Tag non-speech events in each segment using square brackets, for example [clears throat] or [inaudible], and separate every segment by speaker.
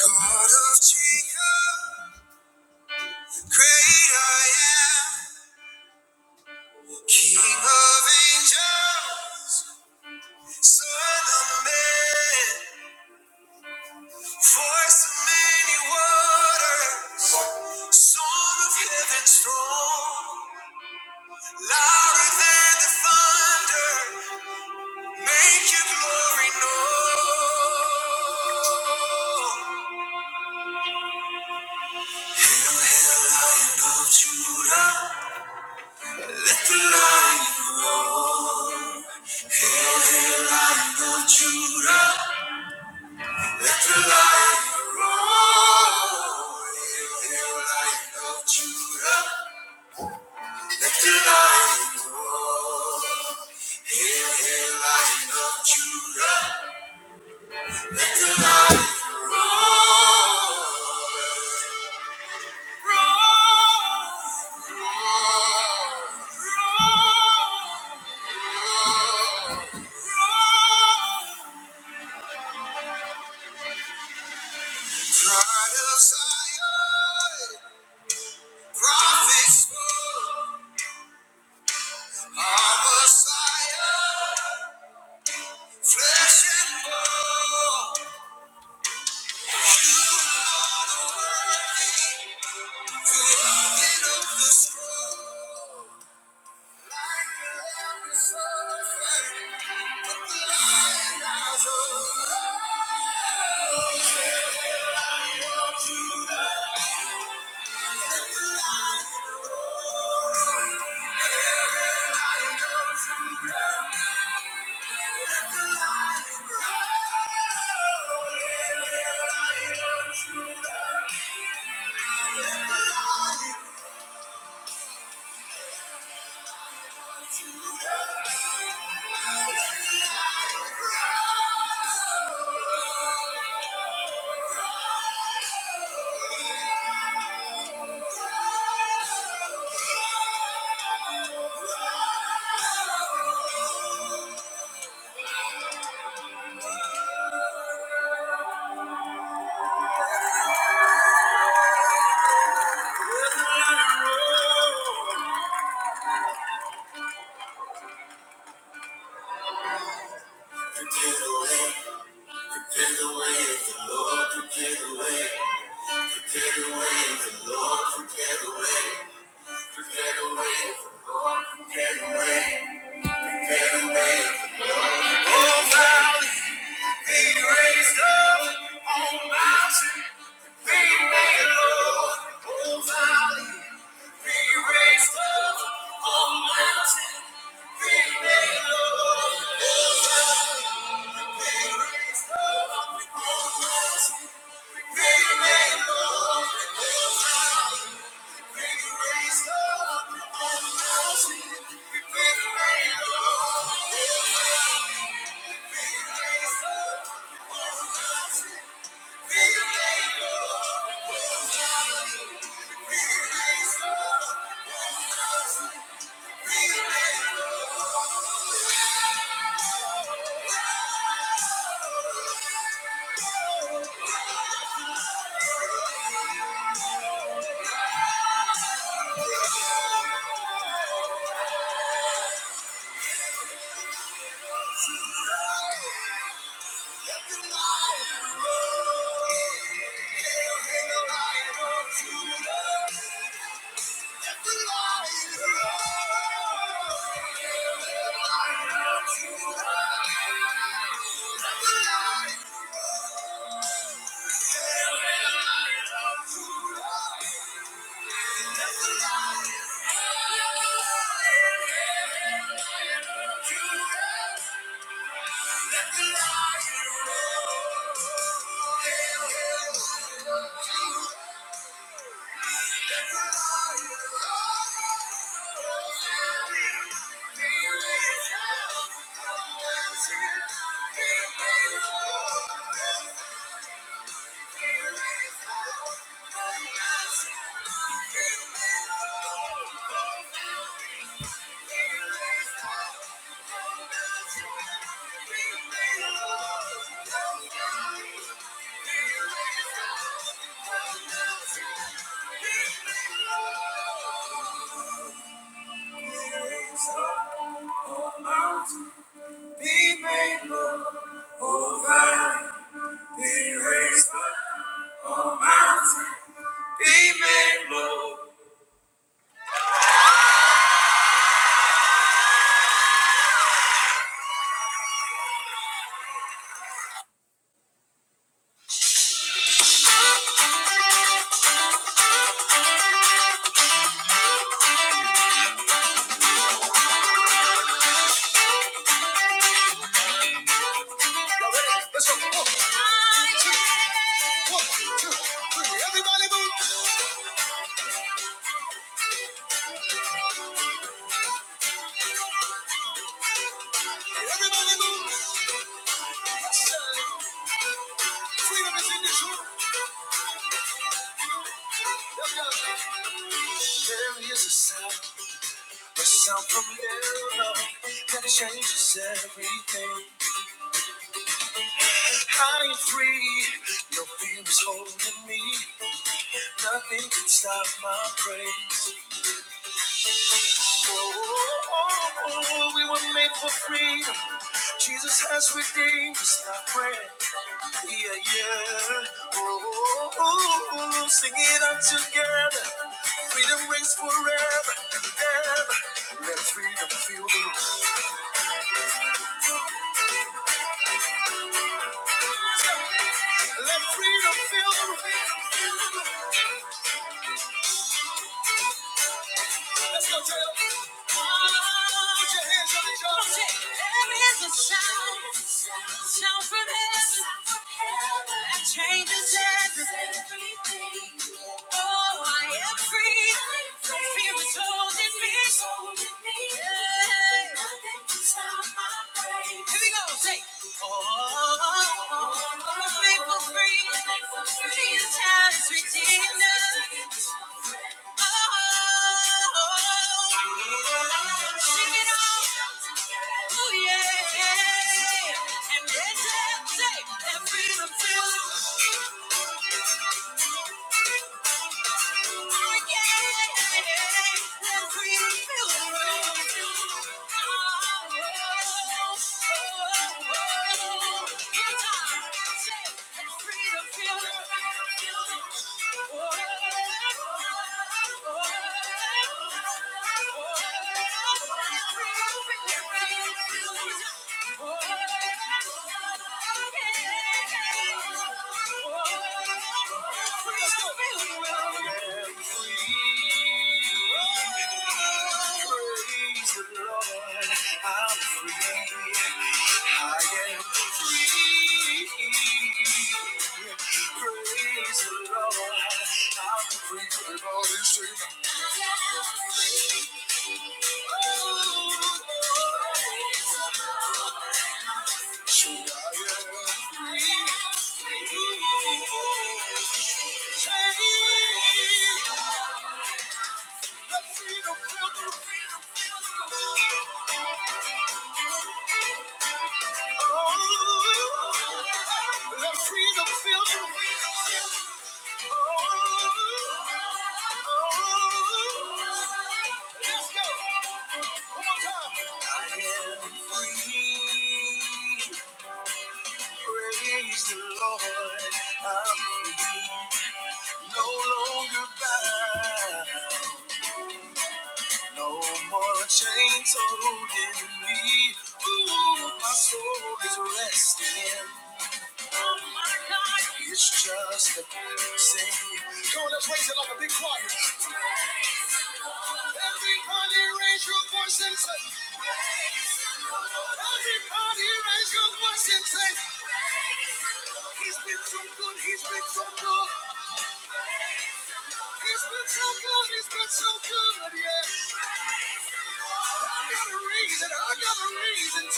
Speaker 1: God of Jacob, great I am, King of angels, Son of man, voice of many waters, Song of heaven's throne, louder than the thunder, make your glory known. Hail, hail, Lion of Judah, let the lion roar. Pride of Zion, prophets, Our Messiah, flesh and bone, you are the worthy, created of the scroll. Like the serpent, but the lion has Let Let Let the lion, the lion goes from ground. Let the lion grow. Let the lion goes from ground. Let the lion Prepare the way, prepare the way of the Lord, prepare the way, prepare the way of the Lord, prepare the way, prepare the way of the Lord, prepare the way, prepare the way. Oh, valley, be raised up on mountain Be made Lord, O valley. Be raised up, O mountain. Be made Lord, O mountain. Be raised up, O mountain. Be made Lord. Hail, hail, lion of the lion roar. Hail, hail, lion of Judah. Let the lion Thank you. Sound from now that changes everything. I am free, no fear is holding me. Nothing can stop my praise. Oh, oh, oh, we were made for freedom. Jesus has redeemed us by prayer. Yeah, yeah. Oh, oh, oh, oh, sing it out together. Freedom rings forever and ever. Let freedom feel the room. Let freedom feel the room. Let's go, Taylor. Put your hands on each other. There's a sound, sound from heaven that changes everything. Yeah. And then say, that freedom feels Freedom, feel the oh, you. Praise the Lord, I'm free, no longer bound. No more chains holding me. Ooh, my soul is resting. Oh my God. It's just a blessing. Come on, let's raise it like a big choir. Everybody raise your voice and say, Praise the Lord. Everybody raise your voice and say, It's so good, he's been so good. He's been so good, he's been so good, yeah. I gotta raise it, I gotta raise it.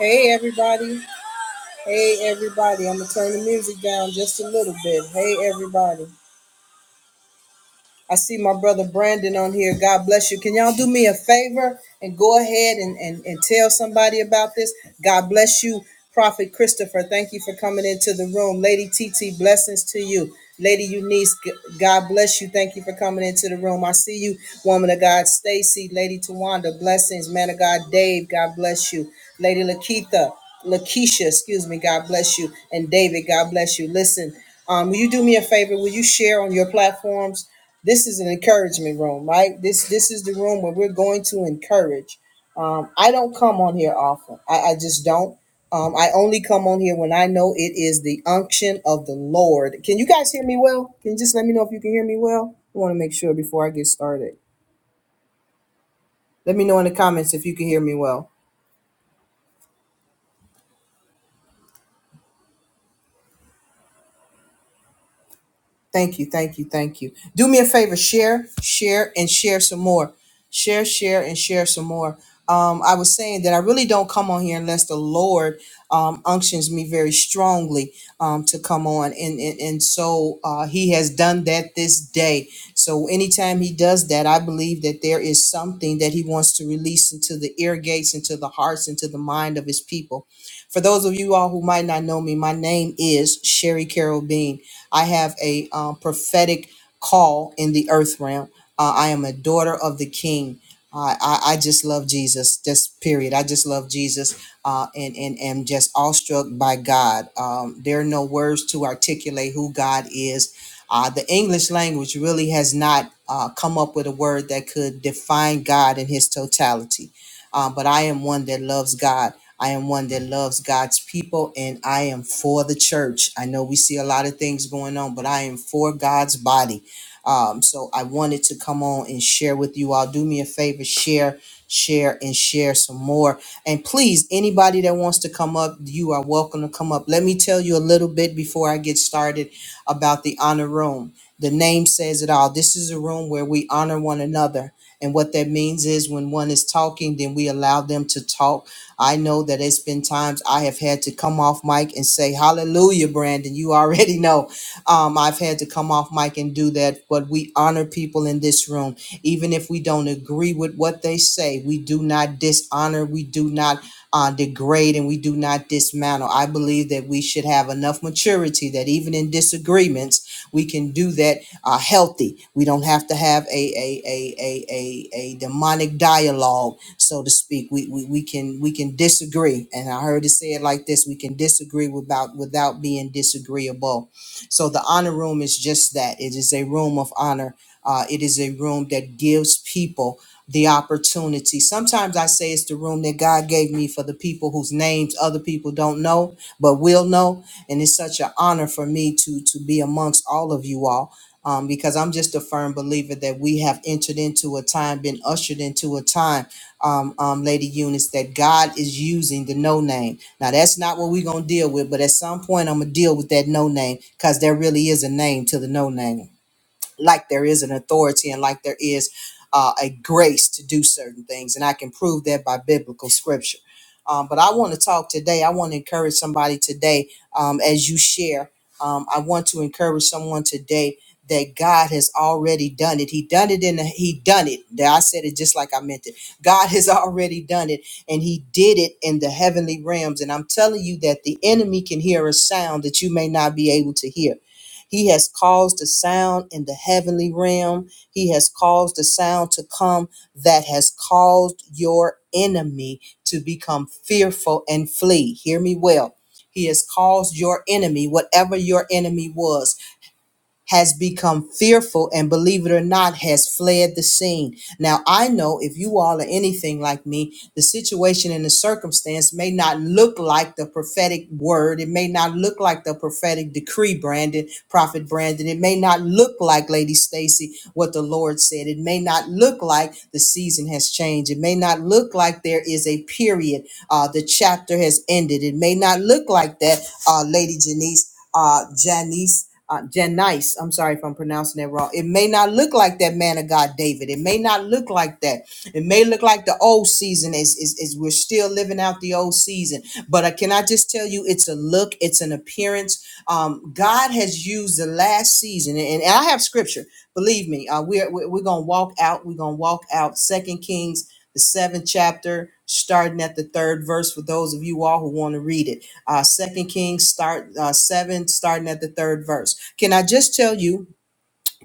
Speaker 1: Hey everybody. Hey everybody. I'm gonna turn the music down just a little bit. Hey everybody. I see my brother Brandon on here. God bless you. Can y'all do me a favor and go ahead and, and, and tell somebody about this? God bless you, Prophet Christopher. Thank you for coming into the room. Lady TT, blessings to you. Lady Eunice, God bless you. Thank you for coming into the room. I see you, woman of God, Stacy, Lady Tawanda, blessings. Man of God, Dave, God bless you. Lady Lakeitha, Lakeisha, excuse me, God bless you. And David, God bless you. Listen, um, will you do me a favor? Will you share on your platforms? this is an encouragement room, right? This this is the room where we're going to encourage. Um, I don't come on here often. I, I just don't. Um, I only come on here when I know it is the unction of the Lord. Can you guys hear me well? Can you just let me know if you can hear me well? I want to make sure before I get started. Let me know in the comments if you can hear me well. Thank you, thank you, thank you. Do me a favor, share, share, and share some more. Share, share, and share some more. Um, I was saying that I really don't come on here unless the Lord um, unctions me very strongly um, to come on, and and, and so uh, He has done that this day. So anytime He does that, I believe that there is something that He wants to release into the ear gates, into the hearts, into the mind of His people. For those of you all who might not know me, my name is Sherry Carol Bean. I have a um, prophetic call in the earth realm. Uh, I am a daughter of the King. I, I, I just love Jesus. Just period. I just love Jesus, uh, and and am just awestruck by God. Um, there are no words to articulate who God is. Uh, the English language really has not uh, come up with a word that could define God in His totality. Uh, but I am one that loves God. I am one that loves God's people and I am for the church. I know we see a lot of things going on, but I am for God's body. Um, so I wanted to come on and share with you all. Do me a favor, share, share, and share some more. And please, anybody that wants to come up, you are welcome to come up. Let me tell you a little bit before I get started about the honor room. The name says it all. This is a room where we honor one another. And what that means is when one is talking, then we allow them to talk. I know that it's been times I have had to come off mic and say, Hallelujah, Brandon. You [laughs] already know. Um, I've had to come off mic and do that, but we honor people in this room. Even if we don't agree with what they say, we do not dishonor, we do not uh, degrade, and we do not dismantle. I believe that we should have enough maturity that even in disagreements, we can do that uh, healthy. We don't have to have a a, a, a, a, a demonic dialogue, so to speak. We, we we can we can disagree, and I heard it said like this: we can disagree without without being disagreeable. So the honor room is just that. It is a room of honor. Uh, it is a room that gives people the opportunity. Sometimes I say it's the room that God gave me for the people whose names other people don't know, but will know. And it's such an honor for me to to be amongst all of you all um, because I'm just a firm believer that we have entered into a time, been ushered into a time, um, um, Lady Eunice, that God is using the no name. Now, that's not what we're going to deal with, but at some point, I'm going to deal with that no name because there really is a name to the no name like there is an authority and like there is uh, a grace to do certain things. And I can prove that by biblical scripture. Um, but I want to talk today. I want to encourage somebody today um, as you share. Um, I want to encourage someone today that God has already done it. He done it in the, he done it. That I said it just like I meant it. God has [laughs] already done it and he did it in the heavenly realms. And I'm telling you that the enemy can hear a sound that you may not be able to hear he has caused a sound in the heavenly realm. He has caused a sound to come that has caused your enemy to become fearful and flee. Hear me well. He has caused your enemy, whatever your enemy was has become fearful and believe it or not has fled the scene now i know if you all are anything like me the situation and the circumstance may not look like the prophetic word it may not look like the prophetic decree brandon prophet brandon it may not look like lady stacy what the lord said it may not look like the season has changed it may not look like there is a period uh, the chapter has ended it may not look like that uh, lady janice uh, Janice, uh, Janice. I'm sorry if I'm pronouncing that wrong. It may not look like that man of God, David. It may not look like that. It may look like the old season is, is, is we're still living out the old season. But uh, can I just tell you, it's a look, it's an appearance. Um, God has used the last season, and, and I have scripture. Believe me, uh, we're we're we're gonna walk out. We're gonna walk out. Second Kings the seventh chapter, starting at the third verse for those of you all who want to read it uh, Second Kings start uh, seven, starting at the third verse. Can I just tell you?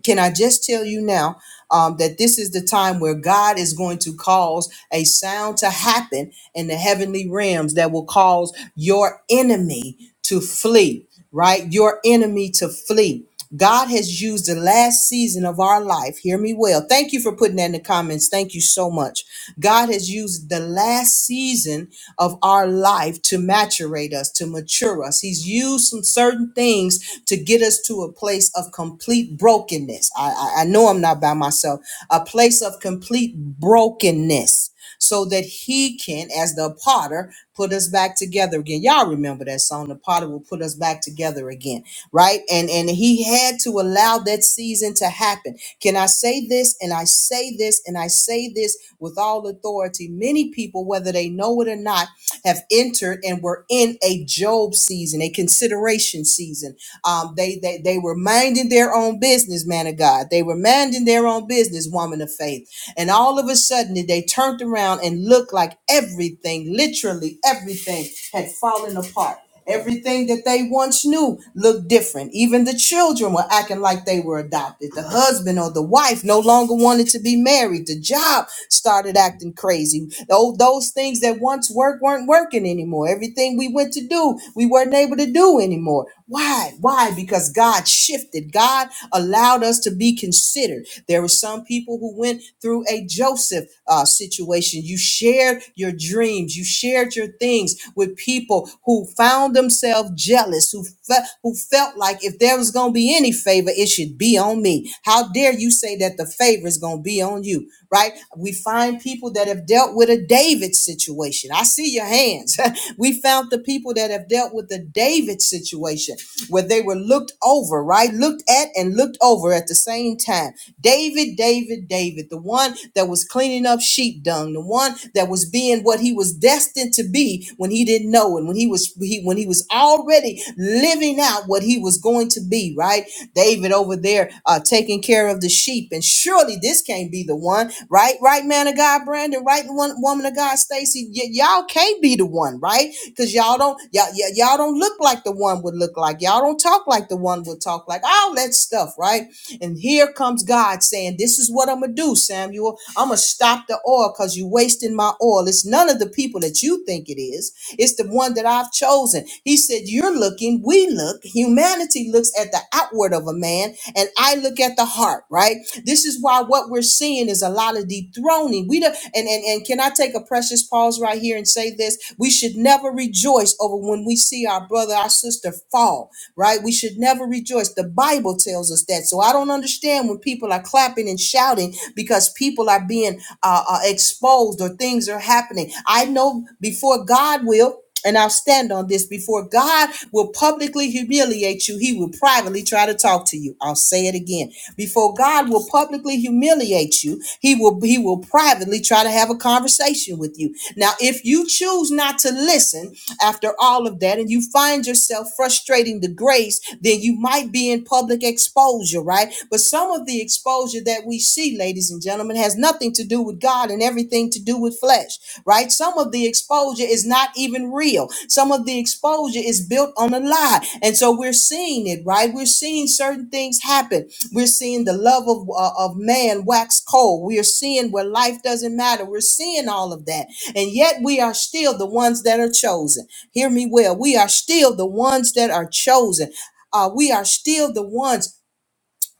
Speaker 1: Can I just tell you now um, that this is the time where God is going to cause a sound to happen in the heavenly realms that will cause your enemy to flee? right? Your enemy to flee. God has used the last season of our life. Hear me well. Thank you for putting that in the comments. Thank you so much. God has used the last season of our life to maturate us, to mature us. He's used some certain things to get us to a place of complete brokenness. I, I, I know I'm not by myself, a place of complete brokenness so that he can, as the potter, put us back together again. Y'all remember that song, The Potter Will Put Us Back Together Again, right? And and he had to allow that season to happen. Can I say this? And I say this, and I say this with all authority. Many people, whether they know it or not, have entered and were in a Job season, a consideration season. Um, they, they they were minding their own business, man of God. They were minding their own business, woman of faith and all of a sudden, they turned around and looked like everything, literally everything, had fallen apart. Everything that they once knew looked different. Even the children were acting like they were adopted. The husband or the wife no longer wanted to be married. The job started acting crazy. Those, those things that once worked weren't working anymore. Everything we went to do, we weren't able to do anymore. Why? Why? Because God shifted. God allowed us to be considered. There were some people some people who went through a Joseph uh, situation. You shared your dreams, you shared your things with people who found themselves jealous, who fe- who felt like if there was going to be any favor, it should be on me. How dare you say that the favor is going to be on you, right? We find people that have dealt with a David situation. I see your hands. [laughs] we found the people that have dealt with the David situation where they were looked over, right? Looked at and looked over at the same time time. David, David, David, the one that was cleaning up sheep dung, the one that was being what he was destined to be when he didn't know and when he was he, when he was already living out what he was going to be, right? David over there uh, taking care of the sheep, and surely this can't be the one, right? Right, man of God, Brandon, right, one woman of God, Stacy, y- y'all can't be the one, right? because y'all don't y'all, y'all y'all don't look like the one would look like y'all don't talk like the one would talk like all that stuff right and here comes God saying, This is what I'm going to do, Samuel. I'm going to stop the oil because you're wasting my oil. It's none of the people that you think it is. It's the one that I've chosen. He said, You're looking, we look. Humanity looks at the outward of a man, and I look at the heart, right? This is why what we're seeing is a lot of dethroning. We don't, and, and, and can I take a precious pause right here and say this? We should never rejoice over when we see our brother, our sister fall, right? We should never rejoice. The Bible tells us that. So I don't understand when people are clapping and shouting because people are being uh, uh, exposed closed or things are happening. I know before God will. And I'll stand on this before God will publicly humiliate you. He will privately try to talk to you. I'll say it again. Before God will publicly humiliate you, he will he will privately try to have a conversation with you. Now, if you choose not to listen, after all of that and you find yourself frustrating the grace, then you might be in public exposure, right? But some of the exposure that we see see, ladies and gentlemen, has nothing to do with God and everything to do with flesh, right? Some of the exposure is not even real. Some of the exposure is built on a lie. And so we're seeing it, right? We're seeing certain things happen. We're seeing the love of, uh, of man wax cold. We are seeing where life doesn't matter. We're seeing all of that. And yet we are still the ones that are chosen. Hear me well. We are still the ones that are chosen. Uh, we are still the ones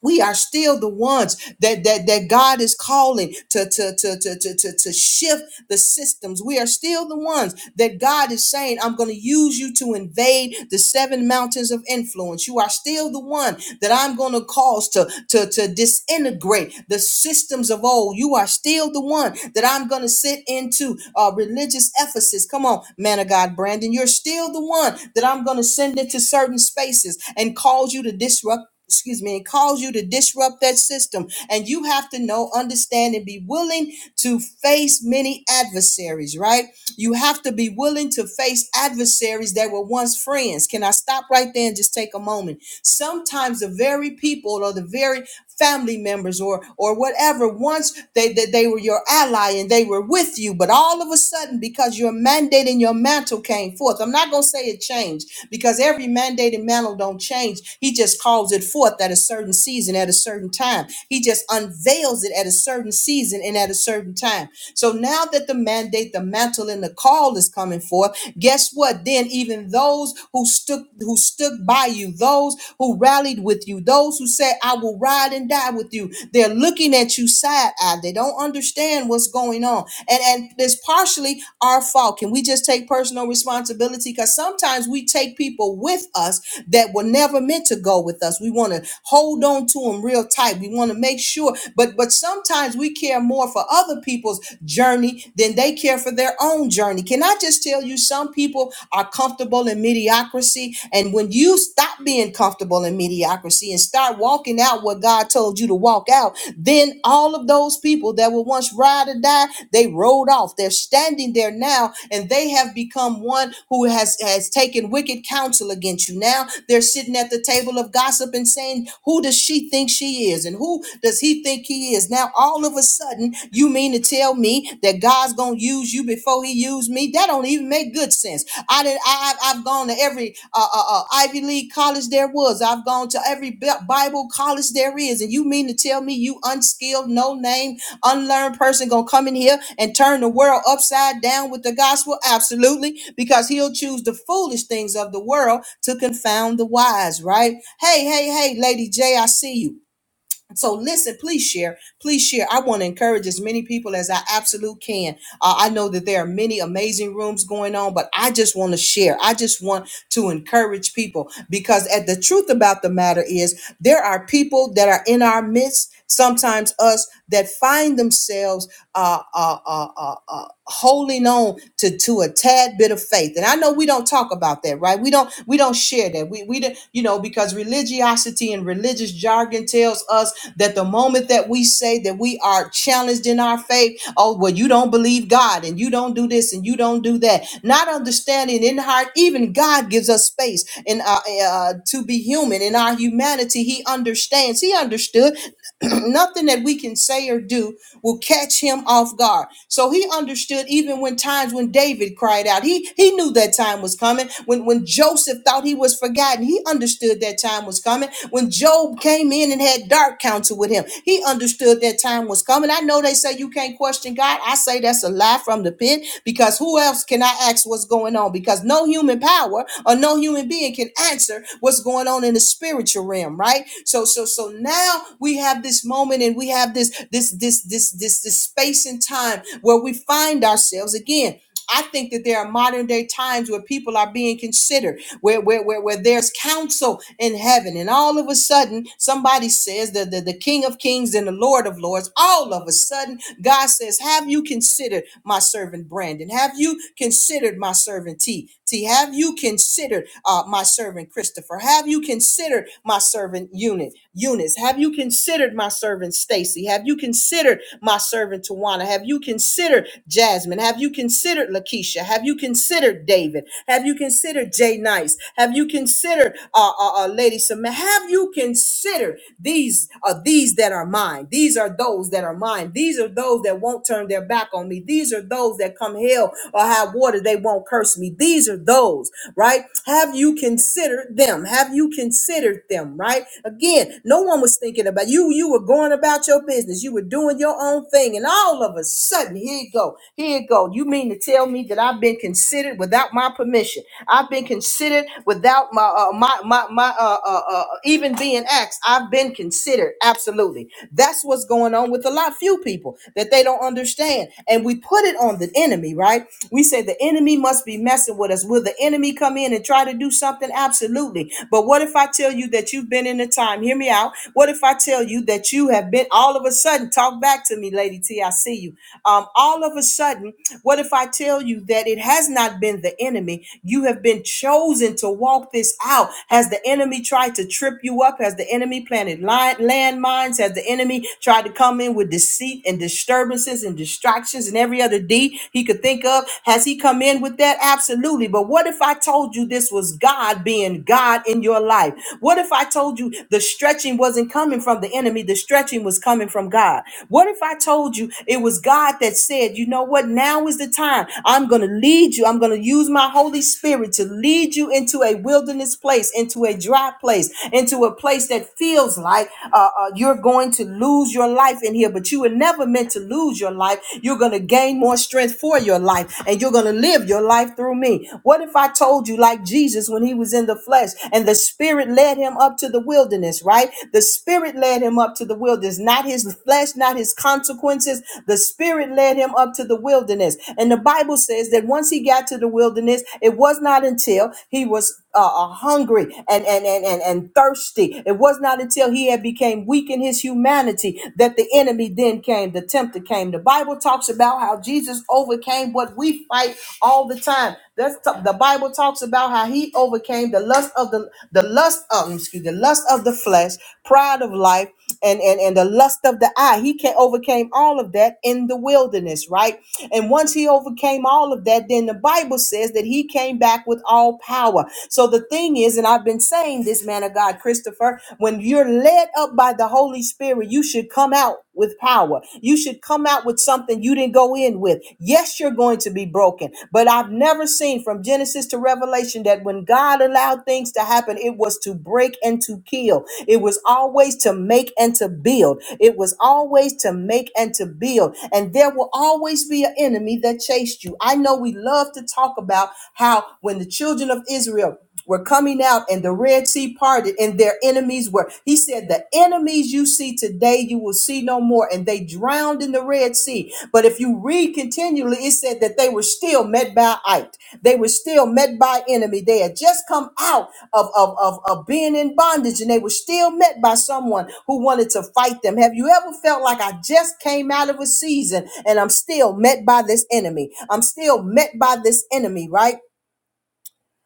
Speaker 1: we are still the ones that that that God is calling to to to to to to, to shift the systems. We are still the ones that God is saying, "I'm going to use you to invade the seven mountains of influence." You are still the one that I'm going to cause to to to disintegrate the systems of old. You are still the one that I'm going to sit into uh, religious Ephesus. Come on, man of God, Brandon, you're still the one that I'm going to send into certain spaces and cause you to disrupt excuse me, and cause you to disrupt that system. And you have to know, understand, and be willing to face many adversaries, right? You have to be willing to face adversaries that were once friends. Can I stop right there and just take a moment? Sometimes the very people or the very family members or or whatever once they they, they were your ally and they were with you but all of a sudden because your mandate and your mantle came forth i'm not going to say it changed because every mandate and mantle don't change he just calls it forth at a certain season at a certain time he just unveils it at a certain season and at a certain time so now that the mandate the mantle and the call is coming forth guess guess what? Then even those who stood who stood by you, those who rallied with you, those who said, I will ride and die with you, they're looking at you side-eyed. They don't understand what's going on. And and it's partially our fault. Can we just take personal responsibility? Because sometimes we take people with us that were never meant to go with us. We want to hold on to them real tight. We want to make sure for but but sometimes we care more for other people's journey than they care for their own journey. Can I just tell you some people are comfortable in mediocrity and when you stop being comfortable in mediocrity and start walking out what God told you to walk out, then all of those people that were once ride or die, they rode off. They're standing there now and they have become one who has has taken taking wicked counsel against you. Now they're sitting at the table of gossip and saying, Who does she think she is? And who does he think he is? Now all of a sudden, you mean to tell me that God's gonna use you before he used me? That don't even make good sense. I did I I've gone to every uh, uh, uh, Ivy League college there was. I've gone to every Bi- Bible college there is, and you mean to tell me you unskilled, no name, Unlearned person gonna come in here and turn the world upside down with the gospel? Absolutely, because he'll choose the foolish things of the world to confound the wise, right? Hey, hey, hey, Lady J, I see you. So listen, please share. Please share. I want to encourage as many people as I absolutely can. Uh, I know that there are many amazing rooms going on, but I just want to share. I just want to encourage people because at the truth about the matter is there are people that are in our midst, sometimes us, that find themselves uh, uh, uh, uh, uh, holding on to to a tad bit of faith. And I know we don't talk about that, right? We don't we don't share that. We we don't, you know because religiosity and religious jargon tells us that the moment that we say that we are challenged in our faith, oh, well, you don't believe God and you don't do this and you don't do that, not understanding in heart, even God gives us space in uh, uh, to be human in our humanity. He understands, He understood [clears throat] nothing that we can say or do will catch him off guard. So he understood even when times when David cried out, he he knew that time was coming. When when Joseph thought he was forgotten, he understood that time was coming. When Job came in and had dark counsel with him, he understood that time was coming. I know they say you can't question God. I say say that's a lie from the pit because who else can I ask what's going on? Because no human power or no human being can answer what's going on in the spiritual realm, right? So so so now we have this moment and we have this this this this this this space and time where we find ourselves again I think that there are modern day times where people are being considered, where where where, where there's counsel in heaven, and all of a sudden somebody says that the, the King of Kings and the Lord of Lords, all of a sudden God says, Have you considered my servant Brandon? Have you considered my servant T? See, have you considered uh, my servant Christopher? Have you considered my servant Eunice? Eunice, have you considered my servant Stacy? Have you considered my servant Tawana? Have you considered Jasmine? Have you considered Lakeisha? Have you considered David? Have you considered Jay Nice? Have you considered uh, uh, uh, Lady Samantha? Have you considered these are these that are mine? These are those that are mine. These are those that won't turn their back on me. These are those that come hell or or high water, they won't curse me. These are those, right? Have you considered them? Have you considered them, right? Again, no one was thinking about you. You were going about your business. You were doing your own thing. And all of a sudden, here you go. Here you go. You mean to tell me that I've been considered without my permission? I've been considered without my, uh, my, my, my, uh, uh, uh, even being asked. I've been considered. Absolutely. That's what's going on with a lot few people that they don't understand. And we and we put it on the enemy, right? We say the enemy must be messing with us. Will the enemy come in and try to do something? Absolutely. But what if I tell you that you've been in a time? Hear me out. What if I tell you that you have been all of a sudden? Talk back to me, Lady T. I see you. Um, all of a sudden, what if I tell you that it has not been the enemy? You have been chosen to walk this out. Has the enemy tried to trip you up? Has the enemy planted li- landmines? Has the enemy tried to come in with deceit? and? and disturbances and distractions and every other D he could think of. Has he come in with that? Absolutely. But what if I told you this was God being God in your life? What if I told you the stretching wasn't coming from the enemy? The stretching was coming from God. What if I told you it was God that said, you know what? Now is the time. I'm going to lead you. I'm going to use my Holy Spirit to lead you into a wilderness place, into a dry place, into a place that feels like uh, uh, you're going to lose your life in here, but you were never meant to lose your life. You're going to gain more strength for your life and you're going to live your life through me. What if I told you, like Jesus when he was in the flesh and the spirit led him up to the wilderness, right? The spirit led him up to the wilderness, not his flesh, not his consequences. The spirit led him up to the wilderness. And the Bible says that once he got to the wilderness, it was not until he was uh, uh, hungry and, and, and, and, and thirsty. It was not until until he had became weak in his humanity that the enemy then came, the tempter came. The Bible talks about how Jesus overcame what we fight all the time. That's t- the Bible talks about how he overcame the lust of the the lust of excuse the lust of the flesh, pride of life and and and the lust of the eye he can overcame all of that in the wilderness right and once he overcame all of that then the bible says that he came back with all power so the thing is and i've been saying this man of god christopher when you're led up by the holy spirit you should come out with power you should come out with something you didn't go in with yes you're going to be broken but i've never seen from Genesis to Revelation that when God allowed things to happen, it was to break and to kill. It was always to make and to build. It was always to make and to build. And there will always be an enemy that chased you. I know we love to talk about how when the children of Israel were coming out and the Red Sea parted and their enemies were. He said, The enemies you see today, you will see no more. And they drowned in the Red Sea. But if you read continually, it said that they were still met by it. They were still met by enemy. They had just come out of, of, of, of being in bondage and they were still met by someone who wanted to fight them. Have you ever felt like I just came out of a season and I'm still met by this enemy? I'm still met by this enemy, right?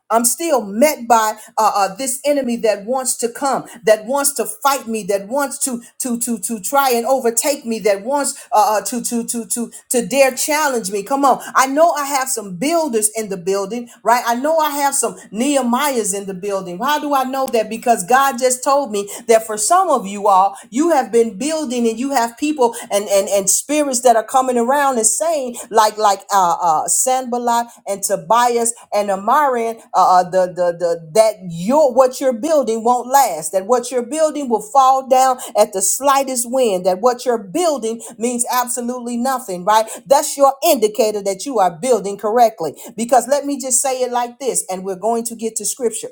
Speaker 1: I'm still met by uh, uh, this enemy that wants to come, that wants to fight me, that wants to to to to try and overtake me, that wants uh, uh, to to to to to dare challenge me. Come on, I know I have some builders in the building, right? I know I have some Nehemiahs in the building. How do I know that? Because God just told me that for some of you all, you have been building and you have people, and and and and spirits that are coming around and saying like like uh uh Sanballat and Tobias and Amarian uh uh, the the the that your what you're building won't last that what you're building will fall down at the slightest wind that what you're building means absolutely nothing right that's your indicator that you are building correctly because let me just say it like this and we're going to get to scripture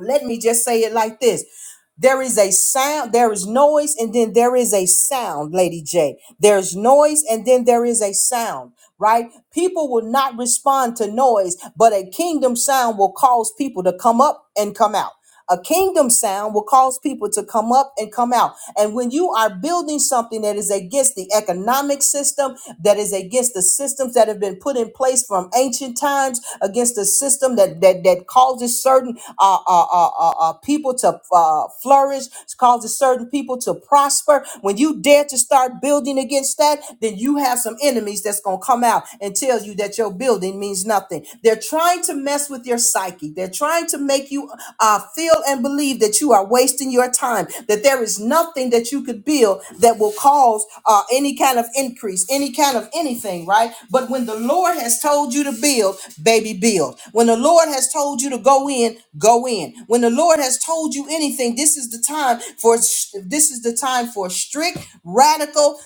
Speaker 1: let me just say it like this there is a sound there is noise and then there is a sound lady j there's noise and then there is a sound right people will not respond to noise but a kingdom sound will cause people to come up and come out a kingdom sound will cause people to come up and come out. And when you are building something that is against the economic system, that is against the systems that have been put in place from ancient times, against the system that that that causes certain uh, uh, uh, uh, uh, people to uh, flourish, causes certain people to prosper. When you dare to start building against that, then you have some enemies that's gonna come out and tell you that your building means nothing. They're trying to mess with your psyche. They're trying to make you you uh, feel and believe that you are wasting your time, that there is nothing that you could build that will cause uh, any kind of increase, any kind of anything, right? But when the Lord has told you to build, baby, build. When the Lord has told you to go in, go in. When the Lord has told you anything, this is the time for this is the time for strict, radical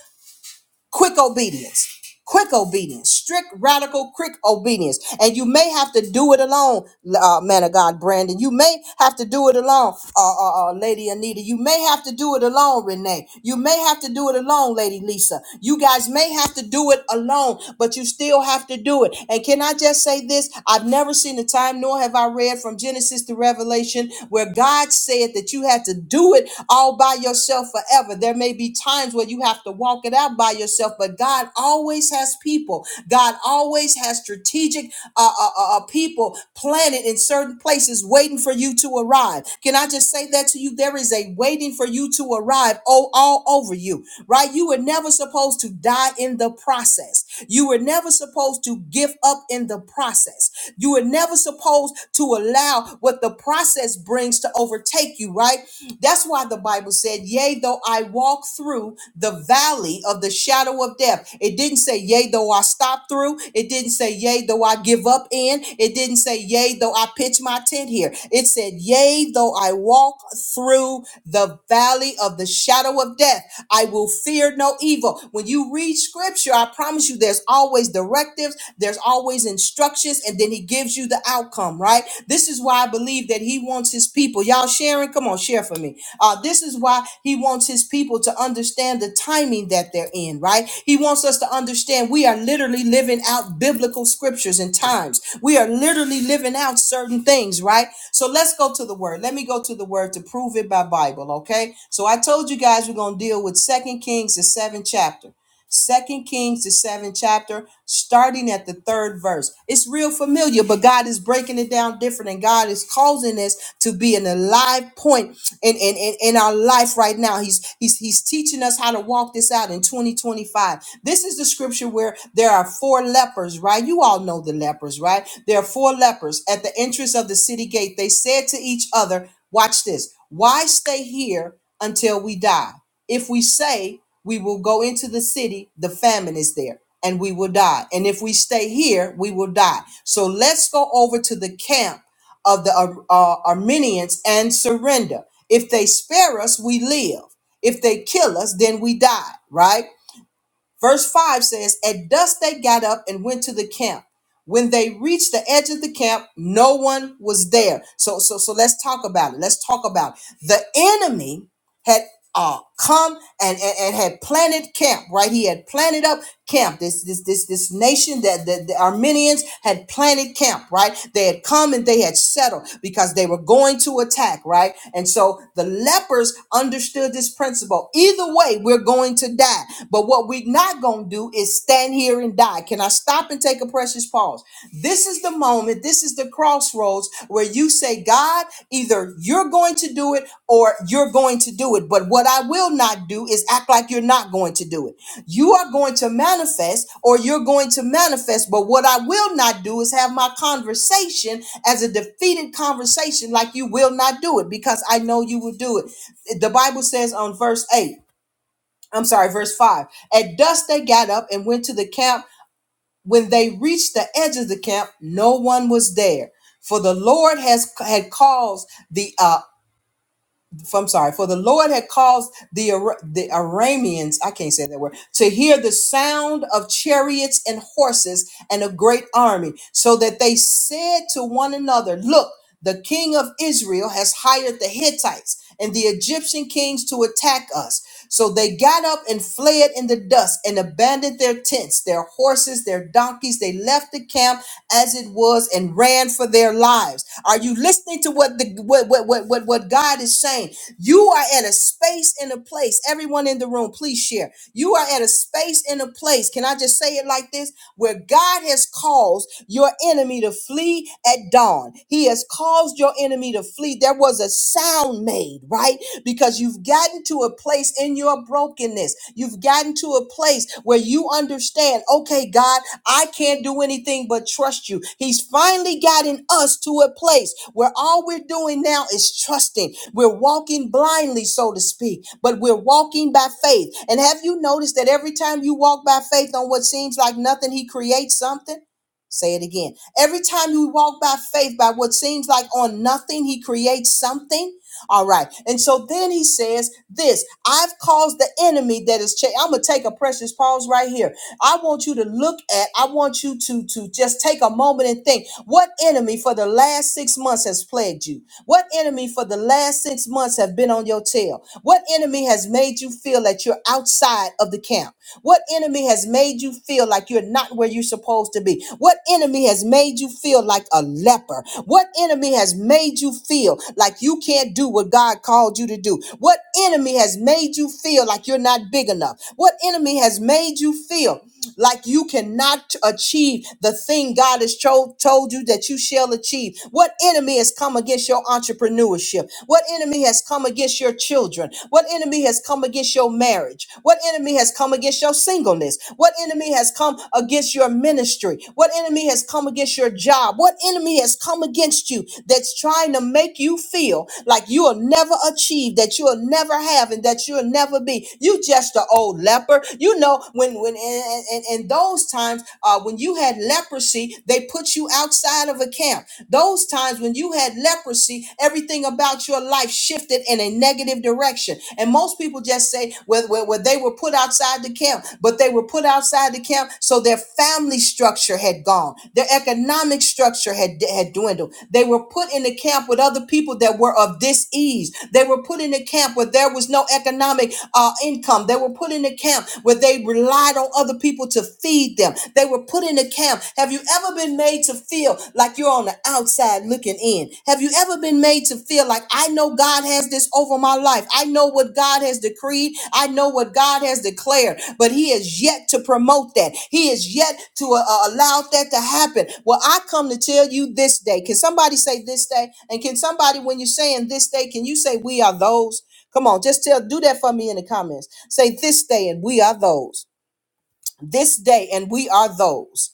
Speaker 1: quick obedience quick obedience strict radical quick obedience and you may have to do it alone uh, man of god brandon you may have to do it alone uh, uh, uh, lady anita you may have to do it alone renee you may have to do it alone lady lisa you guys may have to do it alone but you still have to do it and can i just say this i've never seen a time nor have i read from genesis to revelation where god said that you had to do it all by yourself forever whatever. There may be times where you have to walk it out by yourself, but God always has people. God always has strategic uh, uh, uh, uh, people planted in certain places waiting for you to arrive. Can I just say that to you? There is a waiting for you to arrive oh, all over you, right? You were never supposed to die in the process. You were never supposed to give up in the process. You were never supposed to allow what the process brings to overtake you, right? That's why the Bible said, Yea, though I walk through the valley of the shadow of death. It didn't say, Yea, though I stop through. It didn't say, Yea, though I give up in. It didn't say, Yea, though I pitch my tent here. It said, Yea, though I walk through the valley of the shadow of death. I will fear no evil. When you read scripture, scripture, I promise you, there's always directives, there's always instructions, and then he gives you the outcome, right? This is why I believe that he wants his people. Y'all sharing? Come on, share for me. Uh, this is why he wants his people to understand the timing that they're in, right? He wants us to understand we are literally living out biblical scriptures and times. We are literally living out certain things, right? So let's go to the word. Let me go to the word to prove it by Bible, okay? So I told you guys we're going to deal with Second Kings, the seventh chapter. Second Kings, the seventh chapter, starting at the third verse. It's real familiar, but God is breaking it down different, and God is causing this to be an alive point in, in, in, in our life right now. He's he's he's teaching us how to walk this out in 2025. This is the scripture where there are four lepers, right? You all know the lepers, right? There are four lepers at the entrance of the city gate. They said to each other, Watch this, why stay here until we die? If we say we will go into the city, the famine is there and we will die. And if we stay here, we will die. So let's go over to the camp of the Ar- uh, Armenians and surrender. If they spare us, we live. If they kill us, then we die, right? Verse 5 says, At dusk they got up and went to the camp. When they reached the edge of the camp, no one was there. So so so let's talk about it. Let's talk about it. The enemy had uh, come and, and, and had planted camp, right? He had planted up camp. This this this this nation that the, the Armenians had planted camp, right? They had come and they had settled because they were going to attack, right? And so the lepers understood this principle. Either way, we're going to die. But what we're not gonna do is stand here and die. Can I stop and take a precious pause? This is the moment, this is the crossroads where you say, God, either you're going to do it or you're going to do it. But what I will not do is act like you're not going to do it. You are going to manifest or you're going to manifest. But what I will not do is have my conversation as a defeated conversation, like you will not do it because I know you will do it. The Bible says on verse 8, I'm sorry, verse 5 at dusk they got up and went to the camp when they reached the edge of the camp, no one was there, for the Lord has had caused the uh, I'm sorry, for the Lord had caused the Ar- the Arameans, I can't say that word, to hear the sound of chariots and horses and a great army, so that they said to one another, "Look, the king of Israel has hired the Hittites and the Egyptian kings to attack us." So they got up and fled in the dust and abandoned their tents, their horses, their donkeys. They left the camp as it was and ran for their lives. Are you listening to what the what what what what, what God is saying? You are at a space and a place. Everyone in the room, please share. You are at a space and a place. Can I just say it like this? Where God has caused your enemy to flee at dawn. He has caused your enemy enemy to flee, there was a sound made, right? Because you've gotten to a place in your brokenness. You've gotten to a place where you understand, okay, God, I can't do anything but trust you. He's finally gotten us to a place where all we're doing now is trusting. We're walking blindly, so to speak, but we're walking by faith. And have you noticed that every time you walk by faith on what seems like nothing, He creates something? Say it again. Every time you walk by faith, by what seems like on nothing, he creates something. All right. And so then he says this I've caused the enemy that is, cha- I'm going to take a precious pause right here. I want you to look at, I want you to, to just take a moment and think what enemy for the last six months has plagued you? What enemy for the last six months have been on your tail? What enemy has made you feel that you're outside of the camp? What enemy has made you feel like you're not where you're supposed to be? What enemy has made you feel like a leper? What enemy has made you feel like you can't do what God called you to do? What enemy has made you feel like you're not big enough? What enemy has made you feel? feel like you cannot achieve the thing God has cho- told you that you shall achieve. What enemy has come against your entrepreneurship? What enemy has come against your children? What enemy has come against your marriage? What enemy has come against your singleness? What enemy has come against your ministry? What enemy has come against your job? What enemy has come against you that's trying to make you feel like you will never achieve, that you will never have, and that you'll never be? You just an old leper. You know when when when and, and, and those times uh, when you had leprosy, they put you outside of a camp. Those times when you had leprosy, everything about your life shifted in a negative direction. And most people just say, well, well, well, they were put outside the camp, but they were put outside the camp, so their family structure had gone, their economic structure had, had dwindled. They were put in the camp with other people that were of this ease. They were put in a camp where there was no economic uh, income. They were put in a camp where they relied relied on other people to feed them. They were put in a camp. Have you ever been made to feel like you're on the outside looking in? Have you ever been made to feel like I know God has this over my life? I know what God has decreed. I know what God has declared, but He is yet to promote that. He is yet to uh, uh, allow that to happen. Well, I come to tell you this day. Can somebody say this day? And can somebody, when you're saying this day, can you say we are those? Come on, just tell, do that for me in the comments. Say this day, and we are those this day, and we are those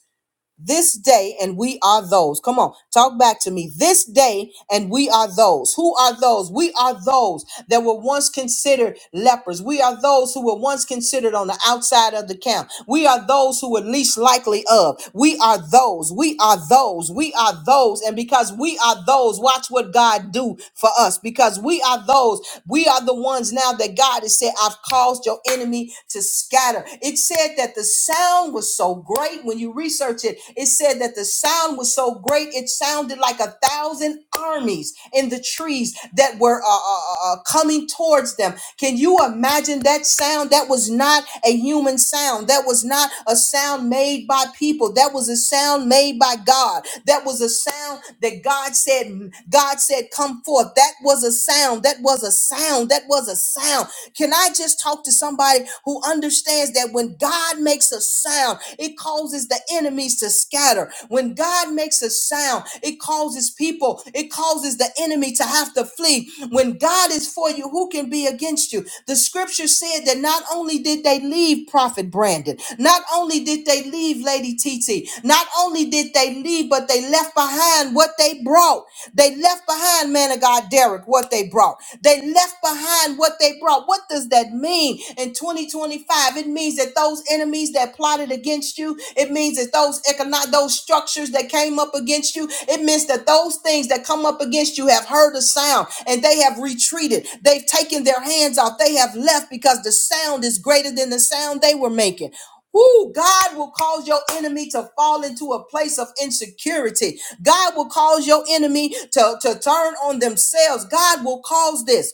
Speaker 1: this day and we are those. Come on, talk back to me. This day and we are those. Who are those? We are those that were once considered lepers. We are those who were once considered on the outside of the camp. We are those who were least likely of. We are those. We are those. We are those. And because we are those, watch what God do for us. Because we are those, we are the ones now that God has said, I've caused your enemy to scatter. It said that the sound sound was so great. When you research it, it said that the sound was so great, it sounded like a thousand armies in the trees that were uh, uh, uh, uh, coming towards them. Can you imagine that sound? That was not a human sound. That was not a sound made by people. That was a sound made by God. That was a sound that God said, God said, come forth. That was a sound. That was a sound. That was a sound. Can I just talk to somebody who understands? understands that when God makes a sound, it causes the enemies to scatter. When God makes a sound, it causes people, it causes the enemy to have to flee. When God is for you, who can be against you? The scripture said that not only did they leave Prophet Brandon, not only did they leave Lady TT, not only did they leave, but they left behind what they brought. They left behind, man of God, Derek, what they brought. They left behind what they brought. What does does that mean in 2025? It means that those enemies that plotted against you, it means that those economic those structures that came up against you, it means that those things that come up against you have heard a sound and they have retreated. They've taken their hands off. They have left because the sound is greater than the sound they were making. Ooh, God will cause your enemy to fall into a place of insecurity. God will cause your enemy to, to turn on themselves. God will cause this.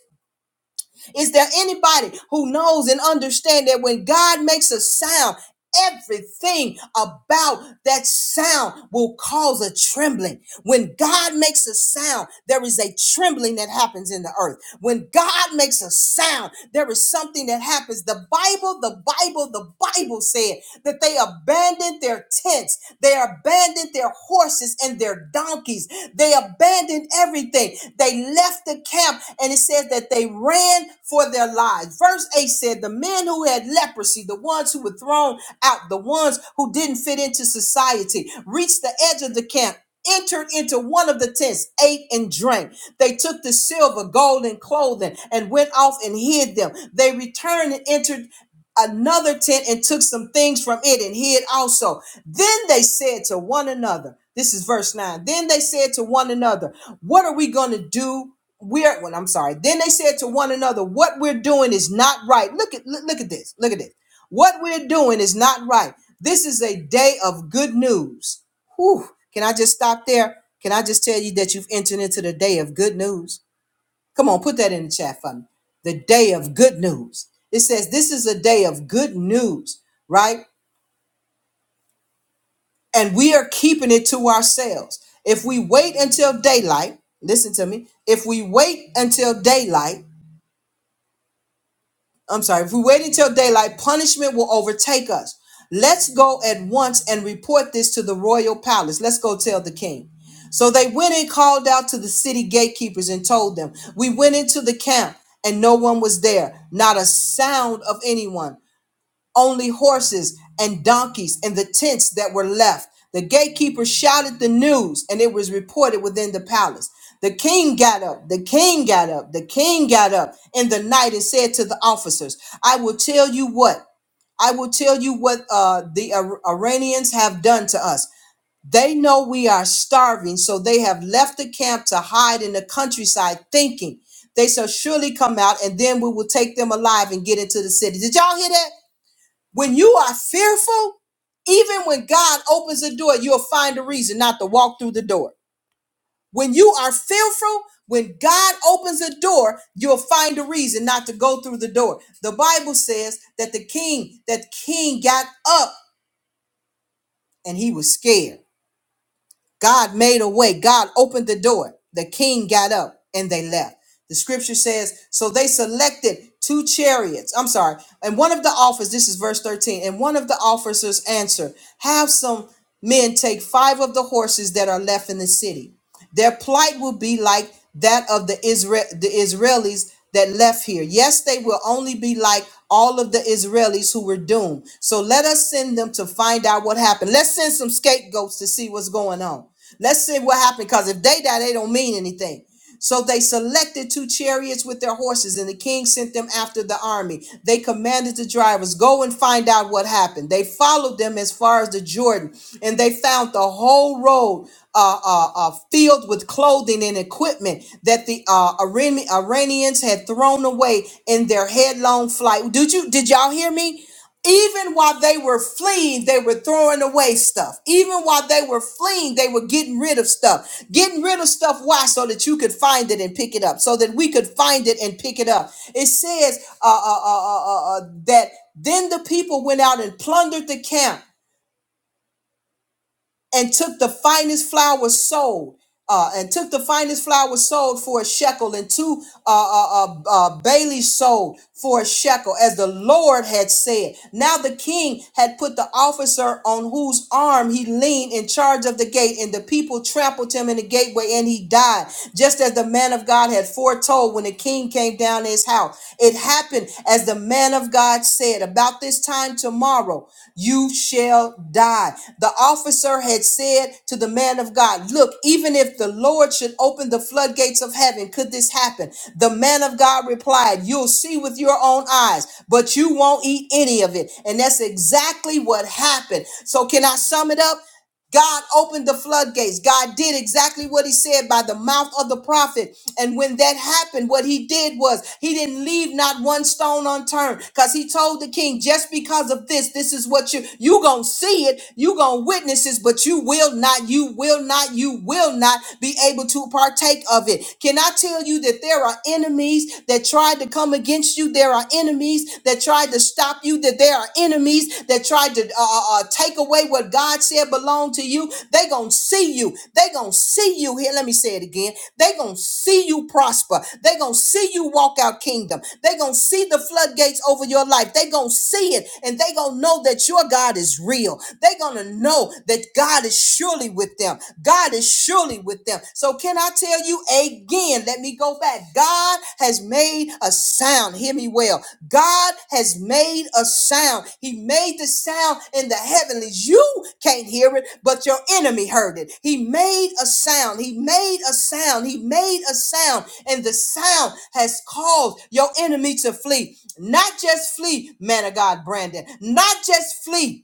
Speaker 1: Is there anybody who knows and understands that when God makes a sound, everything about that sound will cause a trembling? When God makes a sound, there is a trembling that happens in the earth. When God makes a sound, there is something that happens. The Bible, the Bible, the Bible said that they abandoned their tents, they abandoned their horses horses and their donkeys. They abandoned everything. They left the camp, and it says that they ran for their lives. Verse 8 said, The men who had leprosy, the ones who were thrown out, the ones who didn't fit into society, reached the edge of the camp. Entered into one of the tents, ate and drank. They took the silver, gold, and clothing and went off and hid them. They returned and entered another tent and took some things from it and hid also. Then they said to one another, this is verse 9. Then they said to one another, what are we going to do? We're well, I'm sorry. Then they said to one another, what we're doing is not right. Look at look, look at this. Look at this. What we're doing is not right. This is a day of good news. Whew. Can I just stop there? Can I just tell you that you've entered into the day of good news? Come on, put that in the chat for me. The day of good news. It says this is a day of good news, right? And we are keeping it to ourselves. If we wait until daylight, listen to me. If we wait until daylight, I'm sorry, if we wait until daylight, punishment will overtake us. Let's go at once and report this to the royal palace. Let's go tell the king. So they went and called out to the city gatekeepers and told them, We went into the camp and no one was there, not a sound of anyone only horses and donkeys and the tents that were left. The gatekeeper shouted the news, and it was reported within the palace. The king got up, the king got up, the king got up in the night and said to the officers, I will tell you what, I will tell you what uh, the Ar- Iranians have done to us. They know we are starving, so they have left the camp to hide in the countryside, thinking they shall surely come out, and then we will take them alive and get into the city. Did y'all hear that? When you are fearful, even when God opens a door, you'll find a reason not to walk through the door. When you are fearful, when God opens a door, you'll find a reason not to go through the door. The Bible says that the king, that king got up and he was scared. God made a way. God opened the door. The king got up and they left. The scripture says, so they selected two chariots. I'm sorry. And one of the officers, this is verse 13, and one of the officers answered, Have some men take five of the horses that are left in the city. Their plight will be like that of the Israel the Israelis that left here. Yes, they will only be like all of the Israelis who were doomed. So let us send them to find out what happened. Let's send some scapegoats to see what's going on. Let's see what happened because if they die, they don't mean anything. So they selected two chariots with their horses, and the king sent them after the army. They commanded the drivers, Go and find out what happened. They followed them as far as the Jordan, and they found the whole road uh, uh, uh, filled with clothing and equipment that the uh, Iran- Iranians had thrown away in their headlong flight. Did you? Did y'all hear me? even while they were fleeing, they were throwing away stuff. Even while they were fleeing, they were getting rid of stuff. Getting rid of stuff, why? So that you could find it and pick it up. So that we could find it and pick it up. It says uh, uh, uh, uh, uh, uh, that then the people went out and plundered the camp and took the finest flour sold, uh, and took the finest flour sold for a shekel, and two uh, uh, uh, uh, baileys sold for a shekel, as the Lord had said. Now the king had put the officer on whose arm he leaned in charge of the gate, and the people trampled him in the gateway, and he died, just as the man of God had foretold when the king came down to his house out. It happened as the man of God said, about this time tomorrow, you shall die. The officer had said to the man of God, Look, even if the Lord should open the floodgates of heaven, could this happen? The man of God replied, You'll see with your own eyes, but you won't eat any of it. And that's exactly what happened. So, can I sum it up? God opened the floodgates. God did exactly what he said by the mouth of the prophet. And when that happened, what he did was he didn't leave not one stone unturned because he told the king, just because of this, this is what you, you going to see it. You going to witness this, but you will not, you will not, you will not be able to partake of it. Can I tell you that there are enemies that tried to come against you? There are enemies enemies that tried to stop you, that there are enemies that tried to uh, uh, uh, take away what God said belonged to you. They gonna see you. They gonna see you here. Let me say it again. They gonna see you prosper. They gonna see you walk out kingdom. They gonna see the floodgates over your life. They gonna see it, and they gonna know that your God is real. They gonna know that God is surely with them. God is surely with them. So can can I tell you again? Let me go back. God has made a sound. Hear me well. God has made a sound. He made the sound in the heavenlies. You can't hear it, but your enemy heard it. He made a sound. He made a sound. He made a sound. And the sound has caused your enemy to flee. Not just flee, man of God, Brandon. Not just flee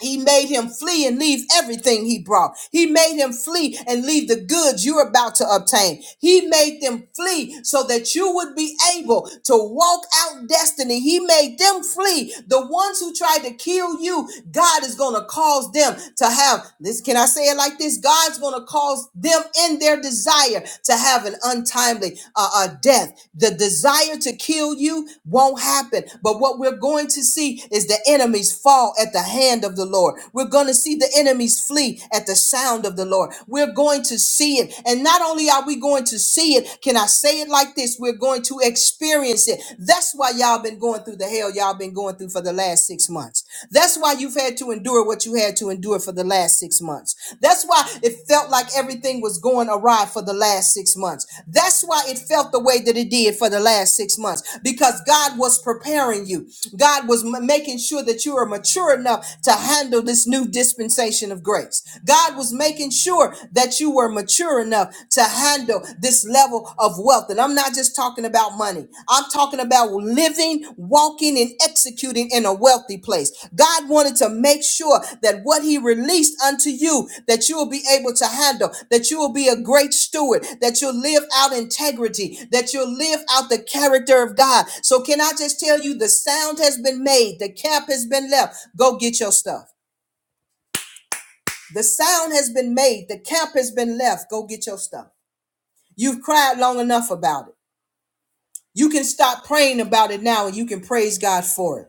Speaker 1: he made him flee and leave everything he brought. He made him flee and leave the goods you're about to obtain. He made them flee so that you would be able to walk out destiny. He made them flee. The ones who tried to kill you, God is going to cause them to have this. Can I say it like this? God's going to cause them in their desire to have an untimely uh, uh, death the desire to kill you won't happen. But what we're going to see is the enemies fall at the hand of the the Lord. We're going to see the enemies flee at the sound of the Lord. We're going to see it. And not only are we going to see it, can I say it like this? We're going to experience it. That's why y'all been going through the hell y'all been going through for the last six months. That's why you've had to endure what you had to endure for the last six months. That's why it felt like everything was going awry for the last six months. That's why it felt the way that it did for the last six months because God was preparing you. God was m- making sure that you are mature enough to handle handle this new dispensation of grace. God was making sure that you were mature enough to handle this level of wealth. And I'm not just talking about money, I'm talking about living, walking, and executing in a wealthy place. God wanted to make sure that what He released unto you, that you will be able to handle, that you will be a great steward, that you'll live out integrity, that you'll live out the character of God. So, can I just tell you the sound has been made, the camp has been left? Go get your stuff. The sound has been made. The camp has been left. Go get your stuff. You've cried long enough about it. You can stop praying about it now and you can praise God for it.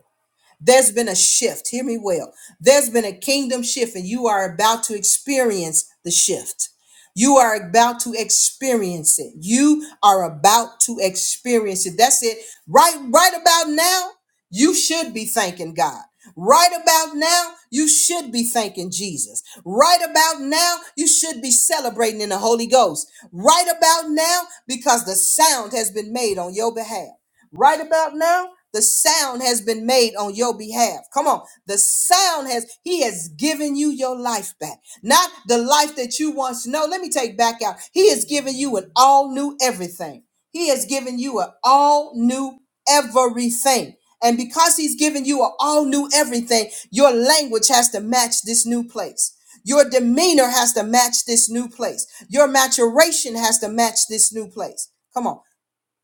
Speaker 1: There's been a shift. Hear me well. There's been a kingdom shift, and you are about to experience the shift. You are about to experience it. You are about to experience it. That's it. Right, right about now, you should be thanking God. Right about now, you should be thanking Jesus. Right about now, you should be celebrating in the Holy Ghost. Right about now, because the sound has been made on your behalf. Right about now, the sound has been made on your behalf. Come on. The sound has, he has given you your life back. Not the life that you once know. Let me take back out. He has given you an all new everything. He has given you an all new everything. And because he's given you an all new everything, your language has to match this new place. Your demeanor has to match this new place. Your maturation has to match this new place. Come on.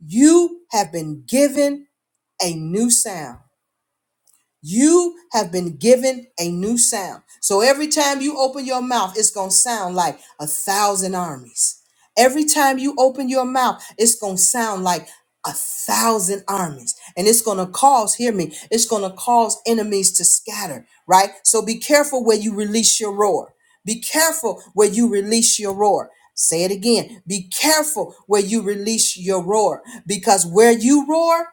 Speaker 1: You have been given a new sound. You have been given a new sound. So every time you open your mouth, it's going to sound like a thousand armies. Every time you open your mouth, it's going to sound like a thousand armies. And it's going to cause, hear me, it's going to cause enemies to scatter, right? So be careful where you release your roar. Be careful where you release your roar. Say it again. Be careful where you release your roar because where you roar,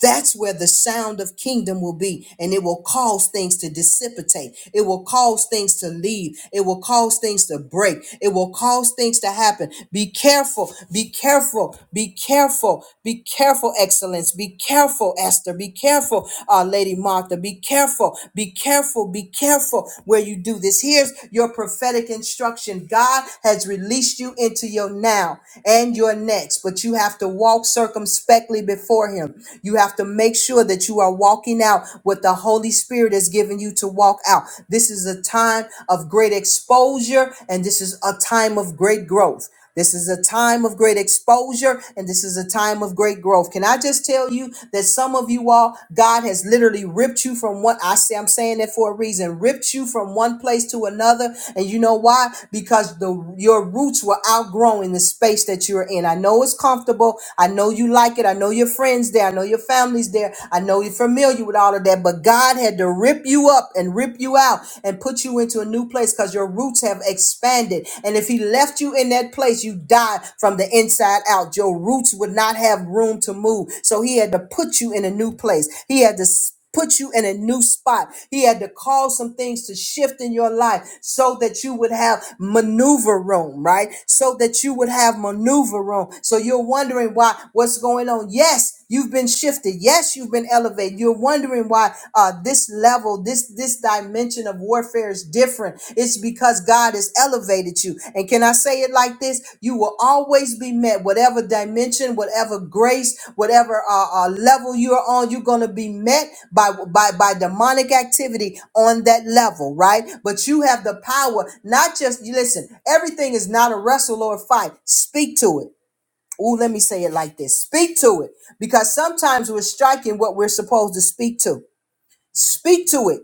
Speaker 1: that's where the sound of kingdom will be, and it will cause things to dissipate. It will cause things to leave. It will cause things to break. It will cause things to happen. Be careful. Be careful. Be careful. Be careful, excellence. Be careful, Esther. Be careful, uh, Lady Martha. Be careful. Be careful. Be careful where you do this. Here's your prophetic instruction. God has released you into your now and your next, but you have to walk circumspectly before before Him. You have to make sure that you are walking out what the Holy Spirit has given you to walk out. This is a time of great exposure and this is a time of great growth. This is a time of great exposure and this is a time of great growth. Can I just tell you that some of you all, God has literally ripped you from one, I say, I'm saying that for a reason, ripped you from one place to another. And you know why? Because the, your roots were outgrowing the space that you're in. I know it's comfortable. I know you you like it. I know your friends there. I know your family's there. I know you're familiar with all of that. But God had to rip you up and rip you out and put you into a new place because your roots have expanded. And if He left you in that place, you die from the inside out. Your roots would not have room to move. So He had to put you in a new place. He had to put you in a new spot. He had to cause some things to shift in your life so that you would have maneuver room, right? So that you would have maneuver room. So you're wondering why what's going on. Yes, you've been shifted. Yes, you've been elevated. You're wondering why uh, this level, this this dimension of warfare is different. It's because God has elevated you. And can I say it like this? You will always be met, whatever dimension, whatever grace, whatever uh, uh, level you're on. You're going to be met by by by demonic activity on that level, right? But you have the power, not just you listen. Everything is not a wrestle or a fight. Speak to it. Ooh, let me say it like this. Speak to it because sometimes we're striking what we're supposed to speak to. Speak to it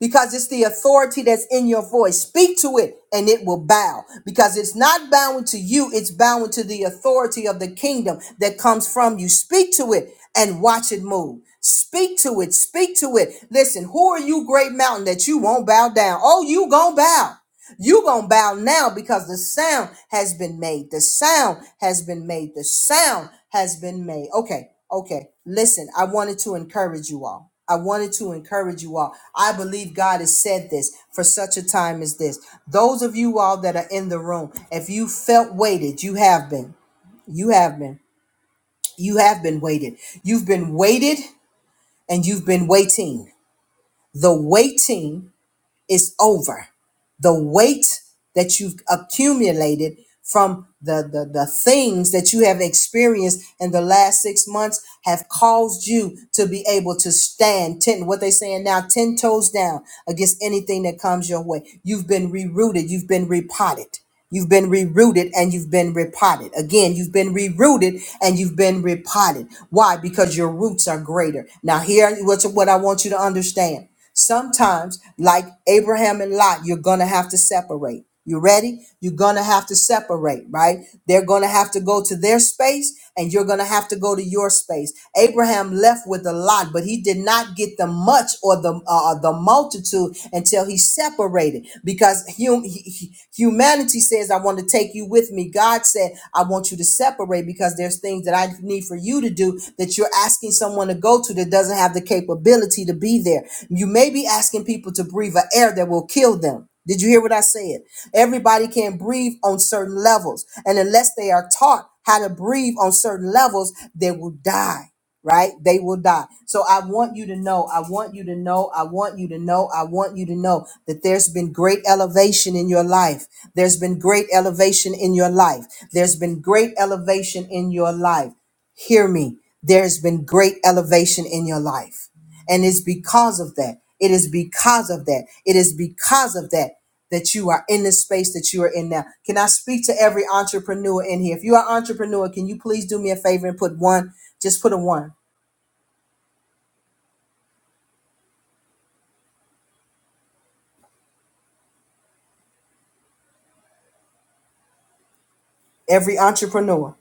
Speaker 1: because it's the authority that's in your voice. Speak to it and it will bow because it's not bowing to you, it's bowing to the authority of the kingdom that comes from you. Speak to it and watch it move. Speak to it, speak to it. Listen, who are you, great mountain, that you won't bow down? Oh, you gonna bow. You gonna bow now because the sound has been made. The sound has been made. The sound has been made. Okay, okay. Listen, I wanted to encourage you all. I wanted to encourage you all. I believe God has said this for such a time as this. Those of you all that are in the room, if you felt weighted, you have been. You have been. You have been weighted. You've been weighted and you've been waiting. The waiting is over. The weight that you've accumulated from the, the, the things that you have experienced in the last six months have caused you to be able to stand 10, what they saying now, 10 toes down against anything that comes your way. You've been rerouted. You've been repotted. You've been rerooted and you've been repotted. Again, you've been rerooted and you've been repotted. Why? Because your roots are greater. Now, here what's what I want you to understand. Sometimes, like Abraham and Lot, you're gonna have to separate. You ready? You're gonna have to separate, right? They're gonna have to go to their space and you're gonna have to go to your space. Abraham left with a lot, but he did not get the much or the uh, the multitude multitude until he separated. Because hum- humanity says, I want to take you with me. God said, I want you to separate because there's things that I need for you to do that you're asking someone to go to that doesn't have the capability to be there. You may be asking people to breathe an air that will kill them. Did you hear what I said? Everybody can breathe on certain levels. And unless they are taught how to breathe on certain levels, they will die right? They will die. So I want you to know, I want you to know, I want you to know, I want you to know that there's been great elevation in your life. There's been great elevation in your life. There's been great elevation in your life. Hear me. There's been great elevation in your life. And it's because of that. It is because of that. It is because of that that you are in the space that you are in now. Can I speak to every entrepreneur in here? If you are an entrepreneur, can you please do me a favor and put one just put a one Every entrepreneur.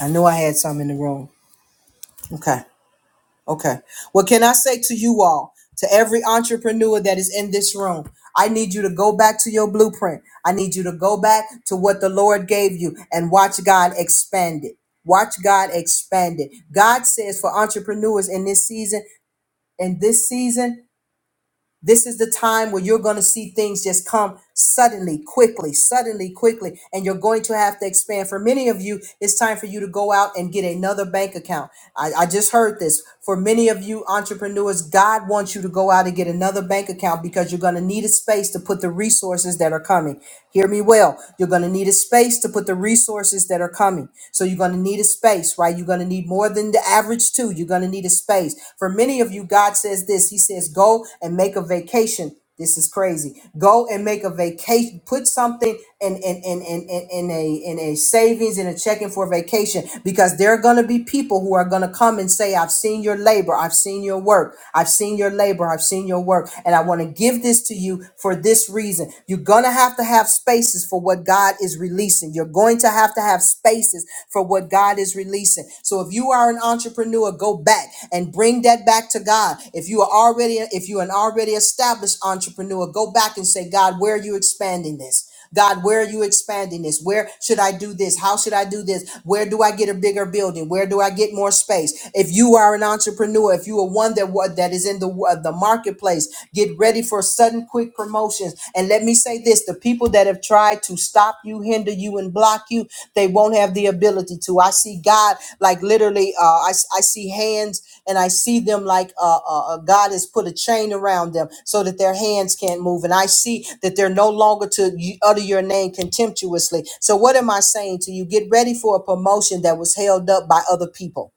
Speaker 1: I knew I had some in the room. Okay. Okay. What can I say to you all, to every entrepreneur that is in this room? I need you to go back to your blueprint. I need you to go back to what the Lord gave you and watch God expand it. Watch God expand it. God says for entrepreneurs in this season, in this season, This is the time where you're going to see things just come suddenly, quickly, suddenly, quickly, and you're going to have to expand. For many of you, it's time for you to go out and get another bank account. I, I just heard this. For many of you entrepreneurs, God wants you to go out and get another bank account because you're going to need a space to put the resources that are coming. Hear me well. You're going to need a space to put the resources that are coming. So you're going to need a space, right? You're going to need more than than the average too. You're going to need a space. For many of you, God says this. He says, go and make a vacation. This is crazy. Go and make a vacation. Put something in, in, in, in, in, in a in a savings and a checking for vacation because there are going to be people who are going to come and say, I've seen your labor. I've seen your work. I've seen your labor. I've seen your work. And I want to give this to you for this reason. You're going to have to have spaces for what God God is releasing. You're going to have to have spaces for what God is releasing. So if you are an entrepreneur, go back and bring that back to God. If you are already, if you're an already established entrepreneur, go back and say, God, where are you expanding this? God, where are you expanding this? Where should I do this? How should I do this? Where do I get a bigger building? Where do I get more space? If you are an entrepreneur, if you are one that wa- that is in the wa- the marketplace, Get ready for sudden quick promotions. And let me say this the people that have tried to stop you, hinder you, and block you, they won't have the ability to. I see God like literally, uh, I, I see hands and I see them like uh, uh, uh, God has put a chain around them so that their hands can't move. And I see that they're no longer to y- utter your name contemptuously. So, what am I saying to you? Get ready for a promotion that was held up by other people.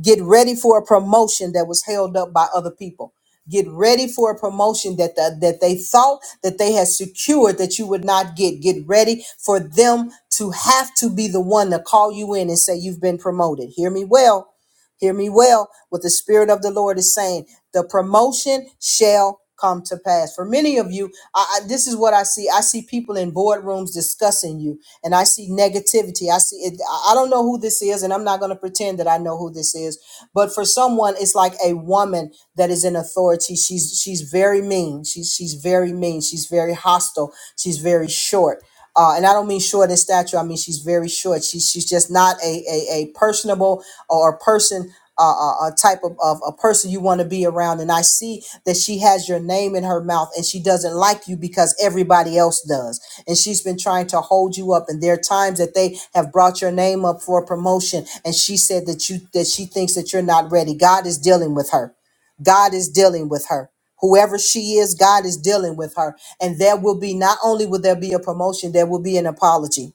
Speaker 1: Get ready for a promotion that was held up by other people. Get ready for a promotion that the, that they thought that they had secured that you would not get. Get ready for them to have to be the one to call you in and say you've been promoted. Hear me well Hear me well, what the Spirit of the Lord is saying. The promotion shall come to pass. For many of you, I, I, this is what I see. I see people in boardrooms discussing you, and I see negativity. I see it. I I don't know who this is, and I'm not going to pretend that I know who this is. But for someone, it's like a woman that is in authority. She's she's very mean. She's she's very mean. She's very hostile. She's very short. Uh, and I don't mean short in stature. I mean she's very short. She's she's just not a a, a personable or person uh, a, a type of, of a person you want to be around. And I see that she has your name in her mouth, and she doesn't like you because everybody else does. And she's been trying to hold you up. And there are times that they have brought your name up for a promotion, and she said that you that she thinks that you're not ready. God is dealing with her. God is dealing with her. Whoever she is, God is dealing with her. And there will be, not only will there be a promotion, there will be an apology.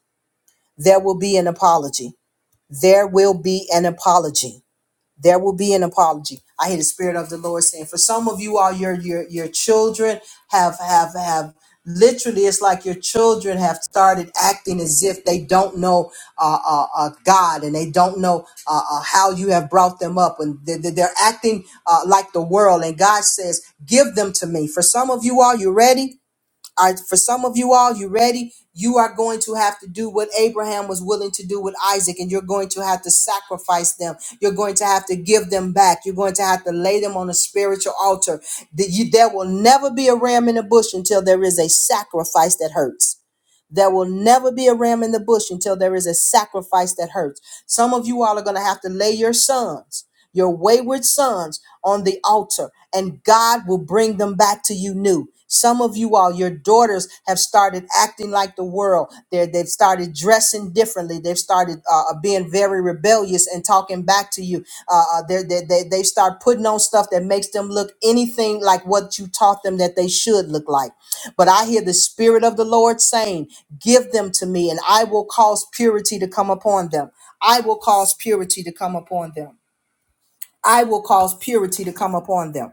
Speaker 1: There will be an apology. There will be an apology there will be an apology. I hear the spirit of the Lord saying, for some of you all, your your your children have have have literally, it's like your children have started acting as if they don't know uh, uh, uh, God and they don't know uh, uh, how you have brought them up, and they, they- they're acting uh, like the world. And God says, give them to me. For some of you all, you ready? All right, for some of you all, you ready? You are going to have to do what Abraham was willing to do with Isaac, and you're going to have to sacrifice them. You're going to have to give them back. You're going to have to lay them on a spiritual altar. That you- There will never be a ram in a bush until there is a sacrifice that hurts. There will never be a ram in the bush until there is a sacrifice that hurts. Some of you all are going to have to lay your sons, your wayward sons, on the altar, and God will bring them back to you new. Some of you all, your daughters have started acting like the world. They're, they've started dressing differently. They've started uh, uh, being very rebellious and talking back to you. Uh, uh, they're, they, they, they start putting on stuff that makes them look anything like what you taught them that they should look like. But I hear the Spirit of the Lord saying, Give them to me, and I will cause purity to come upon them. I will cause purity to come upon them. I will cause purity to come upon them.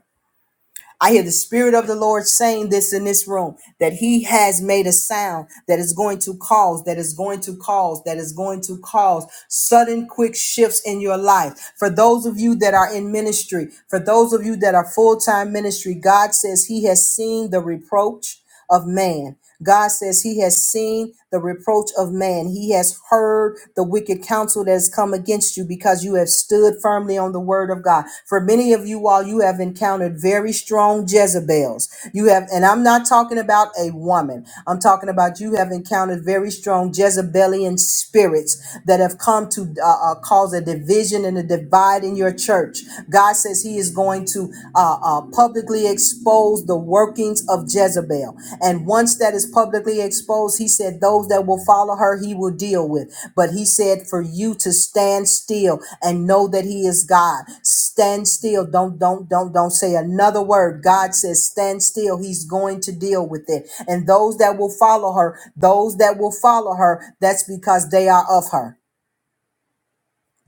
Speaker 1: I hear the Spirit of the Lord saying this in this room that He has made a sound that is going to cause, that is going to cause, that is going to cause sudden quick shifts in your life. For those of you that are in ministry, for those of you that are full time ministry, God says He has seen the reproach of man. God says he has seen the reproach of man. He has heard the wicked counsel that has come against you because you have stood firmly on the word of God. For many of you all, you have encountered very strong Jezebels. You have, and I'm not talking about a woman. I'm talking about you have encountered very strong Jezebelian spirits that have come to uh, uh, cause a division and a divide in your church. God says he says he is going to uh, uh, publicly expose the workings of Jezebel. And once that is publicly exposed, he said, Those that will follow her, he will deal with. But he said, For you to stand still and know that he is God. Stand still. Don't, don't, don't, don't say another word. God says, Stand still. He's going to deal with it. And those that will follow her, those that will follow her, that's because they are of her.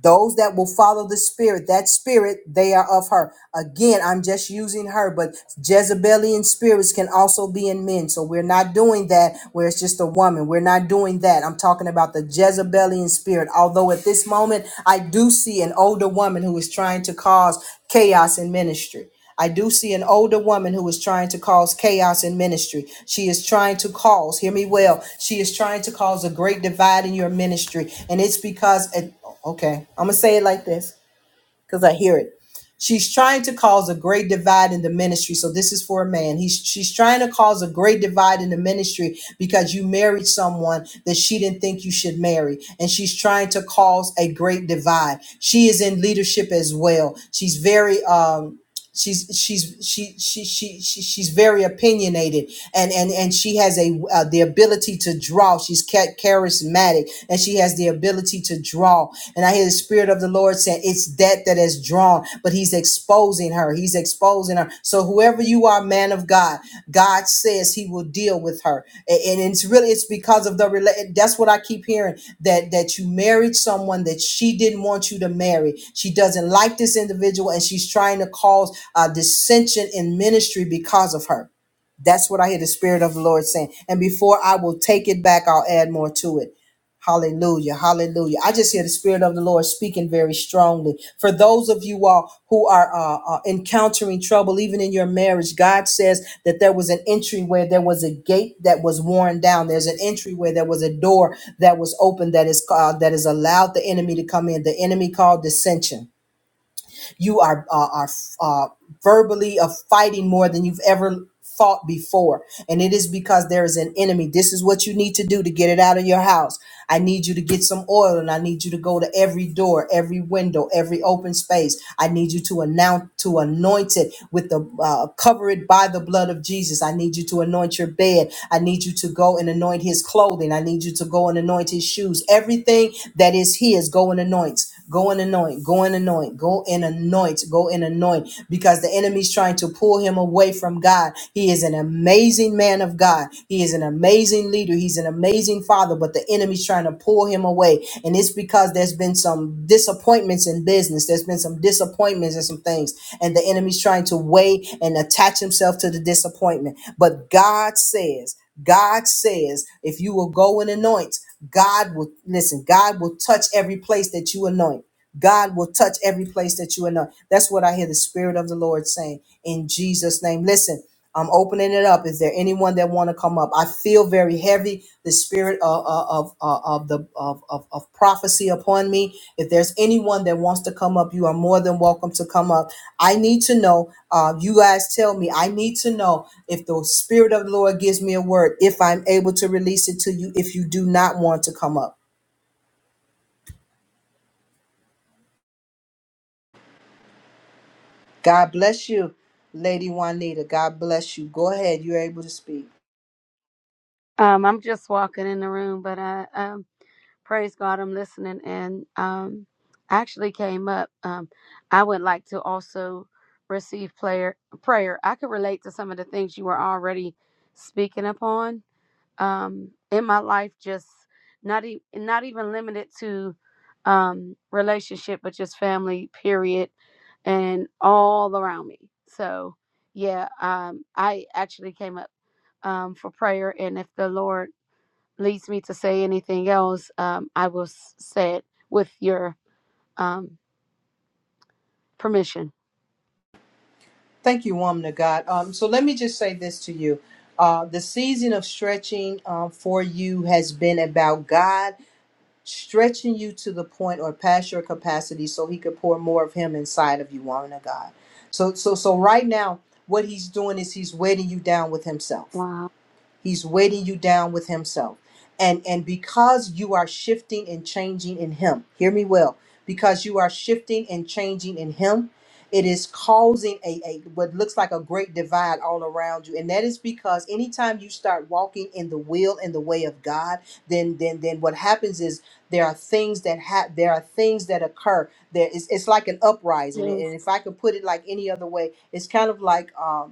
Speaker 1: Those that will follow the spirit, that spirit, they are of her. Again, I'm just using her, but Jezebelian spirits can also be in men. So we're not doing that where it's just a woman. We're not doing that. I'm talking about the Jezebelian spirit. Although at this moment, I do see an older woman who is trying to cause chaos in ministry. I do see an older woman who is trying to cause chaos in ministry. She is trying to cause, hear me well, she is trying to cause a great divide in your ministry. And it's because at Okay, I'm gonna say it like this because I hear it. She's trying to cause a great divide in the ministry. So this is for a man. He's she's trying to cause a great divide in the ministry because you married someone that she didn't think you should marry, and she's trying to cause a great divide. She is in leadership as well. She's very um She's she's she she she, she she's very opinionated and and and she has a uh, the ability to draw. She's ca- charismatic and she has the ability to draw. And I hear the spirit of the Lord saying it's that that is drawn, but He's exposing her. He's exposing her. So whoever whoever you are, man of God, God says He will deal with her, and, and it's really it's because of the rela- That's what I keep hearing that that you married someone that she didn't want you to marry. She doesn't like this individual, and she's trying to cause uh, dissension in ministry because of her that's what I hear the Spirit of the Lord saying. And before I will take it back, I'll add more to it. Hallelujah. Hallelujah. I just hear the Spirit of the Lord speaking very strongly. For those of you all who are uh, uh, encountering trouble, even in your marriage, God says that there was an entry where there was a gate that was worn down. There's an entry where there was a door that was open that is, uh, that has allowed the enemy to come in. The enemy called dissension. You are uh, are uh, verbally of fighting more than you've ever fought before, and it is because there is an enemy. This is what you need to do to get it out of your house. I need you to get some oil, and I need you to go to every door, every window, every open space. I need you to announce to anoint it with the uh, cover it by the blood of Jesus. I need you to anoint your bed. I need you to go and anoint his clothing. I need you to go and anoint his shoes. Everything that is his, go and anoint. Yes, Go and anoint, go and anoint, go and anoint, go and anoint, because the enemy's trying to pull him away from God. He is an amazing man of God. He is an amazing leader. He's an amazing father, but the enemy's trying to pull him away. And it's because there's been some disappointments in business. There's been some disappointments and some things. And the enemy's trying to weigh and attach himself to the disappointment. But God says, God says, if you will go and anoint, God will listen, God will touch every place that you anoint. God will touch every place that you anoint. That's what I hear the Spirit of the Lord saying in Jesus' name. Listen, I'm opening it up. Is there anyone that want to come up? I feel very heavy. The spirit of of of, uh, of the of, of of prophecy upon me. If there's anyone that wants to come up, you are more than welcome to come up. I need to know. Uh, you guys tell me. I need to know if the spirit of the Lord gives me a word. If I'm able to release it to you. If you do not want to come up. God bless you, Lady Juanita. God bless you. Go ahead. You're able to speak.
Speaker 2: Um, I'm just walking in the room, but I um, praise God, I'm listening, and um, I actually came up. Um, I would like to also receive prayer. Prayer. I could relate to some of the things you were already speaking upon um, in my life. Just not e- not even limited to um, relationship, but just family. Period, and all around me. So yeah, um, I actually came up um, for prayer, and if the Lord leads me to say anything else, um, I will s- say it with your um, permission.
Speaker 1: Thank you, woman of God. Um, so let me just say this to you. Uh, the season of stretching uh, for you has been about God stretching you to the point or past your capacity so he could pour more of him inside of you, woman of God. So so so right now, what he's doing is he's weighting you down with himself
Speaker 2: Wow.
Speaker 1: He's weighting you down with himself. And and because you are shifting and changing in him, hear me well, because you are shifting and changing in him, it is causing a, a what looks like a great divide all around you. And that is because anytime you start walking in the will and the way of God, then then then what happens is there are things that have there are things that occur. There is it's like an uprising.
Speaker 2: Yes.
Speaker 1: And if I could put it like any other way, it's kind of like um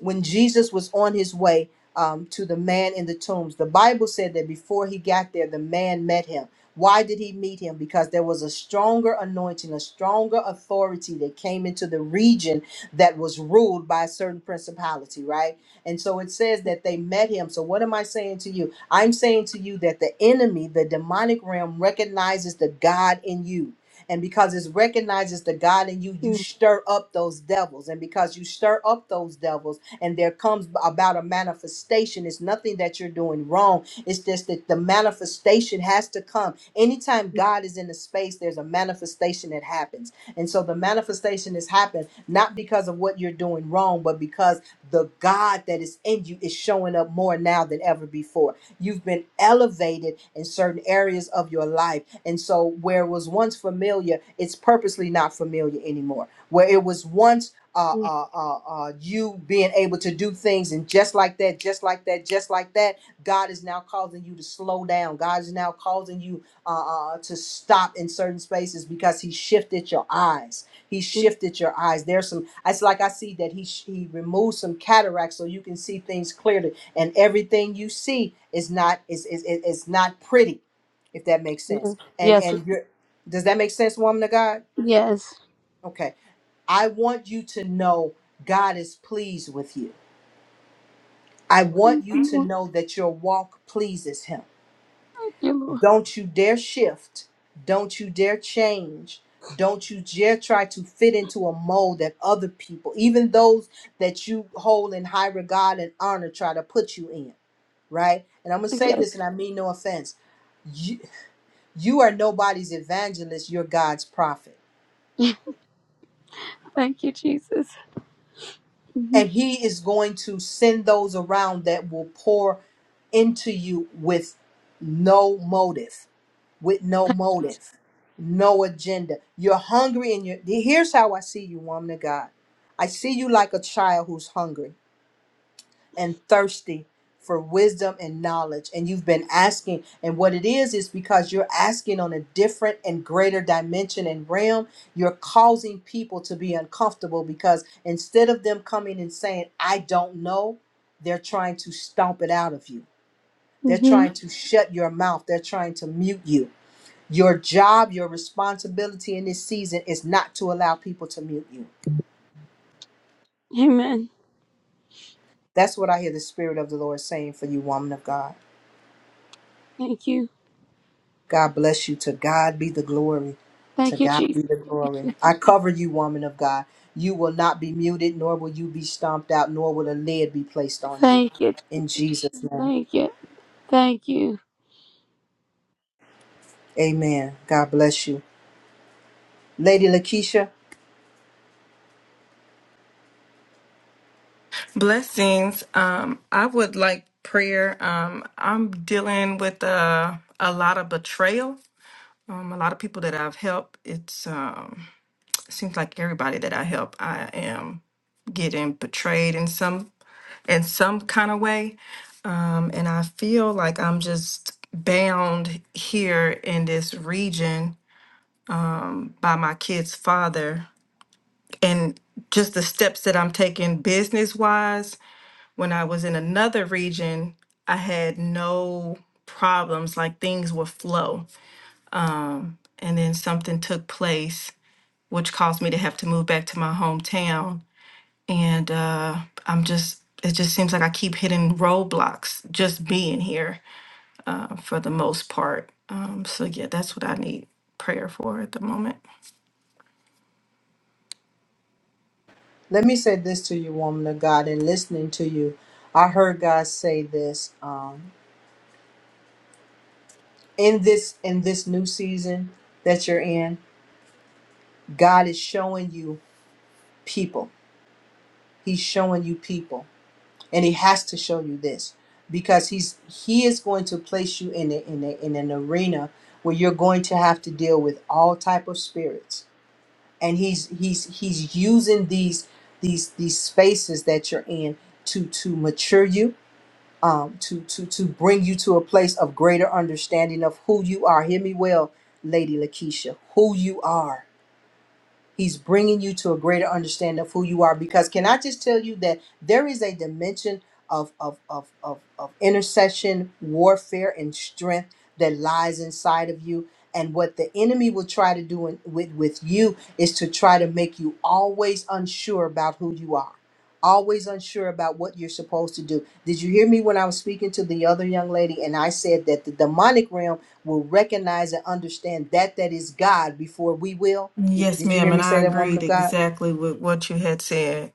Speaker 1: when Jesus was on his way um, to the man in the tombs, the Bible said that before he got there, the man met him. Why did he meet him? Because there was a stronger anointing, a stronger authority that came into the region that was ruled by a certain principality, right? And so it says that they met him. So, what am I saying to you? I'm saying to you that the enemy, the demonic realm, recognizes the God in you. And because it recognizes the God in you, you
Speaker 2: Mm,
Speaker 1: stir up those devils. And because you stir up those devils, and there comes about a manifestation. It's nothing that you're doing wrong. It's just that the manifestation has to come. Anytime God is in the space, there's a manifestation that happens. And so the manifestation has happened not because of what you're doing wrong, but because the God that is in you is showing up more now than ever before. You've been elevated in certain areas of your life. And so where it was once familiar, it's purposely not familiar anymore. Where it was once uh,
Speaker 2: mm,
Speaker 1: uh, uh, uh, you being able to do things and just like that, just like that, just like that, God is now causing you to slow down. God is now causing you uh, uh, uh, to stop in certain spaces because He shifted your eyes. He
Speaker 2: mm,
Speaker 1: shifted your eyes. There's some. It's like I see that He sh- He removed some cataracts so you can see things clearly, and everything you see is not is is is is not pretty, if that makes sense.
Speaker 2: mm.
Speaker 1: And
Speaker 2: Yes.
Speaker 1: and you're. Does that make sense, woman of God?
Speaker 2: Yes.
Speaker 1: Okay I want you to know God is pleased with you. I want
Speaker 2: Thank
Speaker 1: you
Speaker 2: you,
Speaker 1: to
Speaker 2: Lord.
Speaker 1: know that your walk pleases Him.
Speaker 2: Thank you,
Speaker 1: Don't you dare shift. Don't you dare change. Don't you dare try to fit into a mold that other people, even those that you hold in high regard and honor, try to put you in, right? And I'm going to say
Speaker 2: Lord.
Speaker 1: this, and I mean no offense. You, you are nobody's evangelist, you're God's prophet.
Speaker 2: Yes. [laughs] Thank you, Jesus. hmm
Speaker 1: and he is going to send those around that will pour into you with no motive with no motive no agenda you're hungry and you're here's how i see you woman of god i see you like a child who's hungry and thirsty for wisdom and knowledge and you've been asking and what it is is because you're asking on a different and greater dimension and realm you're causing people to be uncomfortable because instead of them coming and saying i don't know they're trying to stomp it out of you they're
Speaker 2: hmm
Speaker 1: trying to shut your mouth they're trying to mute you your job your responsibility in this season is not to allow people to mute you
Speaker 2: Amen.
Speaker 1: that's what i hear the spirit of the lord saying for you woman of god
Speaker 2: Thank you.
Speaker 1: God bless you. To God be the glory. To
Speaker 2: Thank you,
Speaker 1: God
Speaker 2: Jesus.
Speaker 1: be the glory. I cover you, woman of God. You will not be muted, nor will you be stomped out, nor will a lid be placed on you.
Speaker 2: Thank you.
Speaker 1: In Jesus' name.
Speaker 2: Thank you. Thank you.
Speaker 1: Amen. God bless you. Lady Lakeisha,
Speaker 3: Blessings. Um, I would like prayer. Um, I'm dealing with uh, a lot of betrayal. Um, a lot of people that I've helped. It's um, it seems like everybody that I help, I am getting betrayed in some in some kind of way. Um, and I feel like I'm just bound here in this region by my kid's father and just the steps that I'm taking business wise. When I was in another region, I had no problems, like things would flow. Um, and then something took place, which caused me to have to move back to my hometown. And uh, I'm just, it just seems like I keep hitting roadblocks just being here uh, for the most part. Um, so, yeah, that's what I need prayer for at the moment.
Speaker 1: let me say this to you, woman of God, and listening to you. I heard God say this. Um, in this in this new season that you're in, God is showing you people. He's showing you people. and he has to show you this because he's he is going to place you in a, in, a, in an arena where you're going to have to deal with all type of spirits and he's he's he's using these these these spaces that you're in to to mature you um to to to bring you to a place of greater understanding of who you are hear me well lady lakeisha who you are He's bringing you to a greater understanding of who you are. Because can I just tell you that there is a dimension of of of of, of intercession, warfare, and strength that lies inside of you. And what the enemy will try to do in, with with you is to try to make you always unsure about who you are always unsure about what you're supposed to do. Did you hear me when I was speaking to the other young lady and I said that the demonic realm will recognize and understand that that is God before we will? Did,
Speaker 3: Yes,
Speaker 1: did you
Speaker 3: ma'am.
Speaker 1: hear
Speaker 3: And
Speaker 1: me say
Speaker 3: I
Speaker 1: that, woman
Speaker 3: agreed
Speaker 1: of God?
Speaker 3: exactly with what you had said.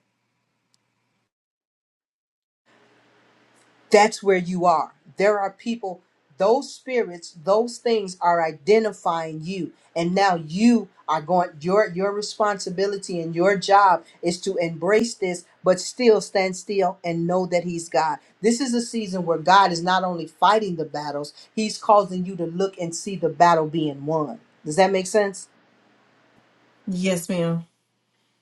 Speaker 1: that's where you are. There are people, those spirits, those things are identifying you. And now you are going your your responsibility and your job is to embrace this, but still stand still and know that he's God. This is a season where God is not only fighting the battles, he's causing you to look and see the battle being won. Does that make sense?
Speaker 3: Yes, ma'am.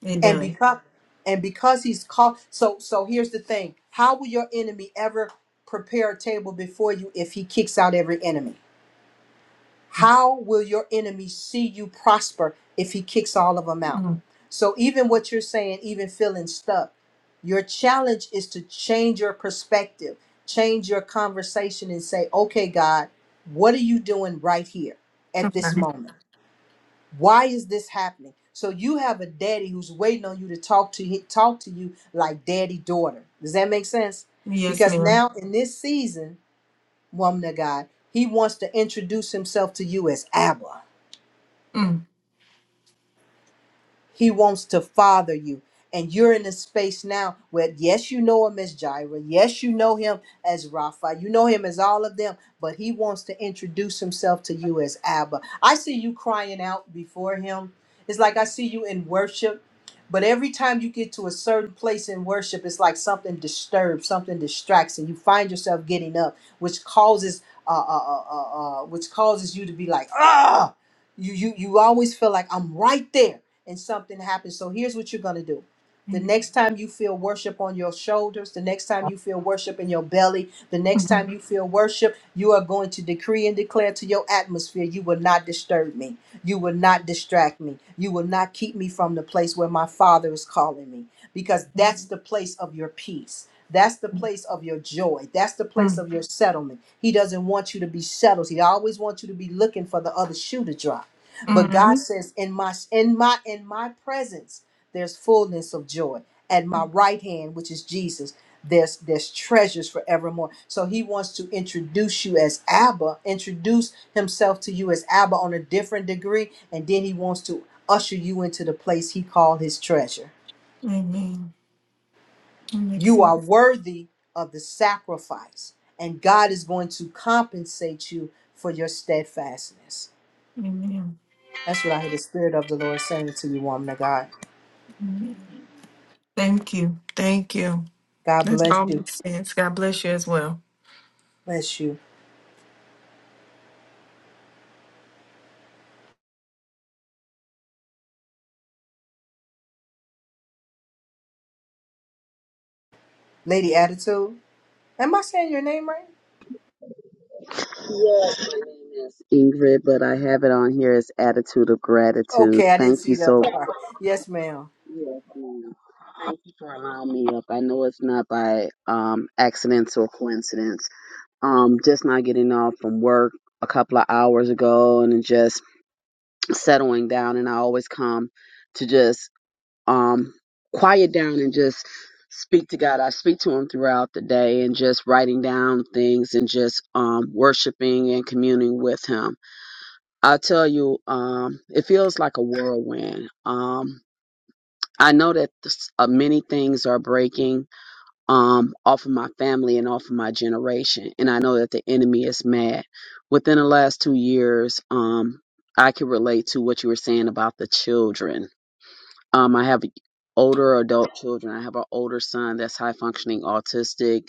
Speaker 3: It
Speaker 1: and
Speaker 3: does.
Speaker 1: because and because he's called so so here's the thing how will your enemy ever prepare a table before you if he kicks out every enemy how will your enemy see you prosper if he kicks all of them out
Speaker 3: Mm.
Speaker 1: so even what you're saying even feeling stuck your challenge is to change your perspective change your conversation and say okay god what are you doing right here at this moment why is this happening? So you have a daddy who's waiting on you to talk to he- talk to you like daddy daughter. Does that make sense?
Speaker 3: Yes,
Speaker 1: Because
Speaker 3: ma'am.
Speaker 1: now in this season, woman of God, he wants to introduce himself to you as Abba.
Speaker 3: Mm.
Speaker 1: He wants to father you. And you're in a space now where, yes, you know him as Jireh. Yes, you know him as Rapha. You know him as all of them, but he wants to introduce himself to you as Abba. I see you crying out before him. It's like I see you in worship, but every time you get to a certain place in worship, it's like something disturbs, something distracts, and you find yourself getting up, which causes, uh, uh, uh, uh, uh, which causes you to be like, ah, you you you always feel like I'm right there and something happens. So here's what you're going to do. The next
Speaker 3: Mhm.
Speaker 1: time you feel worship on your shoulders, the next time you feel worship in your belly, the next time
Speaker 3: Mm.
Speaker 1: you feel worship, you are going to decree and declare to your atmosphere, You will not disturb me. You will not distract me. You will not keep me from the place where my Father is calling me, because that's the place of your peace. That's the place of your joy. That's the place of your settlement. He doesn't want you to be settled. He always wants you to be looking for the other shoe to drop. But God
Speaker 3: Mhm.
Speaker 1: says, in my in my in my presence, there's fullness of joy. At my right hand, which is Jesus, there's there's treasures forevermore. So he wants to introduce you as Abba, introduce himself to you as Abba on a different degree, and then he wants to usher you into the place he called his treasure.
Speaker 3: Amen. That makes
Speaker 1: You are
Speaker 3: sense.
Speaker 1: worthy of the sacrifice, and God is going to compensate you for your steadfastness.
Speaker 3: Amen.
Speaker 1: That's what I hear the Spirit of the Lord saying to you, woman of God.
Speaker 3: Amen. Thank you. Thank you.
Speaker 1: God
Speaker 3: That's
Speaker 1: bless
Speaker 3: all
Speaker 1: you.
Speaker 3: makes sense. God bless you as well.
Speaker 1: Bless you. Lady Attitude. Am I saying your name right?
Speaker 4: Yes, my name is Ingrid, but I have it on here as attitude of gratitude.
Speaker 1: Okay, I didn't
Speaker 4: Thank you
Speaker 1: see the
Speaker 4: so
Speaker 1: other
Speaker 4: much.
Speaker 1: part. Yes, ma'am.
Speaker 4: Yes, ma'am. Thank you for allowing me up. I know it's not by um accidents or coincidence. Um just not getting off from work a couple of hours ago and then just settling down and I always come to just um quiet down and just speak to God. I speak to him throughout the day and just writing down things and just um worshiping and communing with him I'll tell you, um, it feels like a whirlwind. Um, I know that this, uh, many things are breaking um, off of my family and off of my generation, and I know that the enemy is mad. Within the last two years, um, I can relate to what you were saying about the children. Um, I have older adult children. I have an older son that's high functioning autistic,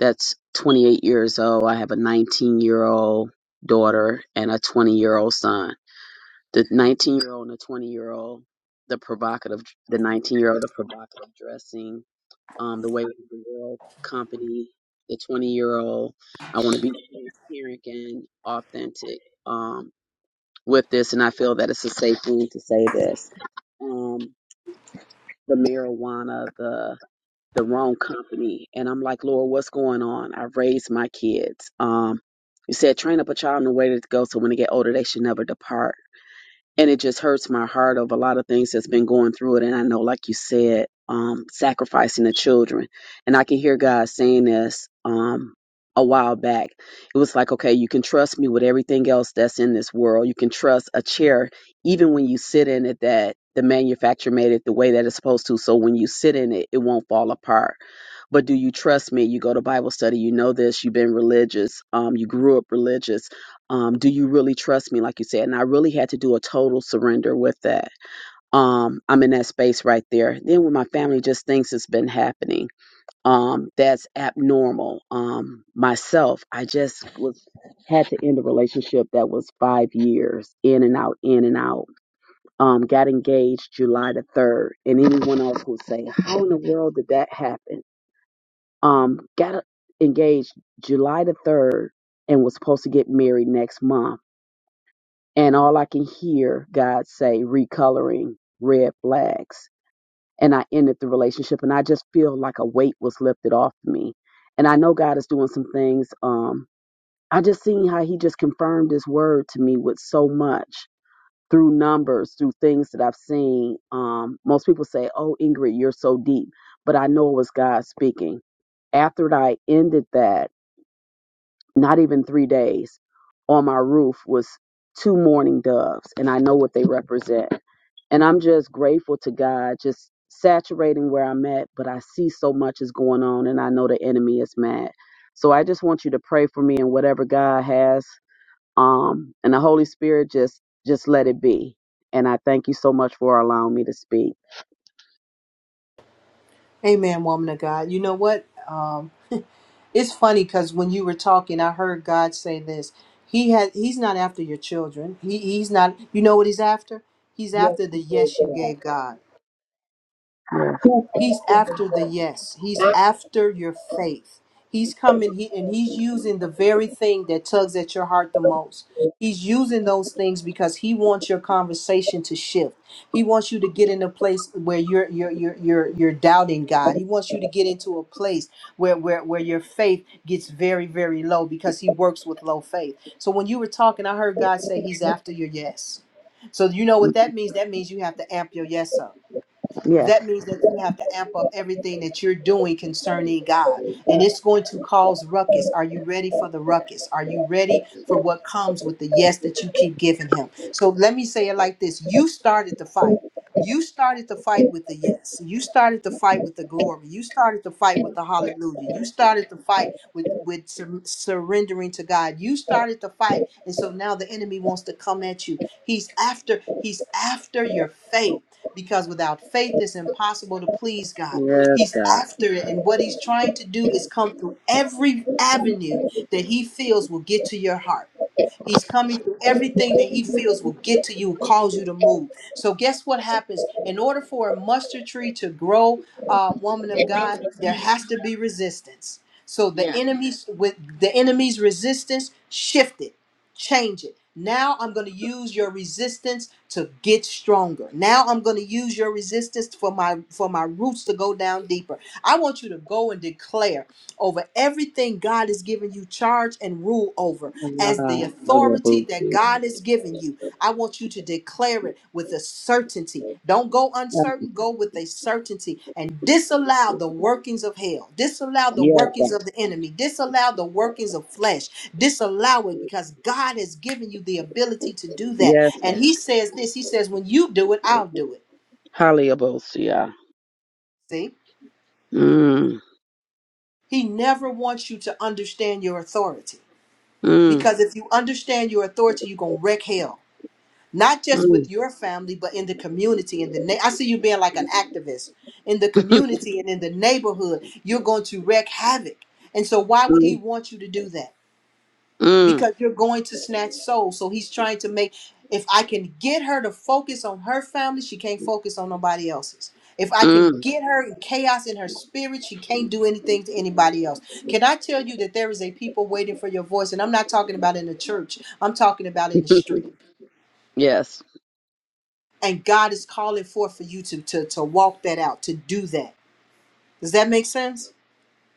Speaker 4: that's 28 years old. I have a 19 year old daughter and a 20 year old son the 19 year old and the 20 year old the provocative the 19 year old the provocative dressing um the way the world company the 20 year old i want to be transparent and authentic um with this and i feel that it's a safe thing to say this um the marijuana the the wrong company and i'm like lord what's going on i raised my kids um you said train up a child in the way to go so when they get older they should never depart and it just hurts my heart of a lot of things that's been going through it and i know like you said um sacrificing the children and i can hear god saying this um a while back it was like okay you can trust me with everything else that's in this world you can trust a chair even when you sit in it that the manufacturer made it the way that it's supposed to so when you sit in it it won't fall apart but do you trust me you go to bible study you know this you've been religious um you grew up religious um, do you really trust me like you said and i really had to do a total surrender with that um, i'm in that space right there then when my family just thinks it's been happening um, that's abnormal um, myself i just was had to end a relationship that was five years in and out in and out um, got engaged july the 3rd and anyone else would say how in the world did that happen um, got engaged july the 3rd and was supposed to get married next month and all I can hear God say recoloring red flags. And I ended the relationship and I just feel like a weight was lifted off me. And I know God is doing some things. Um, I just seen how he just confirmed his word to me with so much through numbers, through things that I've seen. Um, most people say, Oh, Ingrid, you're so deep. But I know it was God speaking after I ended that not even three days, on my roof was two mourning doves, and I know what they represent. And I'm just grateful to God, just saturating where I'm at, but I see so much is going on, and I know the enemy is mad. So I just want you to pray for me and whatever God has, um, and the Holy Spirit just just let it be. And I thank you so much for allowing me to speak.
Speaker 1: Amen, woman of God. You know what? Um, [laughs] it's funny because when you were talking, I heard God say this. He had he's not after your children. He he's not you know what he's after? He's after the yes you gave God. He's after the yes. He's after your faith. He's coming he, and he's using the very thing that tugs at your heart the most. He's using those things because he wants your conversation to shift. He wants you to get in a place where you're you're you're you're, you're doubting God. He wants you to get into a place where, where where your faith gets very very low because he works with low faith. So when you were talking, I heard God say he's after your yes. So you know what that means? That means you have to amp your yes up
Speaker 4: Yes.
Speaker 1: that means that you have to amp up everything that you're doing concerning God. And it's going to cause ruckus. Are you ready for the ruckus? Are you ready for what comes with the yes that you keep giving Him? So let me say it like this You started the fight. You started the fight with the yes. You started the fight with the glory. You started the fight with the hallelujah. You started the fight with with sur- surrendering to God. You started the fight, and so now the enemy wants to come at you. He's after. He's after your faith because without faith it's impossible to please God. He's after it, and what he's trying to do is come through every avenue that he feels will get to your heart. He's coming through everything that he feels will get to you, cause you to move. So, guess what happens? In order for a mustard tree to grow, uh, woman of God, there has to be resistance. So the
Speaker 4: Yes. Yes.
Speaker 1: enemies with the enemy's resistance, shift it, change it. Now I'm going to use your resistance to get stronger. Now I'm going to use your resistance for my for my roots to go down deeper. I want you to go and declare over everything God has given you charge and rule over as the
Speaker 4: Ah,
Speaker 1: authority that
Speaker 4: hallelujah.
Speaker 1: God has given you. I want you to declare it with a certainty. Don't go uncertain, go with a certainty and disallow the workings of hell, disallow the
Speaker 4: Yes.
Speaker 1: workings of the enemy, disallow the workings of flesh, disallow it because God has given you the ability to do that.
Speaker 4: Yes.
Speaker 1: And He says this He says, When you do it, I'll do it.
Speaker 4: Hallelujah.
Speaker 1: See,
Speaker 4: Mm,
Speaker 1: He never wants you to understand your authority
Speaker 4: mm,
Speaker 1: because if you understand your authority, you're going to wreck hell. not just
Speaker 4: mm,
Speaker 1: with your family, but in the community. In the na- I see you being like an activist in the
Speaker 4: [laughs]
Speaker 1: community and in the neighborhood. You're going to wreak havoc. And so, why would he
Speaker 4: mm,
Speaker 1: want you to do that?
Speaker 4: mm,
Speaker 1: Because you're going to snatch souls. So he's trying to make. If I can get her to focus on her family, she can't focus on nobody else's. If I can
Speaker 4: mm.
Speaker 1: get her in chaos in her spirit, she can't do anything to anybody else. Can I tell you that there is a people waiting for your voice? And I'm not talking about in the church. I'm talking about in the
Speaker 4: [laughs]
Speaker 1: street.
Speaker 4: Yes.
Speaker 1: and God is calling forth for you to to to walk that out, to do that. Does that make sense?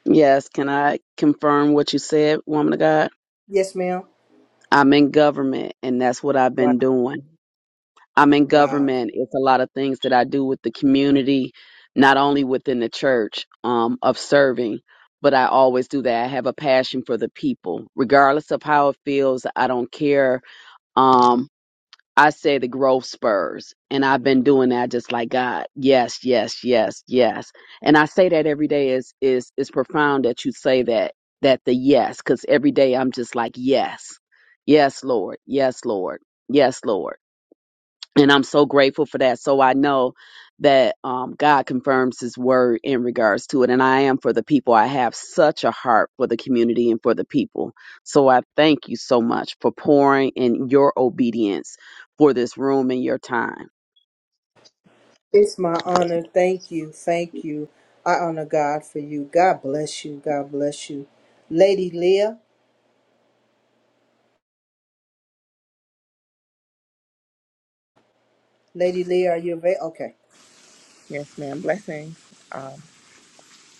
Speaker 4: Yes. Can I confirm what you said, woman of God?
Speaker 1: Yes, ma'am.
Speaker 4: I'm in government and that's what I've
Speaker 1: Wow,
Speaker 4: been doing. I'm in
Speaker 1: wow.
Speaker 4: government. It's a lot of things that I do with the community, not only within the church, um, of serving, but I always do that. I have a passion for the people. Regardless of how it feels, I don't care. Um, I say the growth spurs. And I've been doing that just like God. Yes, yes, yes, yes. And I say that every day is is is profound that you say that that the yes, because every day I'm just like, yes, yes, Lord, yes, Lord, yes, Lord and I'm so grateful for that. So I know that um, God confirms His word in regards to it, and I am for the people. I have such a heart for the community and for the people. So I thank you so much for pouring in your obedience for this room and your time.
Speaker 1: It's my honor. Thank you. Thank you. I honor God for you. God bless you. God bless you. Lady Leah, Lady Leah, are you available? Okay.
Speaker 5: Yes, ma'am. Blessings. Um,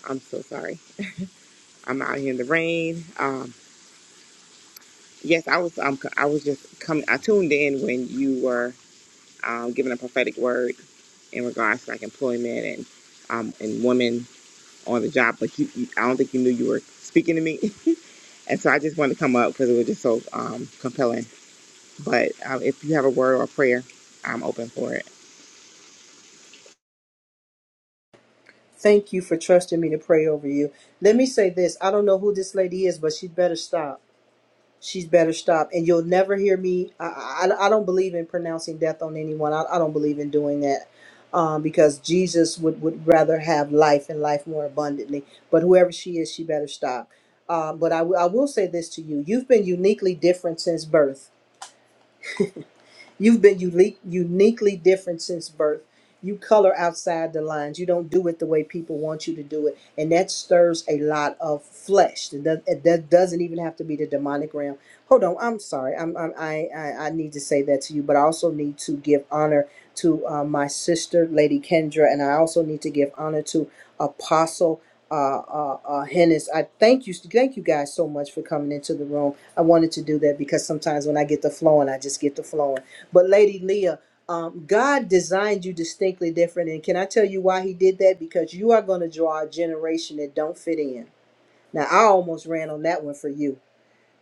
Speaker 5: I'm so sorry. I'm out here in the rain. Um, yes, I was. Um, I was just coming. I tuned in when you were um, giving a prophetic word in regards to like employment and um, and women on the job. But you, you, I don't think you knew you were speaking to me, [laughs] and so I just wanted to come up because it was just so um, compelling. But um, if you have a word or a prayer, I'm open for it.
Speaker 1: Thank you for trusting me to pray over you. Let me say this. I don't know who this lady is, but she better stop. She's better stop. And you'll never hear me. I, I, I don't believe in pronouncing death on anyone. I, I don't believe in doing that um, because Jesus would, would rather have life and life more abundantly. But whoever she is, she better stop. Um, but I, w- I will say this to you you've been uniquely different since birth You've been unique, uniquely different since birth. You color outside the lines. You don't do it the way people want you to do it, and that stirs a lot of flesh. It does- it does- doesn't even have to be the demonic realm. Hold on, I'm sorry. I'm, I'm I, I I need to say that to you, but I also need to give honor to uh, my sister, Lady Kendra, and I also need to give honor to Apostle uh, uh, uh, Hennis. I thank you, thank you guys so much for coming into the room. I wanted to do that because sometimes when I get the flowing, I just get the flowing. But Lady Leah, um, God designed you distinctly different, and can I tell you why He did that? Because you are going to draw a generation that don't fit in. Now, I almost ran on that one for you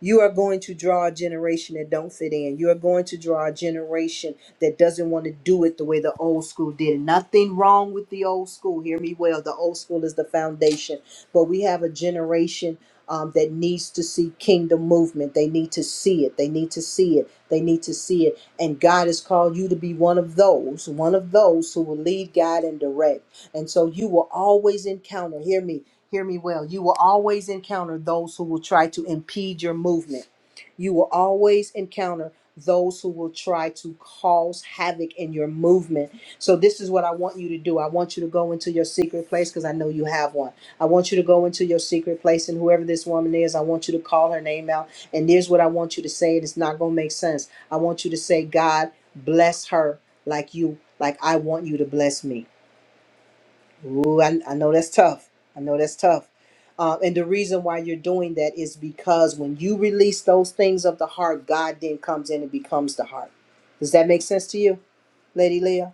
Speaker 1: you are going to draw a generation that don't fit in. You are going to draw a generation that doesn't want to do it the way the old school did. Nothing wrong with the old school. Hear me well. The old school is the foundation, but we have a generation um, that needs to see kingdom movement. They need to see it. They need to see it. They need to see it. And God has called you to be one of those, one of those who will lead, guide, and direct. And so you will always encounter. Hear me. Hear me well. You will always encounter those who will try to impede your movement. You will always encounter those who will try to cause havoc in your movement. So, this is what I want you to do. I want you to go into your secret place because I know you have one. I want you to go into your secret place, and whoever this woman is, I want you to call her name out. And here's what I want you to say, it's not going to make sense. I want you to say, God, bless her like you, like I want you to bless me. Ooh, I, I know that's tough. I know that's tough. Uh, and the reason why you're doing that is because when you release those things of the heart, God then comes in and becomes the heart. Does that make sense to you, Lady Leah?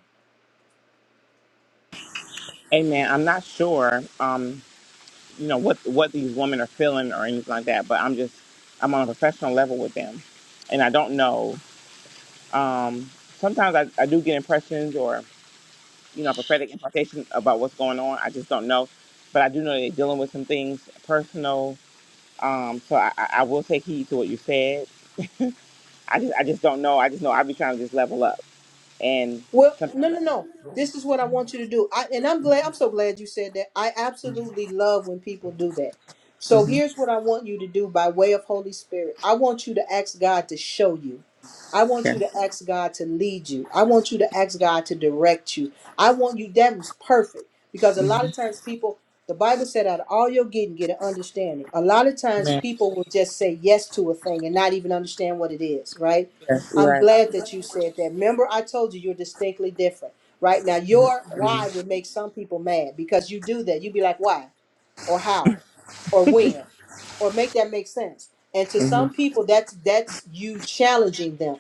Speaker 5: Amen. I'm not sure. Um, you know what what these women are feeling or anything like that but i'm just i'm on a professional level with them and i don't know um sometimes i, I do get impressions or you know prophetic impartation about what's going on i just don't know but i do know they're dealing with some things personal um so i i I will take heed to what you said i just i just don't know i just know i'll be trying to just level up and
Speaker 1: Well, no,
Speaker 5: sometimes I,
Speaker 1: no, no. This is what I want you to do. I and I'm glad I'm so glad you said that. I absolutely love when people do that. So
Speaker 5: Mm-hmm.
Speaker 1: here's what I want you to do by way of Holy Spirit. I want you to ask God to show you. I want you
Speaker 5: Sure.
Speaker 1: to ask God to lead you. I want you to ask God to direct you. I want you that was perfect because a lot
Speaker 5: Mm-hmm.
Speaker 1: of times people the Bible said out of all your getting get an understanding. A lot of times people will just say yes to a thing and not even understand what it is, right?
Speaker 5: Yes, you're
Speaker 1: I'm
Speaker 5: right.
Speaker 1: glad that you said that. Remember, I told you you're distinctly different. Right now, your why would make some people mad because you do that. You'd be like, why? Or how? Or when? Or make that make sense. And to some
Speaker 5: Mm-hmm.
Speaker 1: people, that's that's you challenging them.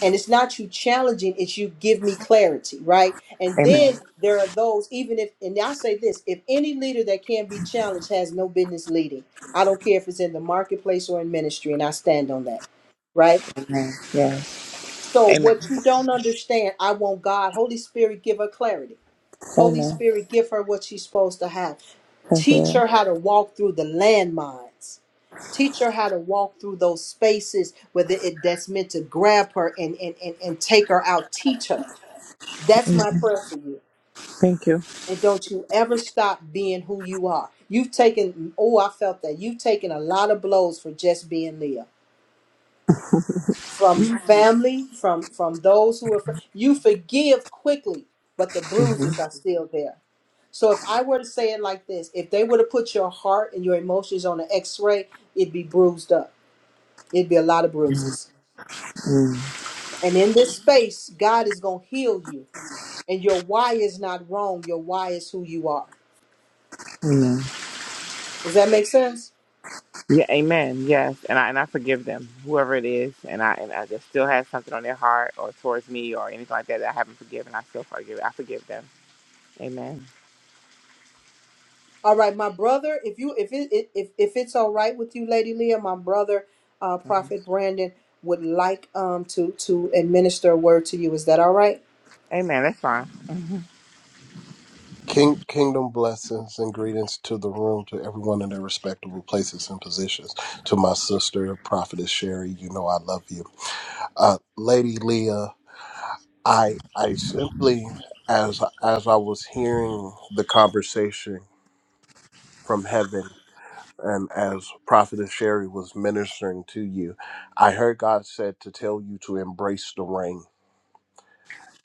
Speaker 1: And it's not you challenging, it's you give me clarity, right? And
Speaker 5: Amen.
Speaker 1: then there are those, even if and I say this, if any leader that can be challenged has no business leading. I don't care if it's in the marketplace or in ministry, and I stand on that right?
Speaker 5: Yeah.
Speaker 1: So
Speaker 5: Amen.
Speaker 1: what you don't understand, I want God, Holy Spirit, give her clarity. Holy Spirit, give her what she's supposed to have. Teach her how to walk through the landmines. Teach her how to walk through those spaces whether it that's meant to grab her and, and, and, and take her out. Teach her. That's my prayer for you.
Speaker 5: Thank you.
Speaker 1: And don't you ever stop being who you are. You've taken, oh, I felt that. You've taken a lot of blows for just being Leah. from family, from from those who are fr- you forgive quickly, but the bruises are still there. So if I were to say it like this, if they were to put your heart and your emotions on an X-ray, it'd be bruised up. It'd be a lot of bruises.
Speaker 5: Mm-hmm.
Speaker 1: And in this space, God is gonna heal you, and your why is not wrong. Your why is who you are. Does that make sense?
Speaker 5: Yeah, amen. Yes, and I and I forgive them, whoever it is, and I and I just still have something on their heart or towards me or anything like that that I haven't forgiven. I still forgive. I forgive them. Amen.
Speaker 1: All right, my brother, if you if it it- if if it's all right with you, Lady Leah, my brother, uh, Prophet Brandon would like um to to administer a word to you. Is that all right?
Speaker 5: Amen. That's fine.
Speaker 6: King, kingdom blessings and greetings to the room, to everyone in their respectable places and positions. To my sister, Prophetess Sherry, you know I love you. Uh, Lady Leah, I, I simply, as as I was hearing the conversation from heaven, and as Prophetess Sherry was ministering to you, I heard God said to tell you to embrace the rain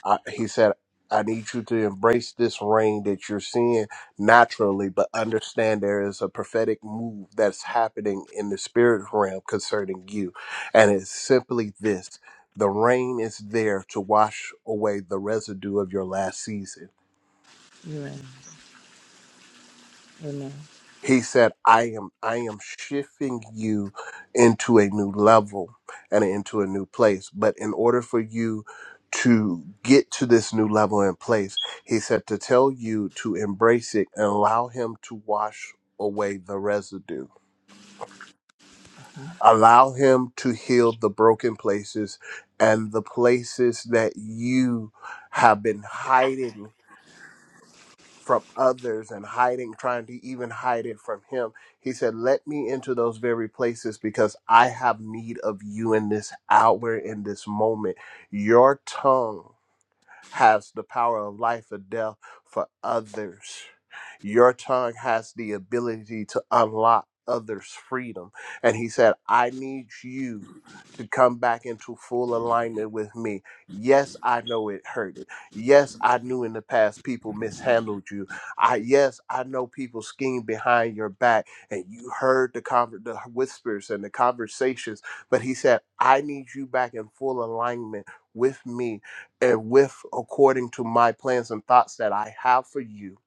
Speaker 6: I, he said, I need you to embrace this rain that you're seeing naturally, but understand there is a prophetic move that's happening in the spirit realm concerning you. And it's simply this the rain is there to wash away the residue of your last season
Speaker 5: Amen. Amen.
Speaker 6: he said i am i am shifting you into a new level and into a new place but in order for you to get to this new level and place he said to tell you to embrace it and allow him to wash away the residue allow him to heal the broken places and the places that you have been hiding from others and hiding, trying to even hide it from him. He said, Let me into those very places because I have need of you in this hour, in this moment. Your tongue has the power of life and death for others. Your tongue has the ability to unlock others' freedom. And he said, I need you to come back into full alignment with me. Yes, I know it hurted. Yes, I knew in the past people mishandled you. I yes, I know people schemed behind your back and you heard the conver- the whispers and the conversations, but he said, I need you back in full alignment with me and with according to my plans and thoughts that I have for you.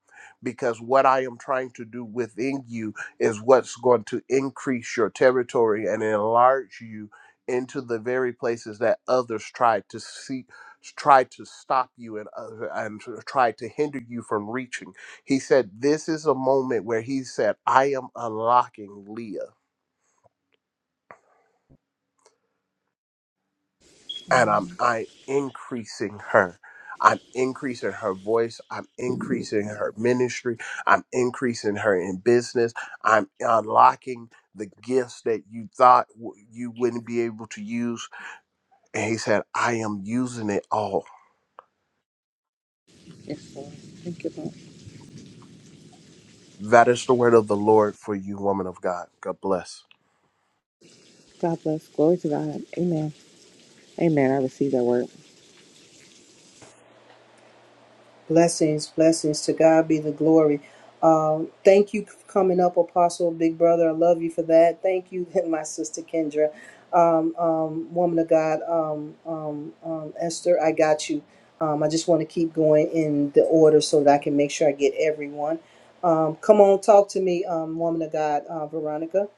Speaker 6: Because what I am trying to do within you is what's going to increase your territory and enlarge you into the very places that others try to see, try to stop you and other, and to try to hinder you from reaching. He said, "This is a moment where he said, I am unlocking Leah." and I'm I'm increasing her. I'm increasing her voice. I'm increasing her ministry. I'm increasing her in business. I'm unlocking the gifts that you thought w- you wouldn't be able to use. And he said, I am using it all.
Speaker 5: Yes, Lord. Thank you, Lord.
Speaker 6: That is the word of the Lord for you, woman of God. God bless.
Speaker 5: God bless. Glory to God. Amen. Amen. I receive that word.
Speaker 1: Blessings, blessings. To God be the glory. Um, thank you for coming up, Apostle Big Brother. I love you for that. Thank you, [laughs] my sister Kendra, um, um, woman of God, um, um, um, Esther. I got you. Um, I just want to keep going in the order so that I can make sure I get everyone. Um, come on, talk to me, um, woman of God, uh, Veronica.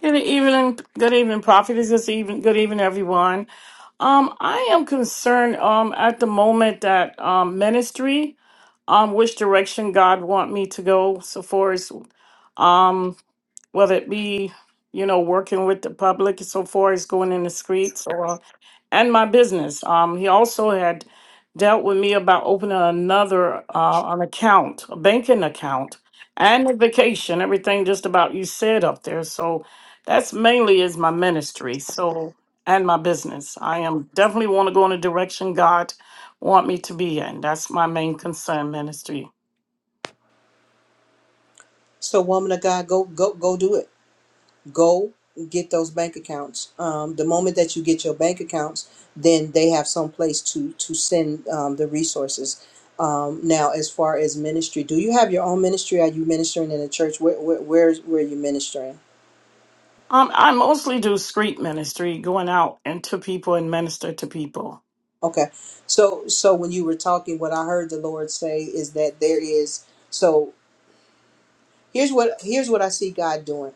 Speaker 7: Good evening, good evening, prophetess. Good even, good evening, everyone. Um, I am concerned um at the moment that um ministry um which direction God want me to go so far as um whether it be you know working with the public so far as going in the streets or and my business um he also had dealt with me about opening another uh an account a banking account and a vacation everything just about you said up there so that's mainly is my ministry so and my business i am definitely want to go in the direction god want me to be in that's my main concern ministry
Speaker 1: So, woman of God, go, go, go, do it. go get those bank accounts. Um, the moment that you get your bank accounts, then they have some place to to send um, the resources. Um, now, as far as ministry, do you have your own ministry? Are you ministering in a church? Where where where, where are you ministering?
Speaker 7: Um, I mostly do street ministry, going out and to people and minister to people.
Speaker 1: Okay, so so when you were talking, what I heard the Lord say is that there is so. Here's what here's what I see God doing.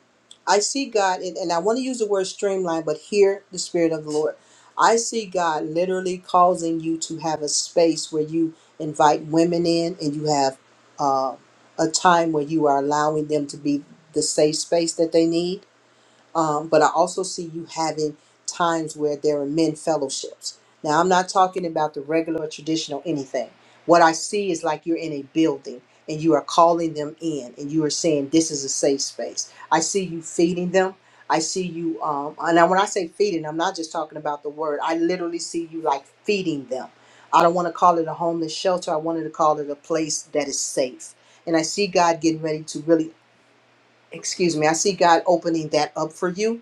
Speaker 1: I see God, and, and I want to use the word streamline, but hear the Spirit of the Lord. I see God literally causing you to have a space where you invite women in, and you have uh, a time where you are allowing them to be the safe space that they need um, but I also see you having times where there are men fellowships. Now, I'm not talking about the regular or traditional anything. What I see is like you're in a building and you are calling them in and you are saying, This is a safe space. I see you feeding them. I see you, um, and I- when I say feeding, I'm not just talking about the word. I literally see you like feeding them. I don't want to call it a homeless shelter. I wanted to call it a place that is safe. And I see God getting ready to really, excuse me, I see God opening that up for you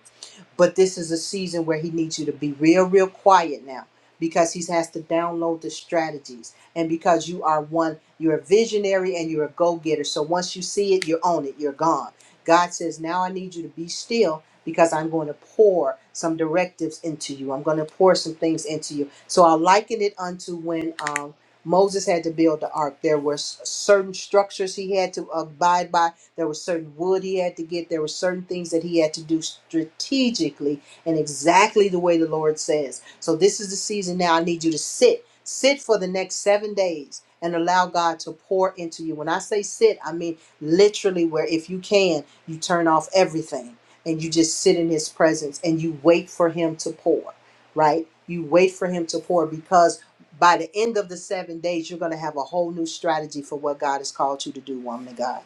Speaker 1: but this is a season where he needs you to be real, real quiet now because he has to download the strategies. And because you are one, you're a visionary and you're a go getter. So once you see it, you own it, you're gone. God says, Now I need you to be still because I'm going to pour some directives into you. I'm going to pour some things into you. So I liken it unto when um, Moses had to build the ark. There were s- certain structures he had to abide by there was certain wood he had to get. There were certain things that he had to do strategically and exactly the way the Lord says. So this is the season now. I need you to sit. Sit for the next seven days and allow God to pour into you. When I say sit, I mean literally where if you can, you turn off everything and you just sit in his presence and you wait for him to pour, right? You wait for him to pour because by the end of the seven days, you're going to have a whole new strategy for what God has called you to do, woman of God.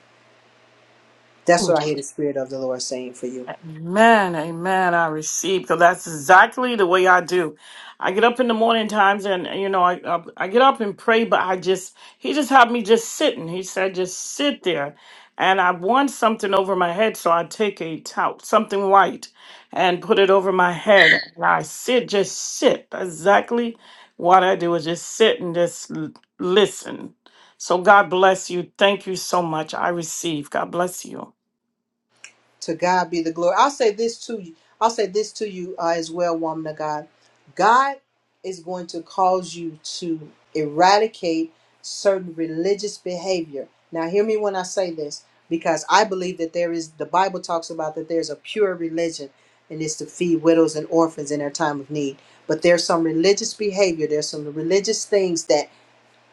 Speaker 1: That's what I hear the Spirit of the Lord saying for you.
Speaker 7: Amen, amen. I receive because that's exactly the way I do. I get up in the morning times, and you know, I, I I get up and pray, but I just he just had me just sitting. He said, just sit there, and I want something over my head, so I take a towel, something white, and put it over my head, and I sit, just sit. That's Exactly what I do is just sit and just l- listen. So God bless you. Thank you so much. I receive. God bless you.
Speaker 1: To God be the glory. I'll say this to you. I'll say this to you uh, as well, woman of God. God is going to cause you to eradicate certain religious behavior. Now, hear me when I say this, because I believe that there is, the Bible talks about that there's a pure religion, and it's to feed widows and orphans in their time of need. But there's some religious behavior, there's some religious things that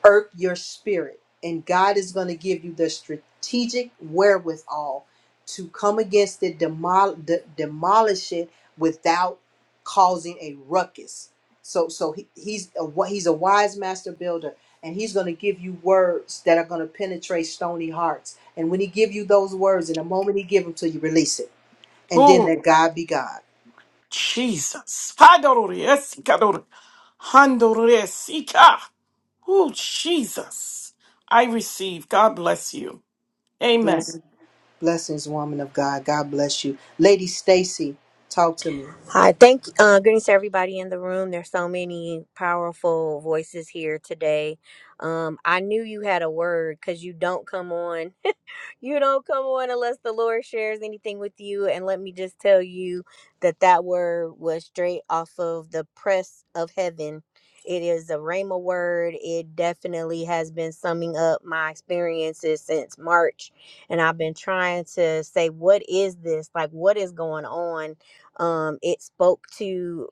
Speaker 1: irk your spirit. And God is going to give you the strategic wherewithal to come against it, demol- de- demolish it without causing a ruckus. So, so he, he's a, wi- he's a wise master builder, and he's going to give you words that are going to penetrate stony hearts. And when he give you those words, in the moment he give them to you, release it, and then let God be God.
Speaker 7: Jesus. Hadoresica. Handoresika. Oh, Jesus. I receive. God bless you. Amen.
Speaker 1: Blessings, blessings, woman of God. God bless you, Lady Stacy. Talk to me.
Speaker 8: Hi, thank uh, greetings to everybody in the room. There's so many powerful voices here today. Um, I knew you had a word because you don't come on you don't come on unless the Lord shares anything with you. And let me just tell you that that word was straight off of the press of heaven. It is a Rhema word. It definitely has been summing up my experiences since March. And I've been trying to say, what is this? Like, what is going on? Um, it spoke to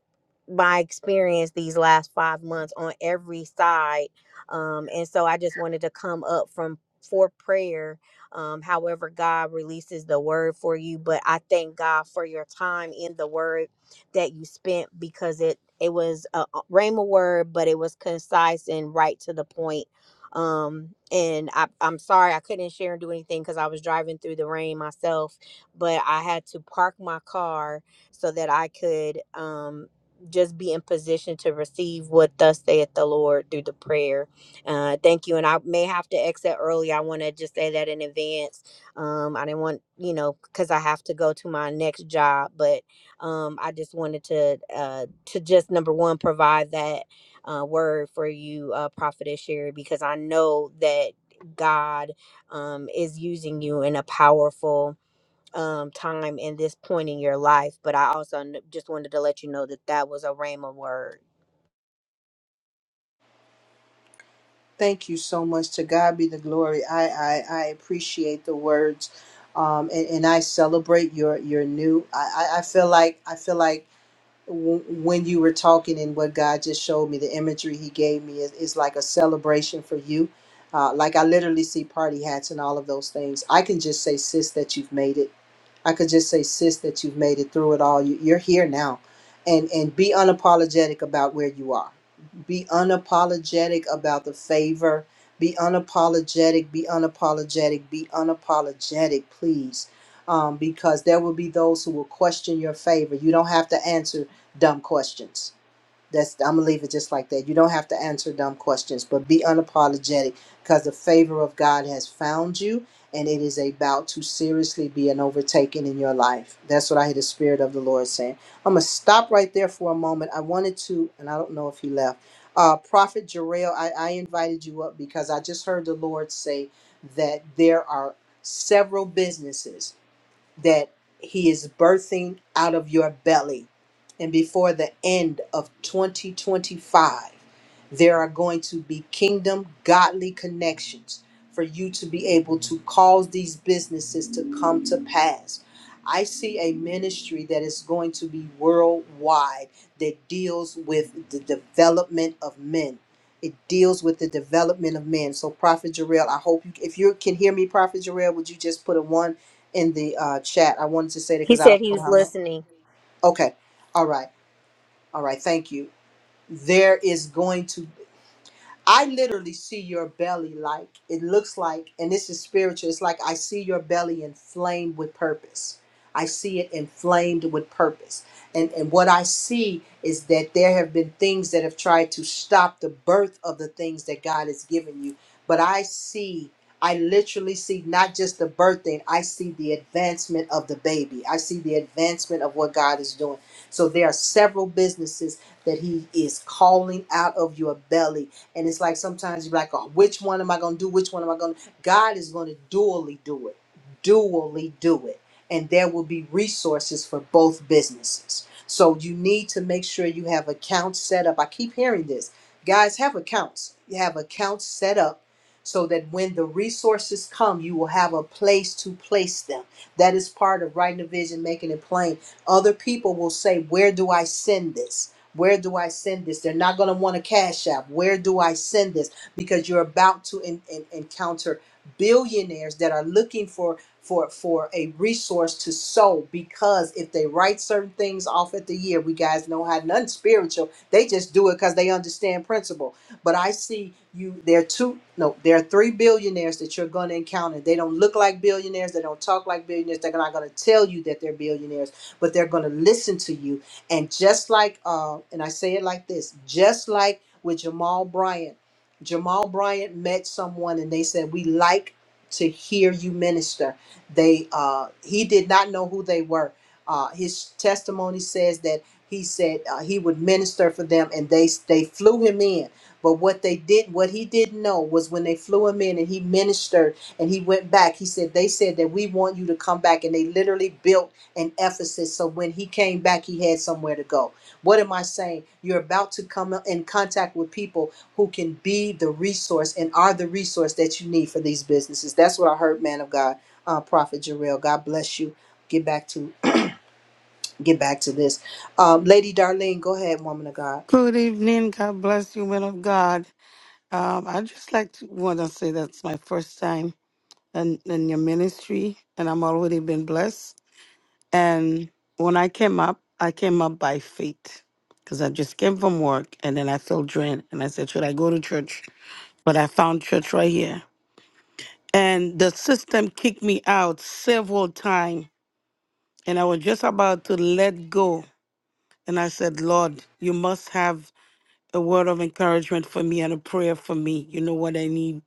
Speaker 8: my experience these last five months on every side. Um, and so I just wanted to come up from for prayer um, however God releases the word for you. But I thank God for your time in the word that you spent because it it was a a rhema word, but it was concise and right to the point. Um, and I, I'm sorry I couldn't share and do anything because I was driving through the rain myself, but I had to park my car so that I could um, just be in position to receive what thus saith the Lord through the prayer uh, thank you. And I may have to exit early. I want to just say that in advance. Um, I didn't want, you know, because I have to go to my next job, but um, I just wanted to uh, to just number one provide that uh, word for you, uh, Prophetess Sherry, because I know that God um, is using you in a powerful um time in this point in your life but i also kn- just wanted to let you know that that was a rhema word
Speaker 1: Thank you so much. To God be the glory. I I, I appreciate the words, um, and, and I celebrate your your new. I, I I feel like I feel like w- when you were talking and what God just showed me, the imagery He gave me is, is like a celebration for you. Uh, like I literally see party hats and all of those things. I can just say, sis, that you've made it. I could just say, sis, that you've made it through it all. You, you're here now, and and be unapologetic about where you are. Be unapologetic about the favor. Be unapologetic. Be unapologetic. Be unapologetic, please um, because there will be those who will question your favor. You don't have to answer dumb questions. That's I'm gonna leave it just like that. You don't have to answer dumb questions, but be unapologetic because the favor of God has found you and it is about to seriously be an overtaking in your life. That's what I hear the Spirit of the Lord saying. I'm gonna stop right there for a moment. I wanted to, and I don't know if he left. Uh, Prophet Jarrell, I, I invited you up because I just heard the Lord say that there are several businesses that he is birthing out of your belly. And before the end of 2025, there are going to be kingdom godly connections for you to be able to cause these businesses to come to pass. I see a ministry that is going to be worldwide that deals with the development of men. It deals with the development of men. So, Prophet Jarrell, I hope you, if you can hear me, Prophet Jarrell, would you just put a one in the uh, chat? I wanted to say that
Speaker 8: he
Speaker 1: because I
Speaker 8: said
Speaker 1: don't
Speaker 8: he
Speaker 1: know
Speaker 8: was
Speaker 1: how long.
Speaker 8: listening
Speaker 1: Okay. All right. All right. Thank you there is going to I literally see your belly like it looks like, and this is spiritual. It's like I see your belly inflamed with purpose. I see it inflamed with purpose. And, and what I see is that there have been things that have tried to stop the birth of the things that God has given you. But I see, I literally see not just the birthing, I see the advancement of the baby. I see the advancement of what God is doing. So there are several businesses that He is calling out of your belly and it's like sometimes you're like, oh, which one am I going to do? Which one am I going to? God is going to dually do it, dually do it. And there will be resources for both businesses. So you need to make sure you have accounts set up. I keep hearing this. Guys, have accounts. You have accounts set up so that when the resources come, you will have a place to place them. That is part of writing a vision, making it plain. Other people will say, Where do I send this? Where do I send this? They're not going to want to cash app. Where do I send this? Because you're about to en- en- encounter billionaires that are looking for for for a resource to sow because if they write certain things off at the year, we guys know how none spiritual. They just do it because they understand principle. But I see you. There are two. No, there are three billionaires that you're going to encounter. They don't look like billionaires. They don't talk like billionaires. They're not going to tell you that they're billionaires but they're going to listen to you and just like, uh, and I say it like this, just like with Jamal Bryant, Jamal Bryant met someone and they said, "We like to hear you minister." They, uh, he did not know who they were. Uh, his testimony says that he said uh, he would minister for them, and they they flew him in but what they did, what he didn't know was when they flew him in and he ministered and he went back, he said, They said that we want you to come back. And they literally built an Ephesus. So when he came back, he had somewhere to go. What am I saying? You're about to come in contact with people who can be the resource and are the resource that you need for these businesses. That's what I heard, man of God, uh, Prophet Jarrell. God bless you. Get back to [clears throat] get back to this. Um, Lady Darlene, go ahead, woman of God.
Speaker 9: Good evening. God bless you, men of God. Um, I just like to want to say that's my first time in, in your ministry, and I'm already been blessed. And when I came up, I came up by faith because I just came from work, and then I felt drained, and I said, should I go to church? But I found church right here, and the system kicked me out several times, and I was just about to let go, and I said, Lord, you must have a word of encouragement for me and a prayer for me. You know what I need.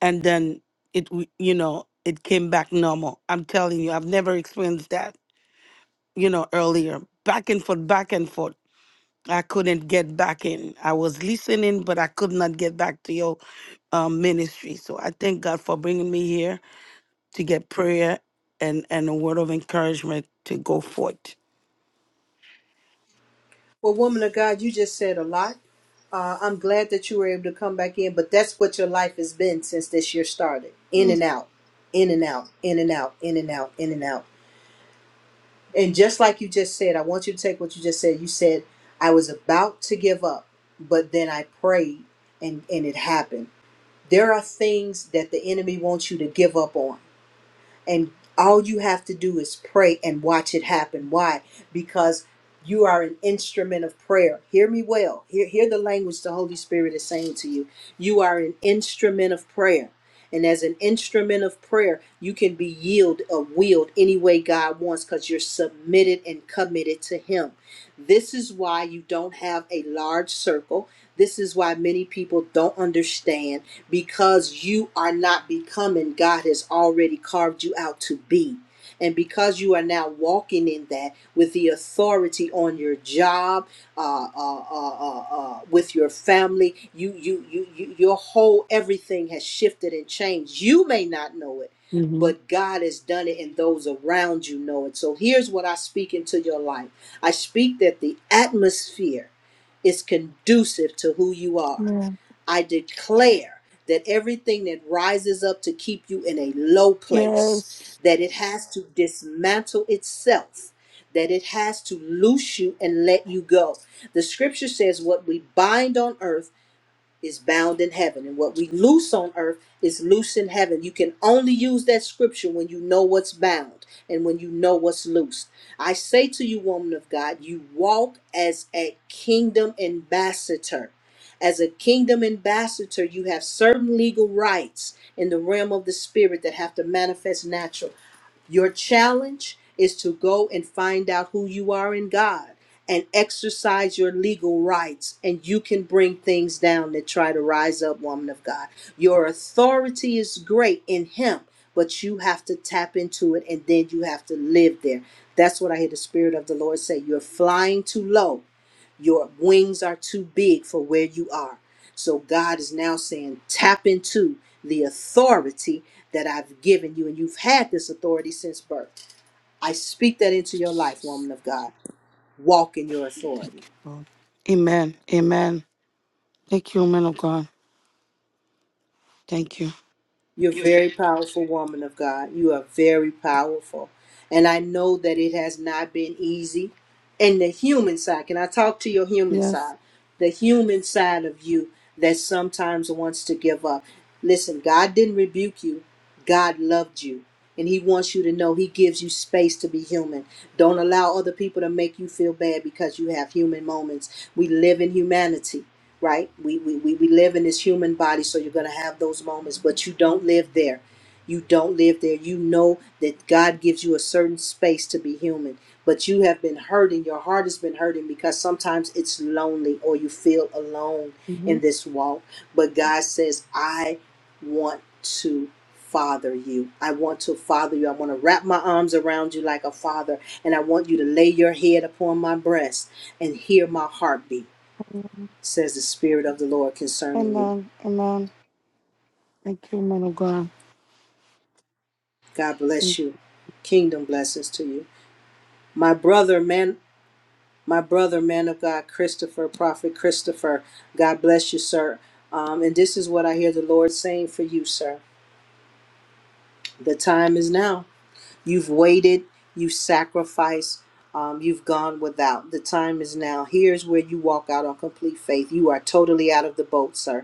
Speaker 9: And then it, w- you know, it came back normal. I'm telling you, I've never experienced that, you know, earlier. Back and forth, back and forth. I couldn't get back in. I was listening, but I could not get back to your um, ministry. So I thank God for bringing me here to get prayer and, and a word of encouragement to go forth.
Speaker 1: Well, woman of God, you just said a lot. Uh, I'm glad that you were able to come back in, but that's what your life has been since this year started in and out, in and out, in and out, in and out, in and out. And just like you just said, I want you to take what you just said. You said, I was about to give up, but then I prayed and, and it happened. There are things that the enemy wants you to give up on and all you have to do is pray and watch it happen. Why? Because you are an instrument of prayer. Hear me well. Hear, hear the language the Holy Spirit is saying to you. You are an instrument of prayer. And as an instrument of prayer, you can be yield or wield any way God wants because you're submitted and committed to Him. This is why you don't have a large circle. This is why many people don't understand because you are not becoming God has already carved you out to be. And because you are now walking in that with the authority on your job, uh, uh, uh, uh, uh, with your family, you, you, you, you, your whole everything has shifted and changed. You may not know it,
Speaker 9: Mm-hmm.
Speaker 1: but God has done it, and those around you know it. So here's what I speak into your life. I speak that the atmosphere is conducive to who you are
Speaker 9: Yeah.
Speaker 1: I declare that everything that rises up to keep you in a low place,
Speaker 9: Yes.
Speaker 1: that it has to dismantle itself, that it has to loose you and let you go. The scripture says, What we bind on earth is bound in heaven, and what we loose on earth is loose in heaven. You can only use that scripture when you know what's bound and when you know what's loosed. I say to you, woman of God, you walk as a kingdom ambassador. As a kingdom ambassador, you have certain legal rights in the realm of the spirit that have to manifest natural. Your challenge is to go and find out who you are in God and exercise your legal rights, and you can bring things down that try to rise up, woman of God. Your authority is great in Him, but you have to tap into it and then you have to live there. That's what I hear the Spirit of the Lord say. You're flying too low your wings are too big for where you are. So God is now saying, tap into the authority that I've given you. And you've had this authority since birth. I speak that into your life, woman of God. Walk in your authority.
Speaker 9: Oh, Amen. Amen. Thank you, man of God. Thank you.
Speaker 1: You're
Speaker 9: You feel-
Speaker 1: very powerful woman of God. You are very powerful. And I know that it has not been easy. And the human side, can I talk to your human
Speaker 9: Yes.
Speaker 1: side? The human side of you that sometimes wants to give up. Listen, God didn't rebuke you. God loved you and he wants you to know he gives you space to be human. Don't allow other people to make you feel bad because you have human moments. We live in humanity, right? We we, we, we live in this human body, so you're gonna have those moments, but you don't live there. You don't live there. You know that God gives you a certain space to be human, but you have been hurting. Your heart has been hurting because sometimes it's lonely or you feel alone
Speaker 9: Mm-hmm.
Speaker 1: in this walk. But God says, I want to father you. I want to father you. I want to wrap my arms around you like a father, and I want you to lay your head upon my breast and hear my heartbeat, says the Spirit of the Lord concerning you.
Speaker 9: Amen. Amen. Thank you, man of God.
Speaker 1: God bless you. Kingdom blessings to you. My brother, man, my brother, man of God, Christopher, Prophet Christopher, God bless you, sir. Um, and this is what I hear the Lord saying for you, sir. The time is now You've waited, you sacrificed, um, you've gone without. The time is now. Here's where you walk out on complete faith. You are totally out of the boat, sir.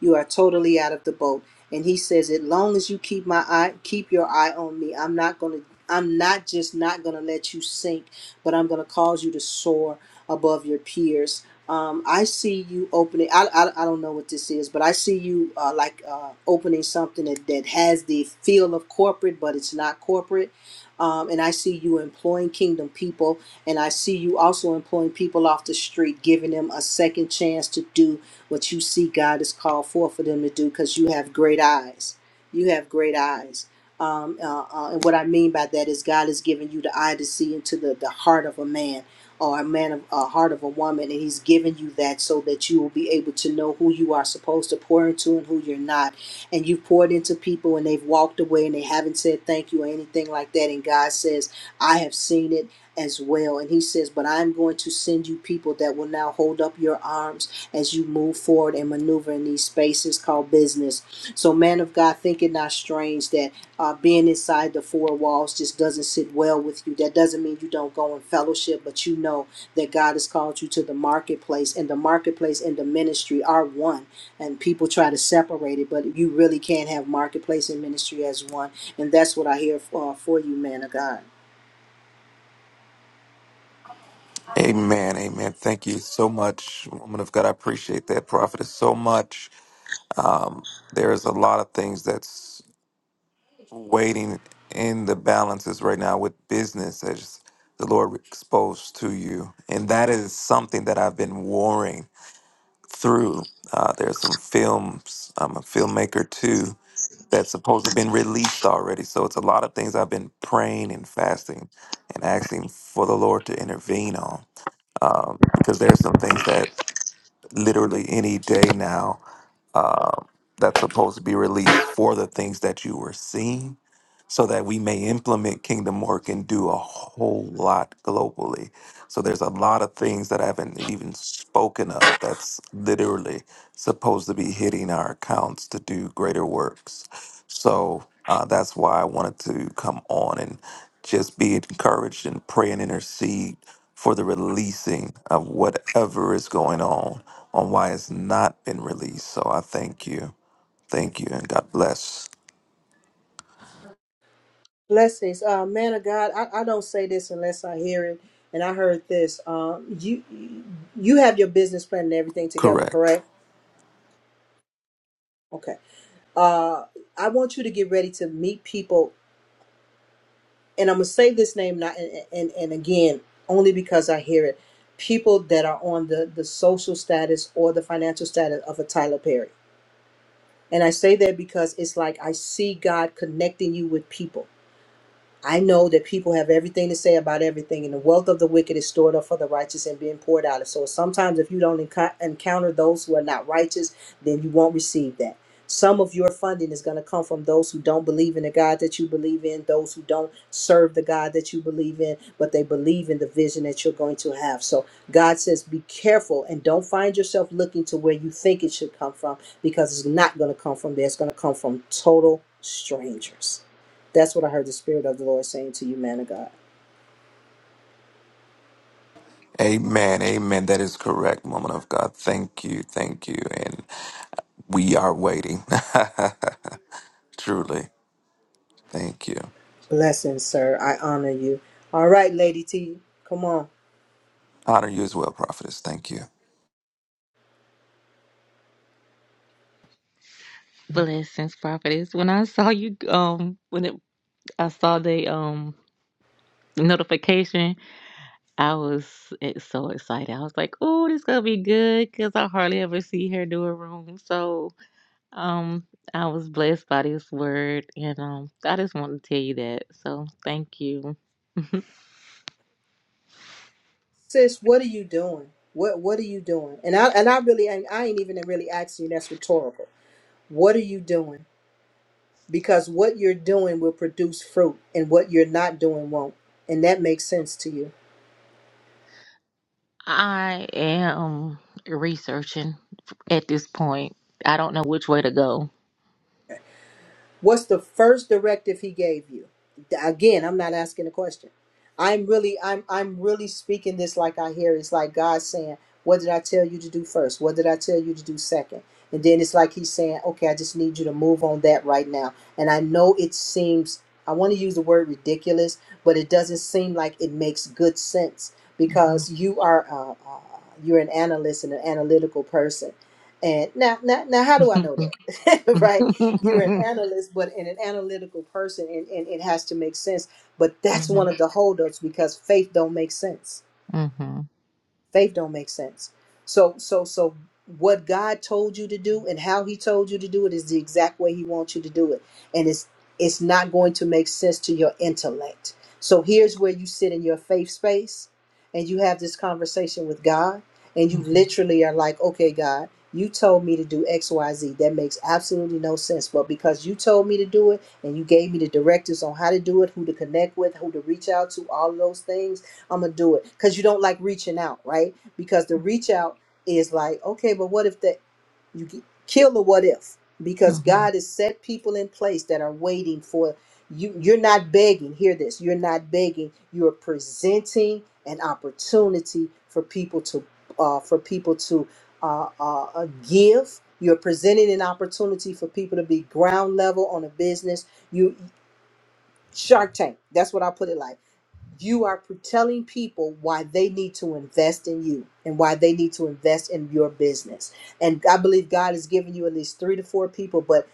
Speaker 1: You are totally out of the boat. And he says, as long as you keep my eye, keep your eye on me, I'm not gonna, I'm not just not gonna let you sink, but I'm gonna cause you to soar above your peers. Um, I see you opening. I, I, I don't know what this is, but I see you uh, like uh, opening something that, that has the feel of corporate, but it's not corporate. Um, and I see you employing kingdom people and I see you also employing people off the street, giving them a second chance to do what you see God has called for for them to do because you have great eyes. You have great eyes. Um, uh, uh, and what I mean by that is God has given you the eye to see into the, the heart of a man or a man of a heart of a woman. And he's given you that so that you will be able to know who you are supposed to pour into and who you're not. And you've poured into people and they've walked away and they haven't said thank you or anything like that. And God says, I have seen it as well. And he says, But I'm going to send you people that will now hold up your arms as you move forward and maneuver in these spaces called business. So, man of God, think it not strange that uh, being inside the four walls just doesn't sit well with you. That doesn't mean you don't go in fellowship, but you know that God has called you to the marketplace, and the marketplace and the ministry are one. And people try to separate it, but you really can't have marketplace and ministry as one. And that's what I hear for, uh, for you, man of God.
Speaker 10: Amen. Amen. Thank you so much, woman of God. I appreciate that, prophetess, so much. There is a lot of things that's waiting in the balances right now with business, as the Lord exposed to you. And that is something that I've been warring through. Uh, there's some films, I'm a filmmaker too, that's supposed to have been released already. So it's a lot of things I've been praying and fasting and asking for the Lord to intervene on um, because there's some things that literally any day now um, that's supposed to be released for the things that you were seeing so that we may implement kingdom work and do a whole lot globally so there's a lot of things that i haven't even spoken of that's literally supposed to be hitting our accounts to do greater works. So uh, that's why I wanted to come on and just be encouraged and pray and intercede for the releasing of whatever is going on, on why it's not been released. So I thank you. Thank you and God bless.
Speaker 1: Blessings, uh, man of God. I, I don't say this unless I hear it, and I heard this. Um, you you have your business plan and everything together,
Speaker 10: Correct.
Speaker 1: correct? Okay. Uh, I want you to get ready to meet people, and I'm gonna say this name not and and, and again only because I hear it. People that are on the the social status or the financial status of a Tyler Perry, and I say that because it's like I see God connecting you with people I know that people have everything to say about everything, and the wealth of the wicked is stored up for the righteous and being poured out. So sometimes, if you don't enco- encounter those who are not righteous, then you won't receive that. Some of your funding is going to come from those who don't believe in the God that you believe in, those who don't serve the God that you believe in, but they believe in the vision that you're going to have. So God says, be careful and don't find yourself looking to where you think it should come from because it's not going to come from there. It's going to come from total strangers. That's what I heard the Spirit of the Lord saying to you, man of God.
Speaker 10: Amen. Amen. That is correct, woman of God. Thank you. Thank you. And we are waiting. [laughs] Truly. Thank you.
Speaker 1: Blessings, sir. I honor you. All right, Lady T, come on.
Speaker 10: Honor you as well, prophetess. Thank you.
Speaker 11: Blessings, prophetess. When I saw you, um, when it, I saw the um notification, I was eh, so excited. I was like, "Oh, this gonna be good," because I hardly ever see her do a room. So, um, I was blessed by this word, and um, I just want to tell you that. So, thank you.
Speaker 1: Sis, what are you doing? What what are you doing? And I and I really ain't I ain't even really asking you, that's rhetorical. What are you doing? Because what you're doing will produce fruit and what you're not doing won't. And that makes sense to you.
Speaker 11: I am researching at this point. I don't know which way to go.
Speaker 1: What's the first directive he gave you? Again, I'm not asking a question. I'm really, I'm, I'm really speaking this like I hear. It's like God saying, "What did I tell you to do first? What did I tell you to do second?" And then it's like He's saying, "Okay, I just need you to move on that right now." And I know it seems, I want to use the word ridiculous, but it doesn't seem like it makes good sense because
Speaker 11: [laughs]
Speaker 1: you are, uh, uh, you're an analyst and an analytical person. And now, now, now, how do I
Speaker 11: hmm
Speaker 1: know that, [laughs] right? you're an
Speaker 11: hmm
Speaker 1: analyst, but and an analytical person, and, and it has to make sense. But that's
Speaker 11: hmm
Speaker 1: one of the holdups because faith don't make sense
Speaker 11: hmm
Speaker 1: faith don't make sense so so so what god told you to do and how he told you to do it is the exact way he wants you to do it and it's it's not going to make sense to your intellect so here's where you sit in your faith space and you have this conversation with god and you literally are like okay god you told me to do xyz that makes absolutely no sense but because you told me to do it and you gave me the directives on how to do it who to connect with who to reach out to all of those things I'm gonna do it because you don't like reaching out, right? Because the reach out is like, okay, but what if that you get, kill the what if?
Speaker 11: hmm
Speaker 1: Because
Speaker 11: [laughs]
Speaker 1: God has set people in place that are waiting for you. You're not begging. Hear this. You're not begging. You're presenting an opportunity for people to uh, for people to uh, uh, uh, give. You're presenting an opportunity for people to be ground level on a business. You Shark Tank. That's what I put it like you are telling people why they need to invest in you and why they need to invest in your business. And I believe God has given you at least three to four people, but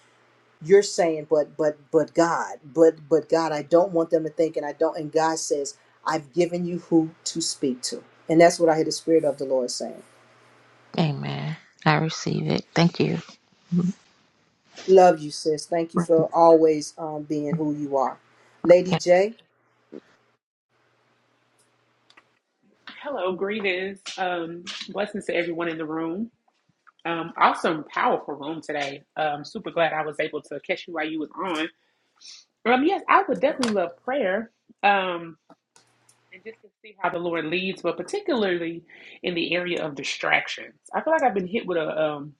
Speaker 1: you're saying, but but but God, but but God, I don't want them to think, and I don't. And God says, I've given you who to speak to, and that's what I hear the Spirit of the Lord saying.
Speaker 11: Amen. I receive it. Thank you.
Speaker 1: Love you, sis. Thank you
Speaker 11: Okay.
Speaker 1: for always um, being who you are, Lady J.
Speaker 12: Hello, greetings. Um, blessings to everyone in the room. Um, awesome, powerful room today. Um, super glad I was able to catch you while you was on. Um, yes, I would definitely love prayer. Um, and just to see how the Lord leads, but particularly in the area of distractions. I feel like I've been hit with a um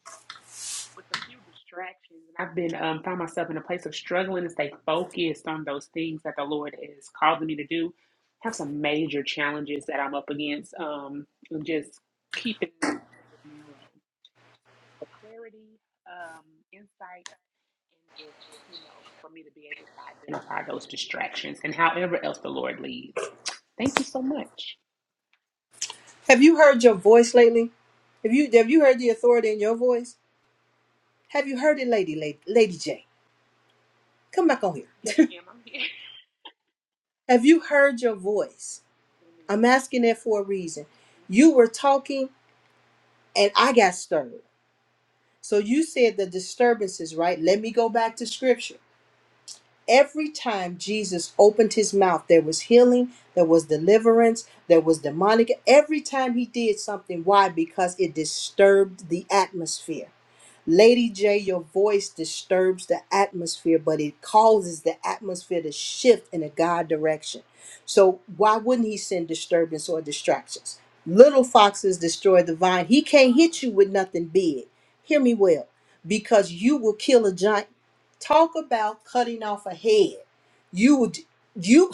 Speaker 12: with a few distractions. And I've been um, found myself in a place of struggling to stay focused on those things that the Lord is calling me to do. Have some major challenges that I'm up against. Um, and just keeping that straight and narrow, and just you know, for me to be able to identify those distractions and however else the Lord leads. Thank you so much.
Speaker 1: Have you heard your voice lately? Have you have you heard the authority in your voice? Have you heard it, Lady Lady, Lady J? Come back on here. [laughs] Have you heard your voice? I'm asking that for a reason. You were talking and I got stirred. So you said the disturbances, right? Let me go back to scripture. Every time Jesus opened his mouth, there was healing, there was deliverance, there was demonic. Every time he did something, why? Because it disturbed the atmosphere. Lady J, your voice disturbs the atmosphere, but it causes the atmosphere to shift in a God direction. So, why wouldn't he send disturbance or distractions? Little foxes destroy the vine. He can't hit you with nothing big. Hear me well, because you will kill a giant Talk about cutting off a head. You would you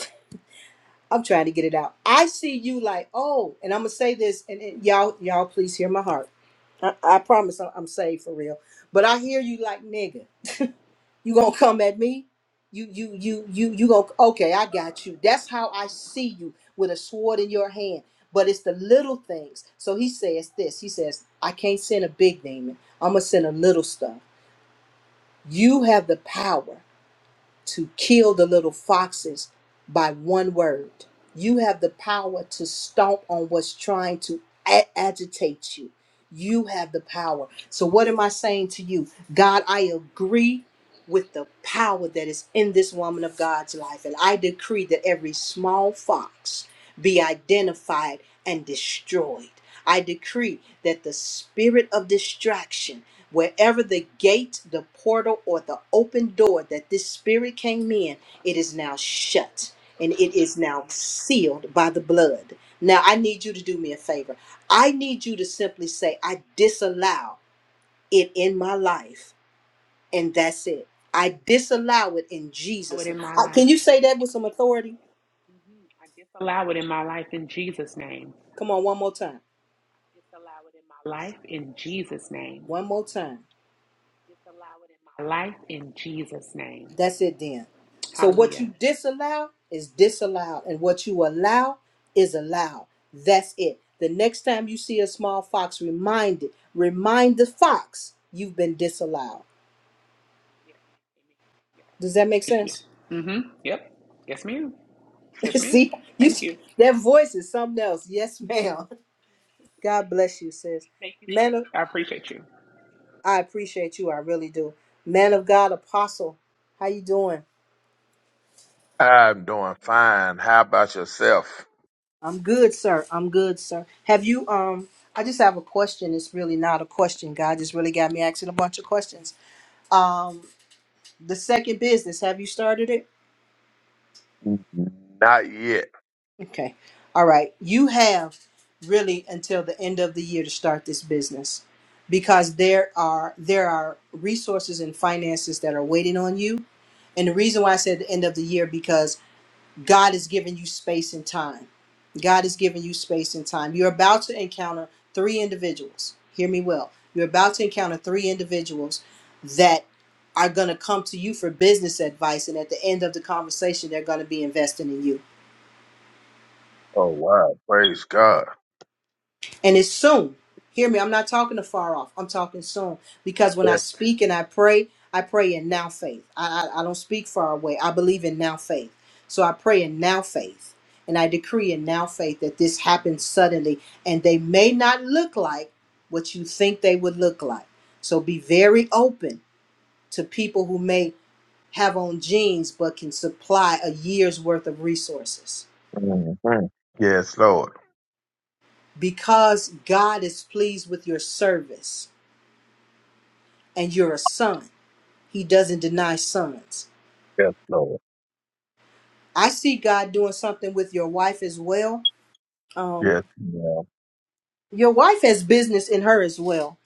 Speaker 1: I'm trying to get it out. I see you like, oh, and I'm gonna say this, and, and y'all, y'all please hear my heart. I, I promise I'm, I'm saved for real. But I hear you like nigga. You gonna come at me? You you you you you gonna okay, I got you. That's how I see you with a sword in your hand. But it's the little things. So he says this. He says, I can't send a big demon. I'm gonna send a little stuff. You have the power. to kill the little foxes by one word. You have the power to stomp on what's trying to a- agitate you. You have the power. So, what am I saying to you? God, I agree with the power that is in this woman of God's life. And I decree that every small fox be identified and destroyed. I decree that the spirit of distraction Wherever the gate, the portal, or the open door that this spirit came in, it is now shut and it is now sealed by the blood. Now, I need you to do me a favor. I need you to simply say, I disallow it in my life, and that's it. I disallow it in
Speaker 12: Allow it
Speaker 1: Jesus' name.
Speaker 12: in my
Speaker 1: Uh,
Speaker 12: life.
Speaker 1: Can you say that with some authority?
Speaker 12: hmm I disallow it in my life in Jesus' name.
Speaker 1: Come on, one more time.
Speaker 12: I disallow it in my life in Jesus' name.
Speaker 1: One more time.
Speaker 12: Disallow it in my life in Jesus' name.
Speaker 1: That's it then. So what
Speaker 12: Hallelujah.
Speaker 1: you disallow is disallowed, and what you allow is allowed. That's it. The next time you see a small fox, remind it. Remind the fox you've been disallowed.
Speaker 12: Yeah, that's
Speaker 1: Does that
Speaker 12: good.
Speaker 1: make
Speaker 12: Thank
Speaker 1: sense?
Speaker 12: you. Mm-hmm. Yep. Yes, ma'am.
Speaker 1: [laughs]
Speaker 12: Yes, ma'am.
Speaker 1: see, you
Speaker 12: Thank you.
Speaker 1: that voice is something else. Yes, ma'am. [laughs] God bless you, sis. Man of,
Speaker 12: I appreciate you.
Speaker 1: I appreciate you. I really do. Man of God, apostle, how you doing?
Speaker 13: I'm doing fine. How about yourself?
Speaker 1: I'm good, sir. I'm good, sir. Have you um I just have a question. It's really not a question. God just really got me asking a bunch of questions. Um the second business, have you started it?
Speaker 13: Not yet.
Speaker 1: Okay. All right. You have really until the end of the year to start this business because there are there are resources and finances that are waiting on you. And the reason why I said the end of the year God is giving you space and time. God is giving you space and time. You're about to encounter three individuals. Hear me well. You're about to encounter three individuals that are going to come to you for business advice. And at the end of the conversation, they're going to be investing in you.
Speaker 13: Oh wow! Praise God.
Speaker 1: And it's soon. Hear me. I'm not talking to far off. I'm talking soon. Because when I
Speaker 13: Yes,
Speaker 1: speak and I pray, I pray in now faith. I, I, I don't speak far away. I believe in now faith. So I pray in now faith. And I decree in now faith that this happens suddenly. And they may not look like what you think they would look like. So be very open to people who may have on jeans but can supply a year's worth of resources.
Speaker 13: Mhm. yes Lord.
Speaker 1: Because God is pleased with your service and you're a son. He doesn't deny sons.
Speaker 13: Yes, Lord.
Speaker 1: I see God doing something with your wife as well. Um,
Speaker 13: Yes, yeah.
Speaker 1: your wife has business in her as well.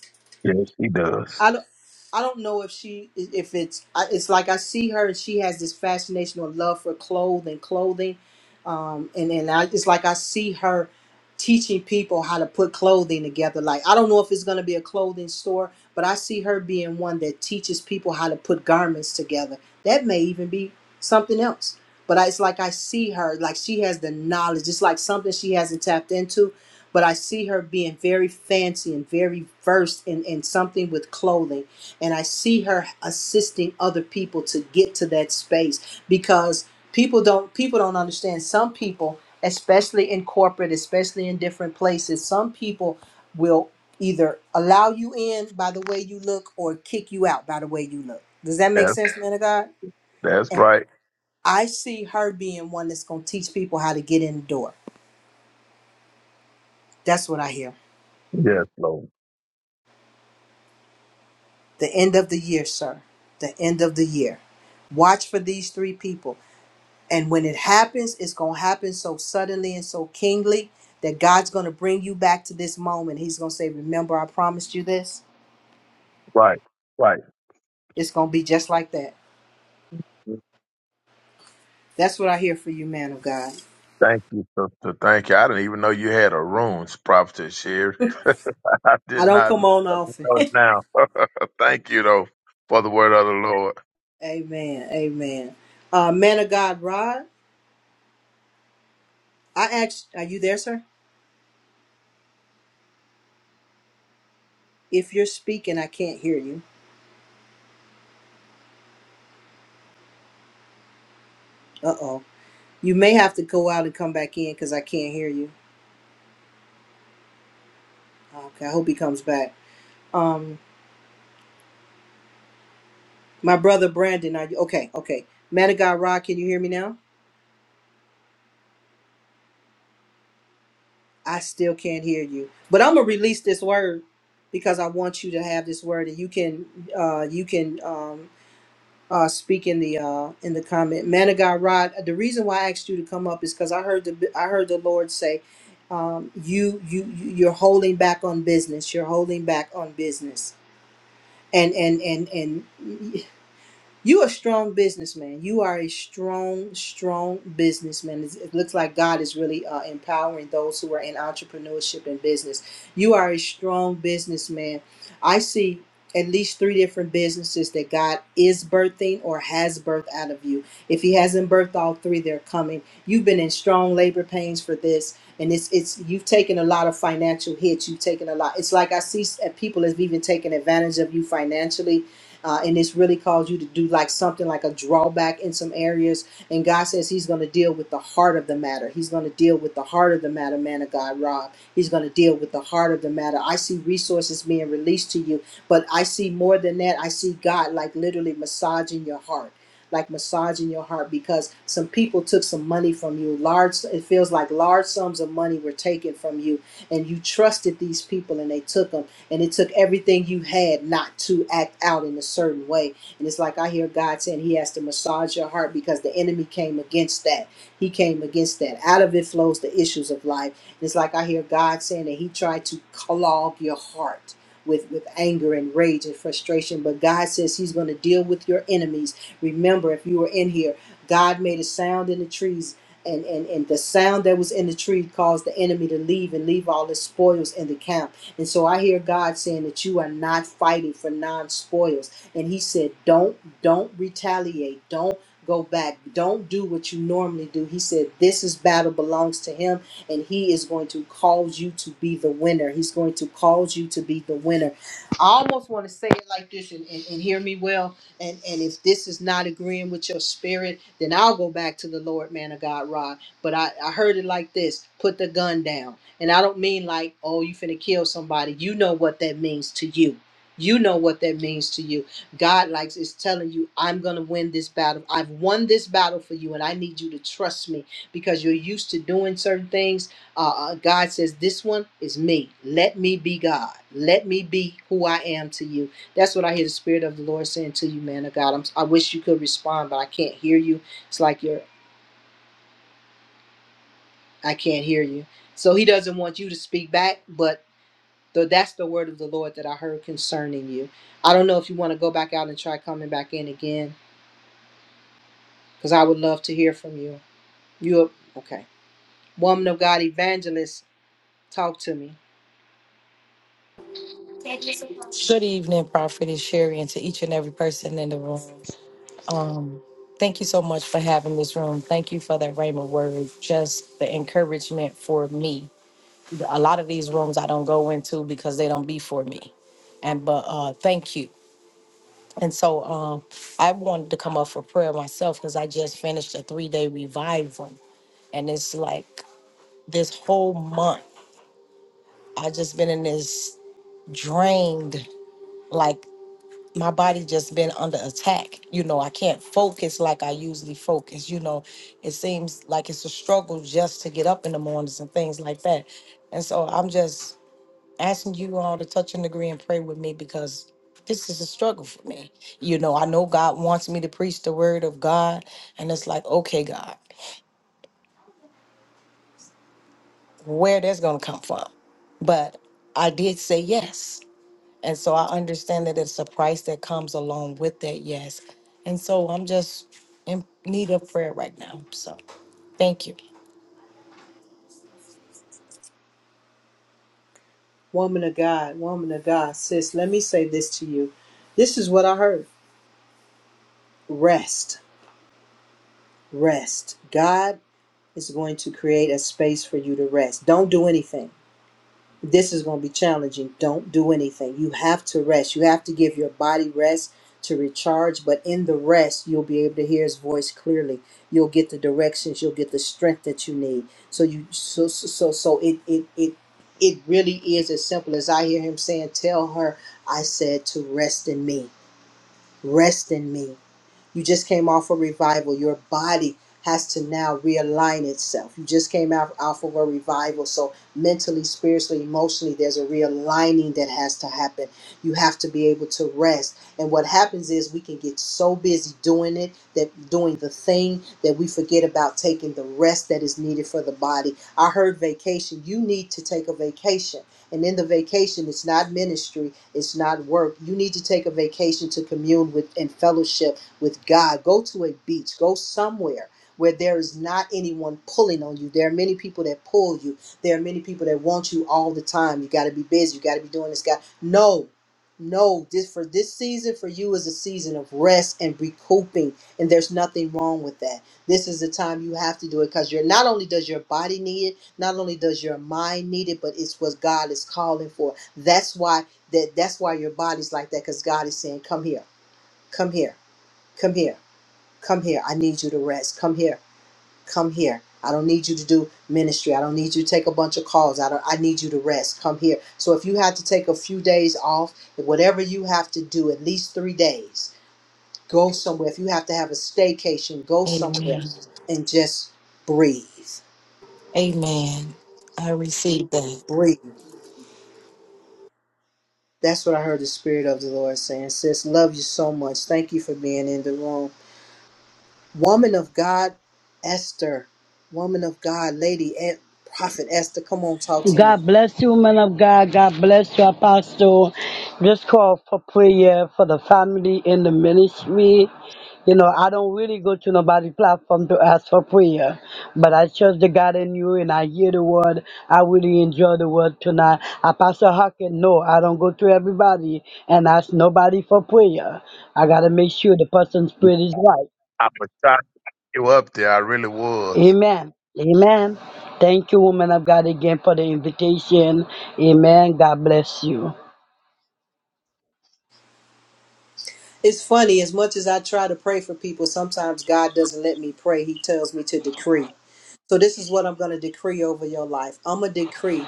Speaker 13: yes, He does.
Speaker 1: I don't, I don't know if she, if it's, I- it's like I see her and she has this fascination or love for clothes and clothing, um, and and I, it's like I see her. teaching people how to put clothing together. Like, I don't know if it's going to be a clothing store, but I see her being one that teaches people how to put garments together. That may even be something else. But I, it's like I see her, like she has the knowledge. It's like something she hasn't tapped into, but I see her being very fancy and very versed in, in something with clothing. And I see her assisting other people to get to that space because people don't people don't understand some people especially in corporate especially in different places some people will either allow you in by the way you look or kick you out by the way you look does that make
Speaker 13: Yes,
Speaker 1: sense man of god
Speaker 13: that's
Speaker 1: and
Speaker 13: right.
Speaker 1: i see her being one that's going to teach people how to get in the door that's what i hear
Speaker 13: Yes, Lord.
Speaker 1: the end of the year sir the end of the year watch for these three people And when it happens, it's going to happen so suddenly and so kingly that God's going to bring you back to this moment. He's going to say, Remember, I promised you this.
Speaker 13: Right, right.
Speaker 1: It's going to be just like that. That's what I hear for you, man of God.
Speaker 13: Thank you, sister. Thank you. I didn't even know you had a room, Prophet Sherry. [laughs] I did
Speaker 1: I don't
Speaker 13: not
Speaker 1: come
Speaker 13: know,
Speaker 1: on
Speaker 13: but I
Speaker 1: often.
Speaker 13: know it now. [laughs] Thank you, though, for the word of the Lord.
Speaker 1: [laughs] amen. Amen. Uh, man of God, Rod, I asked, Are you there, sir? If you're speaking, I can't hear you. Uh oh. You may have to go out and come back in because I can't hear you. Okay. I hope he comes back. Um, my brother Brandon, are you okay? Okay. Man of God, Rod, can you hear me now? I still can't hear you. But I'm gonna release this word because I want you to have this word, and you can uh, you can um, uh, speak in the uh, in the comment. Man of God, Rod. The reason why I asked you to come up is because I heard the I heard the Lord say, um, you you you- you're holding back on business. You're holding back on business. And and and and you are a strong businessman. You are a strong, strong businessman. It's- It looks like God is really uh, empowering those who are in entrepreneurship and business. You are a strong businessman. I see at least three different businesses that God is birthing or has birthed out of you. If He hasn't birthed all three, they're coming. You've been in strong labor pains for this, and it's it's you've taken a lot of financial hits. You've taken a lot. It's like I see s- people have even taken advantage of you financially uh, and it's really caused you to do like something like a drawback in some areas and god says he's going to deal with the heart of the matter he's going to deal with the heart of the matter man of god rob he's going to deal with the heart of the matter i see resources being released to you but i see more than that i see god like literally massaging your heart like massaging your heart because some people took some money from you large it feels like large sums of money were taken from you and you trusted these people and they took them and it took everything you had not to act out in a certain way. And it's like I hear God saying He has to massage your heart because the enemy came against that. He came against that. Out of it flows the issues of life. And it's like I hear God saying that He tried to clog your heart. With, with anger and rage and frustration, but God says He's going to deal with your enemies. Remember, if you were in here, God made a sound in the trees and, and, and the sound that was in the tree caused the enemy to leave and leave all his spoils in the camp. And so I hear God saying that you are not fighting for non spoils. And He said, don't, don't retaliate. Don't go back. Don't do what you normally do. He said, this is battle belongs to Him. And He is going to cause you to be the winner. He's going to cause you to be the winner. I almost want to say it like this and, and, and hear me well. And, and if this is not agreeing with your spirit, then I'll go back to the Lord, man of God, Rod. But I, I heard it like this put the gun down and I don't mean like, oh, you finna kill somebody. You know what that means to you. You know what that means to you. God likes is telling you, I'm gonna win this battle. I've won this battle for you, and I need you to trust me because you're used to doing certain things. Uh, uh, God says, This one is me. Let me be God. Let me be who I am to you. That's what I hear the Spirit of the Lord saying to you, man of God. I'm, I wish you could respond, but I can't hear you. It's like you're, I can't hear you. So he doesn't want you to speak back, but So that's the word of the Lord that I heard concerning you. I don't know if you want to go back out and try coming back in again, because I would love to hear from you. You okay? Woman of God, evangelist, talk to me.
Speaker 14: Good evening, Prophetess Sherry, and to each and every person in the room. Um, thank you so much for having this room. Thank you for that Rhema word, just the encouragement for me. A lot of these rooms I don't go into because they don't be for me. And but uh, thank you. And so um, I wanted to come up for prayer myself because I just finished a three day revival, and it's like this whole month I just been in this drained. like. my body just been under attack. You know, I can't focus like I usually focus. You know, it seems like it's a struggle just to get up in the mornings and things like that. And so I'm just asking you all to touch and agree and pray with me because this is a struggle for me. You know, I know God wants me to preach the word of God, and it's like, okay, God, where that's gonna come from? But I did say yes. And so I understand that it's a price that comes along with that, yes. And so I'm just in need of prayer right now. So thank you.
Speaker 1: Woman of God, woman of God, sis, let me say this to you. This is what I heard rest, rest. God is going to create a space for you to rest. Don't do anything. this is going to be challenging. Don't do anything. You have to rest. You have to give your body rest to recharge, but in the rest, you'll be able to hear his voice clearly. You'll get the directions, you'll get the strength that you need. So you so so so so it it it it really is as simple as I hear him saying, "Tell her I said to rest in me. Rest in me." You just came off a revival. Your body has to now realign itself. You just came out off of a revival. So mentally, spiritually, emotionally, there's a realigning that has to happen. You have to be able to rest. And what happens is we can get so busy doing it, that doing the thing that we forget about taking the rest that is needed for the body. I heard vacation. You need to take a vacation. And in the vacation, it's not ministry, it's not work. You need to take a vacation to commune with and fellowship with God. Go to a beach. Go somewhere where there is not anyone pulling on you. There are many people that pull you. There are many people that want you all the time. You got to be busy. You got to be doing this. God, no, no. This for this season for you is a season of rest and recouping, and there's nothing wrong with that. This is the time you have to do it because you're not only does your body need it, not only does your mind need it, but it's what God is calling for. That's why that that's why your body's like that because God is saying, "Come here, come here, come here." Come here. I need you to rest. Come here. Come here. I don't need you to do ministry. I don't need you to take a bunch of calls. I don't I need you to rest. Come here. So if you have to take a few days off, whatever you have to do, at least 3 days. Go somewhere. If you have to have a staycation, go somewhere
Speaker 14: Amen.
Speaker 1: and just breathe.
Speaker 14: Amen. I receive that.
Speaker 1: Breathe. That's what I heard the spirit of the Lord saying. Sis, love you so much. Thank you for being in the room. Woman of God, Esther. Woman of God, Lady, and Prophet Esther, come on, talk to me.
Speaker 15: God bless you, man of God. God bless you, Apostle. Just call for prayer for the family in the ministry. You know, I don't really go to nobody platform to ask for prayer, but I trust the God in you and I hear the word. I really enjoy the word tonight. Apostle Hawking, no, I don't go to everybody and ask nobody for prayer. I got to make sure the person's spirit is right.
Speaker 13: I was trying to get you up there. I really was.
Speaker 15: Amen. Amen. Thank you, woman of God, again for the invitation. Amen. God bless you.
Speaker 1: It's funny, as much as I try to pray for people, sometimes God doesn't let me pray. He tells me to decree. So, this is what I'm going to decree over your life. I'm going to decree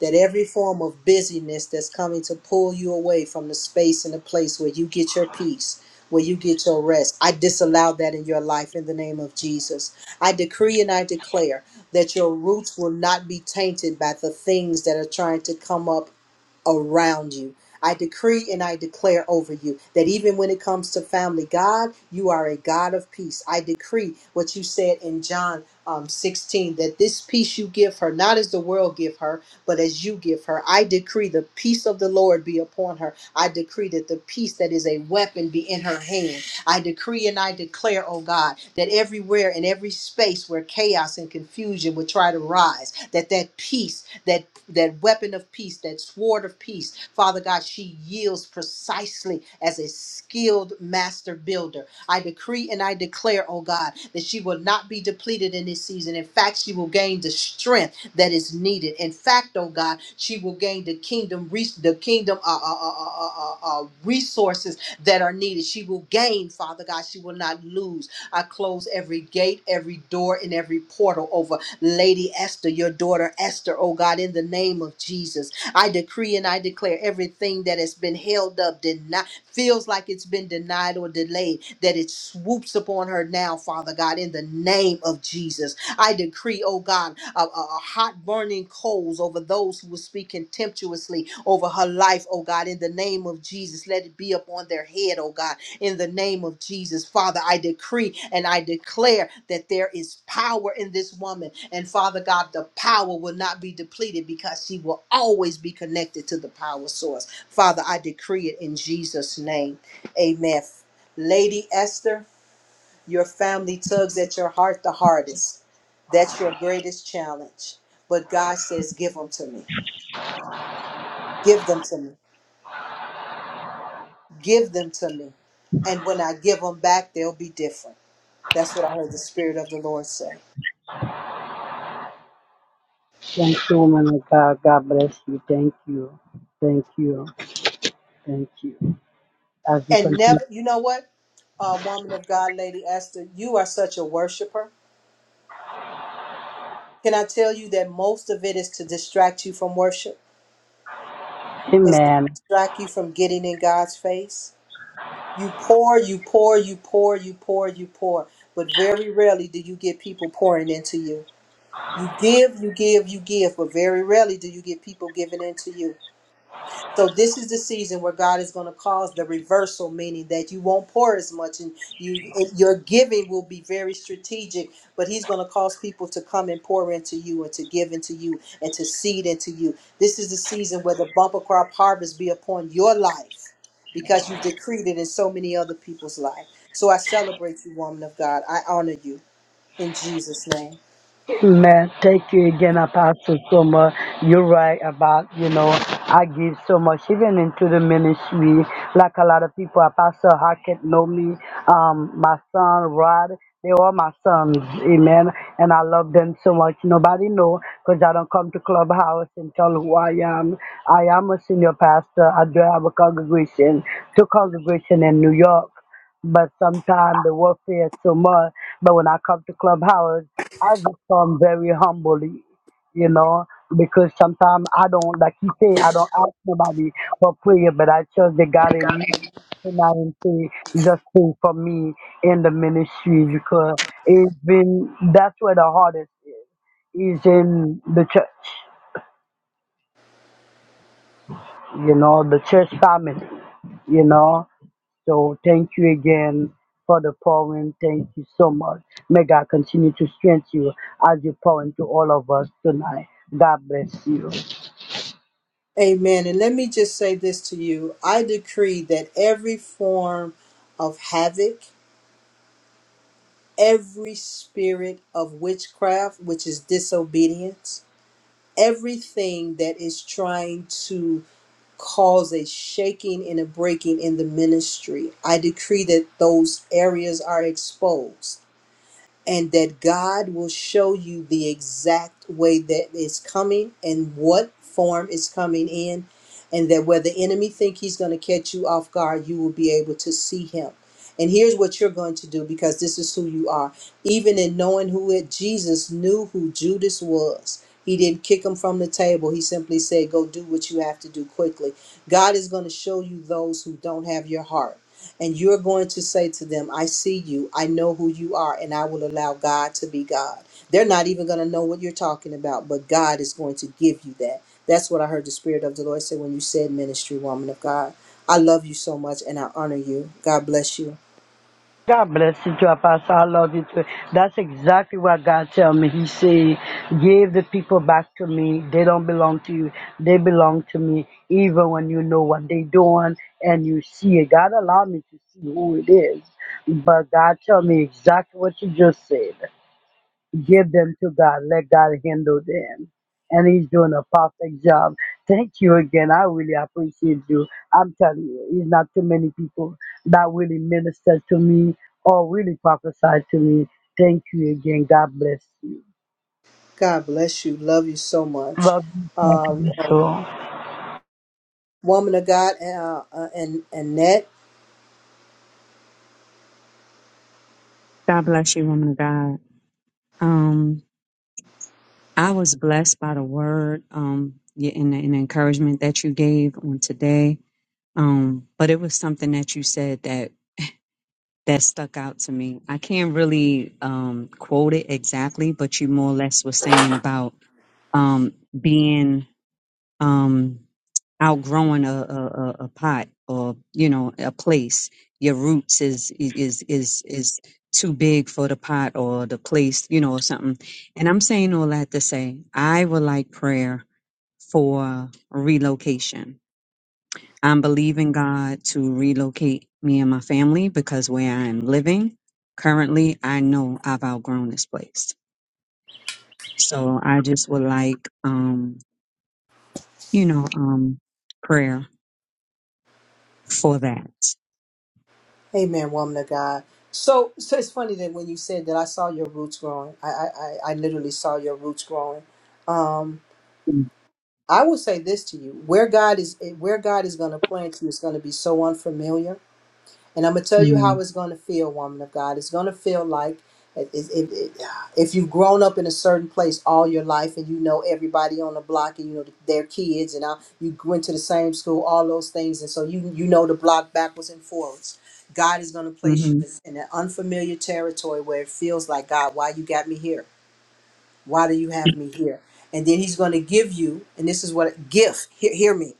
Speaker 1: that every form of busyness that's coming to pull you away from the space and the place where you get your peace, where you get your rest, I disallow that in your life in the name of Jesus. I decree and I declare that your roots will not be tainted by the things that are trying to come up around you. I decree and I declare over you that even when it comes to family, God, you are a God of peace. I decree what you said in John um, 16 that this peace you give her, not as the world give her, but as you give her, I decree the peace of the Lord be upon her. I decree that the peace that is a weapon be in her hand. I decree and I declare, oh God, that everywhere in every space where chaos and confusion would try to rise, that that peace, that that weapon of peace, that sword of peace, Father God, she yields precisely as a skilled master builder. I decree and I declare, oh God, that she will not be depleted in this season. In fact, she will gain the strength that is needed. In fact, oh God, she will gain the kingdom, res- the kingdom uh, uh, uh, uh, uh, uh, uh, resources that are needed. She will gain, Father God. She will not lose. I close every gate, every door, and every portal over Lady Esther, your daughter Esther, oh God, in the name of Jesus. I decree and I declare everything that has been held up, denied, feels like it's been denied or delayed, that it swoops upon her now, Father God, in the name of Jesus. I decree, oh God, a, a- a hot burning coals over those who will speak contemptuously over her life, oh God, in the name of Jesus. Let it be upon their head, oh God, in the name of Jesus. Father, I decree and I declare that there is power in this woman. And Father God, the power will not be depleted because she will always be connected to the power source. Father, I decree it in Jesus' name. Amen. Lady Esther. Your family tugs at your heart the hardest. That's your greatest challenge. But God says, Give them to me. Give them to me. Give them to me. And when I give them back, they'll be different. That's what I heard the Spirit of the Lord say.
Speaker 15: Thank you, woman of God. God bless you. Thank you. Thank you. Thank you. As you
Speaker 1: And
Speaker 15: continue.
Speaker 1: never, you know what? Uh, woman of God, Lady Esther, you are such a worshiper. Can I tell you that most of it is to distract you from worship? It's to
Speaker 15: Amen.
Speaker 1: distract you from getting in God's face You pour, you pour, you pour, you pour, you pour. But very rarely do you get people pouring into you. You give, you give, you give, but very rarely do you get people giving into you. So this is the season where God is going to cause the reversal, meaning that you won't pour as much, and you your giving will be very strategic. But He's going to cause people to come and pour into you, and to give into you, and to seed into you. This is the season where the bumper crop harvest be upon your life, because you've decreed it in so many other people's life. So I celebrate you, woman of God. I honor you in Jesus' name.
Speaker 15: Man, thank you again, Apostle, so much. You're right about, you know, I give so much, even into the ministry. Like a lot of people, Apostle Hackett know me, um, my son Rod, they are my sons, amen. And I love them so much. Nobody know, because I don't come to Clubhouse and tell who I am. I am a senior pastor. I do have a congregation, two congregation in New York but sometimes the warfare is so much. But when I come to Clubhouse, I become very humbly, you know, because sometimes I don't, like you say, I don't ask nobody for prayer, but I trust the God in you. And I can say, just pray for me in the ministry because it's been, that's where the hardest is in the church, you know, the church family, you know. So thank you again for the poem. Thank you so much. May God continue to strengthen you as you pour into all of us tonight. God bless you.
Speaker 1: Amen. And let me just say this to you: I decree that every form of havoc every spirit of witchcraft, which is disobedience, everything that is trying to cause a shaking and a breaking in the ministry. I decree that those areas are exposed and that God will show you the exact way that is coming and what form is coming in, and that where the enemy think he's going to catch you off guard, you will be able to see him. And here's what you're going to do because this is who you are. Even in knowing who it, Jesus knew who Judas was. He didn't kick him from the table. He simply said, "Go do what you have to do quickly." God is going to show you those who don't have your heart. And you're going to say to them, I see you, I know who you are, and I will allow God to be God. They're not even going to know what you're talking about, but God is going to give you that. That's what I heard the Spirit of the Lord say when you said ministry, woman of God. I love you so much and I honor you. God bless you.
Speaker 15: God bless you too, Pastor. I love you too. That's exactly what God tell me. He say, give the people back to me. They don't belong to you. They belong to me. Even when you know what they doing and you see it. God allow me to see who it is. But God tell me exactly what you just said. give them to God. Let God handle them. And he's doing a perfect job. Thank you again. I really appreciate you. I'm telling you, it's not too many people that really minister to me or really prophesy to me. Thank you again. God bless you.
Speaker 1: God bless you. Love you so much.
Speaker 15: Love you. Thank
Speaker 1: Uh,
Speaker 15: you so.
Speaker 1: woman of God, uh, uh, and Annette.
Speaker 16: God bless you, woman of God. Um, I was blessed by the word um, y- and the, and the encouragement that you gave on today. Um, but it was something that you said that that stuck out to me. I can't really um, quote it exactly, but you more or less were saying about um, being. Um, outgrowing a, a, a a pot or you know a place your roots is is is is too big for the pot or the place you know or something and i'm saying all that to say i would like prayer for relocation i'm believing god to relocate me and my family because where i'm living currently i know i've outgrown this place so i just would like um you know um prayer for that
Speaker 1: Amen, woman of God. So, so it's funny that when you said that, I saw your roots growing. I, I, I I literally saw your roots growing. Um,
Speaker 16: Mm,
Speaker 1: I will say this to you: where God is, eh, where God is going to plant you is going to be so unfamiliar. And I'm gonna tell you
Speaker 16: mm.
Speaker 1: how it's gonna feel, woman of God. It's gonna feel like it- it- it- it- if you've grown up in a certain place all your life and you know everybody on the block and you know their kids and uh, you went to the same school, all those things, and so you you know the block backwards and forwards. God is gonna place you
Speaker 16: Mm-hmm.
Speaker 1: in an unfamiliar territory where it feels like God, why you got me here? Why do you have me here? And then He's gonna give you, and this is what gift. Hear, hear me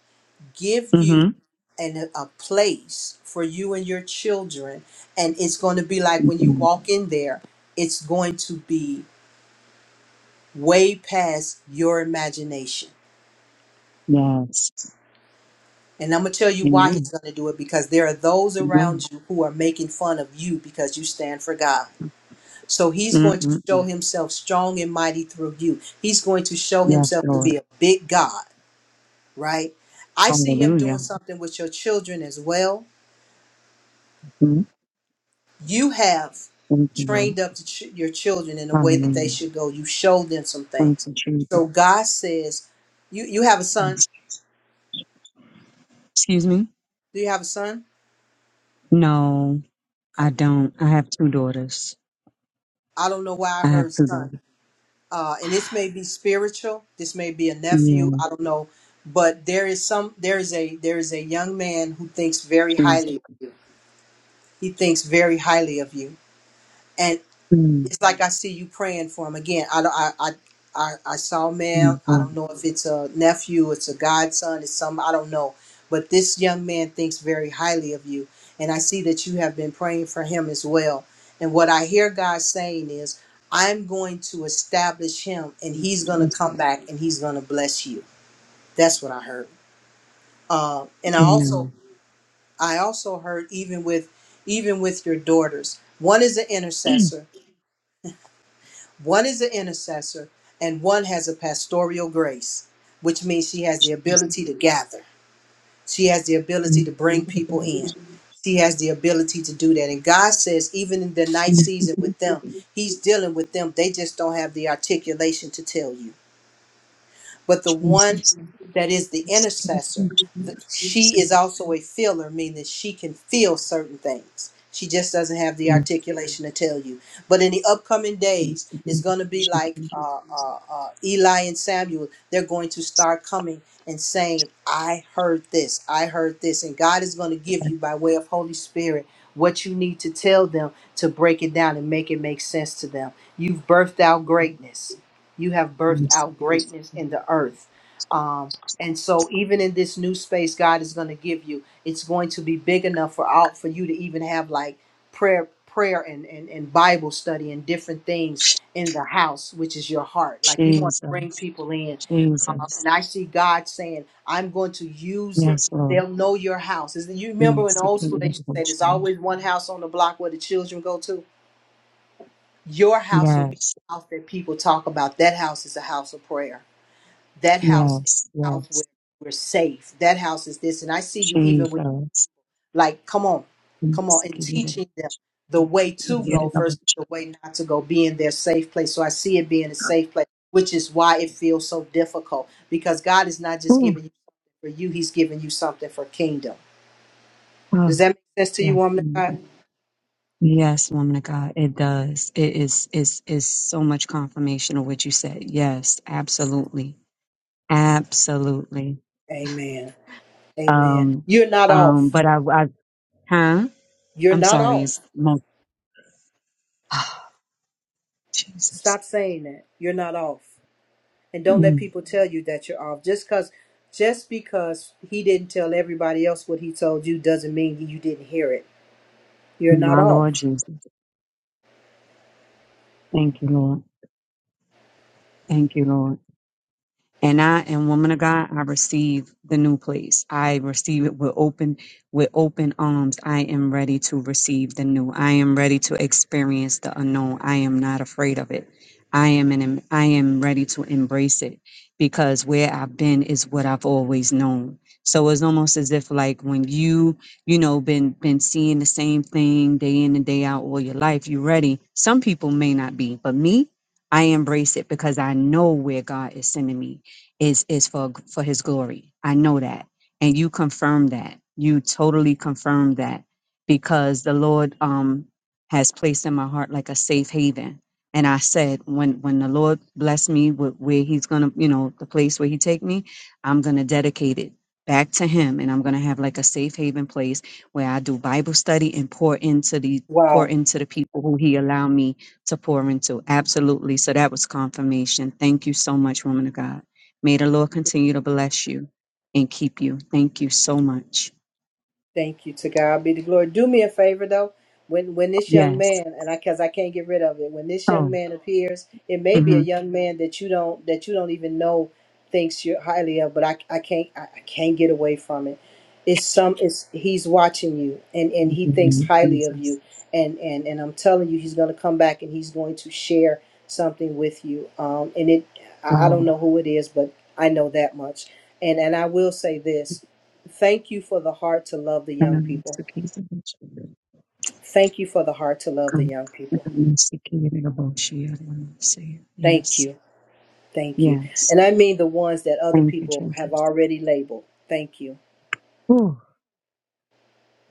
Speaker 1: give you
Speaker 16: Mm-hmm.
Speaker 1: an, a place for you and your children. And it's going to be like when you walk in there, it's going to be way past your imagination.
Speaker 16: Yes.
Speaker 1: And I'm going to tell you why
Speaker 16: Amen.
Speaker 1: he's going to do it because there are those
Speaker 16: Amen.
Speaker 1: around you who are making fun of you because you stand for God. So he's going to show
Speaker 16: Mm-mm-mm.
Speaker 1: himself strong and mighty through you. He's going to show
Speaker 16: Yes,
Speaker 1: himself to be
Speaker 16: Lord.
Speaker 1: a big God, right? I see him doing
Speaker 16: Hallelujah.
Speaker 1: something with your children as well
Speaker 16: mm
Speaker 1: You have
Speaker 16: Thank you, Lord.
Speaker 1: trained up the ch- your children in the way that they
Speaker 16: Hallelujah.
Speaker 1: should go. You showed them some
Speaker 16: Thank
Speaker 1: things.
Speaker 16: you, Jesus.
Speaker 1: So God says, "You you have a son.
Speaker 16: Yes. Excuse me?
Speaker 1: Do you have a son?
Speaker 16: No, I
Speaker 1: Okay.
Speaker 16: don't. I have two daughters.
Speaker 1: I don't know why I
Speaker 16: I have
Speaker 1: heard
Speaker 16: two
Speaker 1: son.
Speaker 16: daughters.
Speaker 1: Uh, and this may be spiritual. This may be a nephew.
Speaker 16: Yeah,
Speaker 1: I don't know, but there is some. There is a there is a young man who thinks very
Speaker 16: Jesus.
Speaker 1: highly. He thinks very highly of you. And.
Speaker 16: mm
Speaker 1: it's like I see you praying for him again. I don't- I I I, I saw man.
Speaker 16: mm,
Speaker 1: I
Speaker 16: Wow.
Speaker 1: don't know if it's a nephew, it's a godson, it's some I don't know, but this young man thinks very highly of you, and I see that you have been praying for him as well. And what I hear God saying is, I'm going to establish him, and he's going to
Speaker 16: Jesus.
Speaker 1: come back, and he's going to bless you. That's what I heard. Uh, and I also
Speaker 16: Amen.
Speaker 1: I also heard even with even with your daughters, one is an
Speaker 16: [clears throat]
Speaker 1: intercessor One is an intercessor, and one has a pastoral grace, which means she has the
Speaker 16: Jesus.
Speaker 1: ability to gather. She has the ability
Speaker 16: Mm.
Speaker 1: to bring
Speaker 16: Father
Speaker 1: people
Speaker 16: God,
Speaker 1: in. She has the ability to do that. And God says, even in the night
Speaker 16: mm, thank
Speaker 1: season
Speaker 16: you,
Speaker 1: with them, He's dealing with them. They just don't have the articulation to tell you. But the one
Speaker 16: Jesus.
Speaker 1: that is the
Speaker 16: Yes, I give it
Speaker 1: intercessor,
Speaker 16: to
Speaker 1: the,
Speaker 16: you,
Speaker 1: she is
Speaker 16: Jesus.
Speaker 1: also a feeler, meaning that she can feel certain things. She just doesn't have the
Speaker 16: Amen.
Speaker 1: articulation to tell you. But in the upcoming days, it's going to be
Speaker 16: Thank
Speaker 1: like
Speaker 16: you,
Speaker 1: uh, uh, uh, Eli and Samuel. They're going to start coming and saying, I heard this, I heard this. And God is going to give you, by way of Holy Spirit, what you need to tell them to break it down and make it make sense to them. You've birthed out greatness you have birthed
Speaker 16: Jesus.
Speaker 1: out greatness in the earth. Um, and so even in this new space God is going to give you, it's going to be big enough for out for you to even have like prayer, prayer and, and, and Bible study and different things in the house, which is your heart. Like you want to bring
Speaker 16: Jesus,
Speaker 1: people in. Um,
Speaker 16: Jesus.
Speaker 1: and I see God saying, I'm going to use it.
Speaker 16: Yes, Lord.
Speaker 1: They'll know your house. Is you remember in the
Speaker 16: Mercy,
Speaker 1: old school
Speaker 16: King
Speaker 1: they
Speaker 16: of
Speaker 1: used to say there's
Speaker 16: Devotion.
Speaker 1: always one house on the block where the children go to? Your house will be
Speaker 16: Yes,
Speaker 1: the house that people talk about. That house is a house of prayer that house is
Speaker 16: yes,
Speaker 1: a house where
Speaker 16: yes.
Speaker 1: we're safe. That house is this. And I see you even with
Speaker 16: Jesus.
Speaker 1: like, come on, come on,
Speaker 16: Mercy,
Speaker 1: and
Speaker 16: King of Devotion.
Speaker 1: teaching them the way to
Speaker 16: King of
Speaker 1: go versus
Speaker 16: Devotion.
Speaker 1: the way not to go, being their safe place. So I see it being a safe place, which is why it feels so difficult because God is not just
Speaker 16: Ooh,
Speaker 1: giving you something for you, He's giving you something for kingdom.
Speaker 16: ah,
Speaker 1: Does that make sense to
Speaker 16: yeah,
Speaker 1: you, woman of
Speaker 16: woman of God.
Speaker 1: God?
Speaker 16: Yes, woman of God, it does. It is is is so much confirmation of what you said. Yes, absolutely, absolutely.
Speaker 1: Amen. Amen.
Speaker 16: Um,
Speaker 1: You're not
Speaker 16: um,
Speaker 1: off.
Speaker 16: but I, I, huh?
Speaker 1: You're
Speaker 16: I'm
Speaker 1: not
Speaker 16: sorry.
Speaker 1: off.
Speaker 16: It's mo- [sighs]
Speaker 1: Stop
Speaker 16: Jesus,
Speaker 1: saying that. You're not off. and don't let
Speaker 16: Mm,
Speaker 1: people tell you that you're off just because just because he didn't tell everybody else what he told you doesn't mean you didn't hear it you're not
Speaker 16: my Lord
Speaker 1: off
Speaker 16: Jesus. Thank you, Lord. Thank you, Lord and I am woman of God. I receive the new place. I receive it with open with open arms. I am ready to receive the new. I am ready to experience the unknown. I am not afraid of it. I am an, I am ready to embrace it because where I've been is what I've always known. So it's almost as if like when you, you know, been been seeing the same thing day in and day out all your life, you ready. Some people may not be, but me, I embrace it because I know where God is sending me is is for for his glory. I know that. And you confirm that. You totally confirm that because the Lord um has placed in my heart like a safe haven. And I said when when the Lord bless me with where he's going to, you know, the place where he take me, I'm going to dedicate it back to him and I'm going to have like a safe haven place where I do Bible study and pour into the pour
Speaker 1: wow
Speaker 16: into the people who he allowed me to pour into. Absolutely. So that was confirmation. Thank you so much, woman of God. May the Lord continue to bless you and keep you. Thank you so much.
Speaker 1: Thank you. To God be the glory. Do me a favor though. When when this young
Speaker 16: Yes.
Speaker 1: man and I because I can't get rid of it. When this young
Speaker 16: Oh.
Speaker 1: man appears, it may be a
Speaker 16: hmm
Speaker 1: young man that you don't that you don't even know thinks you're highly of, but I I can't I, I can't get away from it. It's
Speaker 16: Yes.
Speaker 1: some it's he's watching you and and
Speaker 16: Thank
Speaker 1: he thinks
Speaker 16: you,
Speaker 1: highly of
Speaker 16: Jesus.
Speaker 1: you and and and I'm telling you he's going to come back and he's going to share something with you. Um and it I, I don't
Speaker 16: Wow.
Speaker 1: know who it is, but I know that much and and I will say this. Thank you for the heart to love the
Speaker 16: And
Speaker 1: young
Speaker 16: I'm
Speaker 1: people.
Speaker 16: seeking the Lord.
Speaker 1: Thank you for the heart to love the
Speaker 16: Come.
Speaker 1: young
Speaker 16: And
Speaker 1: people.
Speaker 16: I'm seeking the Lord. She and I'm seeking.
Speaker 1: Thank
Speaker 16: Yes.
Speaker 1: you. Thank you.
Speaker 16: Yes.
Speaker 1: And I mean the ones that other
Speaker 16: Thank you,
Speaker 1: people have
Speaker 16: Jesus.
Speaker 1: already labeled. Thank you.
Speaker 16: Whew.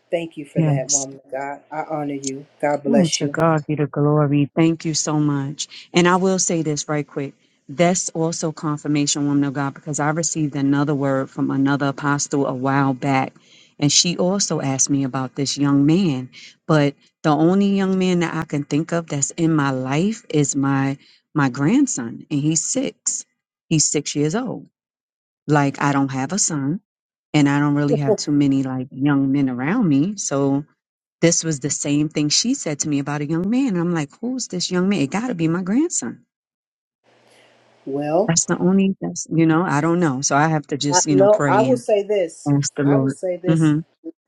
Speaker 1: Thank you for that
Speaker 16: Yes.
Speaker 1: woman of God. I honor you. God
Speaker 16: Oh,
Speaker 1: bless
Speaker 16: to
Speaker 1: you.
Speaker 16: God be the glory. Thank you so much. And I will say this right quick. That's also confirmation, woman of God, because I received another word from another apostle a while back. And she also asked me about this young man. But the only young man that I can think of that's in my life is my my grandson. And he's six. He's six years old. Like I don't have a son and I don't really have too many like young men around me. So this was the same thing she said to me about a young man. And I'm like, who's this young man? It got to be my grandson.
Speaker 1: Well,
Speaker 16: That's the only, that's, you know, I don't know. So I have to
Speaker 1: I,
Speaker 16: just, you know,
Speaker 1: no, I
Speaker 16: pray
Speaker 1: will
Speaker 16: and
Speaker 1: say this.
Speaker 16: ask the
Speaker 1: I will
Speaker 16: Lord.
Speaker 1: say this,
Speaker 16: hmm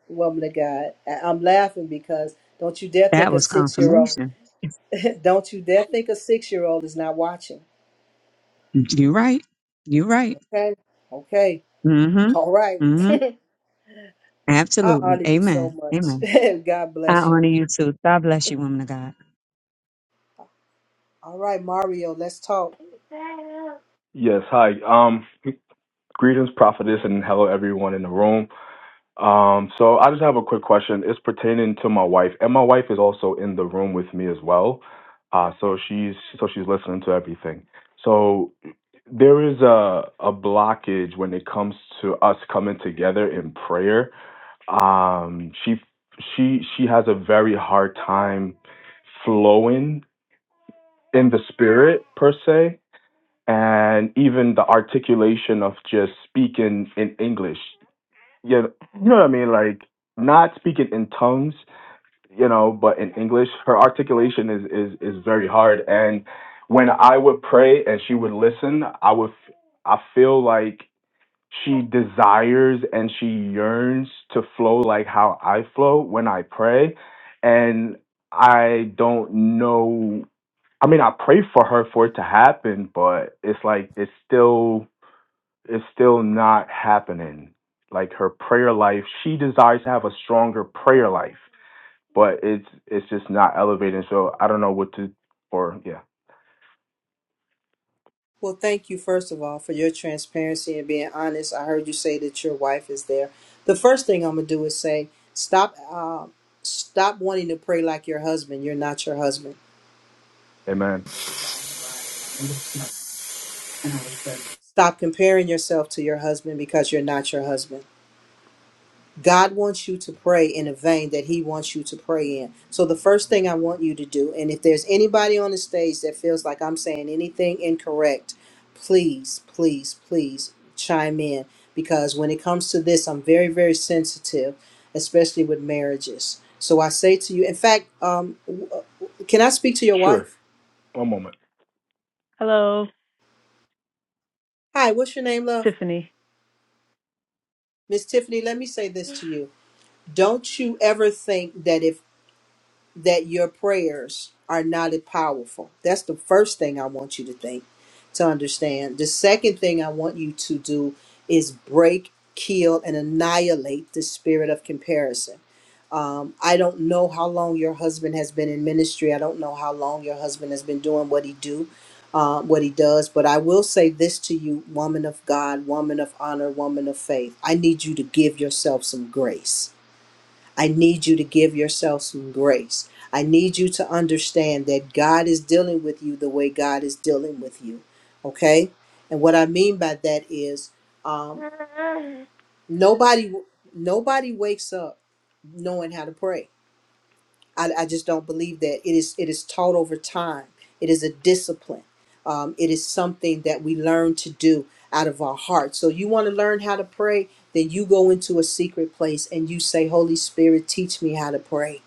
Speaker 1: woman of God. I, I'm laughing because don't you dare think
Speaker 16: That
Speaker 1: a
Speaker 16: was
Speaker 1: six year old.
Speaker 16: confirmation.
Speaker 1: [laughs] don't you dare think a six year old is not watching.
Speaker 16: You're right. You're right.
Speaker 1: Okay. Okay.
Speaker 16: Mm-hmm.
Speaker 1: All right.
Speaker 16: Mm-hmm.
Speaker 1: [laughs] I
Speaker 16: Absolutely.
Speaker 1: honor you so
Speaker 16: Amen.
Speaker 1: much.
Speaker 16: Amen.
Speaker 1: [laughs] God
Speaker 16: I
Speaker 1: bless
Speaker 16: honor
Speaker 1: you.
Speaker 16: you too. God bless you, woman of God.
Speaker 1: All right, Mario, let's talk.
Speaker 17: Yes, hi. Um, greetings, prophetess, and hello everyone in the room. Um, so I just have a quick question. It's pertaining to my wife, and my wife is also in the room with me as well. Uh, so she's so she's listening to everything. So there is a a blockage when it comes to us coming together in prayer. Um, she she she has a very hard time flowing in the spirit per se and even the articulation of just speaking in English. You know, you know what I mean? Like not speaking in tongues, you know, but in English. Her articulation is is is very hard. And when I would pray and she would listen, I would f- I feel like she desires and she yearns to flow like how I flow when I pray. And I don't know I mean, I pray for her for it to happen, but it's like it's still it's still not happening. Like her prayer life, she desires to have a stronger prayer life, but it's it's just not elevating. So I don't know what to or yeah.
Speaker 1: Well, thank you, first of all, for your transparency and being honest. I heard you say that your wife is there. The first thing I'm going to do is say, stop, uh, stop wanting to pray like your husband. You're not your husband.
Speaker 17: Amen.
Speaker 1: Stop comparing yourself to your husband because you're not your husband. God wants you to pray in a vein that He wants you to pray in. So, the first thing I want you to do, and if there's anybody on the stage that feels like I'm saying anything incorrect, please, please, please chime in because when it comes to this, I'm very, very sensitive, especially with marriages. So, I say to you, in fact, um, w- uh, can I speak to your
Speaker 17: Sure.
Speaker 1: wife?
Speaker 17: One moment. Hello,
Speaker 1: Hi, what's your name, love?
Speaker 17: Tiffany.
Speaker 1: Miss Tiffany, let me say this to you. Don't you ever think that if that your prayers are not as powerful. That's the first thing I want you to think, to understand. The second thing I want you to do is break, kill, and annihilate the spirit of comparison. Um, I don't know how long your husband has been in ministry. I don't know how long your husband has been doing what he do, uh, what he does. But I will say this to you, woman of God, woman of honor, woman of faith. I need you to give yourself some grace I need you to give yourself some grace. I need you to understand that God is dealing with you the way God is dealing with you. Okay? And what I mean by that is um, nobody nobody wakes up knowing how to pray. I, I just don't believe that it is it is taught over time. It is a discipline. Um, it is something that we learn to do out of our heart. So you want to learn how to pray, then you go into a secret place and you say, Holy Spirit, teach me how to pray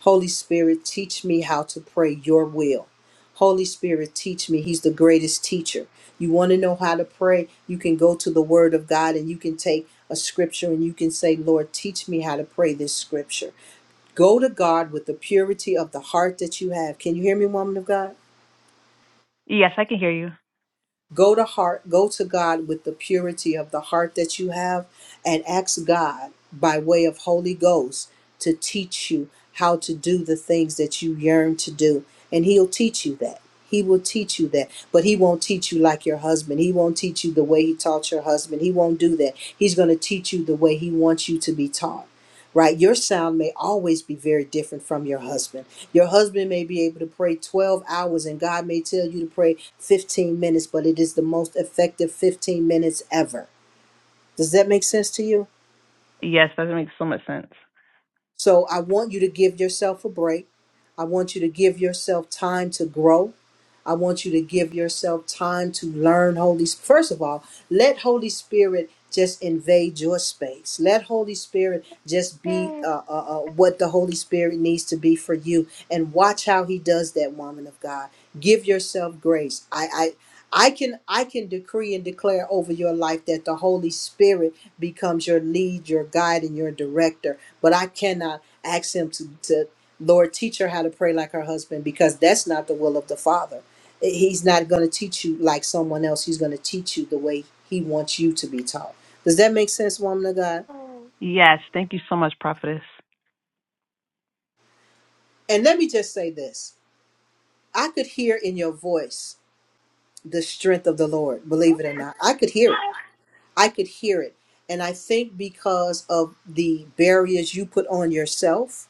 Speaker 1: Holy Spirit, teach me how to pray your will. Holy Spirit, teach me. He's the greatest teacher. You want to know how to pray? You can go to the Word of God and you can take a scripture and you can say, Lord, teach me how to pray this scripture. Go to God with the purity of the heart that you have. Can you hear me, woman of God?
Speaker 17: Yes, I can hear you.
Speaker 1: go to heart go to god with the purity of the heart that you have and ask god by way of holy ghost to teach you how to do the things that you yearn to do and he'll teach you that he will teach you that but he won't teach you like your husband he won't teach you the way he taught your husband he won't do that he's going to teach you the way he wants you to be taught right? Your sound may always be very different from your husband. Your husband may be able to pray 12 hours and God may tell you to pray 15 minutes, but it is the most effective 15 minutes ever. Does that make sense to you?
Speaker 17: Yes, that makes so much sense.
Speaker 1: So I want you to give yourself a break. I want you to give yourself time to grow. I want you to give yourself time to learn Holy Spirit. First of all, let Holy Spirit just invade your space. Let Holy Spirit just be uh, uh, uh, what the Holy Spirit needs to be for you, and watch how He does that, woman of God. Give yourself grace. I, I, I can, I can decree and declare over your life that the Holy Spirit becomes your lead, your guide, and your director. But I cannot ask Him to, to. Lord, teach her how to pray like her husband because that's not the will of the Father. He's not going to teach you like someone else. He's going to teach you the way He wants you to be taught. Does that make sense, woman of God?
Speaker 17: Yes, thank you so much, Prophetess.
Speaker 1: And let me just say this I could hear in your voice the strength of the Lord, believe it or not. I could hear it. I could hear it. And I think because of the barriers you put on yourself,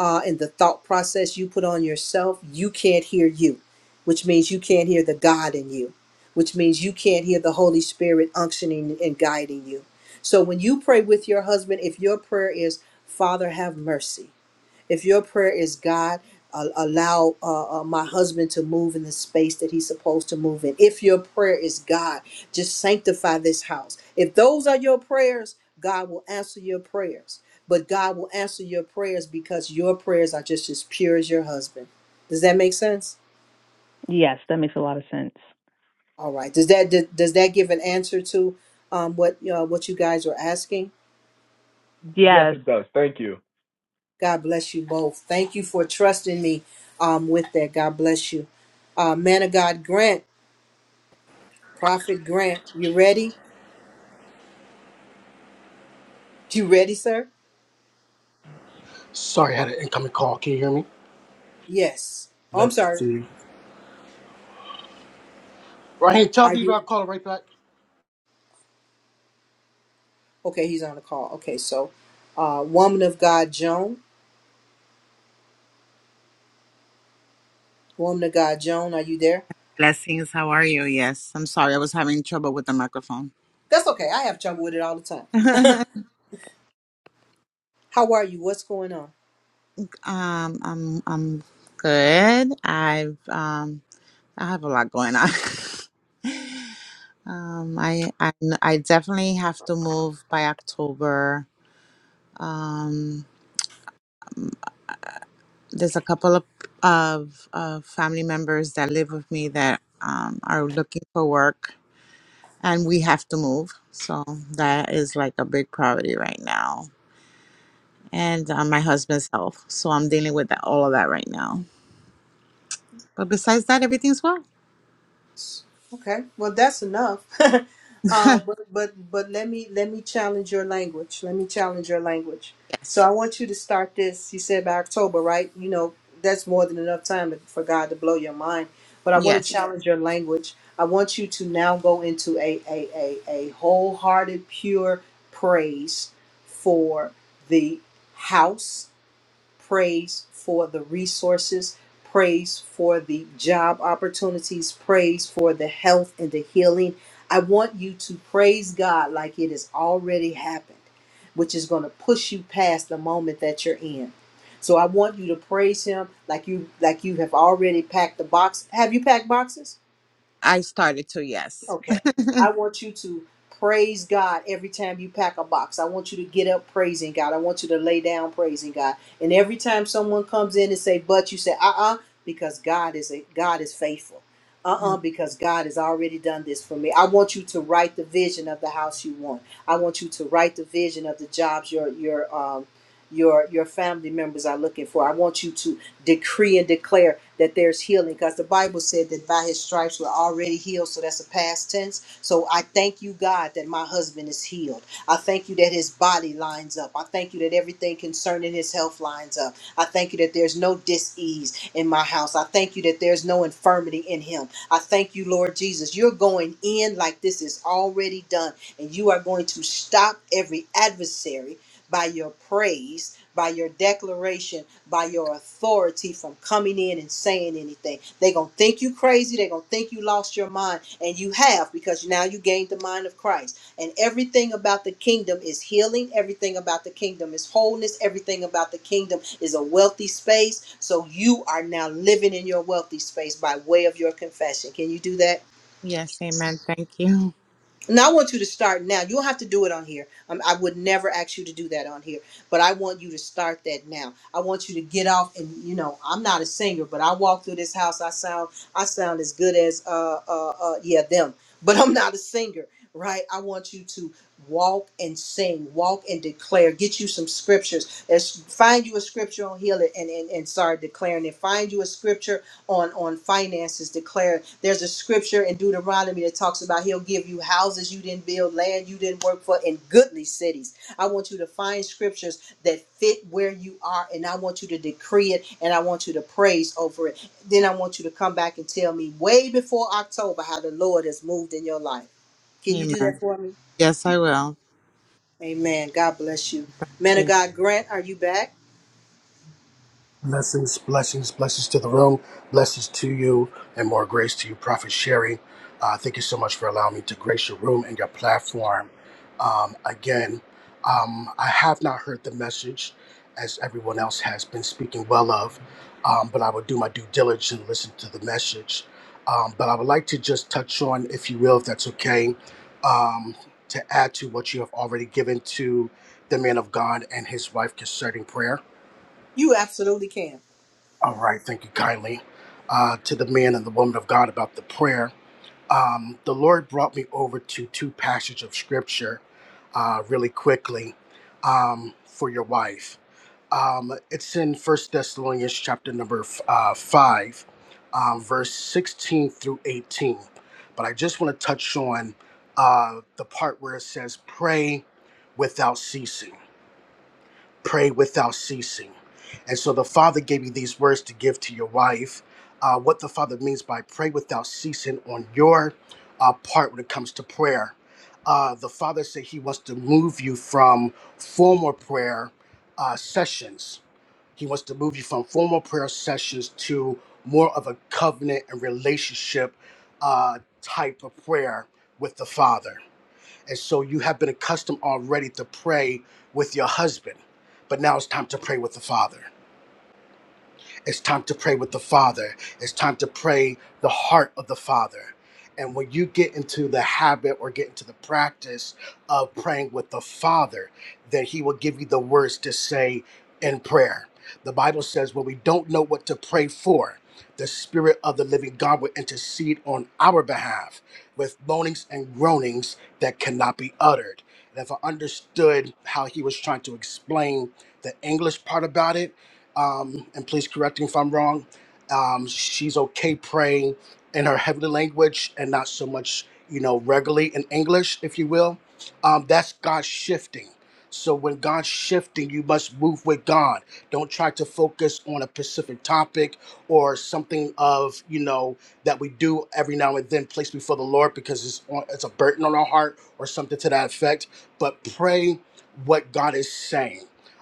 Speaker 1: uh, and the thought process you put on yourself, you can't hear you, which means you can't hear the God in you, which means you can't hear the Holy Spirit unctioning and guiding you. So when you pray with your husband, if your prayer is, Father, have mercy, if your prayer is God, uh, allow uh, uh, my husband to move in the space that he's supposed to move in. If your prayer is God, just sanctify this house. If those are your prayers, God will answer your prayers. But God will answer your prayers because your prayers are just as pure as your husband. Does that make sense?
Speaker 17: Yes, that makes a lot of sense.
Speaker 1: All right. Does that does, does that give an answer to um, what uh, what you guys are asking?
Speaker 17: Yes, Yes, it does. Thank you.
Speaker 1: God bless you both. Thank you for trusting me um, with that. God bless you, uh, man of God, Grant. Prophet Grant, you ready? You ready, sir?
Speaker 18: Sorry, I had an incoming call. Can you hear me?
Speaker 1: Yes. Oh, I'm
Speaker 18: Let's
Speaker 1: sorry.
Speaker 18: see. Right here, tell
Speaker 1: Are
Speaker 18: me
Speaker 1: you?
Speaker 18: about calling right back.
Speaker 1: Okay, he's on the call. Okay, so uh, woman of God, Joan. Woman of God, Joan, are you there?
Speaker 19: Blessings. How are you? Yes. I'm sorry. I was having trouble with the microphone.
Speaker 1: That's okay. I have trouble with it all the time.
Speaker 19: [laughs] um,
Speaker 1: How are you? What's going on?
Speaker 19: I'm I'm good. I've um I have a lot going on. [laughs] um, I, I I definitely have to move by October. Um, there's a couple of of, of family members that live with me that um, are looking for work, and we have to move. So that is like a big priority right now. and uh, my husband's health. So I'm dealing with that, all of that right now. But besides that, everything's well.
Speaker 1: Okay, well that's enough. [laughs] uh,
Speaker 19: [laughs]
Speaker 1: but but but let me let me challenge your language. Let me challenge your language. So
Speaker 19: yes.
Speaker 1: I want you to start this. You said by October, right? You know that's more than enough time for God to blow your mind. But I want to
Speaker 19: Yes.
Speaker 1: challenge your language. I want you to now go into a a a, a wholehearted, pure praise for the house praise for the resources, praise for the job opportunities, praise for the health and the healing. I want you to praise God like it has already happened, which is going to push you past the moment that you're in. So I want you to praise him like you like you have already packed the box. Have you packed boxes?
Speaker 19: I started to. Yes.
Speaker 1: Okay. I want you to praise God every time you pack a box. I want you to get up praising God. I want you to lay down praising God. And every time someone comes in and say, but you say, uh-uh, because God is a God is faithful.
Speaker 19: Amen.
Speaker 1: Uh-uh, because God has already done this for me. I want you to write the vision of the house you want. I want you to write the vision of the jobs your your um your your family members are looking for. I want you to decree and declare that there's healing because the Bible said that by his stripes we're already healed. So that's a past tense. So I thank you, God, that my husband is healed. I thank you that his body lines up. I thank you that everything concerning his health lines up. I thank you that there's no dis-ease in my house. I thank you that there's no infirmity in him. I thank you, Lord Jesus. You're going in like this is already done, and you are going to stop every adversary by your praise, by your declaration, by your authority from coming in and saying anything. They're going to think you crazy. They're going to think you lost your mind. And you have because now you gained the mind of Christ. And everything about the kingdom is healing. Everything about the kingdom is wholeness. Everything about the kingdom is a wealthy space. So you are now living in your wealthy space by way of your confession. Can you do that?
Speaker 19: Yes. Amen. Thank you.
Speaker 1: Now I want you to start now. You don't have to do it on here. Um, I would never ask you to do that on here, but I want you to start that now. I want you to get off and you know I'm not a singer, but I walk through this house. I sound I sound as good as uh uh, uh yeah them, [laughs] but I'm not a singer, right? I want you to walk and sing, walk and declare. Get you some scriptures. Let's find you a scripture on here and and, and start declaring it. Find you a scripture on on finances declare there's a scripture in deuteronomy that talks about he'll give you houses you didn't build land you didn't work for in goodly cities i want you to find scriptures that fit where you are and i want you to decree it and i want you to praise over it then i want you to come back and tell me way before october how the lord has moved in your life can you do that
Speaker 19: Amen.
Speaker 1: for me
Speaker 19: Yes, I will.
Speaker 1: amen god bless you
Speaker 19: Thank
Speaker 1: man of
Speaker 19: you.
Speaker 1: god grant are you back
Speaker 18: Blessings, blessings, blessings to the room. Blessings to you and more grace to you, Prophet Sherry. Uh, thank you so much for allowing me to grace your room and your platform. Um, again, um, I have not heard the message as everyone else has been speaking well of, um, but I will do my due diligence and listen to the message. Um, but I would like to just touch on, if you will, if that's okay, um, to add to what you have already given to the man of God and his wife concerning prayer
Speaker 1: you absolutely can
Speaker 18: all right, thank you kindly. Uh, to the man and the woman of God about the prayer, um, the Lord brought me over to two passages of scripture uh, really quickly um, for your wife. Um, it's in First Thessalonians chapter number uh, 5, um, verse 16 through 18. But I just want to touch on uh, the part where it says, pray without ceasing pray without ceasing. And so the Father gave you these words to give to your wife. Uh, what the Father means by pray without ceasing on your uh, part when it comes to prayer. Uh, the Father said He wants to move you from formal prayer uh, sessions. He wants to move you from formal prayer sessions to more of a covenant and relationship uh, type of prayer with the Father. And so you have been accustomed already to pray with your husband, but now it's time to pray with the Father. It's time to pray with the Father. It's time to pray the heart of the Father. And when you get into the habit or get into the practice of praying with the Father, then He will give you the words to say in prayer. The Bible says when we don't know what to pray for, the Spirit of the living God will intercede on our behalf with moanings and groanings that cannot be uttered. And if I understood how he was trying to explain the English part about it, um, and please correct me if I'm wrong. Um, she's okay praying in her heavenly language and not so much, you know, regularly in English, if you will. Um, that's God shifting. So when God's shifting, you must move with God. Don't try to focus on a specific topic or something of you know that we do every now and then place before the Lord because it's on, it's a burden on our heart or something to that effect. But pray what God is saying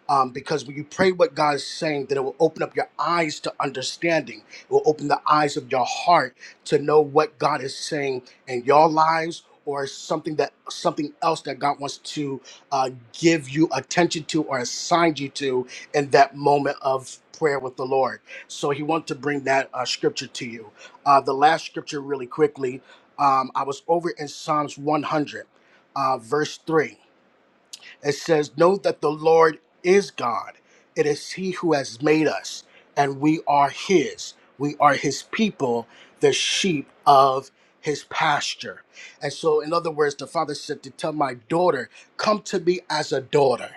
Speaker 18: um, because when you pray what God is saying, then it will open up your eyes to understanding. It will open the eyes of your heart to know what God is saying in your lives, or something that something else that God wants to uh, give you attention to or assign you to in that moment of prayer with the Lord. So He wanted to bring that uh, scripture to you. Uh, the last scripture, really quickly, um, I was over in Psalms 100, uh, verse three. It says, Know that the Lord is God. It is He who has made us, and we are His. We are His people, the sheep of His pasture. And so, in other words, the Father said to tell my daughter, Come to me as a daughter.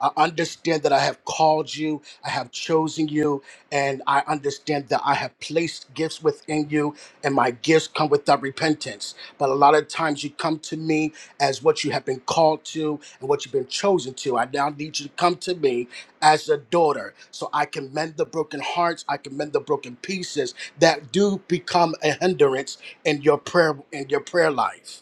Speaker 18: I understand that I have called you, I have chosen you, and I understand that I have placed gifts within you, and my gifts come without repentance. But a lot of times you come to me as what you have been called to and what you've been chosen to. I now need you to come to me as a daughter so I can mend the broken hearts, I can mend the broken pieces that do become a hindrance in your prayer in your prayer life.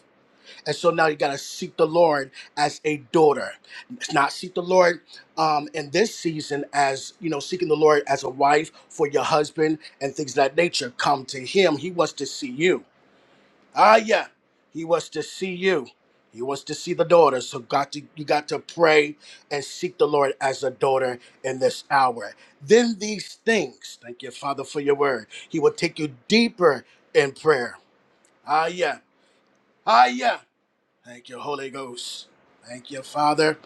Speaker 18: And so now you got to seek the Lord as a daughter. It's not seek the Lord um, in this season as, you know, seeking the Lord as a wife for your husband and things of that nature. Come to him. He wants to see you. Ah, yeah. He wants to see you. He wants to see the daughter. So got to, you got to pray and seek the Lord as a daughter in this hour. Then these things, thank you, Father, for your word. He will take you deeper in prayer. Ah, yeah. Ah, yeah. Thank you, Holy Ghost. Thank you, Father.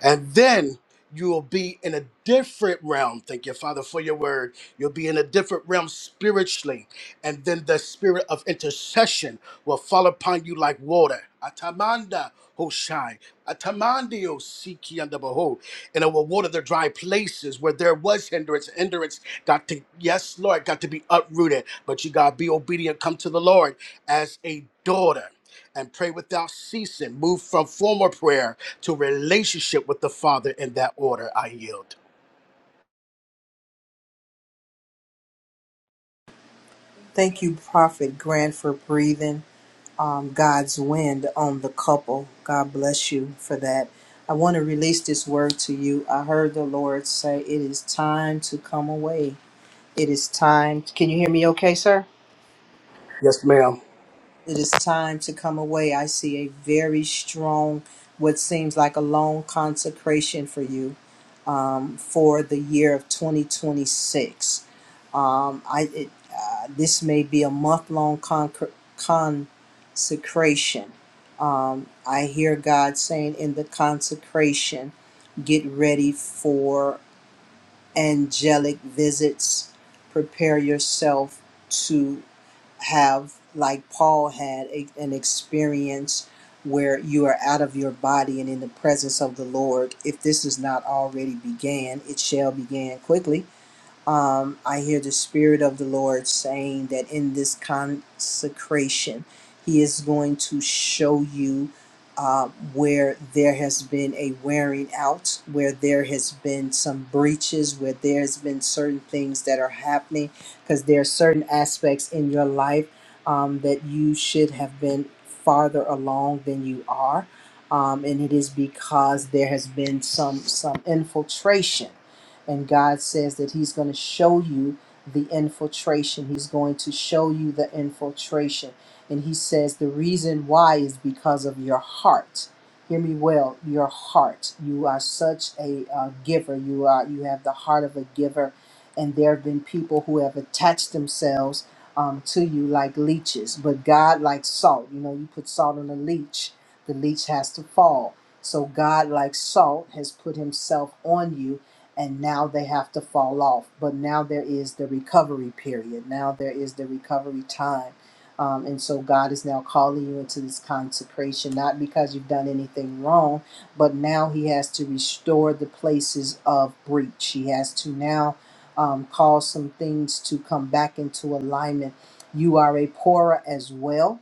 Speaker 18: And then you will be in a different realm. Thank you, Father, for your word. You'll be in a different realm spiritually. And then the spirit of intercession will fall upon you like water. Atamanda Hoshai. Atamandio Siki and the Behold. And it will water the dry places where there was hindrance. Hindrance got to, yes, Lord, got to be uprooted. But you got to be obedient. Come to the Lord as a daughter and pray without ceasing. Move from formal prayer to relationship with the Father in that order. I yield.
Speaker 1: thank you prophet grant for breathing um, God's wind on the couple. God bless you for that. I want to release this word to you. I heard the Lord say, It is time to come away. It is time. Can you hear me okay, sir?
Speaker 18: Yes, ma'am.
Speaker 1: It is time to come away. I see a very strong, what seems like a long consecration for you um, for the year of 2026. Um, I it, uh, this may be a month long concre- consecration. Um, I hear God saying in the consecration, get ready for angelic visits. Prepare yourself to have, like Paul had, a, an experience where you are out of your body and in the presence of the Lord. If this is not already began, it shall begin quickly um, I hear the Spirit of the Lord saying that in this consecration, He is going to show you uh, where there has been a wearing out, where there has been some breaches, where there has been certain things that are happening, because there are certain aspects in your life um, that you should have been farther along than you are. Um, and it is because there has been some some infiltration and God says that He's going to show you the infiltration. He's going to show you the infiltration. And He says the reason why is because of your heart. Hear me well, your heart. You are such a uh, giver. You are you have the heart of a giver, and there have been people who have attached themselves um, to you like leeches. But God, likes salt, you know, you put salt on a leech, the leech has to fall. So God, like salt, has put Himself on you, and now they have to fall off. But now there is the recovery period. Now there is the recovery time. Um, and so God is now calling you into this consecration, not because you've done anything wrong, but now He has to restore the places of breach. He has to now um, cause some things to come back into alignment. You are a pourer as well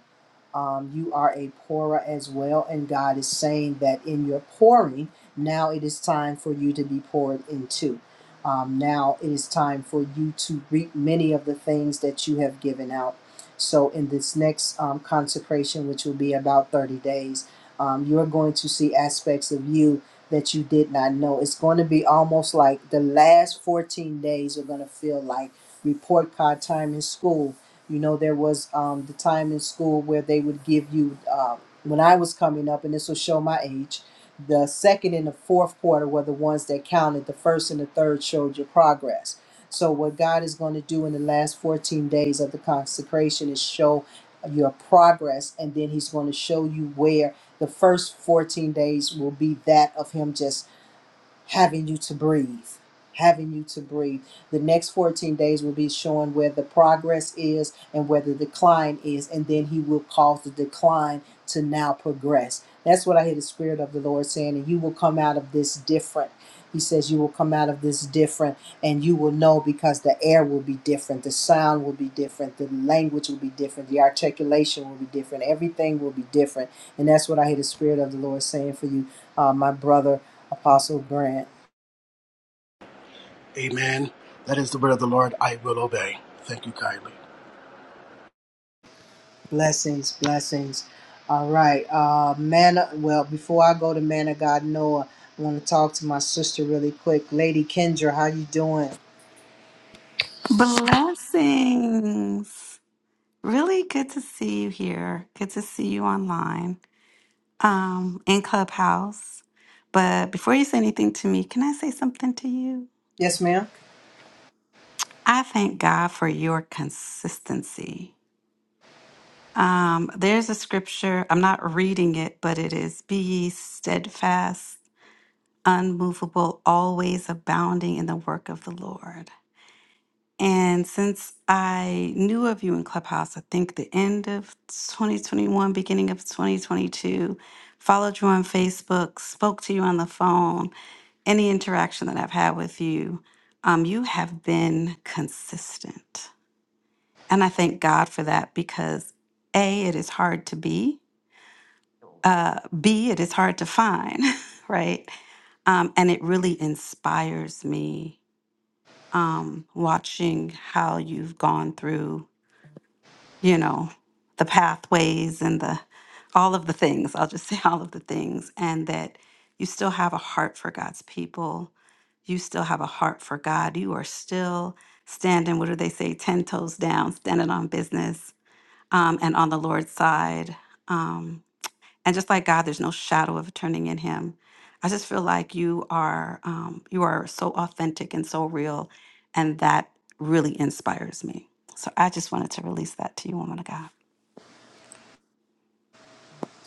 Speaker 1: um, you are a pourer as well, and God is saying that in your pouring, now it is time for you to be poured into. Um, now it is time for you to reap many of the things that you have given out. So, in this next um, consecration, which will be about 30 days, um, you're going to see aspects of you that you did not know. It's going to be almost like the last 14 days are going to feel like report card time in school you know, there was um, the time in school where they would give you, uh, when I was coming up, and this will show my age, the second and the fourth quarter were the ones that counted. The first and the third showed your progress. So, what God is going to do in the last 14 days of the consecration is show your progress, and then He's going to show you where the first 14 days will be that of Him just having you to breathe, having you to breathe. The next 14 days will be showing where the progress is and where the decline is, and then He will cause the decline to now progress. That's what I hear the Spirit of the Lord saying, and you will come out of this different. He says, You will come out of this different and you will know because the air will be different, the sound will be different, the language will be different, the articulation will be different, everything will be different. And that's what I hear the Spirit of the Lord saying for you, uh, my brother, Apostle Grant.
Speaker 18: Amen. That is the word of the Lord. I will obey. Thank you kindly.
Speaker 1: Blessings, blessings. All right. Uh, man, well, before I go to man of God, Noah, I want to talk to my sister really quick. Lady Kendra, how you doing?
Speaker 20: Blessings. Really good to see you here. Good to see you online um, in Clubhouse. But before you say anything to me, can I say something to you?
Speaker 1: Yes, ma'am.
Speaker 20: I thank God for your consistency. Um, there's a scripture, I'm not reading it, but it is Be ye steadfast, unmovable, always abounding in the work of the Lord. And since I knew of you in Clubhouse, I think the end of 2021, beginning of 2022, followed you on Facebook, spoke to you on the phone, any interaction that I've had with you, um, you have been consistent. And I thank God for that because A, it is hard to be, uh, B, it is hard to find, [laughs] right? Um, and it really inspires me um, watching how you've gone through you know, the pathways and the all of the things. I'll just [laughs] say all of the things, and that you still have a heart for God's people. You still have a heart for God. You are still standing. What do they say? Ten toes down, standing on business um, and on the Lord's side. Um, and just like God, there's no shadow of turning in Him. I just feel like you are um, you are so authentic and so real, and that really inspires me. So I just wanted to release that to you, woman of God.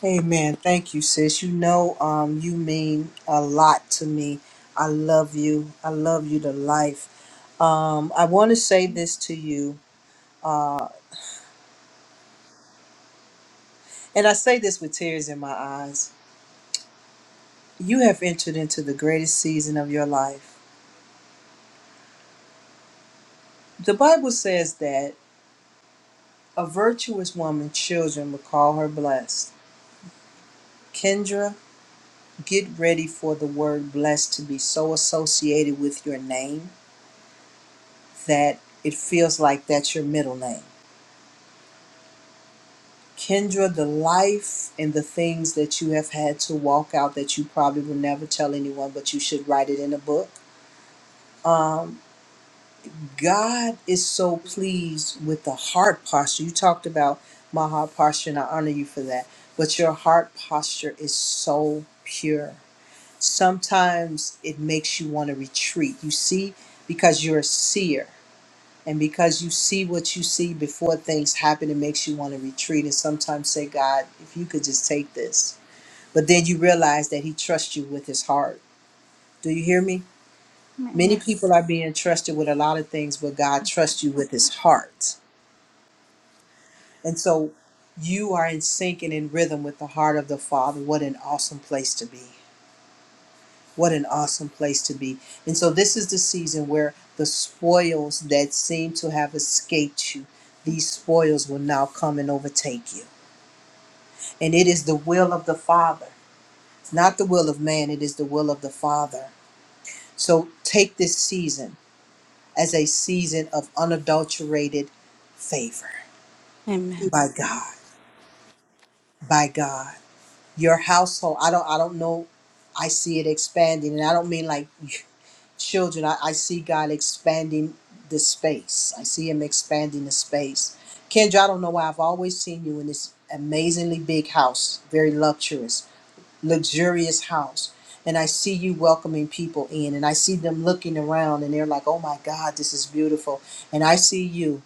Speaker 1: Amen. Thank you, sis. You know, um, you mean a lot to me. I love you. I love you to life. Um, I want to say this to you, and I say this with tears in my eyes. You have entered into the greatest season of your life. The Bible says that a virtuous woman's children will call her blessed. Kendra, get ready for the word blessed to be so associated with your name that it feels like that's your middle name Kendra, the life and the things that you have had to walk out that you probably will never tell anyone, but you should write it in a book. Um, God is so pleased with the heart posture. You talked about my heart posture, and I honor you for that. But your heart posture is so pure. Sometimes it makes you want to retreat. You see, because you're a seer. And because you see what you see before things happen, it makes you want to retreat and sometimes say, God, if you could just take this. But then you realize that He trusts you with His heart. Do you hear me?
Speaker 20: Amen.
Speaker 1: Many
Speaker 20: Yes.
Speaker 1: people are being trusted with a lot of things, but God trusts you with His heart. And so you are in sync and in rhythm with the heart of the Father. What an awesome place to be. What an awesome place to be. And so, this is the season where the spoils that seem to have escaped you, these spoils will now come and overtake you. And it is the will of the Father. It's not the will of man, it is the will of the Father. So, take this season as a season of unadulterated favor
Speaker 20: Amen.
Speaker 1: by God. By God. Your household, I don't I don't know I see it expanding, and I don't mean like children, I, I see God expanding the space. I see Him expanding the space. Kendra, I don't know why I've always seen you in this amazingly big house, very luxurious, luxurious house. And I see you welcoming people in, and I see them looking around, and they're like, oh my God, this is beautiful. And I see you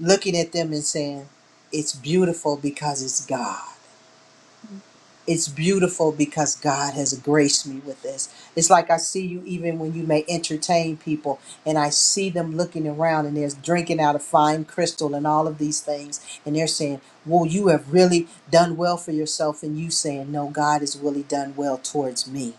Speaker 1: looking at them and saying, it's beautiful because it's God it's beautiful because God has graced me with this. It's like I see you even when you may entertain people and I see them looking around and they're drinking out of fine crystal and all of these things and they're saying, "Well, you have really done well for yourself." And you saying, "No, God has really done well towards me."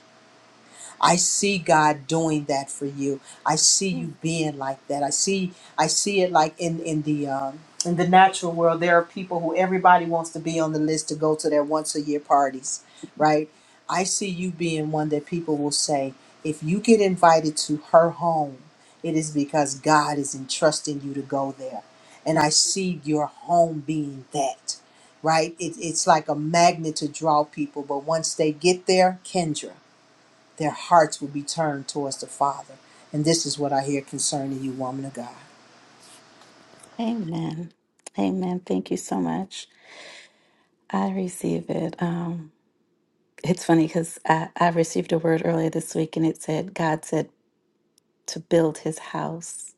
Speaker 1: I see God doing that for you. I see you being like that. I see I see it like in in the um, in the natural world. There are people who everybody wants to be on the list to go to their once a year parties, right? I see you being one that people will say, if you get invited to her home, it is because God is entrusting you to go there. And I see your home being that, right? It, it's like a magnet to draw people. But once they get there, Kendra their hearts will be turned towards the Father. And this is what I hear concerning you, woman of God.
Speaker 20: Amen. Amen. Thank you so much. I receive it. Um, it's funny because I, I received a word earlier this week and it said, God said to build his house.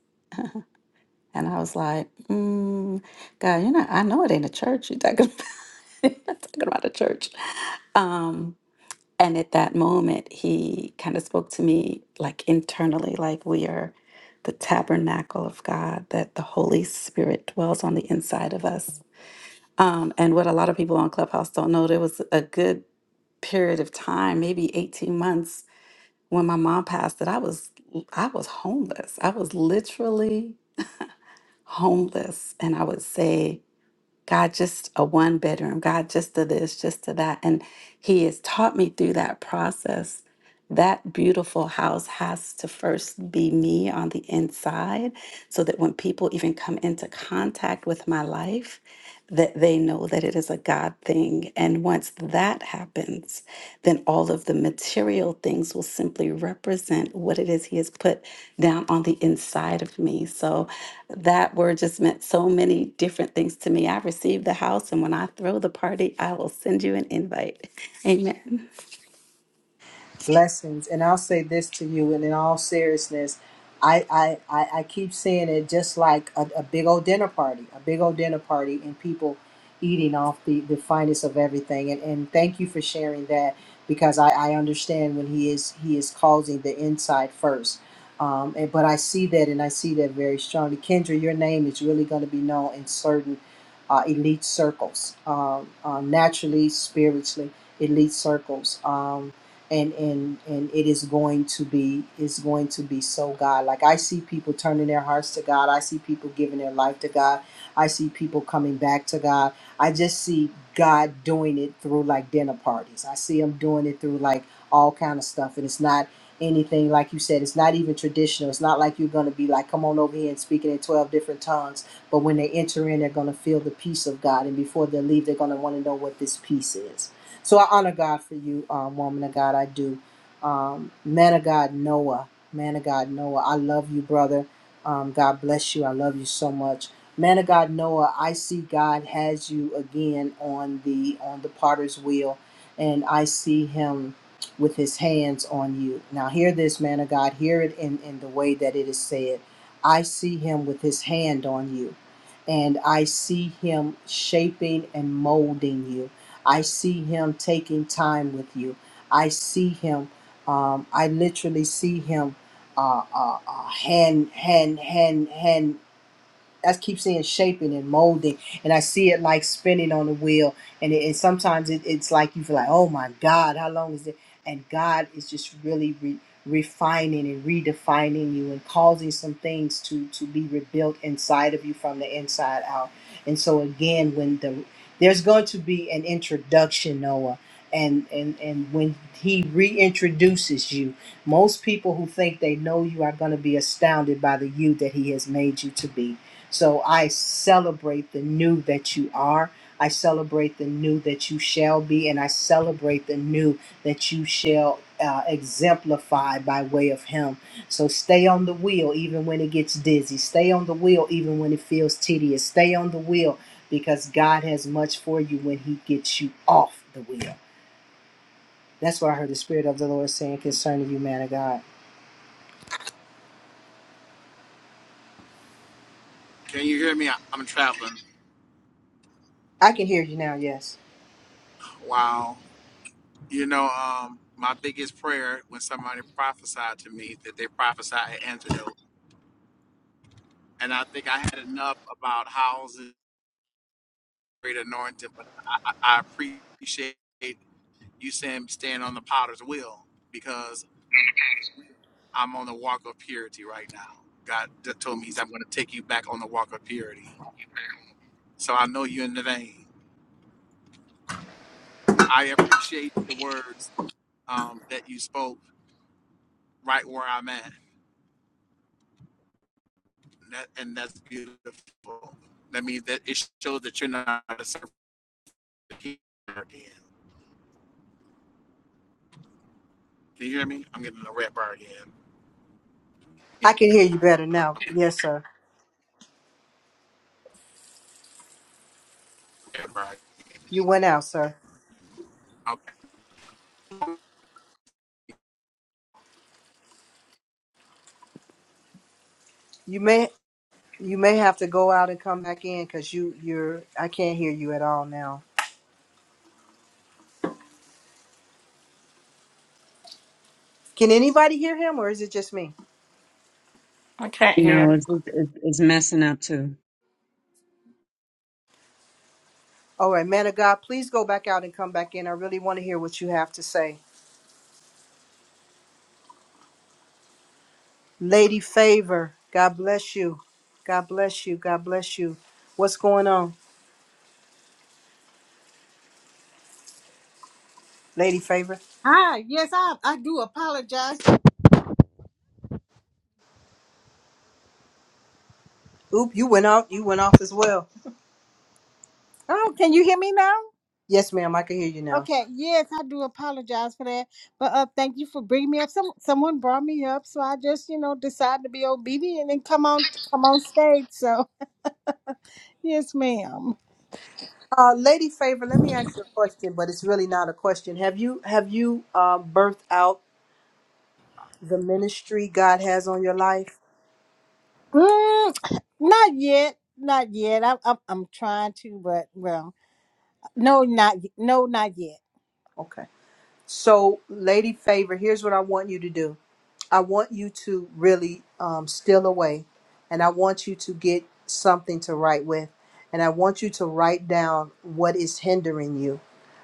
Speaker 20: And I was like, mm, God, you know, I know it ain't a church. You're talking about, [laughs] you're not talking about a church. Um, and at that moment, he kind of spoke to me like internally, like we are the tabernacle of God, that the Holy Spirit dwells on the inside of us Um, and what a lot of people on Clubhouse don't know, there was a good period of time, maybe 18 months when my mom passed that I was I was homeless. I was literally homeless and I would say, God, just a one bedroom, God, just to this, just to that. And he has taught me through that process that beautiful house has to first be me on the inside so that when people even come into contact with my life, that they know that it is a God thing. And once that happens, then all of the material things will simply represent what it is He has put down on the inside of me. So that word just meant so many different things to me. I received the house, and when I throw the party, I will send you an invite. [laughs] Amen.
Speaker 1: blessings. And I'll say this to you, and in all seriousness, I I, I, I keep seeing it just like a, a big old dinner party, a big old dinner party, and people eating off the, the finest of everything. And, and thank you for sharing that because I, I understand when he is he is causing the inside first. Um, and, but I see that, and I see that very strongly. Kendra, your name is really going to be known in certain uh, elite circles, um, uh, naturally, spiritually, elite circles. Um, and and and it is going to be is going to be so god like i see people turning their hearts to god i see people giving their life to god i see people coming back to god i just see god doing it through like dinner parties i see him doing it through like all kind of stuff and it's not anything like you said it's not even traditional it's not like you're going to be like come on over here and speaking in 12 different tongues but when they enter in they're going to feel the peace of god and before they leave they're going to want to know what this peace is so I honor God for you, um, woman of God. I do. Um, man of God, Noah. Man of God, Noah. I love you, brother. Um, God bless you. I love you so much. Man of God, Noah. I see God has you again on the on the potter's wheel, and I see Him with His hands on you. Now hear this, man of God. Hear it in in the way that it is said. I see Him with His hand on you, and I see Him shaping and molding you I see him taking time with you. I see him. Um, I literally see him uh, uh, uh, hand, hand, hand, hand. I keep seeing shaping and molding, and I see it like spinning on the wheel. And it, and sometimes it, it's like you feel like, oh my God, how long is it? And God is just really re- refining and redefining you and causing some things to to be rebuilt inside of you from the inside out. And so again, when the there's going to be an introduction, Noah. And, and, and when he reintroduces you, most people who think they know you are going to be astounded by the you that he has made you to be so I celebrate the new that you are. I celebrate the new that you shall be, and I celebrate the new that you shall uh, exemplify by way of Him. So stay on the wheel even when it gets dizzy. Stay on the wheel even when it feels tedious. Stay on the wheel because God has much for you when He gets you off the wheel. That's what I heard the Spirit of the Lord saying concerning you, man of God.
Speaker 21: Can you hear me? I- I'm traveling.
Speaker 1: I can hear you now, yes.
Speaker 21: Wow. You know, um, my biggest prayer when somebody prophesied to me that they prophesied an antidote. And I think I had enough about houses, great anointing, but I, I I appreciate you saying stand on the potter's wheel because I'm on the walk of purity right now. God d- told me, He's, I'm going to take you back on the walk of purity. So I know you're in the vein. I appreciate the words um, that you spoke right where I'm at And, that, and that's beautiful. That means that it shows that you're not a surfer again. Can you hear me? I'm getting a red bar again.
Speaker 1: I can hear you better
Speaker 21: Uh,
Speaker 1: now.
Speaker 21: I'm getting
Speaker 1: Yes, sir.
Speaker 21: a red bar.
Speaker 1: You went out, sir.
Speaker 21: Okay.
Speaker 1: You may. You may have to go out and come back in because you you're I can't hear you at all now. Can anybody hear him or is it just me?
Speaker 7: I can't
Speaker 16: No,
Speaker 7: hear.
Speaker 16: it's, it's, it's messing up too.
Speaker 1: All right, man of God, please go back out and come back in. I really want to hear what you have to say. Lady Favor, God bless you. God bless you. God bless you. What's going on, Lady Favor?
Speaker 22: Hi, yes, I, I do apologize.
Speaker 1: Oop, you went out. You went off as well.
Speaker 22: Oh, can you hear me now?
Speaker 1: Yes, ma'am, I can hear you now.
Speaker 22: Okay, yes, I do apologize for that. But uh, thank you for bringing me up. Some someone brought me up, so I just you know decided to be obedient and come on come on stage. So [laughs] yes, ma'am.
Speaker 1: Uh, Lady Favor, let me ask you a question, but it's really not a question. Have you have you uh, birthed out the ministry God has on your life?
Speaker 22: Mm, not yet, not yet. I'm I'm, I'm trying to, but well, no, not y- no, not yet.
Speaker 1: Okay. So, Lady Favor, here's what I want you to do. I want you to really um, steal away, and I want you to get something to write with, and I want you to write down what is hindering you.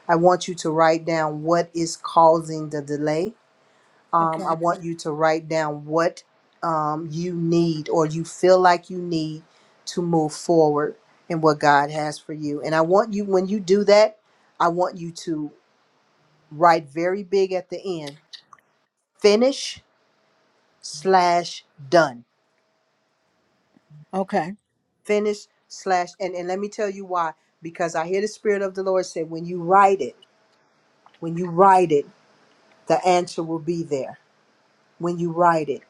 Speaker 1: I want you to write down what is causing the delay. Um,
Speaker 22: Okay,
Speaker 1: I want you to write down what um, you need or you feel like you need to move forward in what God has for you. And I want you, when you do that, I want you to write very big at the end finish slash done
Speaker 22: okay.
Speaker 1: finish slash and, and let me tell you why because i hear the spirit of the lord say when you write it when you write it the answer will be there when you write it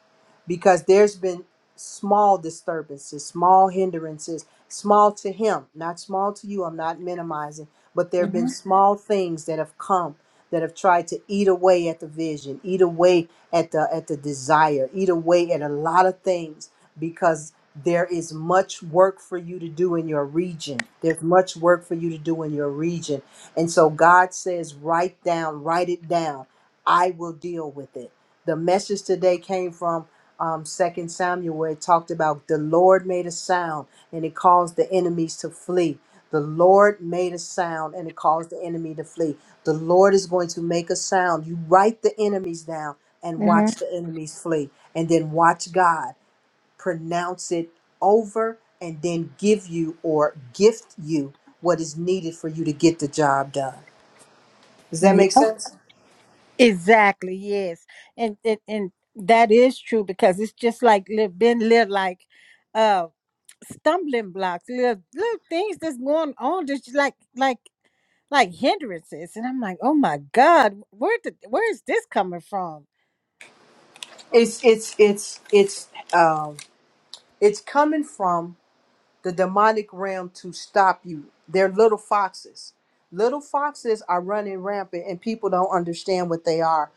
Speaker 1: because there's been small disturbances, small hindrances, small to him, not small to you. I'm not minimizing, but there have
Speaker 22: Mm-hmm.
Speaker 1: been small things that have come that have tried to eat away at the vision, eat away at the at the desire, eat away at a lot of things because there is much work for you to do in your region. There's much work for you to do in your region. And so God says, write down, write it down. I will deal with it. The message today came from um, 2 Samuel, where it talked about the Lord made a sound and it caused the enemies to flee. The Lord made a sound and it caused the enemy to flee. The Lord is going to make a sound. You write the enemies down and watch
Speaker 22: Mm-hmm.
Speaker 1: the enemies flee. And then watch God pronounce it over and then give you or gift you what is needed for you to get the job done. Does that make
Speaker 22: Yeah.
Speaker 1: sense?
Speaker 22: Exactly, yes. And, and and that is true because it's just like li- been little like uh stumbling blocks, little little things that's going on just like like like hindrances. And I'm like, oh my God, where did where is this coming from?
Speaker 1: It's it's it's it's um It's coming from the demonic realm to stop you. They're little foxes. Little foxes are running rampant, and people don't understand what they are.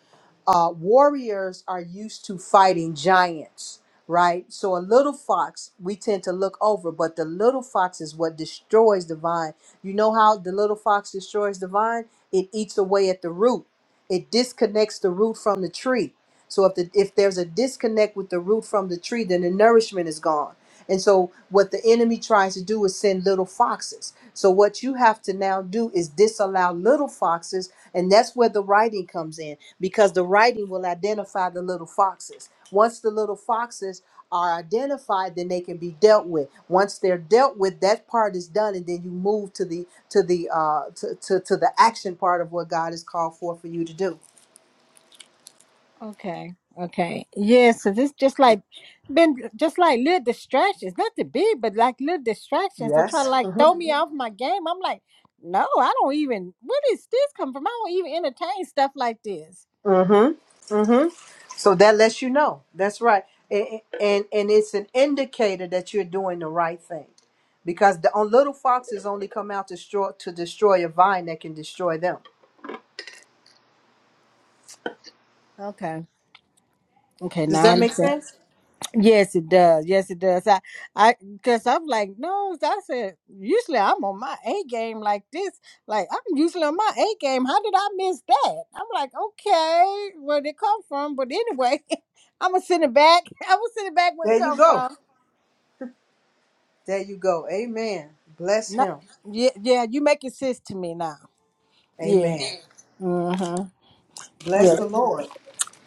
Speaker 1: Uh, warriors are used to fighting giants, right? So a little fox, we tend to look over, but the little fox is what destroys the vine. You know how the little fox destroys the vine? It eats away at the root. It disconnects the root from the tree. So if the if there's a disconnect with the root from the tree, then the nourishment is gone and so, what the enemy tries to do is send little foxes. So, what you have to now do is disallow little foxes. And that's where the writing comes in because the writing will identify the little foxes. Once the little foxes are identified, then they can be dealt with. Once they're dealt with, that part is done, and then you move to the to the uh, to, to to the action part of what God has called for for you to do.
Speaker 22: Okay, okay. Yeah, so this just like been just like little distractions, not to be, but like little distractions that try to
Speaker 1: Yes.
Speaker 22: like throw me off my game. I'm like, no, I don't even where does this come from? I don't even entertain stuff like this
Speaker 1: Mm-hmm. Mm-hmm. So that lets you know. That's right. And, and and it's an indicator that you're doing the right thing. Because the on little foxes only come out to destroy to destroy a vine that can destroy them.
Speaker 22: Okay. Okay.
Speaker 1: Does
Speaker 22: Now I
Speaker 1: that make
Speaker 22: understand.
Speaker 1: sense?
Speaker 22: Yes, it does. Yes, it does. I, I, cause I'm like, no. I said, usually I'm on my A game like this. Like I'm usually on my A game. How did I miss that? I'm like, okay, where did it come from? But anyway, [laughs] I'm gonna send it back. [laughs] I'm gonna send it back where it
Speaker 1: There you
Speaker 22: come
Speaker 1: go.
Speaker 22: from.
Speaker 1: There you go. Amen. Bless
Speaker 22: No,
Speaker 1: him.
Speaker 22: yeah, yeah. You make it sense to me now. Yeah.
Speaker 1: Amen.
Speaker 22: Mm-hmm.
Speaker 1: Bless
Speaker 22: Yeah.
Speaker 1: the Lord.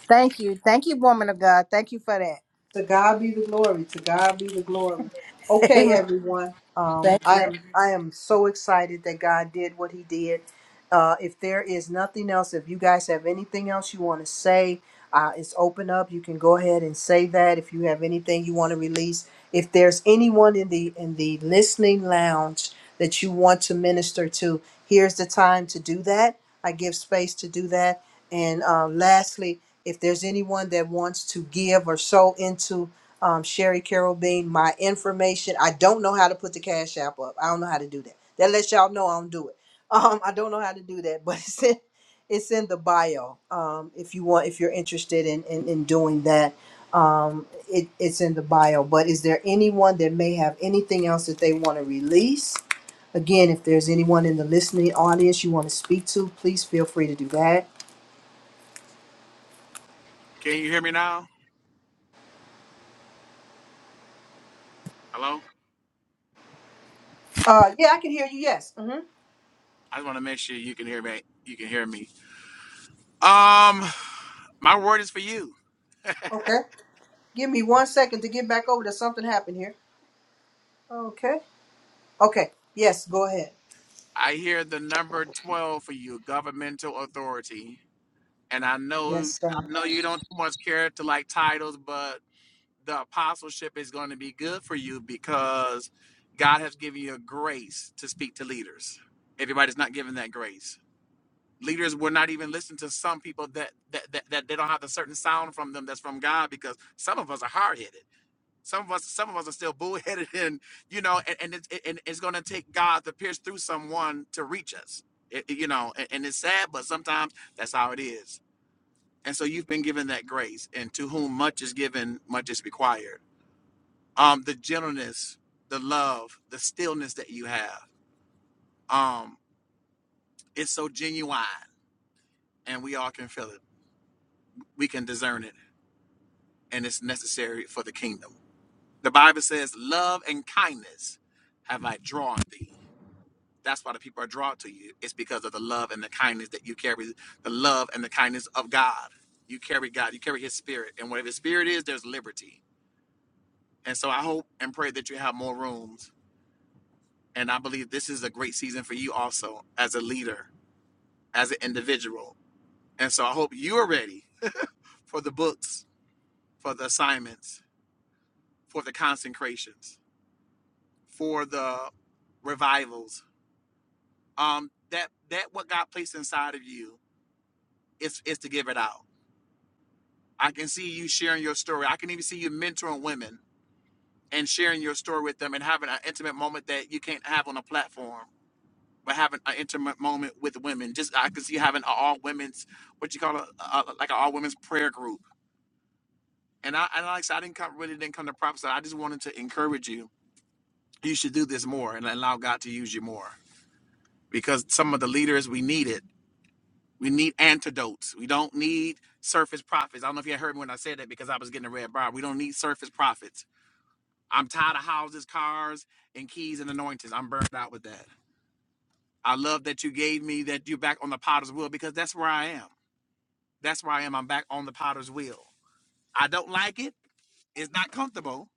Speaker 22: Thank you. Thank you, woman of God. Thank you for that.
Speaker 1: To God be the glory. To God be the glory.
Speaker 22: [laughs]
Speaker 1: Okay,
Speaker 22: Amen.
Speaker 1: everyone. Um,
Speaker 22: Thank you.
Speaker 1: I am I am so excited that God did what He did. Uh, if there is nothing else, if you guys have anything else you want to say, uh, it's open up. You can go ahead and say that. If you have anything you want to release, if there's anyone in the in the listening lounge that you want to minister to, here's the time to do that. I give space to do that. And uh, lastly, if there's anyone that wants to give or sow into um, Sherry Carol Bean, my information, I don't know how to put the Cash App up. I don't know how to do that. That lets y'all know I don't do it. [laughs] Um, I don't know how to do that, [laughs] but it's in, it's in the bio. Um, if you want, if you're interested in, in, in doing that, um, it, it's in the bio. But is there anyone that may have anything else that they want to release? Again, if there's anyone in the listening audience you want to speak to, please feel free to do that
Speaker 21: Can you hear me now? Hello?
Speaker 1: Uh, yeah, I can hear you. Yes. hmm
Speaker 21: I just want to make sure you can hear me. You can hear me. Um, my word is for you.
Speaker 1: Okay. Give me one second to get back over to something happened here. Okay. Okay. Yes. Go ahead.
Speaker 21: I hear the number twelve for you, governmental authority. And I know
Speaker 1: Yes,
Speaker 21: I
Speaker 1: sir.
Speaker 21: know you don't too much care to like titles, but the apostleship is going to be good for you because God has given you a grace to speak to leaders. Everybody's not given that grace. Leaders will not even listen to some people that that, that, that they don't have the certain sound from them that's from God because some of us are hard headed. Some of us, some of us are still bullheaded, [laughs] and you know, and and, it's and it's going to take God to pierce through someone to reach us. It- it- you know, and, and it's sad, but sometimes that's how it is. And so you've been given that grace, and to whom much is given, much is required um the gentleness the love the stillness that you have um it's so genuine and we all can feel it we can discern it and it's necessary for the kingdom the bible says love and kindness have i drawn thee that's why the people are drawn to you it's because of the love and the kindness that you carry the love and the kindness of god you carry god you carry his spirit and whatever his spirit is there's liberty and so i hope and pray that you have more rooms and i believe this is a great season for you also as a leader as an individual. And so I hope you are ready for the books, for the assignments, for the consecrations, for the revivals. Um, that that what God placed inside of you is is to give it out. I can see you sharing your story. I can even see you mentoring women and sharing your story with them and having an intimate moment that you can't have on a platform, but having an intimate moment with women. Just I can see having an all women's what you call a, a like an all women's prayer group And I and like I said, I didn't come really didn't come to prophesy. I just wanted to encourage you. You should do this more and allow God to use you more. Because some of the leaders we need it. We need antidotes. We don't need surface prophets. I don't know if you heard me when I said that because I was getting a red bar. We don't need surface prophets. I'm tired of houses, cars, and keys and anointings. I'm burned out with that. I love that you gave me that you're back on the potter's wheel because that's where I am. That's where I am. I'm back on the potter's wheel. I don't like it. It's not comfortable,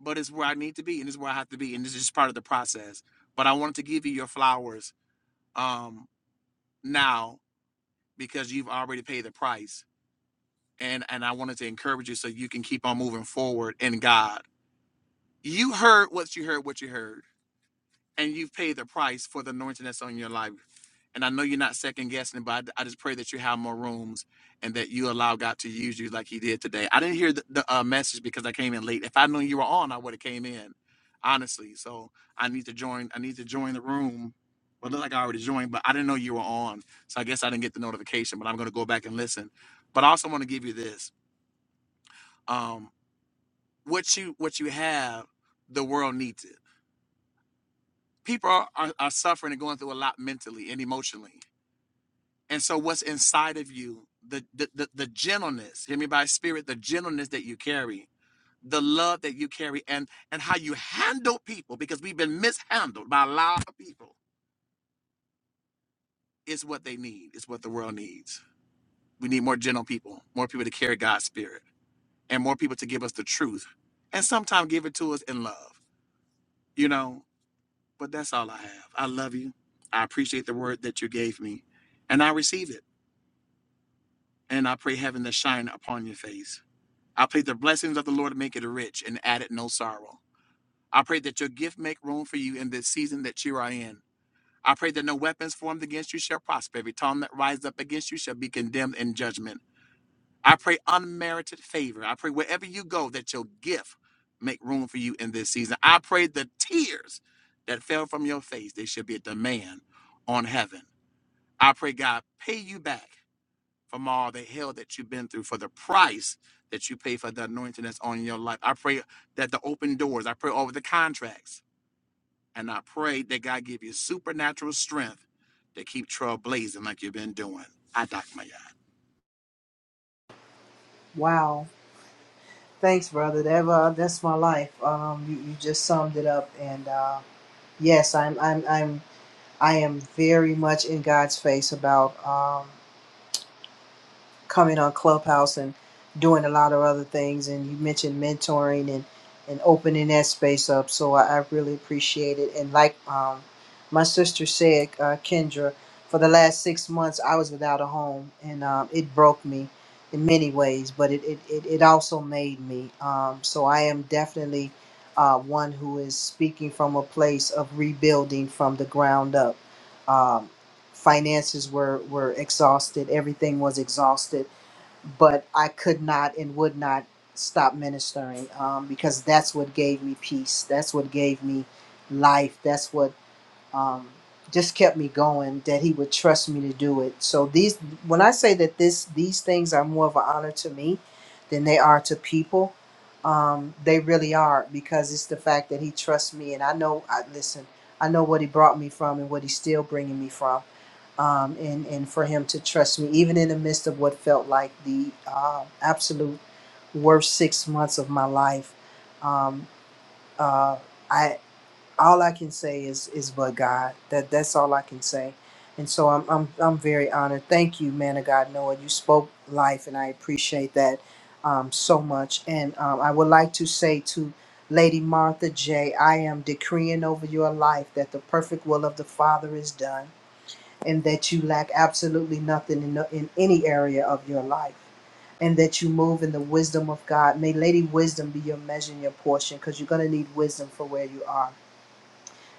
Speaker 21: but it's where I need to be and it's where I have to be. And this is just part of the process. But I wanted to give you your flowers um, now because you've already paid the price. And, and I wanted to encourage you so you can keep on moving forward in God. You heard what you heard, what you heard and you've paid the price for the anointing that's on your life. And I know you're not second guessing, it, but I, I just pray that you have more rooms and that you allow God to use you like He did today. I didn't hear the, the uh, message because I came in late. If I knew you were on, I would have came in, honestly. So I need to join. I need to join the room. Well, it looked like I already joined, but I didn't know you were on, so I guess I didn't get the notification. But I'm going to go back and listen. But I also want to give you this: um, what you what you have, the world needs it people are, are, are suffering and going through a lot mentally and emotionally. And so what's inside of you, the, the the the gentleness, hear me by spirit, the gentleness that you carry, the love that you carry, and and how you handle people, because we've been mishandled by a lot of people, is what they need, is what the world needs. We need more gentle people, more people to carry God's spirit, and more people to give us the truth. And sometimes give it to us in love, you know. But that's all I have. I love you. I appreciate the word that you gave me. And I receive it. and I pray heaven to shine upon your face. I pray the blessings of the Lord make it rich and add it no sorrow. I pray that your gift make room for you in this season that you are in. I pray that no weapons formed against you shall prosper. Every tongue that rises up against you shall be condemned in judgment. I pray unmerited favor. I pray wherever you go that your gift make room for you in this season. I pray the tears that fell from your face, they should be a demand on heaven. I pray God pay you back from all the hell that you've been through, for the price that you pay for the anointing that's on your life. I pray that the open doors, I pray over the contracts, and I pray that God give you supernatural strength to keep trail blazing like you've been doing. I dock my yard.
Speaker 1: Wow. Thanks, brother. That, uh, that's my life. Um, you, you just summed it up, and uh, yes, I'm, I'm, I'm, I am very much in God's face about. Um, coming on Clubhouse and doing a lot of other things. And you mentioned mentoring and, and opening that space up. So I, I really appreciate it. And like um, my sister said, uh, Kendra, for the last six months, I was without a home and um, it broke me in many ways, but it, it, it, it also made me. Um, so I am definitely uh, one who is speaking from a place of rebuilding from the ground up. Um, finances were, were exhausted, everything was exhausted but I could not and would not stop ministering um, because that's what gave me peace. That's what gave me life. That's what um, just kept me going that he would trust me to do it so these when i say that this these things are more of an honor to me than they are to people um, they really are because it's the fact that he trusts me and i know i listen i know what he brought me from and what he's still bringing me from um, and and for him to trust me even in the midst of what felt like the uh, absolute worst six months of my life um, uh, I, all I can say is is but God. That that's all I can say. And so I'm I'm I'm very honored. Thank you, man of God, Noah. You spoke life, and I appreciate that um, so much. And um, I would like to say to Lady Martha J, I am decreeing over your life that the perfect will of the Father is done, and that you lack absolutely nothing in the, in any area of your life. And that you move in the wisdom of God. May Lady Wisdom be your measure and your portion because you're going to need wisdom for where you are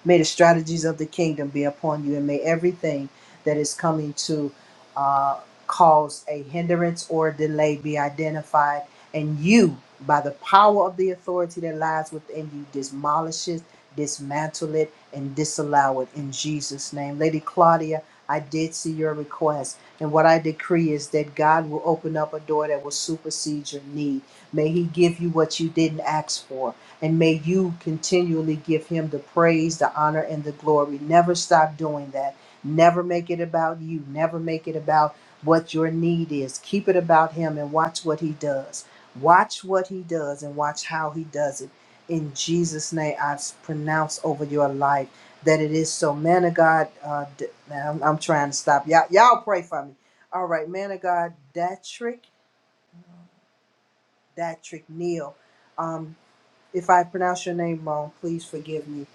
Speaker 1: May the strategies of the kingdom be upon you, and may everything that is coming to uh, cause a hindrance or delay be identified, and you, by the power of the authority that lies within you, demolish it, dismantle it, and disallow it in Jesus' name. Lady Claudia, I did see your request, and what I decree is that God will open up a door that will supersede your need. May He give you what you didn't ask for. And may you continually give him the praise, the honor, and the glory. Never stop doing that. Never make it about you. Never make it about what your need is. Keep it about him and watch what he does. Watch what he does and watch how he does it. In Jesus' name, I pronounce over your life that it is so. Man of God, uh, D- now I'm, I'm trying to stop. Y'all, y'all pray for me. All right, man of God, Datrick, Datrick Neal. Um, if I pronounce your name wrong, please forgive me.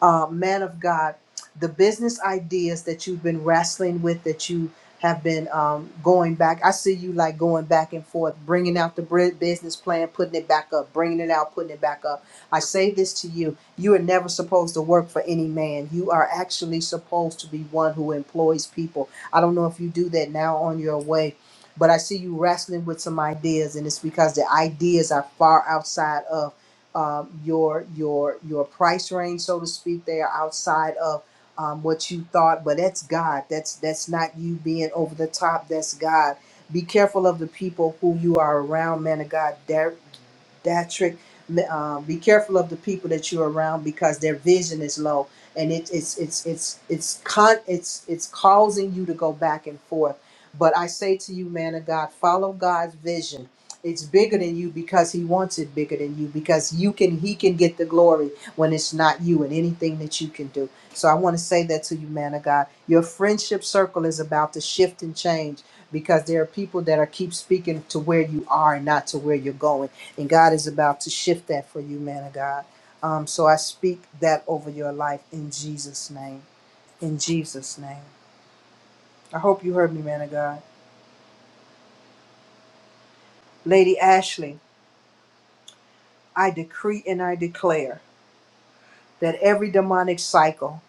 Speaker 1: Uh, man of God, the business ideas that you've been wrestling with, that you have been um, going back. I see you like going back and forth, bringing out the bri- business plan, putting it back up, bringing it out, putting it back up. I say this to you you are never supposed to work for any man. You are actually supposed to be one who employs people. I don't know if you do that now on your way. But I see you wrestling with some ideas, and it's because the ideas are far outside of um, your your your price range, so to speak. They are outside of um, what you thought, but that's God. That's that's not you being over the top. That's God. Be careful of the people who you are around, man of God. Dar- Datrick, um, be careful of the people that you're around because their vision is low, and it, it's it's it's it's con it's it's causing you to go back and forth. But I say to you, man of God, follow God's vision it's bigger than you because he wants it bigger than you because you can he can get the glory when it's not you and anything that you can do. So I want to say that to you, man of God. Your friendship circle is about to shift and change because there are people that are keep speaking to where you are and not to where you're going. And God is about to shift that for you, man of God. Um, so I speak that over your life in Jesus' name. In Jesus' name. I hope you heard me, man of God. Lady Ashley, I decree and I declare that every demonic cycle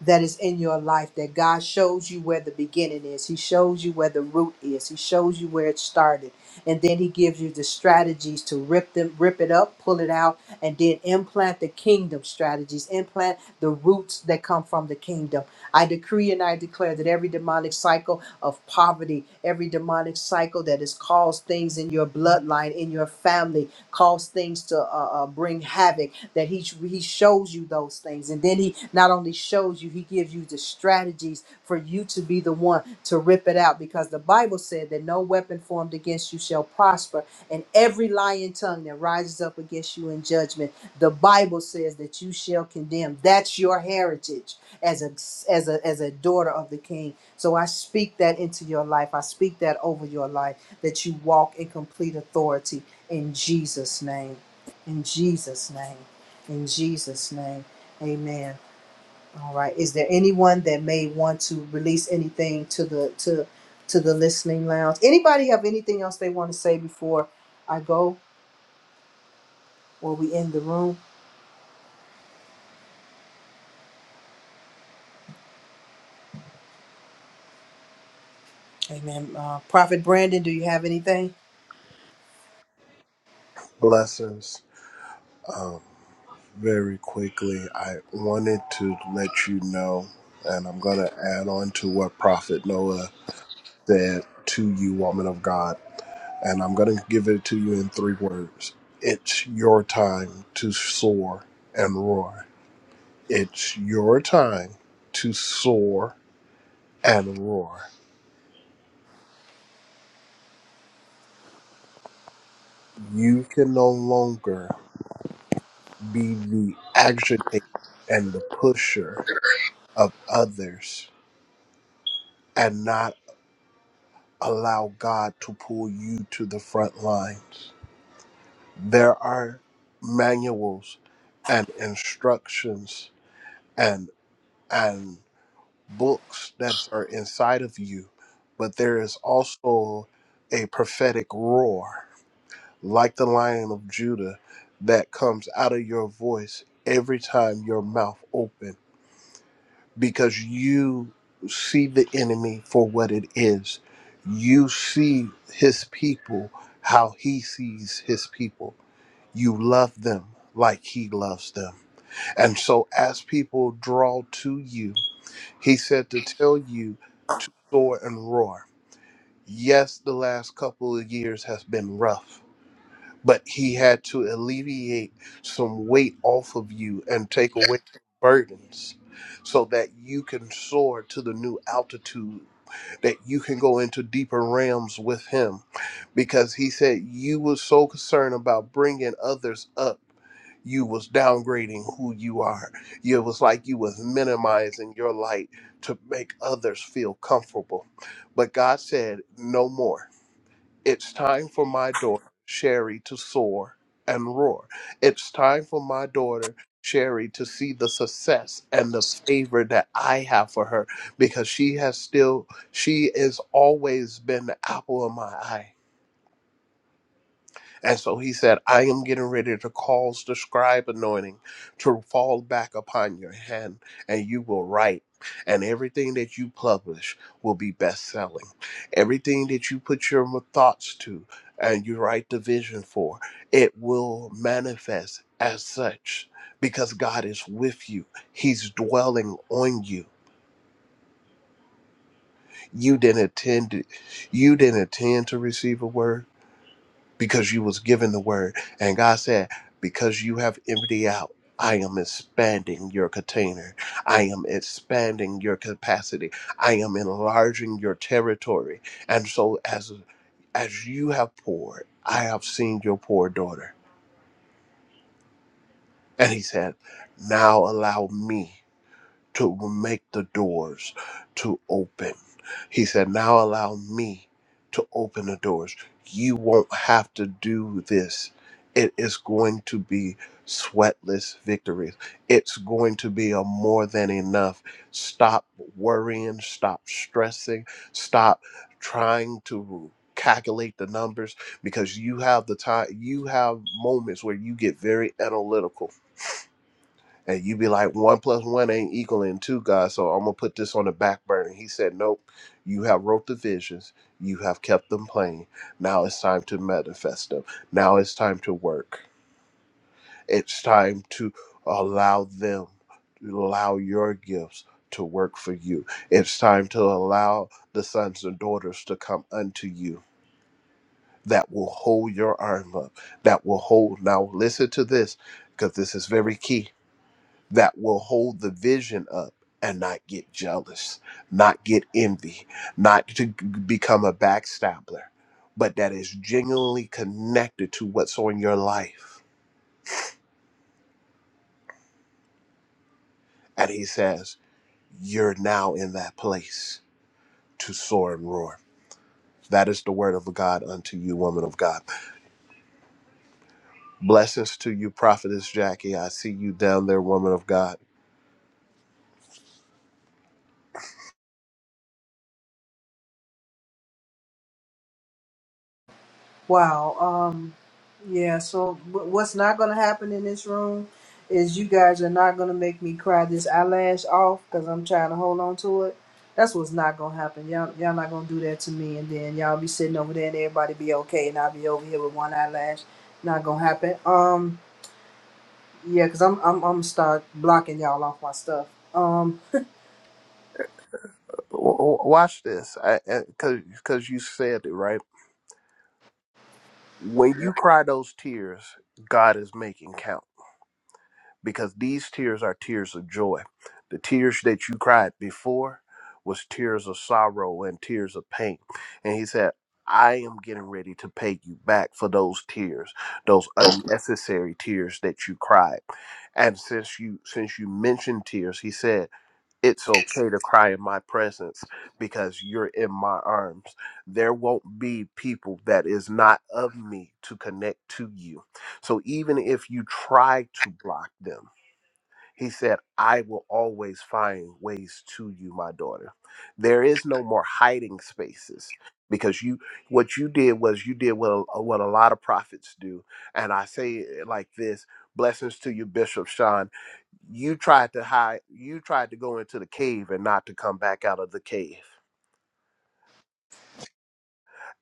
Speaker 1: that is in your life that God shows you where the beginning is. He shows you where the root is. He shows you where it started. And then he gives you the strategies to rip them rip it up, pull it out, and then implant the kingdom strategies, implant the roots that come from the kingdom. I decree and I declare that every demonic cycle of poverty, every demonic cycle that has caused things in your bloodline, in your family, caused things to uh, uh, bring havoc, that he, he shows you those things. And then he not only shows you, he gives you the strategies for you to be the one to rip it out because the Bible said that no weapon formed against you shall prosper, and every lying tongue that rises up against you in judgment, the Bible says that you shall condemn. That's your heritage as a as a as a daughter of the king so i speak that into your life i speak that over your life that you walk in complete authority in jesus name in jesus name in jesus name amen all right is there anyone that may want to release anything to the to to the listening lounge anybody have anything else they want to say before i go or we end the room amen uh, prophet brandon do you have anything
Speaker 6: Blessings. Very quickly, I wanted to let you know, and I'm going to add on to what Prophet Noah said to you, woman of God. and I'm going to give it to you in three words. It's your time to soar and roar. It's your time to soar and roar. You can no longer be the agitator and the pusher of others and not allow God to pull you to the front lines. There are manuals and instructions and and books that are inside of you, but there is also a prophetic roar, like the Lion of Judah, that comes out of your voice every time your mouth opens, because you see the enemy for what it is. You see his people how he sees his people you love them like he loves them. And so as people draw to you, he said to tell you to soar and roar. Yes, the last couple of years has been rough, but he had to alleviate some weight off of you and take away burdens so that you can soar to the new altitude that you can go into deeper realms with him because he said you was so concerned about bringing others up you was downgrading who you are it was like you was minimizing your light to make others feel comfortable but god said no more it's time for my daughter, Sherry, to soar and roar. It's time for my daughter, Sherry, to see the success and the favor that I have for her because she has still, she has always been the apple of my eye and so he said, I am getting ready to cause the scribe anointing to fall back upon your hand, and you will write. And everything that you publish will be best selling. Everything that you put your thoughts to and you write the vision for, it will manifest as such because God is with you. He's dwelling on you. You didn't attend you didn't intend to receive a word because you was given the word. And God said, because you have emptied out, I am expanding your container. I am expanding your capacity. I am enlarging your territory. And so as as you have poured, I have seen your poor daughter. And he said, now allow me to make the doors to open. He said, Now allow me to open the doors. You won't have to do this. It is going to be sweatless victories. It's going to be a more than enough. Stop worrying, stop stressing, stop trying to calculate the numbers because you have the time you have moments where you get very analytical and you be like, one plus one ain't equaling two, God, so I'm going to put this on the back burner. He said, nope, you have wrote the visions. You have kept them plain. Now it's time to manifest them. Now it's time to work. It's time to allow them, allow your gifts to work for you. It's time to allow the sons and daughters to come unto you that will hold your arm up, that will hold. Now listen to this, because this is very key that will hold the vision up and not get jealous, not get envy, not to become a backstabber, but that is genuinely connected to what's on your life. And he says, You're now in that place to soar and roar. That is the word of God unto you, woman of God. Blessings to you, prophetess Jackie. I see you down there, woman of God.
Speaker 1: Wow. Um, yeah, so wh- what's not going to happen in this room is you guys are not going to make me cry this eyelash off because I'm trying to hold on to it. That's what's not going to happen. Y'all, y'all not going to do that to me. And then y'all be sitting over there and everybody be okay. And I'll be over here with one eyelash. Not going to happen. Um, yeah, because I'm, I'm, I'm going to start blocking y'all off my stuff. Um,
Speaker 6: W- w- watch this, because because you said it right. When you cry those tears, God is making count because these tears are tears of joy. The tears that you cried before was tears of sorrow and tears of pain. And he said, I am getting ready to pay you back for those tears, those unnecessary tears that you cried. And since you since you mentioned tears, he said it's okay to cry in my presence because you're in my arms there won't be people that is not of me to connect to you so even if you try to block them he said, I will always find ways to you, my daughter. There is no more hiding spaces because you what you did was you did what a, what a lot of prophets do. And I say it like this, blessings to you Bishop Sean. You tried to hide, you tried to go into the cave and not to come back out of the cave.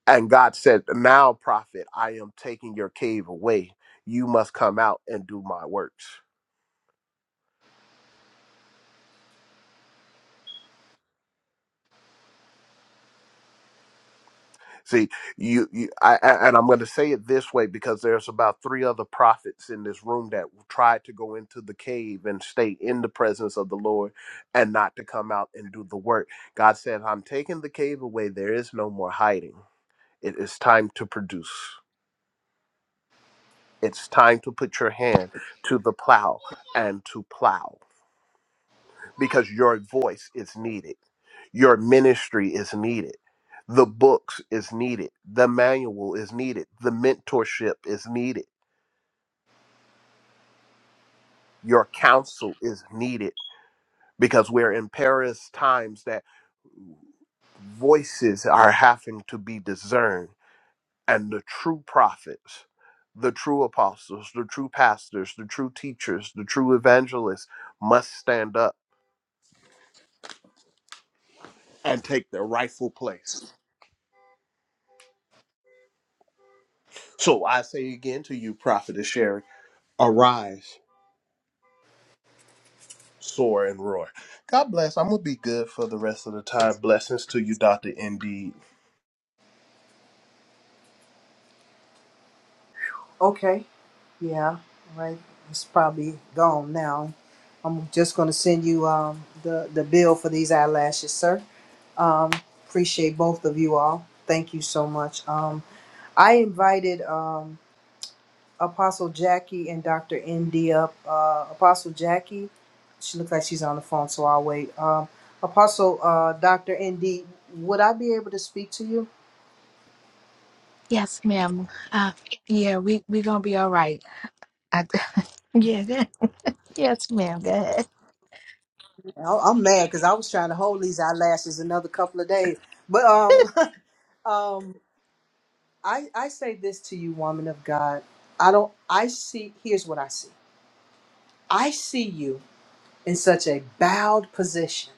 Speaker 6: And God said, "Now prophet, I am taking your cave away. You must come out and do my works." See, you, you I, I- and I'm going to say it this way because there's about three other prophets in this room that tried to go into the cave and stay in the presence of the Lord and not to come out and do the work. God said, I'm taking the cave away. There is no more hiding. It is time to produce. It's time to put your hand to the plow and to plow. because your voice is needed. Your ministry is needed. The books is needed. The manual is needed. The mentorship is needed. Your counsel is needed because we're in perilous times that voices are having to be discerned. And the true prophets, the true apostles, the true pastors, the true teachers, the true evangelists must stand up and take their rightful place. So I say again to you, Prophetess Sherry Arise, soar, and roar. God bless. I'm going to be good for the rest of the time. Blessings to you, Dr. Indeed.
Speaker 1: Okay. Yeah. Right. It's probably gone now. I'm just going to send you um, the the bill for these eyelashes, sir. Um, appreciate both of you all. Thank you so much. Um, I invited um, Apostle Jackie and Dr. Indy up. Uh, Apostle Jackie, she looks like she's on the phone, so I'll wait. Um, Apostle uh, Dr. Indy, would I be able to speak to you?
Speaker 23: Yes, ma'am. Uh, yeah, we we gonna be all right. I, [laughs] yeah, yeah. yes, ma'am. Go ahead.
Speaker 1: I- I'm mad because I was trying to hold these eyelashes another couple of days, but um,
Speaker 23: [laughs]
Speaker 1: [laughs] Um, I I say this to you, woman of God. I don't. I see. Here's what I see. I see you in such a bowed position.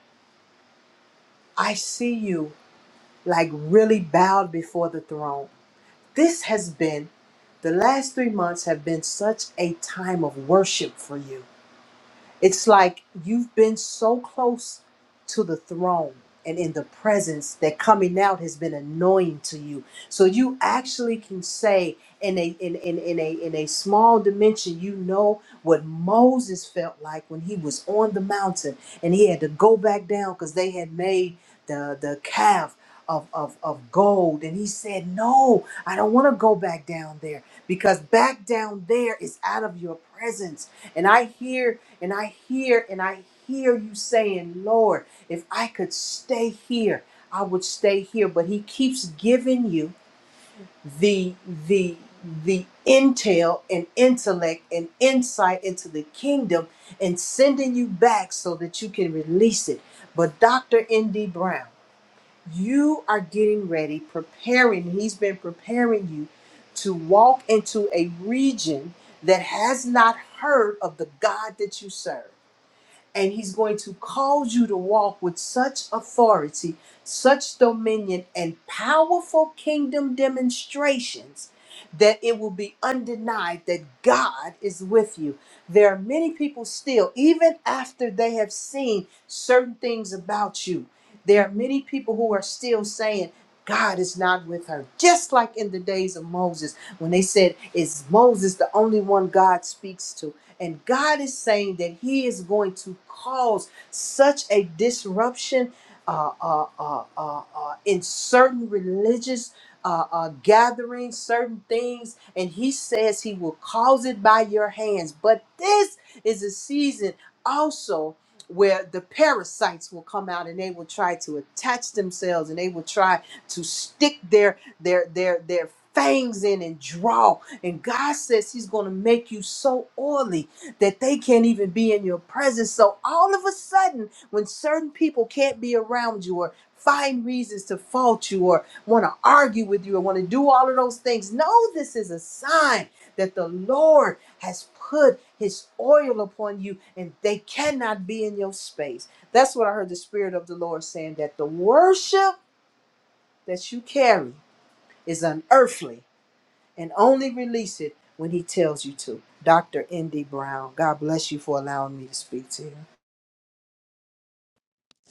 Speaker 1: I see you like really bowed before the throne. This has been the last three months have been such a time of worship for you. It's like you've been so close to the throne and in the presence that coming out has been annoying to you. So you actually can say in a in, in, in a in a small dimension, you know what Moses felt like when he was on the mountain and he had to go back down because they had made the the calf of, of, of gold and he said no i don't want to go back down there because back down there is out of your presence and i hear and I hear and I hear you saying, Lord, if I could stay here, I would stay here. But he keeps giving you the the the intel and intellect and insight into the kingdom and sending you back so that you can release it. But Dr. N.D. Brown, you are getting ready, preparing, he's been preparing you to walk into a region that has not heard of the God that you serve and he's going to cause you to walk with such authority, such dominion, and powerful kingdom demonstrations that it will be undenied that God is with you. There are many people still, even after they have seen certain things about you, there are many people who are still saying, God is not with her. Just like in the days of Moses, when they said, Is Moses the only one God speaks to? And God is saying that He is going to cause such a disruption uh, uh, uh, uh, uh, in certain religious uh, uh, gatherings, certain things. And He says He will cause it by your hands. But this is a season also where the parasites will come out and they will try to attach themselves and they will try to stick their their their their fangs in and draw and god says he's going to make you so oily that they can't even be in your presence. So all of a sudden, when certain people can't be around you or find reasons to fault you or want to argue with you or want to do all of those things, know this is a sign that the Lord has put his oil upon you and they cannot be in your space. That's what I heard the Spirit of the Lord saying that the worship that you carry is unearthly and only release it when he tells you to. Dr. Indy Brown, God bless you for allowing me to speak to you.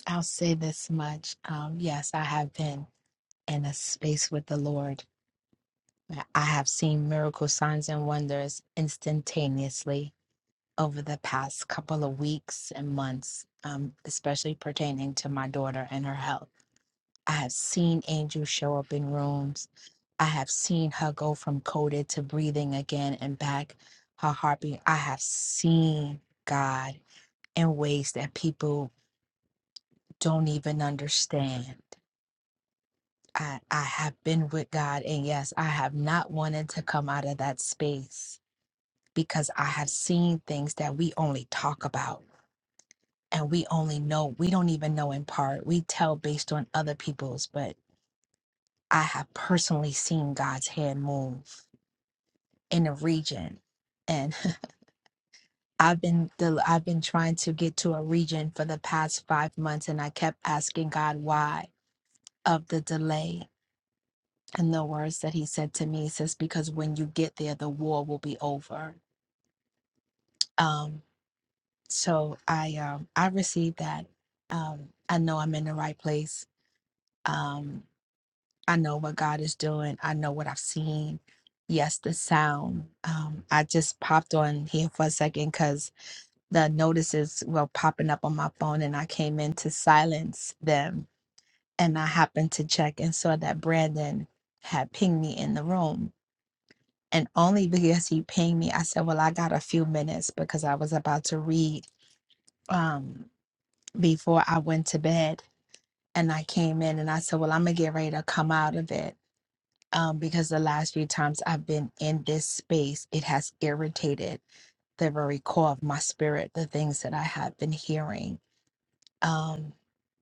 Speaker 23: I'll say this much. Um, yes, I have been in a space with the Lord. where I have seen miracle signs and wonders instantaneously over the past couple of weeks and months, um, especially pertaining to my daughter and her health. I have seen Angel show up in rooms. I have seen her go from coded to breathing again and back her heartbeat. I have seen God in ways that people don't even understand. I, I have been with God, and yes, I have not wanted to come out of that space because I have seen things that we only talk about and we only know, we don't even know in part. We tell based on other people's, but I have personally seen God's hand move. in a region and [laughs] i've been the i've been trying to get to a region for the past five months and i kept asking god why of the delay and the words that he said to me he says because when you get there the war will be over um so i um i received that um i know i'm in the right place um i know what god is doing i know what i've seen yes the sound um i just popped on here for a second because. the notices were popping up on my phone and I came in to silence them. And I happened to check and saw that Brandon had pinged me in the room. And only because he pinged me, I said, Well, I got a few minutes because I was about to read um, before I went to bed. And I came in and I said, Well, I'm going to get ready to come out of it. Um, because the last few times I've been in this space, it has irritated the very core of my spirit, the things that I have been hearing um,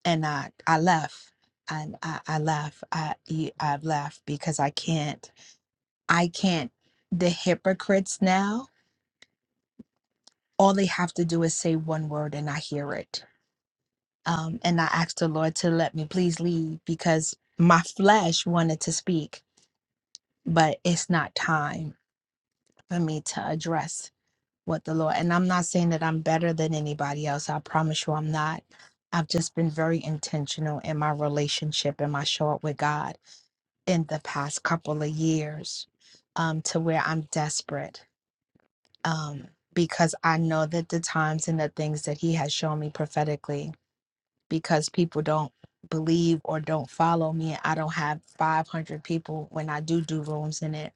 Speaker 23: and I I left. I I, I left. I, i e- I've left because I can't. I can't. The hypocrites now. All they have to do is say one word, and I hear it. Um, and I asked the Lord to let me please leave because my flesh wanted to speak, but it's not time for me to address what the Lord. And I'm not saying that I'm better than anybody else. I promise you, I'm not. I've just been very intentional in my relationship and my show up with God in the past couple of years um, to where I'm desperate um, because I know that the times and the things that He has shown me prophetically, because people don't believe or don't follow me, I don't have 500 people when I do do rooms in it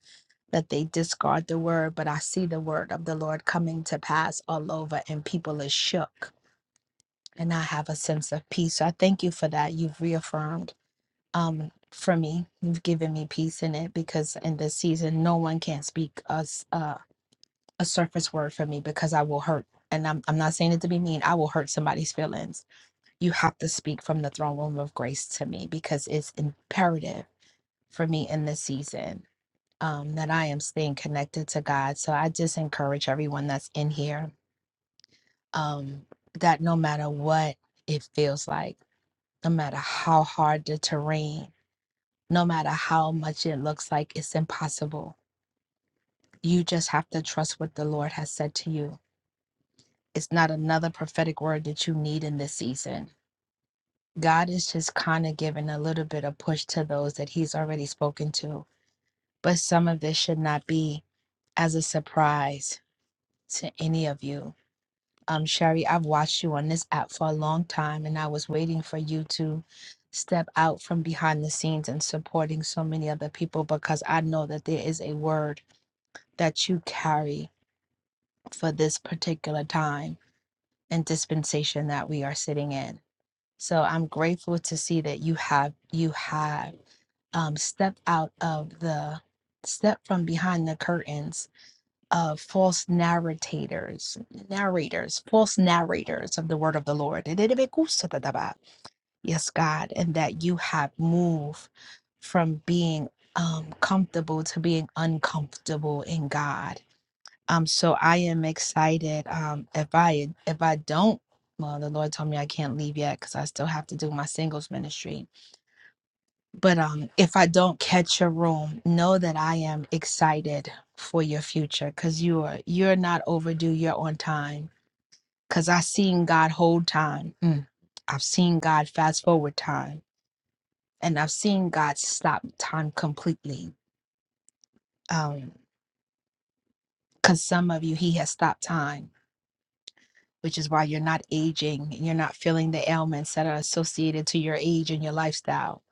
Speaker 23: that they discard the word, but I see the word of the Lord coming to pass all over and people are shook. And I have a sense of peace. So I thank you for that. You've reaffirmed um for me you've given me peace in it because in this season no one can speak us uh, a surface word for me because i will hurt and I'm, I'm not saying it to be mean i will hurt somebody's feelings you have to speak from the throne room of grace to me because it's imperative for me in this season um that i am staying connected to god so i just encourage everyone that's in here um that no matter what it feels like no matter how hard the terrain no matter how much it looks like it's impossible. You just have to trust what the Lord has said to you. It's not another prophetic word that you need in this season. God is just kind of giving a little bit of push to those that He's already spoken to. But some of this should not be as a surprise to any of you. Um, Sherry, I've watched you on this app for a long time, and I was waiting for you to step out from behind the scenes and supporting so many other people because I know that there is a word that you carry for this particular time and dispensation that we are sitting in. So I'm grateful to see that you have you have um, stepped out of the step from behind the curtains of false narrators, narrators, false narrators of the word of the Lord. Yes, God, and that you have moved from being um, comfortable to being uncomfortable in God Um, so I am excited. Um, if I if I don't, well, the Lord told me I can't leave yet because I still have to do my singles ministry. But um, if I don't catch a room, know that I am excited for your future because you are you're not overdue. You're on time because I've seen God hold time. Mm. I've seen God fast forward time, and I've seen God stop time completely. Um, because some of you, He has stopped time which is why you're not aging and you're not feeling the ailments that are associated to your age and your lifestyle.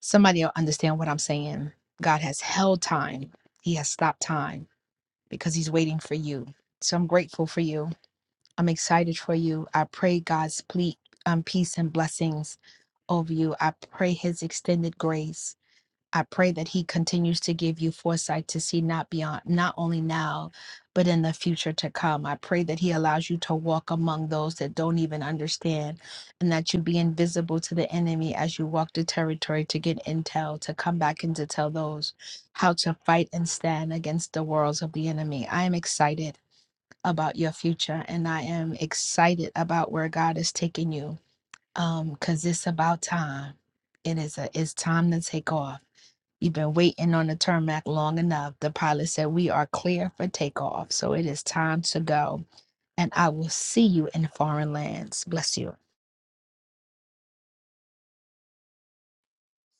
Speaker 23: Somebody will understand what I'm saying. God has held time, He has stopped time because He's waiting for you. So I'm grateful for you. I'm excited for you. I pray God's ple- um, peace and blessings over you. I pray His extended grace I pray that he continues to give you foresight to see not beyond, not only now, but in the future to come. I pray that he allows you to walk among those that don't even understand and that you be invisible to the enemy as you walk the territory to get intel, to come back and to tell those how to fight and stand against the worlds of the enemy. I am excited about your future and I am excited about where God is taking you. Um, cause it's about time. It is a, it's time to take off You've been waiting on the tarmac long enough. The pilot said, We are clear for takeoff, so it is time to go. And I will see you in foreign lands. Bless you.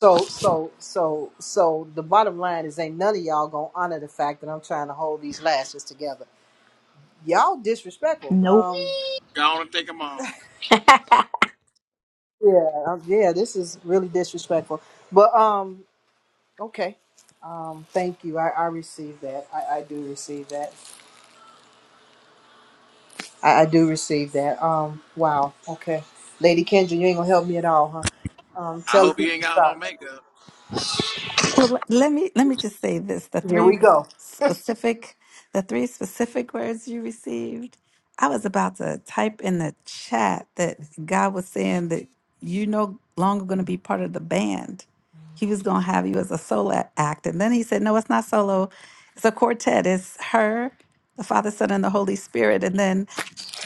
Speaker 1: So, so, so, so the bottom line is ain't none of y'all gonna honor the fact that I'm trying to hold these lashes together. Y'all disrespectful.
Speaker 23: Nope.
Speaker 1: Um,
Speaker 21: Go on and take them on.
Speaker 1: yeah, um, yeah, this is really disrespectful. But um, okay. Um, thank you. I, I receive that. I, I do receive that. I, I do receive that. Um, wow. Okay. Lady Kendra, you ain't gonna help me at all, huh? Um,
Speaker 21: I
Speaker 1: tell the
Speaker 21: hope you
Speaker 1: people
Speaker 21: ain't
Speaker 1: to
Speaker 21: got no
Speaker 1: stop.
Speaker 21: makeup.
Speaker 20: Well, le- let me let me just say this: the
Speaker 1: Here
Speaker 20: three
Speaker 1: we
Speaker 20: Mhm.
Speaker 1: go.
Speaker 20: specific, the three specific words you received. I was about to type in the chat that God was saying that you no longer going to be part of the band. He was going to have you as a solo a- act, and then he said, "No, it's not solo. It's a quartet. It's her, the Father, Son, and the Holy Spirit." And then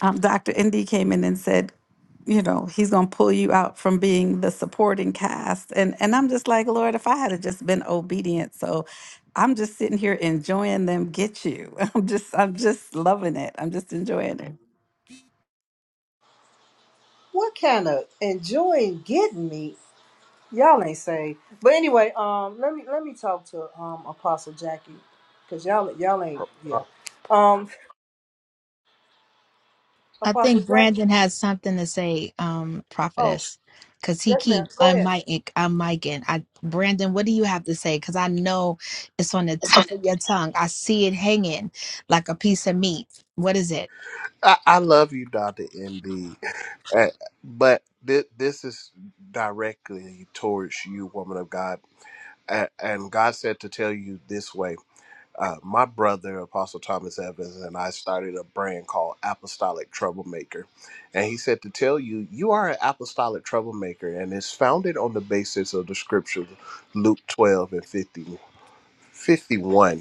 Speaker 20: um, Dr. Indy came in and said you know he's going to pull you out from being the supporting cast and and i'm just like lord if i had have just been obedient so i'm just sitting here enjoying them get you [laughs] i'm just i'm just loving it i'm just enjoying it
Speaker 1: What kind of enjoying getting me? Y'all ain't saved. But anyway, um, let me let me talk to um Apostle Jackie, cause y'all y'all ain't yeah. Um,
Speaker 23: I
Speaker 1: Apostle
Speaker 23: think
Speaker 1: Jackie.
Speaker 23: Brandon has something to say, um,
Speaker 1: Oh
Speaker 23: prophetess, because he
Speaker 1: yes, ma'am.
Speaker 23: keep
Speaker 1: Go
Speaker 23: I'm
Speaker 1: ahead.
Speaker 23: miking. I'm miking. I Brandon, what do you have to say? Because I know it's on the tip of your tongue. I see it hanging like a piece of meat. What is it?
Speaker 6: I, I love you, Dr. Indeed. Uh, But thi- this is directly towards you, woman of God. A- And God said to tell you this way. Uh, my brother, Apostle Thomas Evans, and I started a brand called Apostolic Troublemaker. And he said to tell you, you are an apostolic troublemaker, and it's founded on the basis of the scripture, Luke 12 and 50, 51,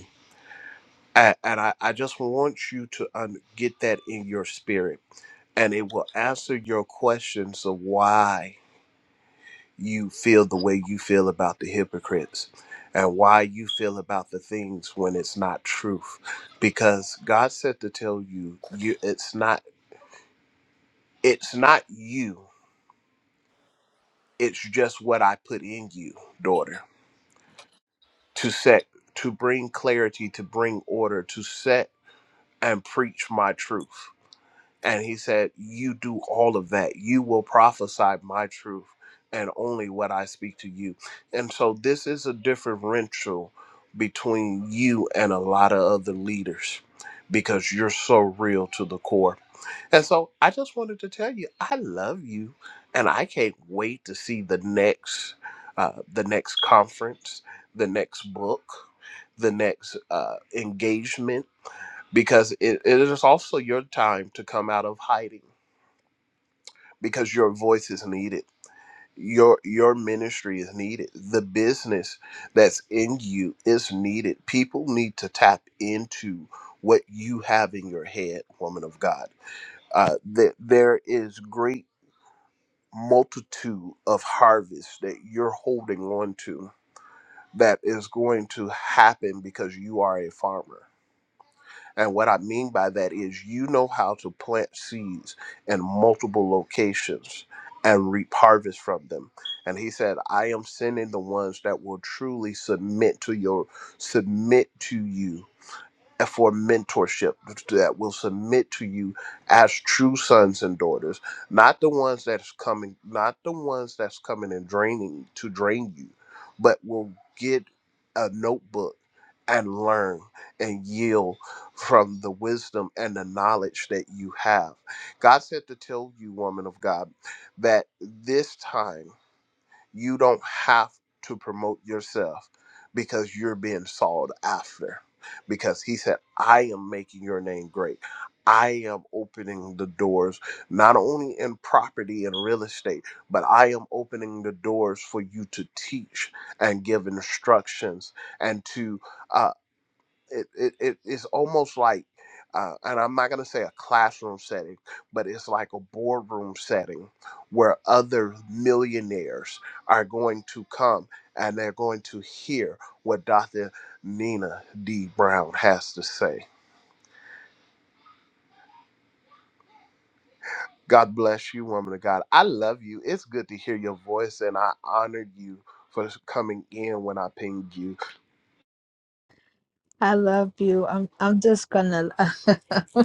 Speaker 6: And, and I, I just want you to un- get that in your spirit, and it will answer your questions of why you feel the way you feel about the hypocrites and why you feel about the things when it's not truth because god said to tell you you it's not it's not you it's just what i put in you daughter to set to bring clarity to bring order to set and preach my truth And he said, You do all of that. You will prophesy my truth and only what I speak to you. And so this is a differential between you and a lot of other leaders because you're so real to the core. And so I just wanted to tell you, I love you and I can't wait to see the next uh, the next conference, the next book, the next uh, engagement because it, it is also your time to come out of hiding because your voice is needed your your ministry is needed the business that's in you is needed people need to tap into what you have in your head woman of god uh that there is great multitude of harvest that you're holding on to that is going to happen because you are a farmer And what I mean by that is you know how to plant seeds in multiple locations and reap harvest from them. And he said, I am sending the ones that will truly submit to your submit to you for mentorship that will submit to you as true sons and daughters, not the ones that's coming, not the ones that's coming and draining to drain you, but will get a notebook and learn and yield from the wisdom and the knowledge that you have. God said to tell you, woman of God, that this time. You don't have to promote yourself because you're being sought after. Because he said, I am making your name great. I am opening the doors, not only in property and real estate, but I am opening the doors for you to teach and give instructions and to uh, it, it, it it's almost like uh, and i'm not going to say a classroom setting but it's like a boardroom setting where other millionaires are going to come and they're going to hear what dr nina d brown has to say god bless you woman of god i love you it's good to hear your voice and i honor you for coming in when i pinged you
Speaker 23: I love you. I'm I'm just gonna [laughs]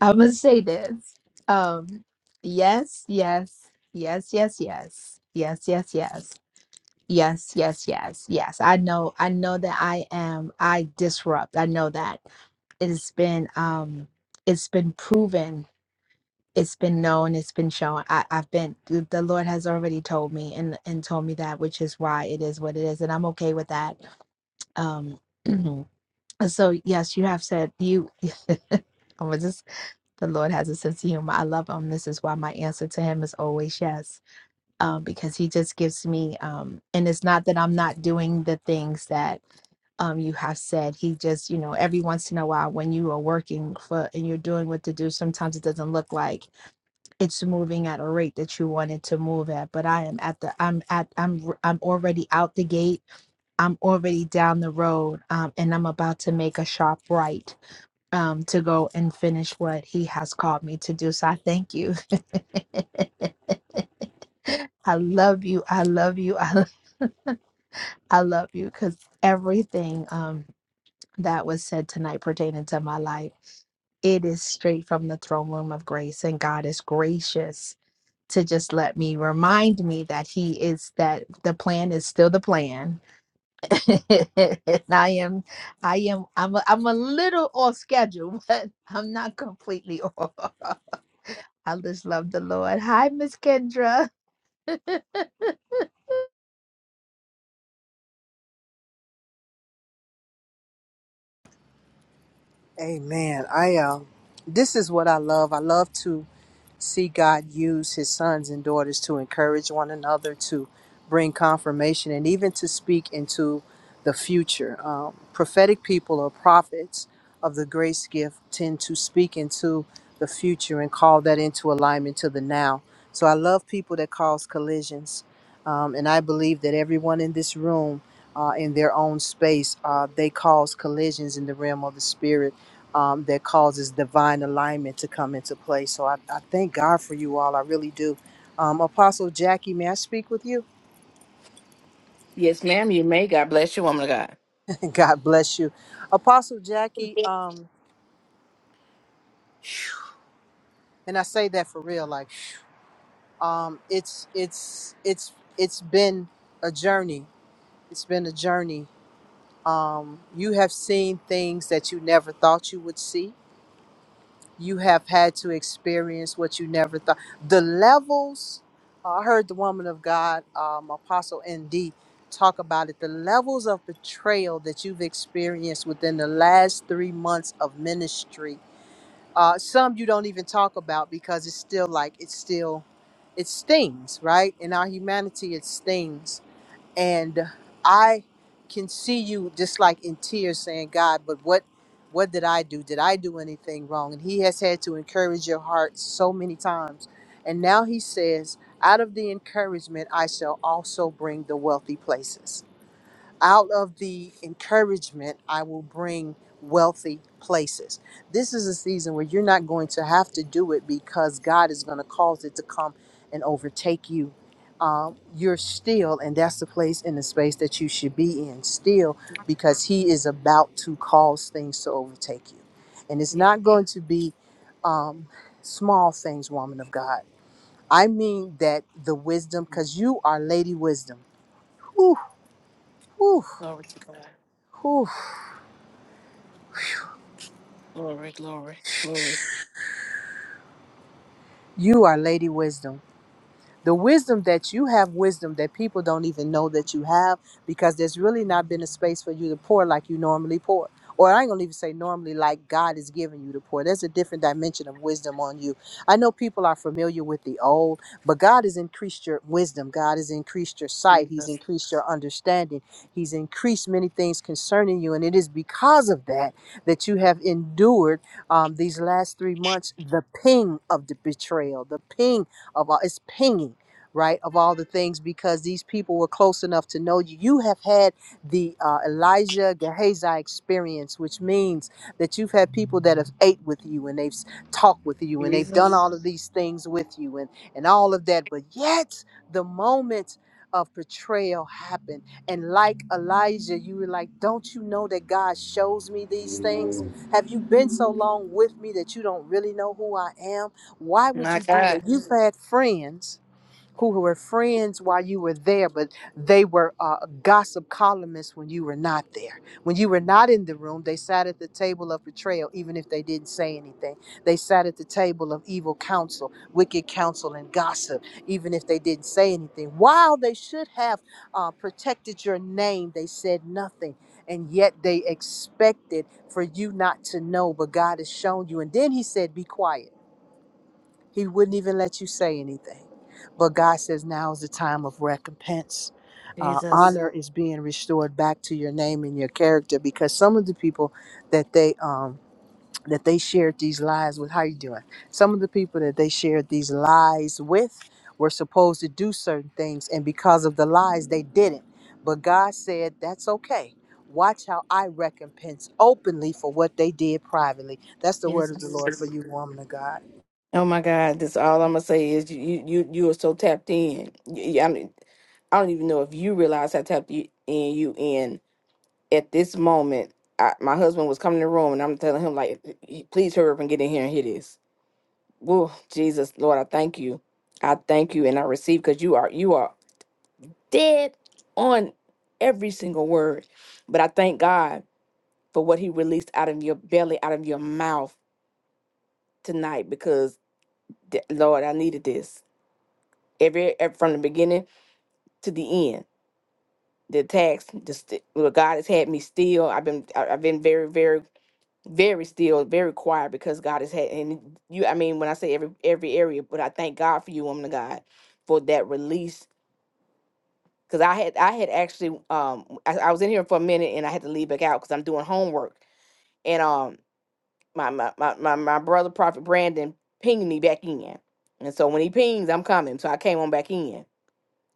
Speaker 23: I would say this. Um, yes, yes, yes, yes, yes, yes, yes, yes, yes, yes, yes, yes. I know, I know that I am. I disrupt. I know that it's been, um, it's been proven. It's been known. It's been shown. I, I've been. The the Lord has already told me and and told me that, which is why it is what it is, and I'm okay with that. Um, [clears throat] so yes, you have said you. [laughs] I'm the Lord has a sense of humor. I love him. This is why my answer to him is always yes, um, because he just gives me, um, and it's not that I'm not doing the things that um, you have said. He just, you know, every once in a while when you are working for and you're doing what to do, sometimes it doesn't look like it's moving at a rate that you want it to move at. But I am at the, I'm at, I'm, r- I'm already out the gate. I'm already down the road, um, and I'm about to make a sharp right um, to go and finish what he has called me to do. So I thank you. [laughs] I love you. I love you. [laughs] I, lo- I love you because everything um, that was said tonight pertaining to my life, it is straight from the throne room of grace. And God is gracious to just let me remind me that he is that the plan is still the plan [laughs] and i am i am i'm a, i'm a little off schedule [laughs] but i'm not completely off [laughs] I just love the Lord. Hi, Miss Kendra. [laughs]
Speaker 1: Amen. I um, this is what I love. I love to see God use His sons and daughters to encourage one another, to bring confirmation, and even to speak into the future. Um, prophetic people or prophets of the grace gift tend to speak into the future and call that into alignment to the now. So I love people that cause collisions. Um, and I believe that everyone in this room, uh, in their own space, uh, they cause collisions in the realm of the spirit um, that causes divine alignment to come into play. So I, I thank God for you all. I really do. Um, Apostle Jackie, may I speak with you?
Speaker 24: Yes, ma'am, you may. God bless you, woman of God.
Speaker 1: [laughs] God bless you, Apostle Jackie. Um, and I say that for real. Like, um, it's it's it's it's been a journey. It's been a journey. Um, you have seen things that you never thought you would see you have had to experience what you never thought. The levels, uh, I heard the woman of God, um, Apostle ND, talk about it. The levels of betrayal that you've experienced within the last three months of ministry. Uh, some you don't even talk about because it's still like it's still, it stings, right? In our humanity, it stings and I can see you just like in tears saying, God, but what what did I do? Did I do anything wrong? And he has had to encourage your heart so many times. And now he says, out of the encouragement, I shall also bring the wealthy places out of the encouragement, I will bring wealthy places. This is a season where you're not going to have to do it because God is going to cause it to come and overtake you. Um, you're still, and that's the place in the space that you should be in, still, because He is about to cause things to overtake you. And it's
Speaker 24: Yeah.
Speaker 1: not going to be um, small things, woman of God. I mean that the wisdom,
Speaker 24: Mhm.
Speaker 1: because you are Lady Wisdom. Whew, whew,
Speaker 24: Glory to God.
Speaker 1: whew.
Speaker 24: Glory, glory, glory.
Speaker 1: You are Lady Wisdom the wisdom that you have wisdom that people don't even know that you have because there's really not been a space for you to pour like you normally pour or i ain't gonna even say normally like god is giving you to pour there's a different dimension of wisdom on you i know people are familiar with the old but god has increased your wisdom god has increased your sight he's
Speaker 24: Jesus.
Speaker 1: increased your understanding he's increased many things concerning you and it is because of that that you have endured um, these last three months the ping of the betrayal the ping of all it's pinging right of all the things because these people were close enough to know you you have had the uh, elijah gehazi experience which means that you've had people that have ate with you and they've s- talked with you and they've done
Speaker 24: Jesus.
Speaker 1: all of these things with you and and all of that but yet the moment of betrayal happened and like elijah you were like don't you know that god shows me these things have you been so long with me that you don't really know who i am why would
Speaker 24: My
Speaker 1: you do
Speaker 24: God.
Speaker 1: that? You've had friends who were friends while you were there, but they were uh, gossip columnists when you were not there. When you were not in the room, they sat at the table of betrayal, even if they didn't say anything. They sat at the table of evil counsel, wicked counsel, and gossip, even if they didn't say anything. While they should have uh, protected your name, they said nothing. And yet they expected for you not to know, but God has shown you. And then he said, Be quiet. He wouldn't even let you say anything. But God says now is the time of recompense. Uh,
Speaker 24: Jesus.
Speaker 1: honor is being restored back to your name and your character because some of the people that they um, that they shared these lies with, how you doing? Some of the people that they shared these lies with were supposed to do certain things, and because of the lies, they didn't. But God said that's okay. Watch how I recompense openly for what they did privately. That's the word of the
Speaker 24: Jesus.
Speaker 1: Lord for you, woman of God.
Speaker 24: Oh my God. That's all I'm gonna say is you you you, you are so tapped in. You- I, mean, I don't even know if you realize how tapped you in you in at this moment. I, my husband was coming in the room and I'm telling him like please hurry up and get in here and hear this. Whoa, Jesus, Lord, I thank you. I thank you and I receive because you are you are dead on every single word. But I thank God for what He released out of your belly, out of your mouth tonight, because th- Lord, I needed this every, ev- from the beginning to the end. The attacks, just what God has had me still. I've been, I- I've been very, very, very still, very quiet because God has had. And you, I mean, when I say every every area, but I thank God for you, woman of God, for that release because I had I had actually um I, I was in here for a minute and I had to leave back out because I'm doing homework and um my my my my, my brother Prophet Brandon pinged me back in and so when he pings I'm coming so I came on back in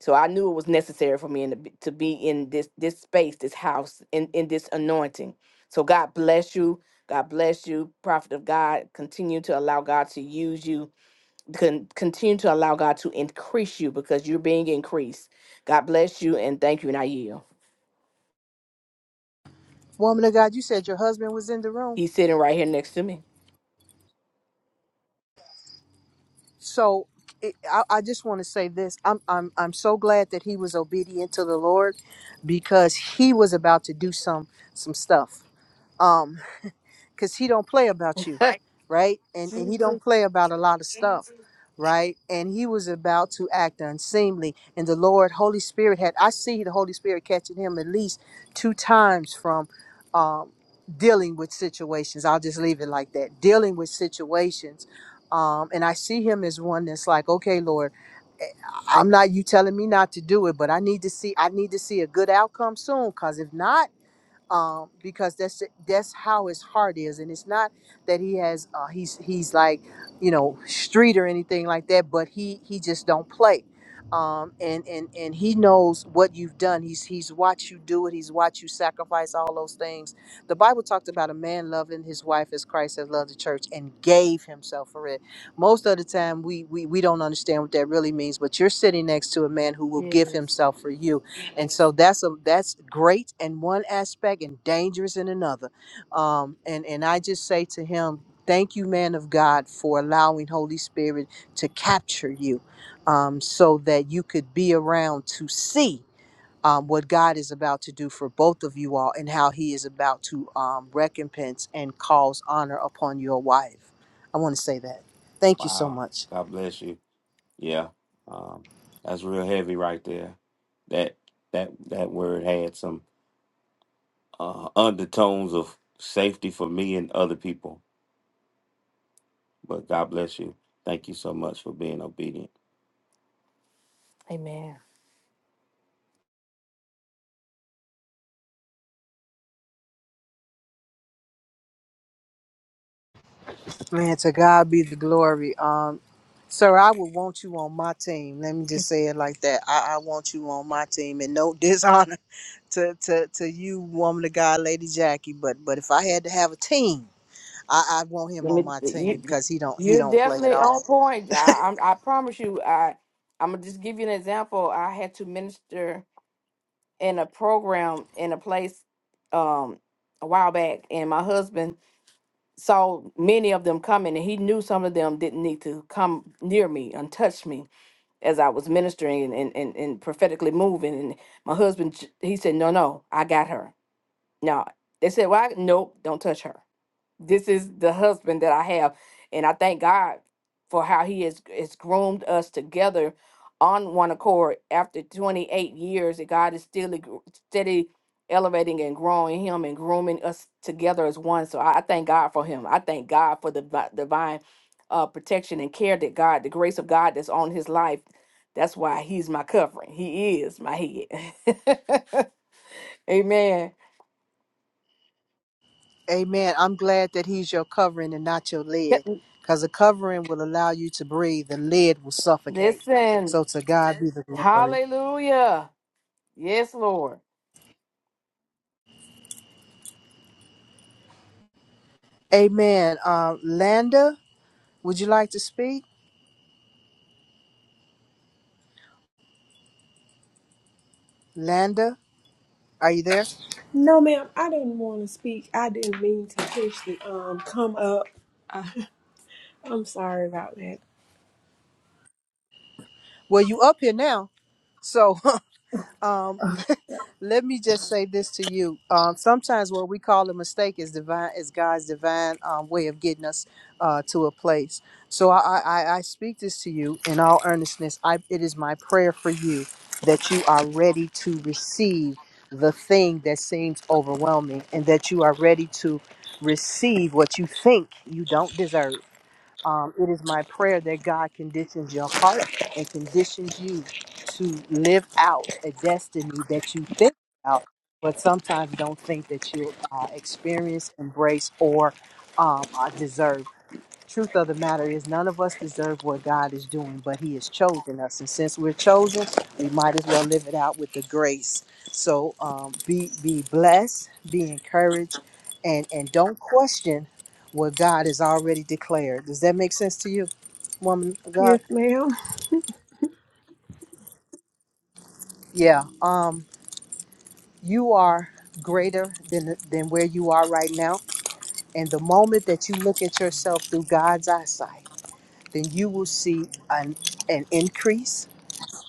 Speaker 24: so I knew it was necessary for me in the, b- to be in this this space this house in in this anointing so God bless you God bless you prophet of God continue to allow God to use you con- continue to allow God to increase you because you're being increased God bless you and thank you and I yield.
Speaker 1: Woman of God, you said your husband was in the room.
Speaker 24: He's sitting right here next to me.
Speaker 1: So it, I, I just want to say this. I'm, I'm, I'm so glad that he was obedient to the Lord because he was about to do some, some stuff. Um, because he don't play about you
Speaker 24: [laughs]
Speaker 1: right and and he don't
Speaker 24: Jesus,
Speaker 1: play about a lot of stuff right and he was about to act unseemly and the lord holy spirit had i see the holy spirit catching him at least two times from um dealing with situations i'll just leave it like that dealing with situations um and i see him as one that's like okay lord eh, I'm not you telling me not to do it, but I need to see I need to see a good outcome soon. Cause if not, um, because that's that's how his heart is, and it's not that he has uh, he's he's like you know street or anything like that, but he he just don't play, um, and and and he knows what you've done. He's he's watched you do it. He's watched you sacrifice all those things. The Bible talked about a man loving his wife as Christ has loved the church and gave himself for it. Most of the time, we we we don't understand what that really means, but you're sitting next to a man who will give
Speaker 24: yes.
Speaker 1: himself for you and so that's a that's great in one aspect and dangerous in another um and and i just say to him thank you man of god for allowing holy spirit to capture you um so that you could be around to see um, what God is about to do for both of you all, and how He is about to um, recompense and cause honor upon your wife. I want to say that. Thank you so
Speaker 24: Wow.
Speaker 1: much.
Speaker 24: God bless you. Yeah. Um, that's real heavy right there. That that that word had some uh, undertones of safety for me and other people. But God bless you. Thank you so much for being obedient. Amen.
Speaker 1: Man, to God be the glory. Um, sir, I would want you on my team. Let me just say it like that. I, I want you on my team, and no [laughs] dishonor to, to to you, woman of God, Lady Jackie. But but if I had to have a team, I, I want him
Speaker 24: Let
Speaker 1: on
Speaker 24: me.
Speaker 1: my team
Speaker 24: You, you-
Speaker 1: because he don't he
Speaker 24: are
Speaker 1: don't play at
Speaker 24: definitely
Speaker 1: all.
Speaker 24: on point. I, I'm, I promise you. I, I'm gonna just give you an example. I had to minister. in a program in a place um a while back and my husband saw many of them coming and he knew some of them didn't need to come near me and touch me as I was ministering and, and, and prophetically moving and my husband j- he said no no I got her no they said well I, nope don't touch her this is the husband that I have. And I thank God for how he has, has groomed us together on one accord after 28 years that God is still e- steady elevating and growing him and grooming us together as one. So I, I thank God for him. I thank God for the vi- divine uh, protection and care that God, the grace of God that's on his life. That's why he's my covering. He is my head. [laughs] Amen.
Speaker 1: Amen. I'm glad that he's your covering and not your lid, because the covering will allow you to breathe. The lid will suffocate.
Speaker 24: Listen,
Speaker 1: So to God be the glory.
Speaker 24: hallelujah. Yes, Lord.
Speaker 1: Amen. Um, Landa, would you like to speak? Landa, are you there?
Speaker 25: No, ma'am, I didn't want to speak. I didn't mean to push the um come up. I'm sorry about that.
Speaker 1: Well, you up here now. So [laughs] um,
Speaker 25: Uh,
Speaker 1: [laughs] let me just say this to you. Um, sometimes what we call a mistake is divine, is God's divine um, way of getting us uh, to a place. So I, I, I I speak this to you in all earnestness. I, it is my prayer for you that you are ready to receive the thing that seems overwhelming and that you are ready to receive what you think you don't deserve Um, it is my prayer that God conditions your heart and conditions you to live out a destiny that you think about, but sometimes don't think that you'll uh, experience, embrace, or um, uh, deserve truth of the matter is none of us deserve what God is doing, but He has chosen us. And since we're chosen, we might as well live it out with the grace. So um, be be blessed, be encouraged, and and don't question what God has already declared. Does that make sense to you, woman of God?
Speaker 25: Yes, ma'am.
Speaker 1: Yeah. Um, you are greater than than where you are right now. And the moment that you look at yourself through God's eyesight, then you will see an an increase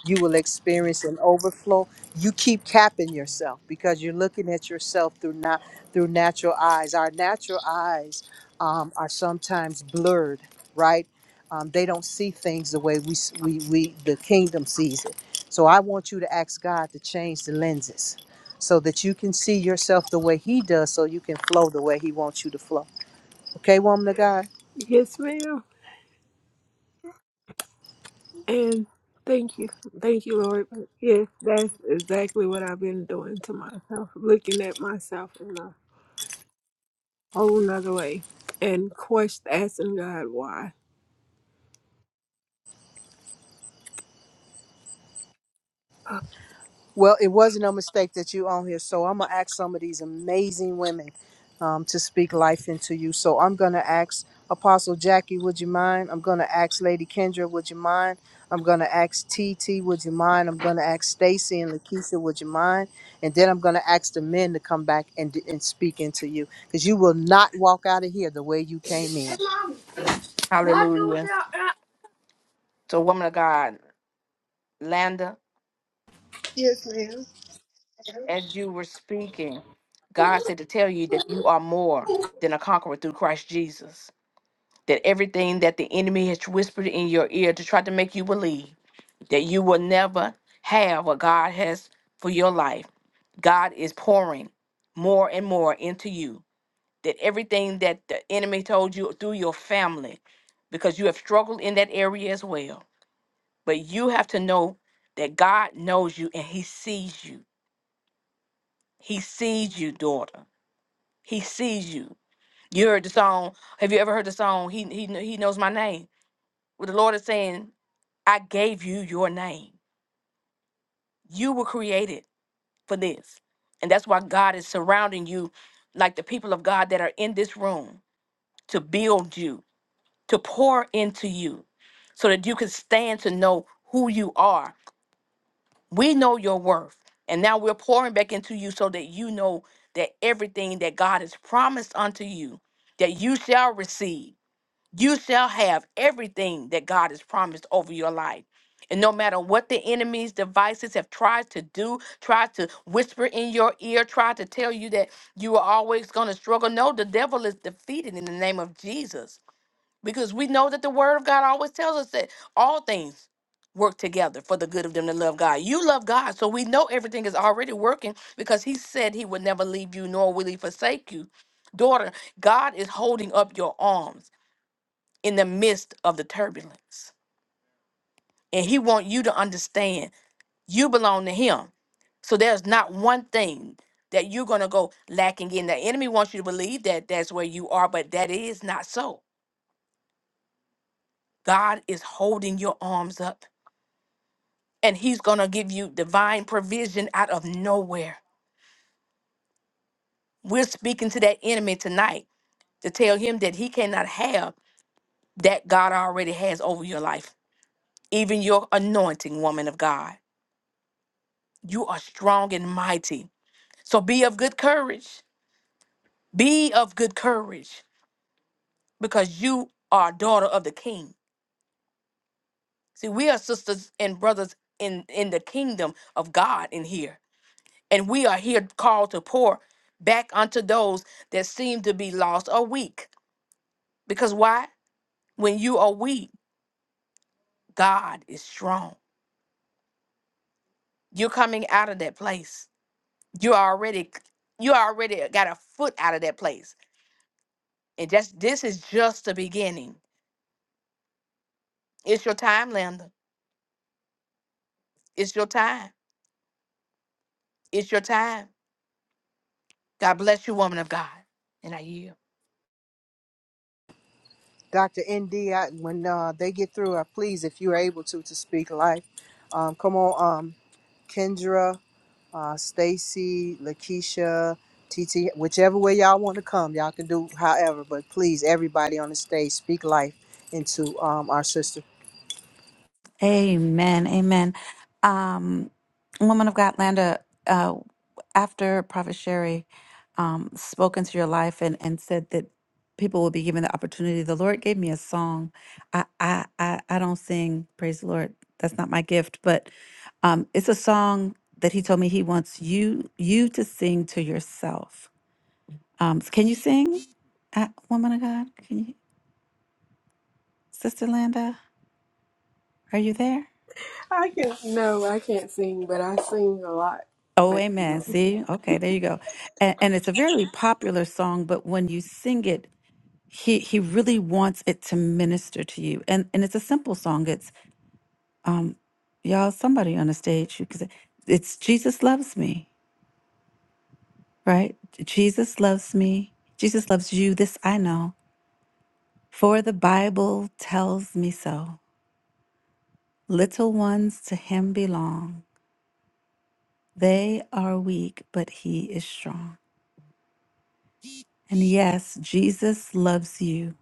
Speaker 1: you will experience an overflow. You keep capping yourself because you're looking at yourself through not through natural eyes. Our natural eyes um, are sometimes blurred, right? Um, they don't see things the way we, s- we we the kingdom sees it. So I want you to ask God to change the lenses so that you can see yourself the way He does, so you can flow the way He wants you to flow. Okay, woman of God.
Speaker 25: Yes, ma'am. And thank you. Thank you, Lord. Yes, that's exactly what I've been doing to myself, looking at myself in a whole nother way and question, asking God why.
Speaker 1: Well, it was not a mistake that you on here, so I'm gonna ask some of these amazing women um, to speak life into you. So I'm gonna ask Apostle Jackie, would you mind? I'm gonna ask Lady Kendra, would you mind? I'm gonna ask T T, would you mind? I'm gonna ask Stacy and Lakeisha, would you mind? And then I'm gonna ask the men to come back and and speak into you, because you will not walk out of here the way you came in.
Speaker 24: Hallelujah. So, woman of God, Landa, as you were speaking, God said to tell you that you are more than a conqueror through Christ Jesus. That everything that the enemy has whispered in your ear to try to make you believe that you will never have what God has for your life, God is pouring more and more into you. That everything that the enemy told you through your family, because you have struggled in that area as well But you have to know that God knows you and He sees you. He sees you, daughter. He sees you. You heard the song. Have you ever heard the song? He he kn- he knows my name. Where the Lord is saying, "I gave you your name. You were created for this, and that's why God is surrounding you, like the people of God that are in this room, to build you, to pour into you, so that you can stand to know who you are We know your worth. And now we're pouring back into you so that you know that everything that God has promised unto you, that you shall receive. You shall have everything that God has promised over your life. And no matter what the enemy's devices have tried to do, tried to whisper in your ear, tried to tell you that you are always going to struggle, no, the devil is defeated in the name of Jesus. Because we know that the word of God always tells us that all things work together for the good of them that love God. You love God, so we know everything is already working because he said he would never leave you nor will he forsake you. Daughter, God is holding up your arms in the midst of the turbulence. And he wants you to understand you belong to him. So there's not one thing that you're going to go lacking in. The enemy wants you to believe that that's where you are, but that is not so. God is holding your arms up and he's going to give you divine provision out of nowhere. We're speaking to that enemy tonight to tell him that he cannot have that God already has over your life, even your anointing, woman of God. You are strong and mighty. So be of good courage. Be of good courage because you are daughter of the king. See, we are sisters and brothers in, in the kingdom of God in here. And we are here called to pour back unto those that seem to be lost or weak. Because why? When you are weak, God is strong. You're coming out of that place. You are already you already got a foot out of that place. And just this is just the beginning. It's your time, Linda. It's your time. It's your time. God bless you, woman of God. And I yield.
Speaker 1: Dr. ND, when uh, they get through, uh, please, if you're able to, to speak life. Um, come on. um, Kendra, uh, Stacy, Lakeisha, TT, whichever way y'all want to come, y'all can do however. But please, everybody on the stage, speak life into um, our sister.
Speaker 20: Amen. Amen. Um, woman of God, Landa, uh, after Prophet Sherry um, spoke into your life and, and said that people will be given the opportunity, the Lord gave me a song. I, I, I, I don't sing, praise the Lord. That's not my gift, but um, it's a song that he told me he wants you you to sing to yourself. Um, can you sing, uh, woman of God? Can you, Sister Landa? Are you there?
Speaker 25: I can, no, I can't sing, but I sing a lot.
Speaker 20: Oh,
Speaker 25: But,
Speaker 20: amen.
Speaker 25: um,
Speaker 20: See, okay, there you go. And, and it's a very popular song, but when you sing it, he he really wants it to minister to you. And and it's a simple song. It's y'all, somebody on the stage who can say, it's Jesus loves me, right? Jesus loves me. Jesus loves you. This I know, for the Bible tells me so. Little ones to him belong. They are weak, but he is strong. And yes, Jesus loves you.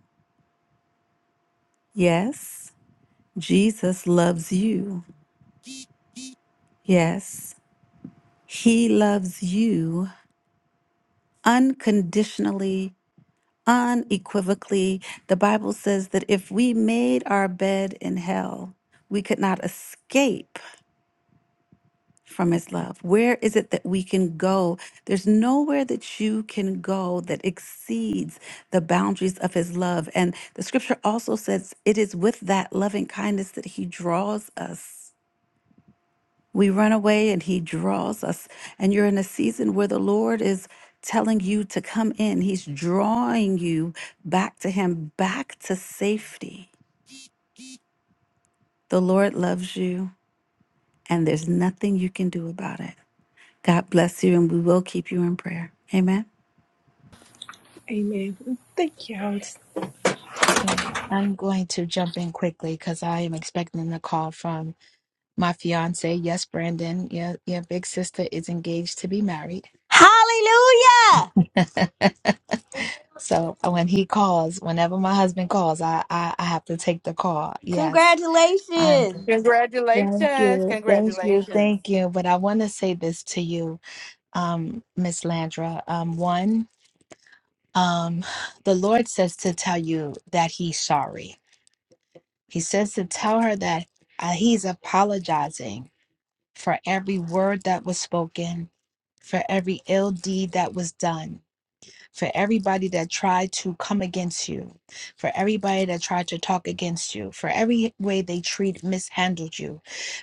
Speaker 20: Yes. Jesus loves you. Yes, he loves you unconditionally, unequivocally. The Bible says that if we made our bed in hell, we could not escape from his love. Where is it that we can go? There's nowhere that you can go that exceeds the boundaries of his love. And the scripture also says it is with that loving kindness that he draws us. We run away and he draws us. And you're in a season where the Lord is telling you to come in. He's drawing you back to him, back to safety. The Lord loves you and there's nothing you can do about it. God bless you and we will keep you in prayer. Amen.
Speaker 25: Amen. Thank y'all.
Speaker 23: Mm. I'm going to jump in quickly because I am expecting a call from my fiance. Yes, Brandon, your, your big sister is engaged to be married.
Speaker 8: Hallelujah!
Speaker 23: So uh, when he calls, whenever my husband calls, I, I, I have to take the call. Yes, I'm.
Speaker 8: Congratulations.
Speaker 23: Thank
Speaker 24: Congratulations.
Speaker 23: you, thank you,
Speaker 24: Congratulations.
Speaker 23: thank you. But I want to say this to you, um, Miss Landra. Um, one, um, [sighs] the Lord says to tell you that He's sorry. He says to tell her that uh, he's apologizing for every word that was spoken, for every ill deed that was done for everybody that tried to come against you, for everybody that tried to talk against you, for every way they treat mishandled you.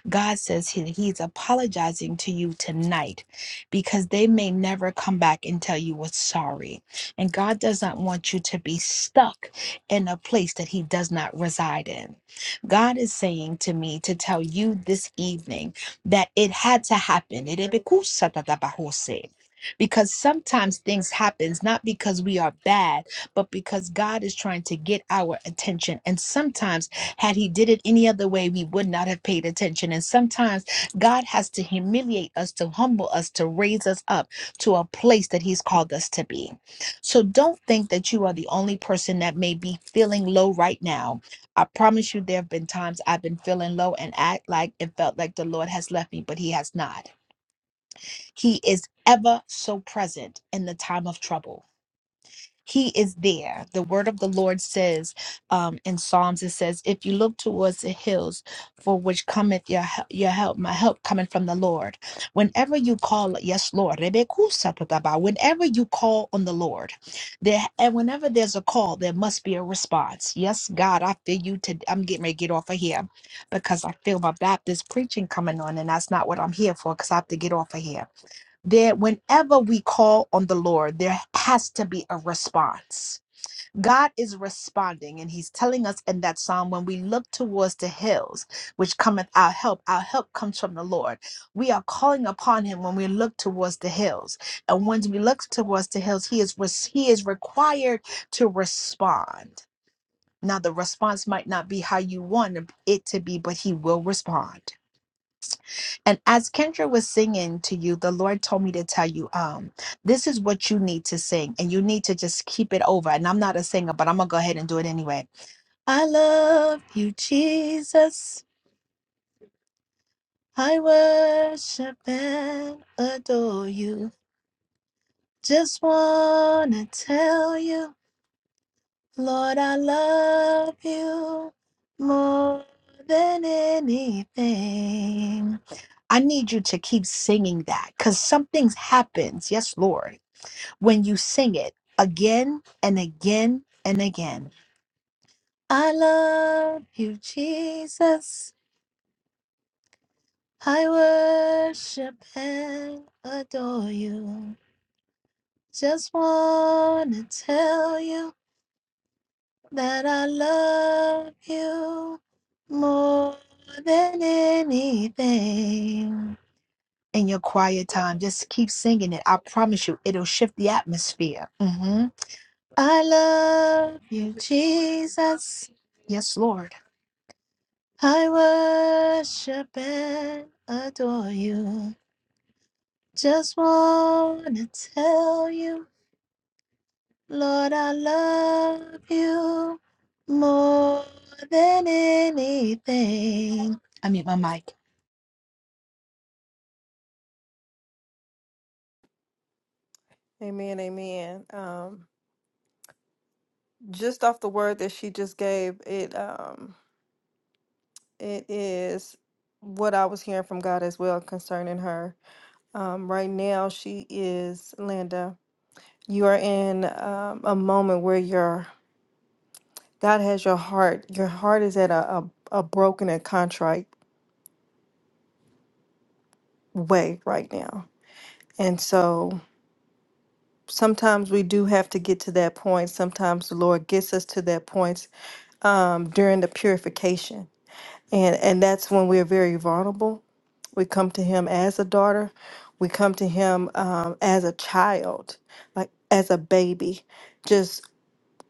Speaker 23: God says he, he's apologizing to you tonight because they may never come back and tell you what's sorry. And God doesn't want you to be stuck in a place that he does not reside in. God is saying to me to tell you this evening that it had to happen because sometimes things happens not because we are bad but because god is trying to get our attention and sometimes had he did it any other way we would not have paid attention and sometimes god has to humiliate us to humble us to raise us up to a place that he's called us to be so don't think that you are the only person that may be feeling low right now i promise you there have been times i've been feeling low and act like it felt like the lord has left me but he has not he is ever so present in the time of trouble. He is there. The word of the Lord says um, in Psalms, it says, If you look towards the hills for which cometh your, hel- your help, my help coming from the Lord. Whenever you call, yes, Lord, Rebekusatadaba, whenever you call on the Lord, there and whenever there's a call, there must be a response. Yes, God, I feel you today. I'm getting ready to get off of here because I feel my Baptist preaching coming on, and that's not what I'm here for because I have to get off of here that whenever we call on the Lord, there has to be a response. God is responding, and He's telling us in that psalm when we look towards the hills, which cometh our help, our help comes from the Lord. We are calling upon Him when we look towards the hills. And once we look towards the hills, He is, res- he is required to respond. Now, the response might not be how you want it to be, but He will respond. And as Kendra was singing to you, the Lord told me to tell you, um, this is what you need to sing, and you need to just keep it over. And I'm not a singer, but I'm gonna go ahead and do it anyway. I love you, Jesus. I worship and adore you. Just wanna tell you. Lord, I love you more than anything. I need you to keep singing that because something happens, yes, Lord, when you sing it again and again and again. I love you, Jesus. I worship and adore you. Just want to tell you. that I love you more than anything. In your quiet time, just keep singing it. I promise you, it'll shift the atmosphere. hmm I love you, Jesus. Yes, Lord. I worship and adore you. Just want to tell you. Lord, I love you more than anything. I mute my mic.
Speaker 3: Amen, amen. Um, just off the word that she just gave, it um, it is what I was hearing from God as well concerning her. Um, right now, she is Linda. You are in um, a moment where you're God has your heart. Your heart is at a, a, a broken and contrite way right now. And so sometimes we do have to get to that point. Sometimes the Lord gets us to that point um, during the purification. And, and that's when we're very vulnerable. We come to Him as a daughter, we come to Him um, as a child, like as a baby, just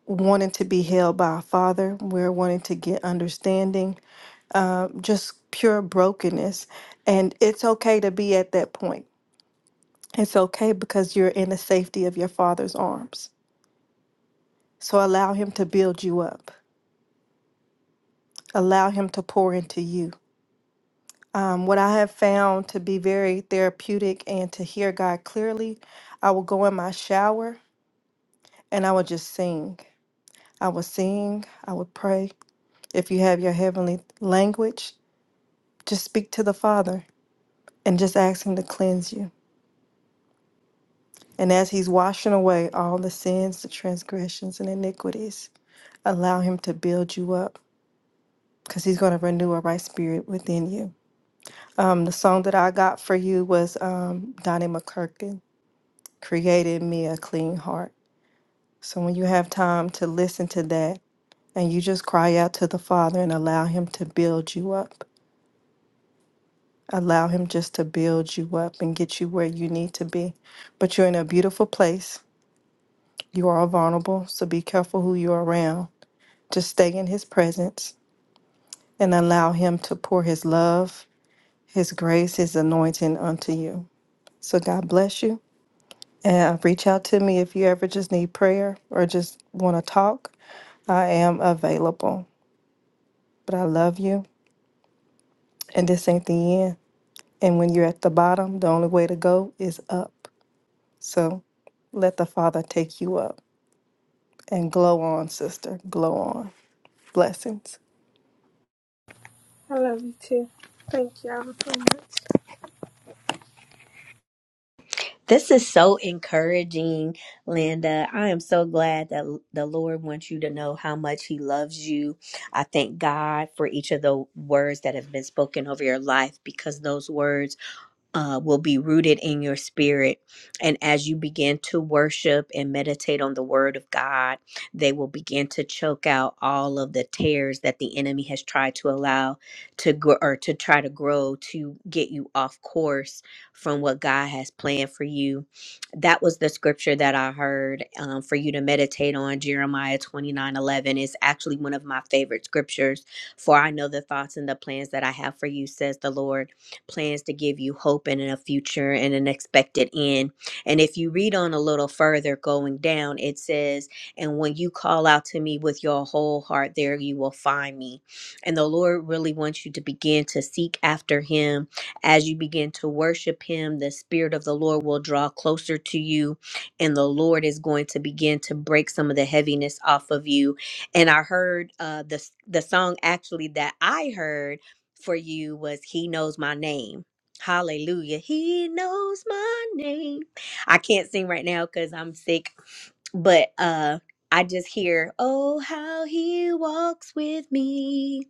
Speaker 3: wanting to be held by a father. We're wanting to get understanding uh, just pure brokenness. And it's okay to be at that point. It's okay because you're in the safety of your father's arms. So allow him to build you up, allow him to pour into you. Um, what I have found to be very therapeutic and to hear God clearly, I will go in my shower and I will just sing. I will sing, I would pray. If you have your heavenly language, just speak to the Father and just ask Him to cleanse you. And as he's washing away all the sins, the transgressions, and iniquities, allow him to build you up because he's going to renew a right spirit within you. Um, the song that I got for you was um, Donnie McClurkin, Created Me a Clean Heart. So when you have time to listen to that and you just cry out to the Father and allow him to build you up, allow him just to build you up and get you where you need to be. But you're in a beautiful place. You are vulnerable, so be careful who you're around to stay in his presence and allow him to pour his love, his grace, his anointing unto you. So God bless you. And uh, reach out to me if you ever just need prayer or just want to talk. I am available. But I love you. And this ain't the end. And when you're at the bottom, the only way to go is up. So let the Father take you up and glow on, sister. Glow on. Blessings.
Speaker 25: I love you too. Thank y'all so much.
Speaker 8: This is so encouraging, Linda. I am so glad that the Lord wants you to know how much He loves you. I thank God for each of the words that have been spoken over your life because those words uh, will be rooted in your spirit. And as you begin to worship and meditate on the word of God, they will begin to choke out all of the tears that the enemy has tried to allow to grow or to try to grow to get you off course from what God has planned for you. That was the scripture that I heard um, for you to meditate on. Jeremiah 29 11 is actually one of my favorite scriptures. For I know the thoughts and the plans that I have for you, says the Lord plans to give you hope and a future and an expected end. And if you read on a little further going down, it says, And when you call out to me with your whole heart, there you will find me. And the Lord really wants you to begin to seek after Him. As you begin to worship Him, the Spirit of the Lord will draw closer to you, and the Lord is going to begin to break some of the heaviness off of you. And I heard uh, the, the song actually that I heard for you was He knows my name. Hallelujah. He knows my name. I can't sing right now because I'm sick, but uh I just hear, oh, how he walks with me.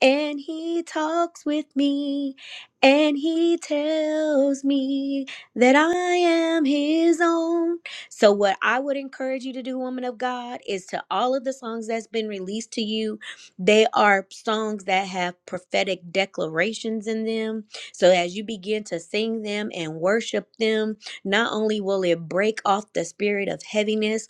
Speaker 8: And he talks with me, and he tells me that I am his own. So, what I would encourage you to do, woman of God, is to all of the songs that's been released to you, they are songs that have prophetic declarations in them. So, as you begin to sing them and worship them, not only will it break off the spirit of heaviness,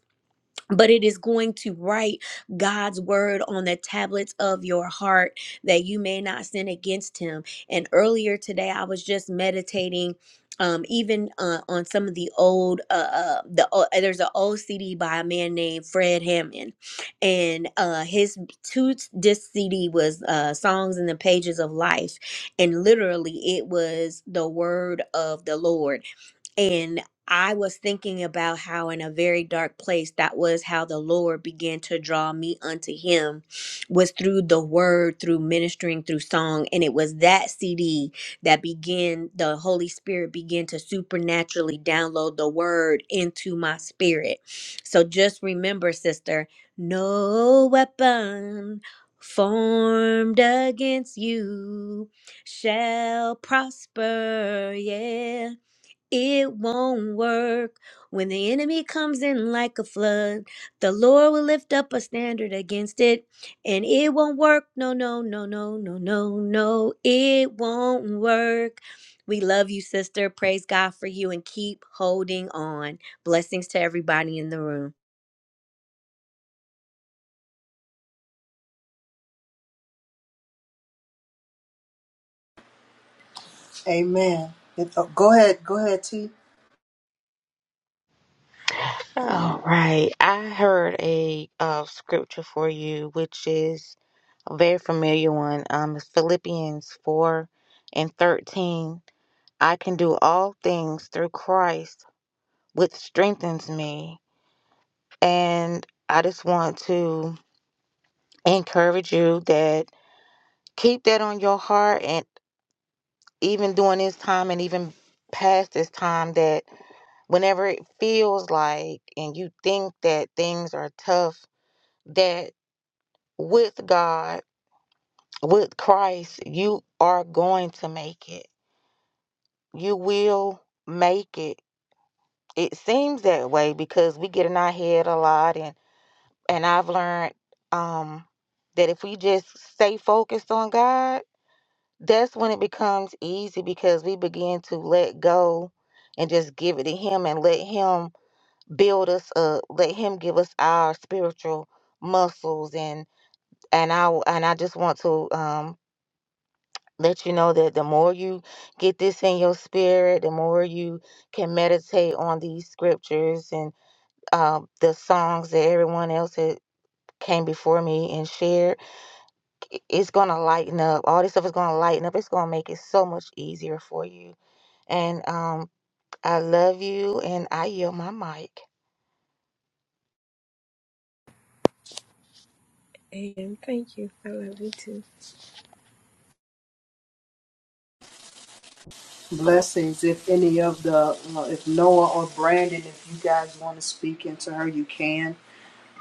Speaker 8: but it is going to write God's word on the tablets of your heart that you may not sin against him. And earlier today, I was just meditating. Um, even uh, on some of the old, uh, uh, the o- uh, there's an old CD by a man named Fred Hammond, and uh, his two disc CD was uh, "Songs in the Pages of Life," and literally it was the word of the Lord and I was thinking about how, in a very dark place, that was how the Lord began to draw me unto Him, was through the word, through ministering, through song. And it was that CD that began, the Holy Spirit began to supernaturally download the word into my spirit. So just remember, sister, no weapon formed against you shall prosper. Yeah it won't work. When the enemy comes in like a flood, the Lord will lift up a standard against it, and it won't work. No, no, no, no, no, no, no, it won't work. We love you, sister. Praise God for you and keep holding on. Blessings to everybody in the room.
Speaker 1: Amen. And, oh, go ahead, go ahead, T.
Speaker 11: All right. I heard a uh, scripture for you, which is a very familiar one. Um, it's Philippians 4 and 13. I can do all things through Christ, which strengthens me. And I just want to encourage you that keep that on your heart and even during this time and even past this time that. whenever it feels like and you think that things are tough, that with God, with Christ, you are going to make it. You will make it. It seems that way because we get in our head a lot and and I've learned um that if we just stay focused on God, that's when it becomes easy because we begin to let go and just give it to him and let him build us up let him give us our spiritual muscles and and I and i just want to um let you know that the more you get this in your spirit the more you can meditate on these scriptures and um the songs that everyone else had came before me and shared it's gonna lighten up all this stuff is gonna lighten up it's gonna make it so much easier for you and um i love you and i yield my mic
Speaker 25: And thank you. I love you too.
Speaker 1: Blessings. If any of the, uh, if Noah or Brandon, if you guys want to speak into her, you can.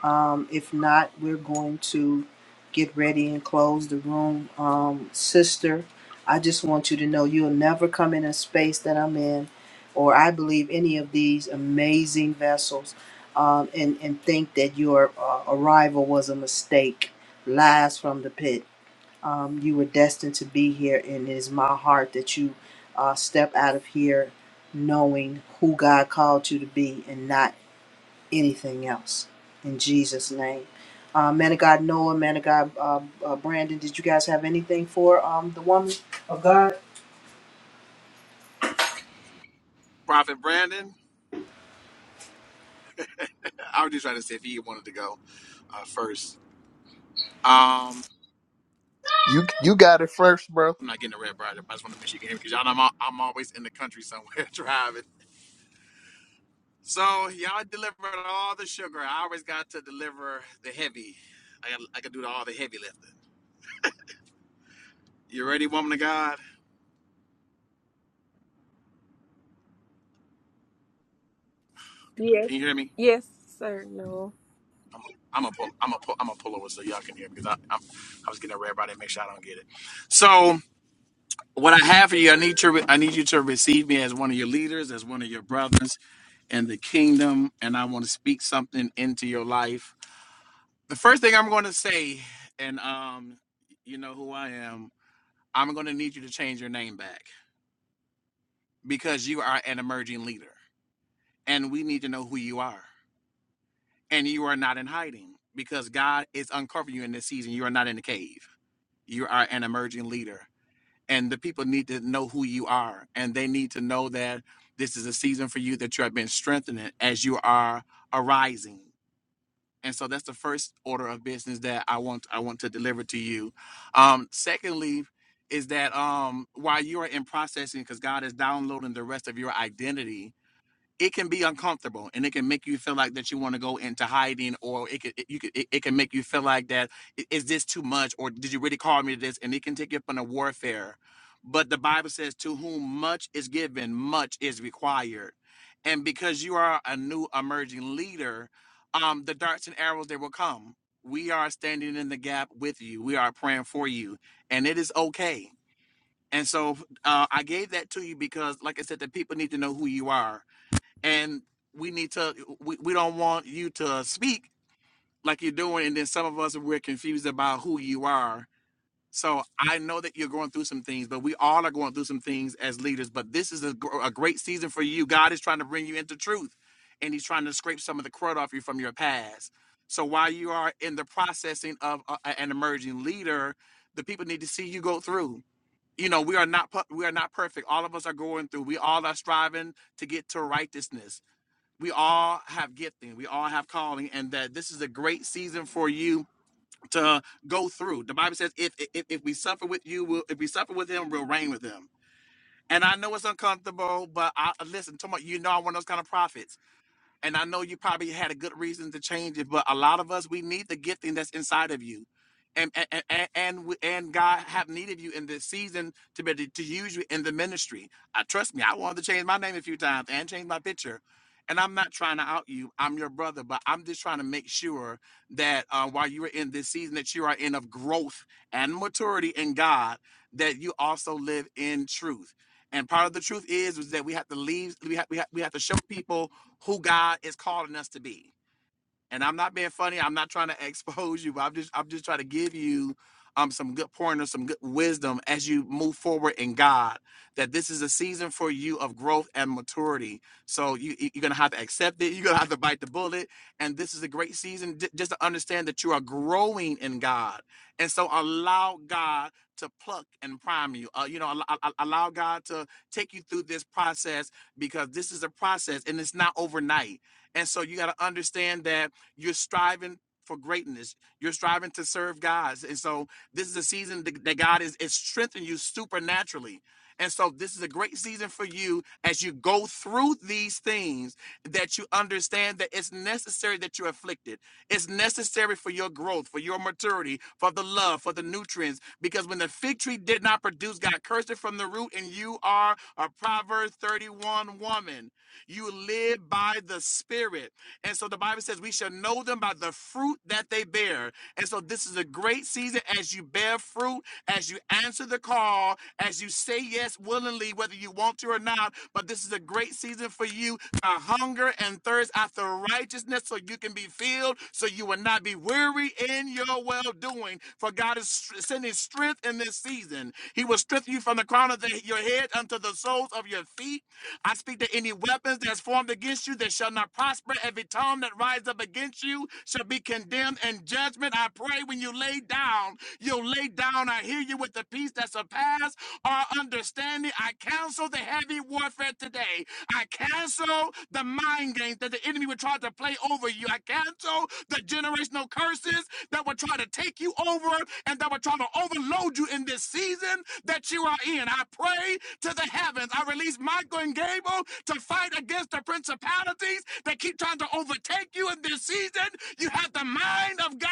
Speaker 1: Um, if not, we're going to get ready and close the room. Um, sister, I just want you to know you'll never come in a space that I'm in, or I believe any of these amazing vessels, um, and, and think that your uh, arrival was a mistake. Lies from the pit. Um, you were destined to be here, and it is my heart that you uh, step out of here knowing who God called you to be and not anything else. In Jesus' name. Uh, man of God, Noah, man of God, uh, uh, Brandon, did you guys have anything for um, the woman of God?
Speaker 21: Prophet Brandon, I was just trying to see if he wanted to go uh, first. Um,
Speaker 6: you you got it first bro
Speaker 21: I'm not getting a red brighter, but I just want to make sure you can hear me because y'all know I'm, al- I'm always in the country somewhere [laughs] driving. So y'all delivered all the sugar. I always got to deliver the heavy. I got I could do all the heavy lifting. You ready, woman of God?
Speaker 25: Yes.
Speaker 21: Can you hear me?
Speaker 25: Yes, sir. No.
Speaker 21: I'm I'm a pull, I'm a pull, I'm a pull over so y'all can hear me because I I'm, I was getting a red right and make sure I don't get it. So what I have for you, I need you I need you to receive me as one of your leaders, as one of your brothers in the kingdom, and I want to speak something into your life. The first thing I'm going to say, and um, you know who I am. I'm going to need you to change your name back. because you are an emerging leader and we need to know who you are. And you are not in hiding because God is uncovering you in this season. You are not in the cave. You are an emerging leader. And the people need to know who you are. And they need to know that this is a season for you that you have been strengthening as you are arising. And so that's the first order of business that I want I want to deliver to you. Um, secondly, is that um, while you are in processing, because God is downloading the rest of your identity, it can be uncomfortable and it can make you feel like that you want to go into hiding or it could it, you could it, it can make you feel like that "I- is this too much or did you really call me this and it can take you up on a warfare but the bible says to whom much is given much is required and because you are a new emerging leader um the darts and arrows they will come we are standing in the gap with you we are praying for you and it is okay and so uh, i gave that to you because like i said the people need to know who you are and we need to we, we don't want you to speak like you're doing and then some of us we're confused about who you are so i know that you're going through some things but we all are going through some things as leaders but this is a, gr- a great season for you god is trying to bring you into truth and he's trying to scrape some of the crud off you from your past so while you are in the processing of a, a- an emerging leader the people need to see you go through you know we are not pu- we are not perfect all of us are going through we all are striving to get to righteousness we all have gifting, we all have calling, and that this is a great season for you to go through. The Bible says, "If if, if we suffer with you, we'll, if we suffer with him, we'll reign with him." And I know it's uncomfortable, but I listen. Talking about, you know, I'm one of those kind of prophets. And I know you probably had a good reason to change it, but a lot of us we need the gifting that's inside of you. And and and and, and and God have needed you in this season to be to use you in the ministry. I trust me, I wanted to change my name a few times and change my picture. And I'm not trying to out you. I'm your brother, but I'm just trying to make sure that uh, while you are in this season that you are in of growth and maturity in God, that you also live in truth. And part of the truth is, is that we have to leave. We have, we have, we have to show people who God is calling us to be and I'm not being funny. I'm not trying to [laughs] expose you, but I'm just I'm just trying to give you um some good pointers, some good wisdom as you move forward in God. That this is a season for you of growth and maturity. So you you- you're gonna have to accept it. [laughs] You're gonna have to bite the bullet. And this is a great season j- just to understand that you are growing in God. And so allow God to pluck and prime you. Uh, you know, al- al- allow God to take you through this process because this is a process and it's not overnight. And so you got to understand that you're striving for greatness. You're striving to serve God. And so this is a season th- that God is, is strengthening you supernaturally. And so this is a great season for you as you go through these things that you understand that it's necessary that you're afflicted. It's necessary for your growth, for your maturity, for the love, for the nutrients. Because when the fig tree did not produce, God cursed it from the root, and you are a Proverbs 31 woman. You live by the Spirit. And so the Bible says we shall know them by the fruit that they bear. And so this is a great season as you bear fruit, as you answer the call, as you say yes willingly, whether you want to or not. But this is a great season for you to hunger and thirst after righteousness so you can be filled, so you will not be weary in your well doing. For God is str- sending strength in this season. He will strengthen you from the crown crown of the, your head unto the soles of your feet. I speak to any weapons that's formed against you that shall not prosper. Every tongue that rises up against you shall be condemned in judgment. I pray when you lay down, you'll lay down. I hear you with the peace that surpasses our understanding. I cancel the heavy warfare today. I cancel the mind games that the enemy would try to play over you. I cancel the generation generational curses that will try to take you over and that will try to overload you in this season that you are in. I pray to the heavens. I release Michael and Gable to fight against the principalities that keep trying to overtake you in this season. You have the mind of God.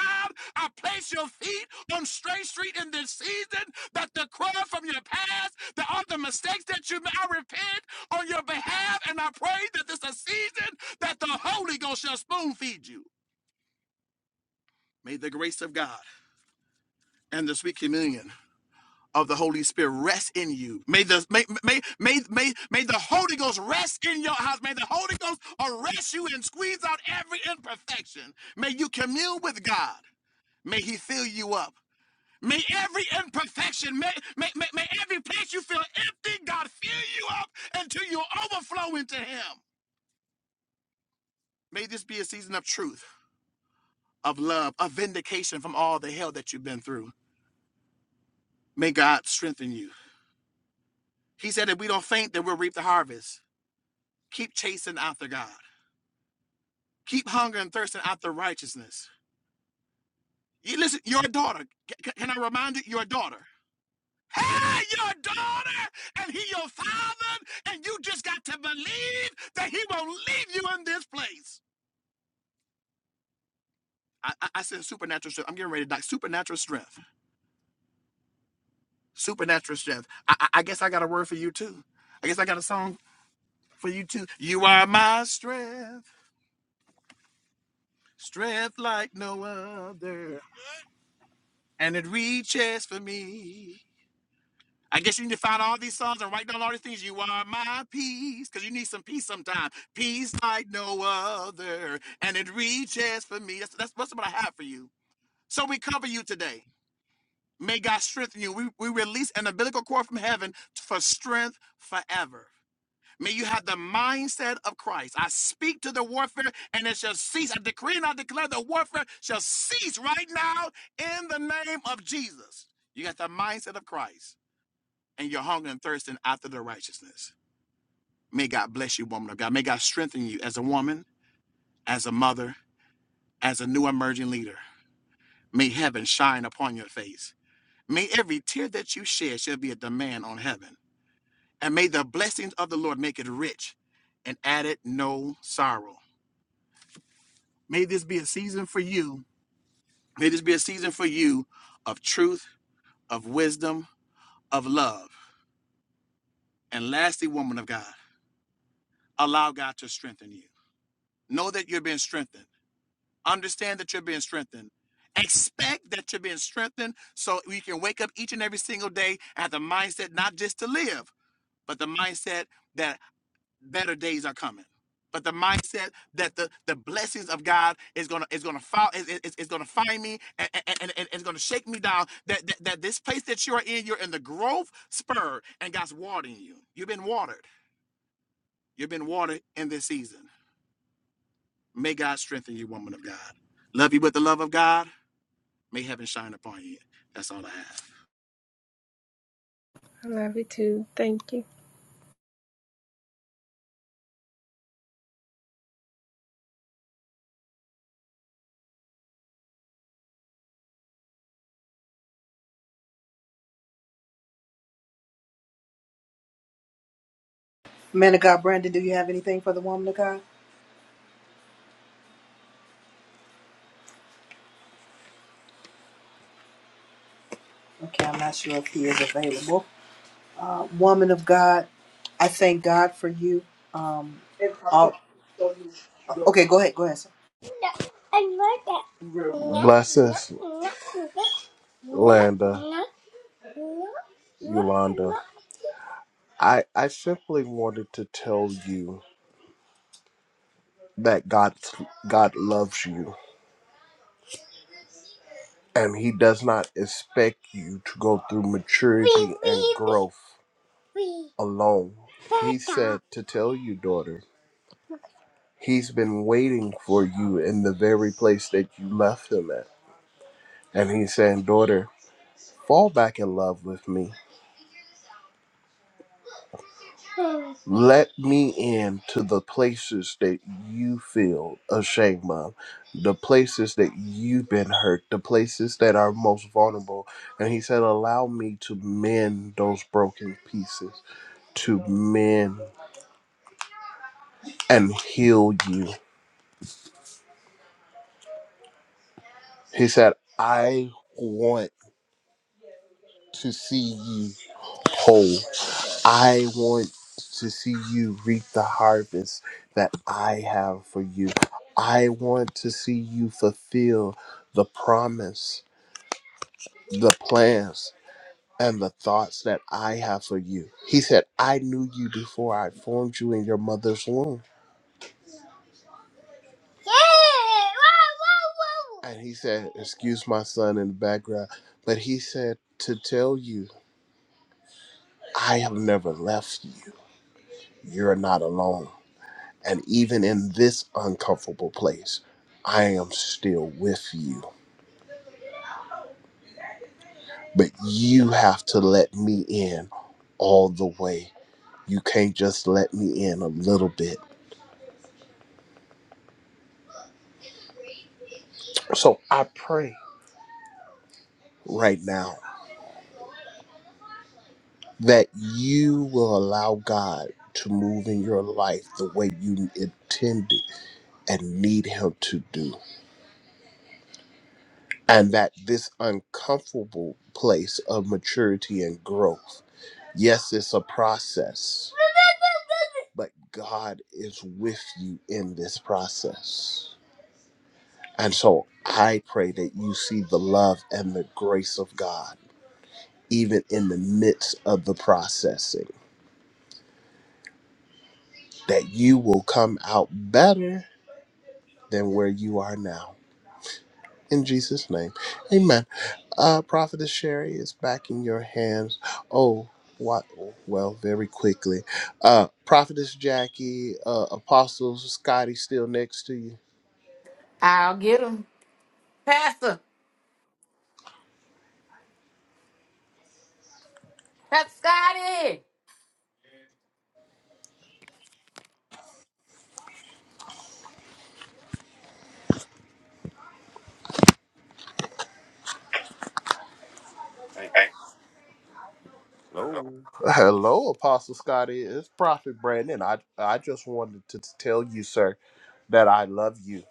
Speaker 21: I place your feet on straight street in this season that the crowd from your past, that all the mistakes that you made, I repent on your behalf. And I pray that this is a season that the Holy Ghost shall spoon feed you. May the grace of God and the sweet communion of the Holy Spirit rest in you. May the may may may may, may the Holy Ghost rest in your house. May the Holy Ghost arrest you and squeeze out every imperfection. May you commune with God. May He fill you up. May every imperfection, may, may, may, may every place you feel empty, God fill you up until you overflow into Him. May this be a season of truth, of love, of vindication from all the hell that you've been through. May God strengthen you. He said, if we don't faint, then we'll reap the harvest. Keep chasing after God. Keep hungering and thirsting after righteousness. You listen, your daughter, c- can I remind you, your daughter? Hey, your daughter, and he your father, and you just got to believe that he won't leave you in this place. I, I, I said supernatural strength. I'm getting ready to die. Supernatural strength. Supernatural strength. I, I, I guess I got a word for you too. I guess I got a song for you too. You are my strength, strength like no other. and it reaches for me. I guess you need to find all these songs and write down all these things. You are my peace, because you need some peace sometime. Peace like no other, and it reaches for me. That's, that's, that's what I have for you. So we cover you today. May God strengthen you. We, we release an umbilical cord from heaven for strength forever. May you have the mindset of Christ. I speak to the warfare and it shall cease. I decree and I declare the warfare shall cease right now in the name of Jesus. You got the mindset of Christ and you're hungering and thirsting after the righteousness. May God bless you, woman of God. May God strengthen you as a woman, as a mother, as a new emerging leader. May heaven shine upon your face. May every tear that you shed shall be a demand on heaven. And may the blessings of the Lord make it rich and add it no sorrow. May this be a season for you. May this be a season for you of truth, of wisdom, of love. And lastly, woman of God, allow God to strengthen you. Know that you're being strengthened. Understand that you're being strengthened. Expect that you're being strengthened so we can wake up each and every single day at the mindset not just to live, but the mindset that better days are coming. But the mindset that the, the blessings of God is gonna is gonna follow is, is, is gonna find me and, and, and, and it's gonna shake me down. That, that that this place that you are in, you're in the growth spur, and God's watering you. You've been watered. You've been watered in this season. May God strengthen you, woman of God. Love you with the love of God. May heaven shine upon you. That's all I have.
Speaker 25: I love you too. Thank you.
Speaker 1: Man of God, Brandon, do you have anything for the woman of God? Okay, I'm not sure if he is available. Uh, woman of God, I thank God for you. Um, all, okay, go ahead, go ahead. Sir.
Speaker 6: blessings [laughs] Landa, Yolanda, I, I simply wanted to tell you that God God loves you and he does not expect you to go through maturity and growth alone. He said to tell you, daughter, he's been waiting for you in the very place that you left him at. And he's saying, daughter, fall back in love with me. Let me in to the places that you feel ashamed of, the places that you've been hurt, the places that are most vulnerable. And he said, Allow me to mend those broken pieces, to mend and heal you. He said, I want to see you whole. I want to see you reap the harvest that I have for you. I want to see you fulfill the promise, the plans, and the thoughts that I have for you. He said, I knew you before I formed you in your mother's womb. And he said, Excuse my son in the background, but he said, To tell you, I have never left you. You're not alone. And even in this uncomfortable place, I am still with you. But you have to let me in all the way. You can't just let me in a little bit. So I pray right now that you will allow God to move in your life the way you intended and need Him to do. And that this uncomfortable place of maturity and growth, yes, it's a process but God is with you in this process. And so I pray that you see the love and the grace of God, even in the midst of the processing, that you will come out better than where you are now. In Jesus' name, amen. Uh, Prophetess Sherry is back in your hands. Oh, what? Well, very quickly. Uh, Prophetess Jackie, uh, Apostle Scotty, still next to you.
Speaker 24: I'll get him. Pastor. Pastor Scotty. Hey, hello.
Speaker 6: Hello, Apostle Scotty. It's Prophet Brandon. I I just wanted to t- tell you, sir, that I love you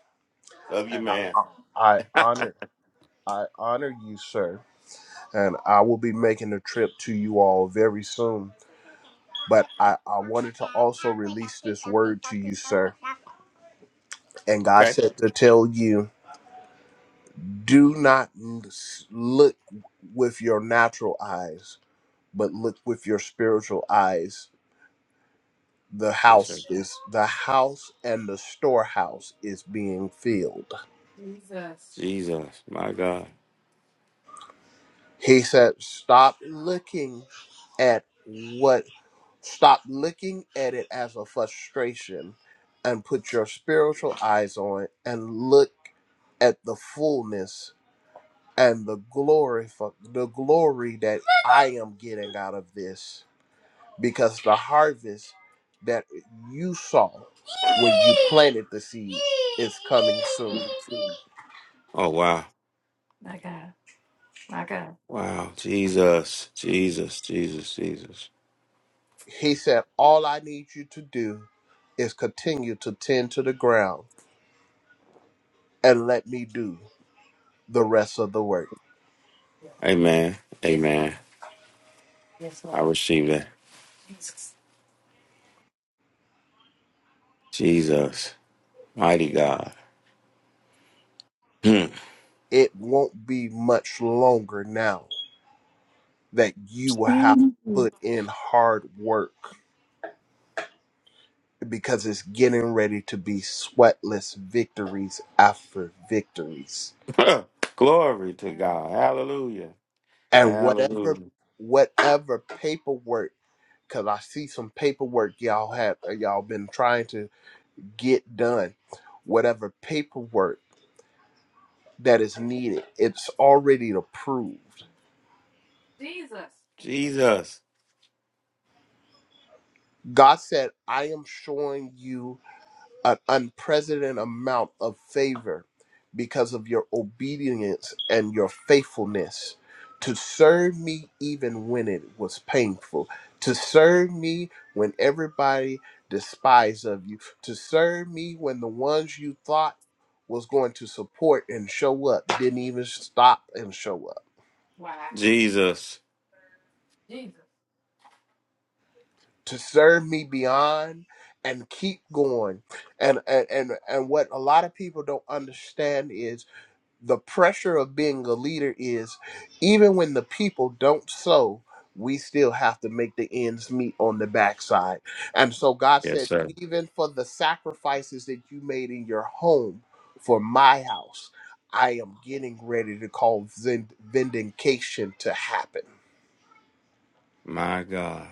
Speaker 24: Love you,
Speaker 6: and I,
Speaker 24: man.
Speaker 6: I honor I honor you, sir. And I will be making a trip to you all very soon. But I, I wanted to also release this word to you, sir. And God
Speaker 24: Okay.
Speaker 6: said to tell you, do not n- s- look with your natural eyes, but look with your spiritual eyes the
Speaker 24: Yes, sir.
Speaker 6: house is the house and the storehouse is being filled.
Speaker 24: Jesus. Jesus, my God.
Speaker 6: He said, stop looking at what stop looking at it as a frustration and put your spiritual eyes on it and look at the fullness and the glory for the glory that I am getting out of this because the harvest that you saw when you planted the seed is coming soon.
Speaker 24: Oh wow. My God. My God. Wow. Jesus. Jesus. Jesus. Jesus.
Speaker 6: He said, All I need you to do is continue to tend to the ground and let me do the rest of the work.
Speaker 24: Amen. Amen. Yes, I Lord. receive that. Jesus. Jesus. Mighty God. Hmm. [laughs]
Speaker 6: It won't be much longer now that you will have to
Speaker 24: Mhm.
Speaker 6: put in hard work because it's getting ready to be sweatless victories after victories.
Speaker 24: Glory to Mm. God. Hallelujah.
Speaker 6: And whatever
Speaker 24: Hallelujah.
Speaker 6: whatever paperwork cuz I see some paperwork y'all have y'all been trying to get done whatever paperwork that is needed. It's already approved.
Speaker 24: Jesus. Jesus.
Speaker 6: God said, I am showing you an unprecedented amount of favor because of your obedience and your faithfulness to serve me even when it was painful, to serve me when everybody despised of you, to serve me when the ones you thought was going to support and show up didn't even stop and show up
Speaker 24: Wow. Jesus. Jesus.
Speaker 6: to serve me beyond and keep going and, and and and what a lot of people don't understand is the pressure of being a leader is even when the people don't sow we still have to make the ends meet on the backside and so god
Speaker 24: Yes,
Speaker 6: said
Speaker 24: sir.
Speaker 6: even for the sacrifices that you made in your home for my house i am getting ready to call vin- vindication to happen
Speaker 24: My God.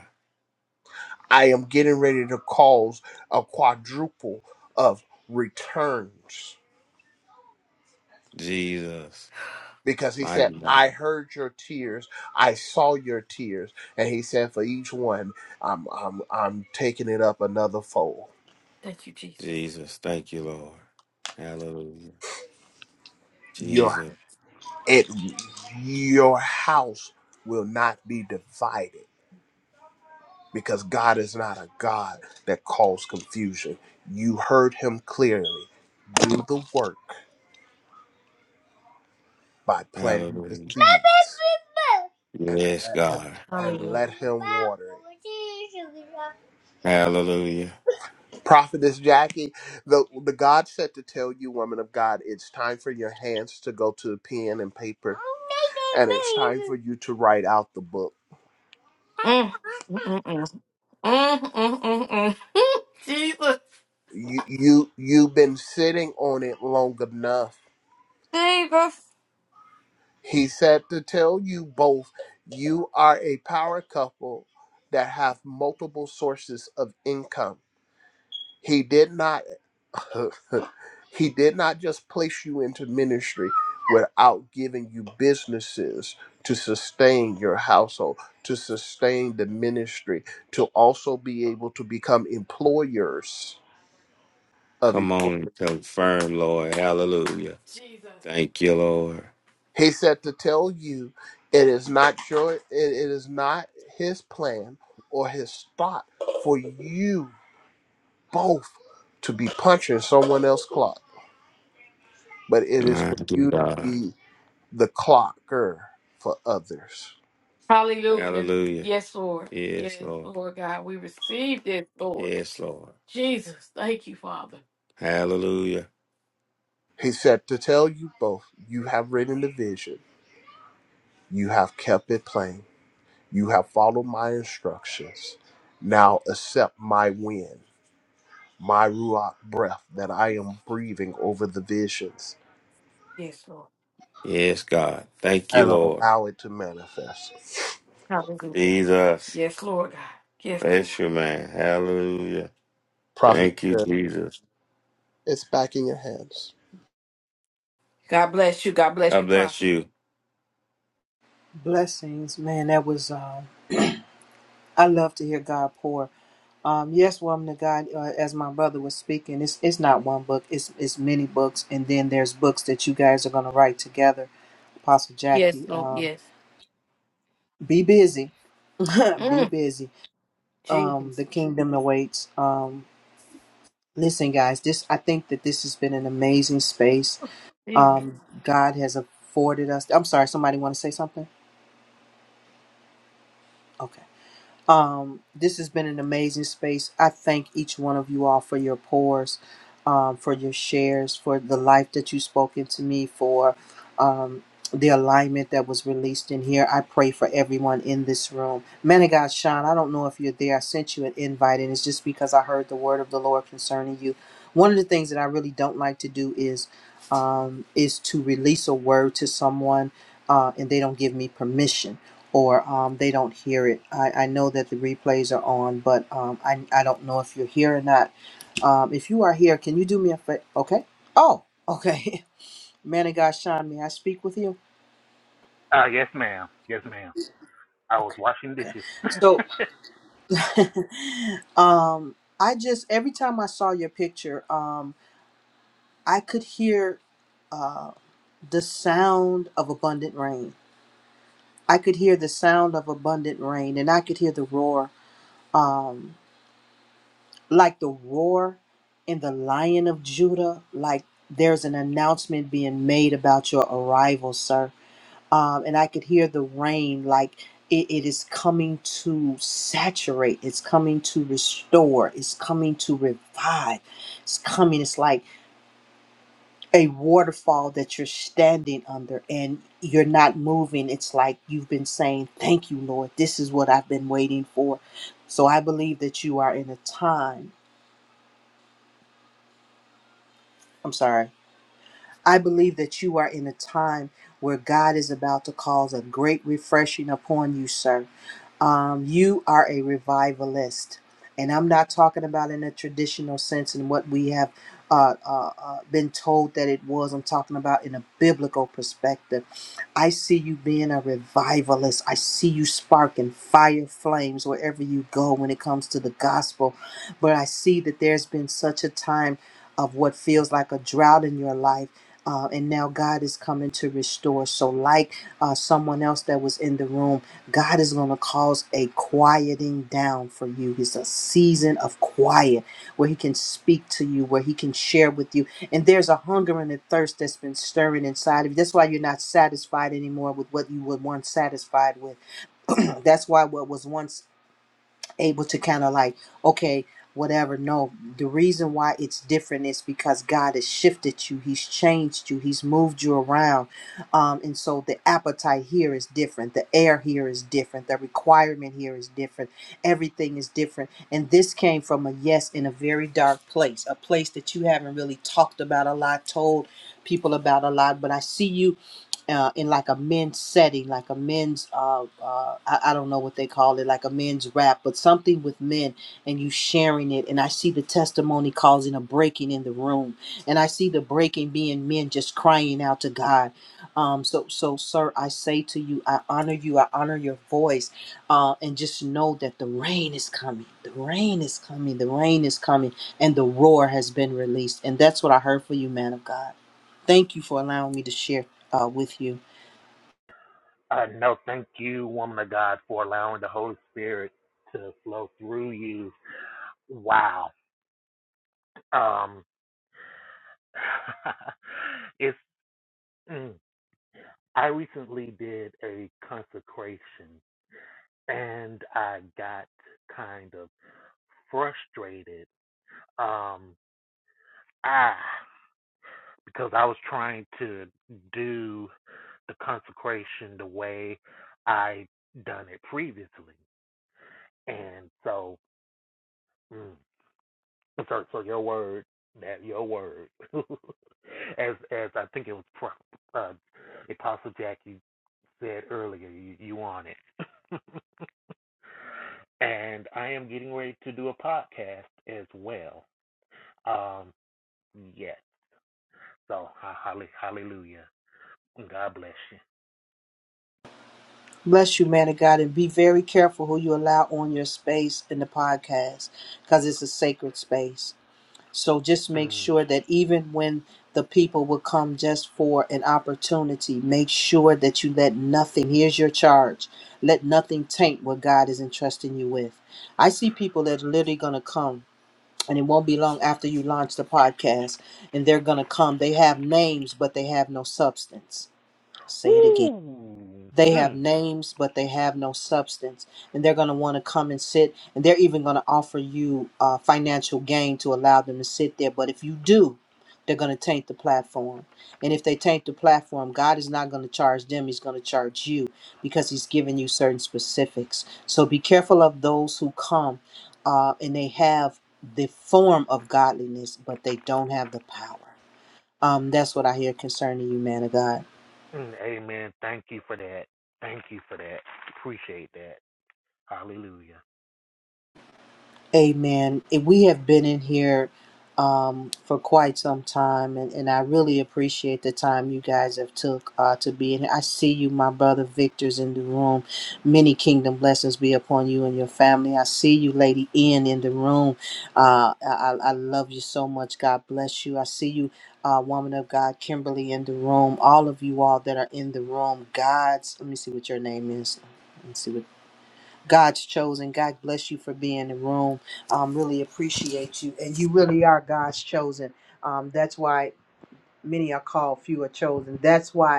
Speaker 6: I am getting ready to cause a quadruple of returns.
Speaker 24: Jesus.
Speaker 6: Because he said,
Speaker 24: Mighty
Speaker 6: I
Speaker 24: God.
Speaker 6: heard your tears, I saw your tears. And he said, For each one, I'm I'm I'm taking it up another fold.
Speaker 24: Thank you, Jesus. Jesus. Thank you, Lord. Hallelujah.
Speaker 6: Your
Speaker 24: Jesus.
Speaker 6: it your house will not be divided because God is not a God that calls confusion. You heard him clearly. Do the work by planting the
Speaker 24: Hallelujah.
Speaker 6: seeds and
Speaker 24: Yes,
Speaker 6: let him
Speaker 24: God.
Speaker 6: and
Speaker 24: Hallelujah.
Speaker 6: let him water it.
Speaker 24: Hallelujah.
Speaker 6: Prophetess Jackie, the the God said to tell you, woman of God, it's time for your hands to go to the pen and paper, and it's time for you to write out the book.
Speaker 24: Mm, mm, mm, mm. Mm, mm, mm, mm. [laughs] Jesus.
Speaker 6: You you you've been sitting on it long enough.
Speaker 24: Jesus.
Speaker 6: He said to tell you both, you are a power couple that have multiple sources of income He did not [laughs] he did not just place you into ministry without giving you businesses to sustain your household, to sustain the ministry, to also be able to become employers of
Speaker 24: Come on
Speaker 6: employees.
Speaker 24: and confirm, Lord. Hallelujah. Thank you, Lord.
Speaker 6: He said to tell you it is not your it, it is not his plan or his thought for you both to be punching someone else's clock, but it is
Speaker 24: My
Speaker 6: for you to
Speaker 24: God.
Speaker 6: be the clocker for others.
Speaker 24: Hallelujah. Hallelujah. Yes, Lord. Yes, Yes, Lord. Lord God. We receive this, Lord. Yes, Lord. Jesus. Thank you, Father. Hallelujah.
Speaker 6: He said, To tell you both, you have written the vision, you have kept it plain, you have followed my instructions. Now accept my wind, my Ruach breath that I am breathing over the visions
Speaker 24: Yes, Lord. Yes, God. Thank you,
Speaker 6: and
Speaker 24: Lord.
Speaker 6: allow it to manifest.
Speaker 24: Hallelujah. Jesus. Yes, Lord God. Yes, Lord. Bless you, man. Hallelujah.
Speaker 6: Prophet,
Speaker 24: Thank you,
Speaker 6: said,
Speaker 24: Jesus.
Speaker 6: it's back in your hands.
Speaker 24: God bless you. God bless God you, bless Prophet. you.
Speaker 1: Blessings, man. That was. uh, I love to hear God pour. Um, yes, woman of God, uh, as my brother was speaking, it's, it's not one book, it's, it's many books. And then there's books that you guys are going to write together. Apostle
Speaker 24: Yes,
Speaker 1: Jackie,
Speaker 24: Lord.
Speaker 1: um,
Speaker 24: Yes.
Speaker 1: be busy, [laughs] be
Speaker 24: Mm,
Speaker 1: busy. Um, the
Speaker 24: Jesus.
Speaker 1: kingdom awaits. Um, listen, guys, this, I think that this has been an amazing space. Um, God has afforded us. I'm sorry, somebody want to say something? Okay. Um, this has been an amazing space. I thank each one of you all for your pours, um, for your shares, for the life that you spoke into me, for um, the alignment that was released in here. I pray for everyone in this room. Man of God, Sean, I don't know if you're there. I sent you an invite, and it's just because I heard the word of the Lord concerning you. One of the things that I really don't like to do is um, is to release a word to someone, uh, and they don't give me permission or um, they don't hear it. I, I know that the replays are on, but um, I, I don't know if you're here or not. Um, if you are here, can you do me a favor? Okay. Oh, okay. [laughs] Man of God, Sean, may I speak with you?
Speaker 26: Uh, yes, ma'am. Yes, ma'am. I was
Speaker 1: Okay.
Speaker 26: washing
Speaker 1: okay.
Speaker 26: dishes.
Speaker 1: So, [laughs] um, I just, every time I saw your picture, um, I could hear uh, the sound of abundant rain. I could hear the sound of abundant rain and I could hear the roar. Um, like the roar in the lion of Judah, like there's an announcement being made about your arrival, sir. Um, and I could hear the rain, like it, it is coming to saturate, it's coming to restore, it's coming to revive, it's coming. It's like a waterfall that you're standing under and you're not moving. It's like you've been saying, Thank you, Lord, this is what I've been waiting for. So I believe that you are in a time. I'm sorry I believe that you are in a time where God is about to cause a great refreshing upon you, sir. Um, you are a revivalist. And I'm not talking about in a traditional sense and what we have uh, uh, uh, been told that it was. I'm talking about in a biblical perspective. I see you being a revivalist. I see you sparking fire flames wherever you go when it comes to the gospel. But I see that there's been such a time of what feels like a drought in your life uh, and now God is coming to restore. So, like uh, someone else that was in the room, God is going to cause a quieting down for you. It's a season of quiet where He can speak to you, where He can share with you. And there's a hunger and a thirst that's been stirring inside of you. That's why you're not satisfied anymore with what you were once satisfied with. [clears throat] that's why what was once able to kind of like, okay, whatever. No, the reason why it's different is because God has shifted you, He's changed you, He's moved you around. Um, and so the appetite here is different, the air here is different, the requirement here is different, everything is different. And this came from a yes in a very dark place, a place that you haven't really talked about a lot, told people about a lot, but I see you uh, in like a men's setting, like a men's uh, uh, I, I don't know what they call it, like a men's rap, but something with men, and you sharing it, and I see the testimony causing a breaking in the room, and I see the breaking being men just crying out to God. Um, so, so, sir, I say to you, I honor you, I honor your voice, uh, and just know that the rain is coming, the rain is coming, the rain is coming, and the roar has been released, and that's what I heard for you, man of God. Thank you for allowing me to share uh, with you.
Speaker 26: [laughs] uh, no, thank you, woman of God, for allowing the Holy Spirit to flow through you. Wow. Um, [laughs] it's. Mm, I recently did a consecration, and I got kind of frustrated. Um, ah, because I was trying to do the consecration the way I done it previously. And so, mm, so so your word, that your word, [laughs] as as I think it was Pro- uh, Apostle Jackie said earlier, you, you on it. And I am getting ready to do a podcast as well. Um, yes. So hallelujah. God bless you.
Speaker 1: Bless you, man of God, and be very careful who you allow on your space in the podcast because it's a sacred space. So just make
Speaker 26: Mm.
Speaker 1: sure that even when the people will come just for an opportunity, make sure that you let nothing, here's your charge, let nothing taint what God is entrusting you with. I see people that are literally going to come. And it won't be long after you launch the podcast, and they're going to come. They have names, but they have no substance. Say it again.
Speaker 26: Woo.
Speaker 1: They have
Speaker 26: Mm.
Speaker 1: names, but they have no substance. And they're going to want to come and sit, and they're even going to offer you uh, financial gain to allow them to sit there. But if you do, they're going to taint the platform. And if they taint the platform, God is not going to charge them, He's going to charge you because He's given you certain specifics. So be careful of those who come uh, and they have the form of godliness, but they don't have the power. Um, that's what I hear concerning you, man of God.
Speaker 26: Mm. Amen. Thank you for that. Thank you for that. Appreciate that. Hallelujah.
Speaker 1: Amen. Eh, We have been in here um, for quite some time, and, and I really appreciate the time you guys have took uh, to be in. I see you, my brother Victor's in the room. Many kingdom blessings be upon you and your family. I see you, Lady N, in the room. Uh, I, I I love you so much. God bless you. I see you, uh, woman of God, Kimberly, in the room. All of you all that are in the room, God's. Let me see what your name is. Let me see what. God's chosen. God bless you for being in the room. Um, really appreciate you. And you really are God's chosen. Um, that's why many are called, few are chosen. That's why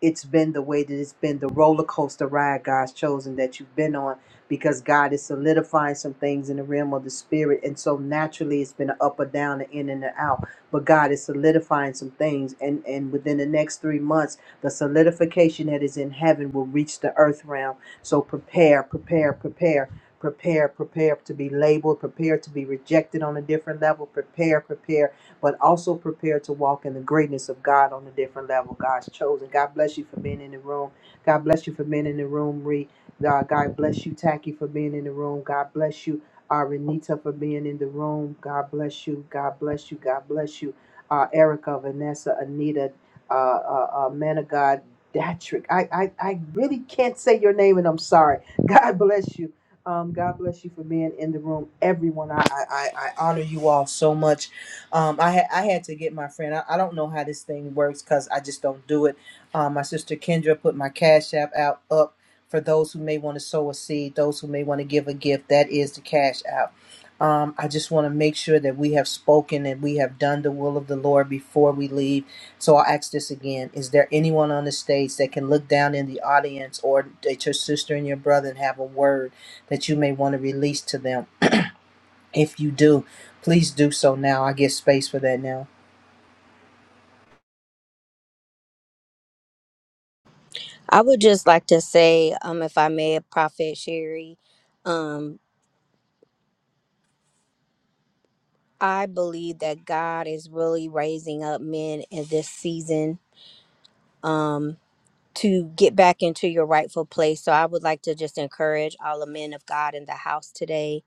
Speaker 1: it's been the way that it's been the roller coaster ride God's chosen that you've been on because God is solidifying some things in the realm of the spirit. And so naturally it's been an up or down, an in and an out. But God is solidifying some things. And, and within the next three months, the solidification that is in heaven will reach the earth realm. So prepare, prepare, prepare. Prepare, prepare to be labeled, prepare to be rejected on a different level, prepare, prepare but also prepare to walk in the greatness of God on a different level. God's chosen. God bless you for being in the room. God bless you for being in the room, Ree. God God bless you, Tacky, for being in the room. God bless you, uh, Renita, for being in the room. God bless you. God bless you. God bless you. Uh, Erica, Vanessa, Anita, uh, uh, uh, man of God, Datrick. I, I, I really can't say your name, and I'm sorry. [laughs] God bless you. Um, God bless you for being in the room, everyone. I, I, I I honor you all so much um, I had I had to get my friend. I, I don't know how this thing works because I just don't do it. Um, my sister Kendra put my cash app out up for those who may want to sow a seed, those who may want to give a gift. That is the cash app. Um, I just want to make sure that we have spoken and we have done the will of the Lord before we leave. So I'll ask this again. Is there anyone on the stage that can look down in the audience or at your sister and your brother and have a word that you may want to release to them? If you do, please do so now. I get space for that now.
Speaker 8: I would just like to say, um, if I may, Prophet Sherry, um, I believe that God is really raising up men in this season. Um, to get back into your rightful place. So I would like to just encourage all the men of God in the house today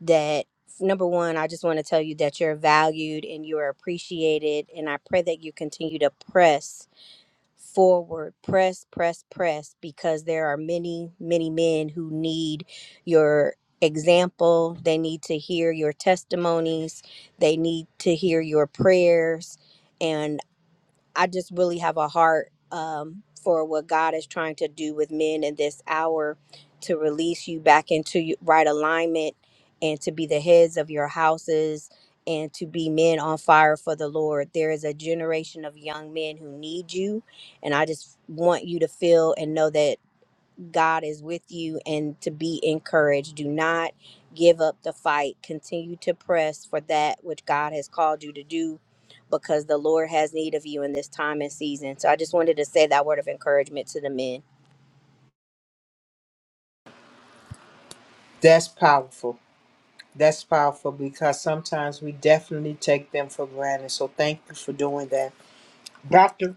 Speaker 8: that number one, I just want to tell you that you're valued and you're appreciated. And I pray that you continue to press forward, press, press, press, because there are many, many men who need your example. They need to hear your testimonies, they need to hear your prayers. and. I just really have a heart um, for what God is trying to do with men in this hour to release you back into your right alignment and to be the heads of your houses and to be men on fire for the Lord. There is a generation of young men who need you. And I just want you to feel and know that. God is with you and to be encouraged. Do not give up the fight. Continue to press for that which God has called you to do because the Lord has need of you in this time and season. So I just wanted to say that word of encouragement to the men.
Speaker 1: That's powerful. That's powerful because sometimes we definitely take them for granted. So thank you for doing that. Doctor,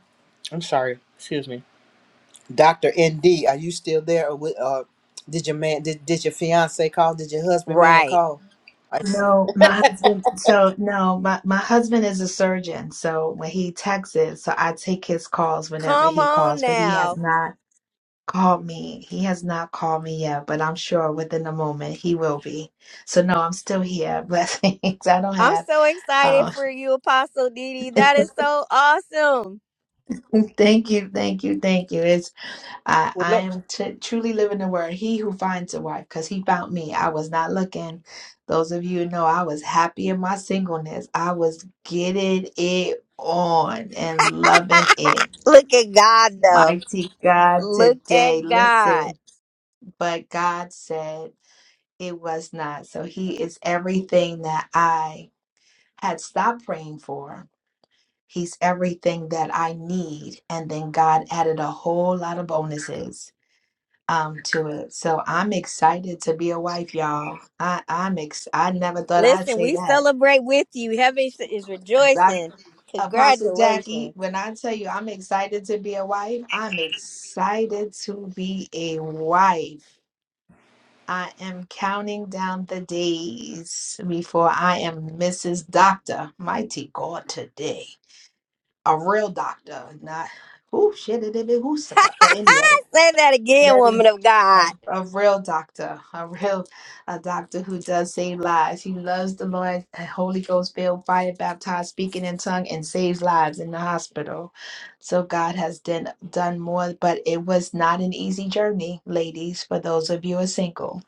Speaker 1: I'm sorry, excuse me. Doctor ND, are you still there or with, uh did your man did, did your fiance call? Did your husband man
Speaker 8: Right.
Speaker 1: call?
Speaker 23: No, my husband. So no, my my husband is a surgeon. So when he texts, it, so I take his calls whenever
Speaker 8: Come
Speaker 23: he
Speaker 8: on
Speaker 23: calls. But he has
Speaker 8: now.
Speaker 23: not called me. He has not called me yet. But I'm sure within a moment he will be. So no, I'm still here. [laughs] Blessings. I don't
Speaker 8: I'm
Speaker 23: have.
Speaker 8: so excited
Speaker 23: Um,
Speaker 8: for you, Apostle Didi.
Speaker 23: [laughs]
Speaker 8: That is so awesome.
Speaker 23: thank you, thank you, thank you. It's. I,
Speaker 1: Well
Speaker 23: I
Speaker 1: let
Speaker 23: am t- truly living the word. He who finds a wife, because he found me. I was not looking. Those of you who know I was happy in my singleness. I was getting it on and loving it.
Speaker 8: Look at God though.
Speaker 23: Mighty God
Speaker 8: Look
Speaker 23: today.
Speaker 8: at God.
Speaker 23: Listen, but God said it was not. So he is everything that I had stopped praying for. He's everything that I need. And then God added a whole lot of bonuses um to it. So I'm excited to be a wife, y'all. I I'm ex- I never thought I'd
Speaker 8: Listen,
Speaker 23: say
Speaker 8: we
Speaker 23: that.
Speaker 8: celebrate with you. Heaven is
Speaker 23: Doc,
Speaker 8: rejoicing.
Speaker 23: Apostle Jackie,
Speaker 8: Congratulations.
Speaker 23: when I tell you I'm excited to be a wife, I'm excited to be a wife. I am counting down the days before I am Mrs. Doctor. Mighty God today. A real doctor, not who shit it is, who's but anyway.
Speaker 8: Say that again,
Speaker 23: Letty,
Speaker 8: woman of God.
Speaker 23: a, a real doctor, a real a doctor who does save lives. He loves the Lord, a Holy Ghost filled, fire baptized, speaking in tongue, and saves lives in the hospital. So God has done done more, but it was not an easy journey, ladies. For those of you who are single,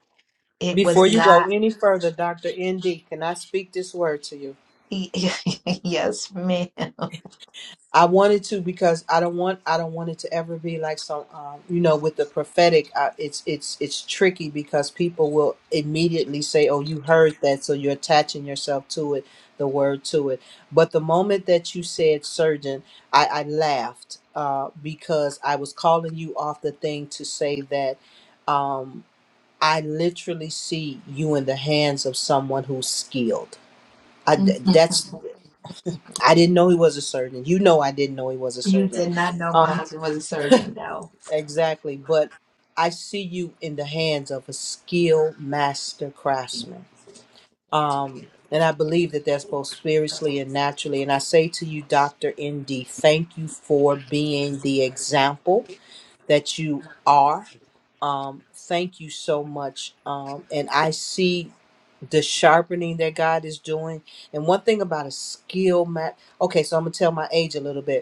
Speaker 23: it was
Speaker 1: before
Speaker 23: Yes.
Speaker 1: you go
Speaker 23: not.
Speaker 1: any further, Doctor ND, can I speak this word to you?
Speaker 23: e- [laughs] yes, man.
Speaker 1: I wanted to because I don't want I don't want it to ever be like some um, you know with the prophetic I, it's it's it's tricky because people will immediately say oh you heard that so you're attaching yourself to it the word to it but the moment that you said surgeon I, I laughed uh, because I was calling you off the thing to say that um, I literally see you in the hands of someone who's skilled I, that's I didn't know he was a surgeon. You know, I didn't know he was a
Speaker 23: You
Speaker 1: surgeon.
Speaker 23: did not know my
Speaker 1: Uh,
Speaker 23: husband was a surgeon, though.
Speaker 1: exactly. But I see you in the hands of a skilled master craftsman. Um, and I believe that that's both spiritually and naturally. And I say to you, Dr. ND, thank you for being the example that you are. Um, thank you so much. Um, and I see the sharpening that God is doing. And one thing about a skill map. Okay, so I'm gonna tell my age a little bit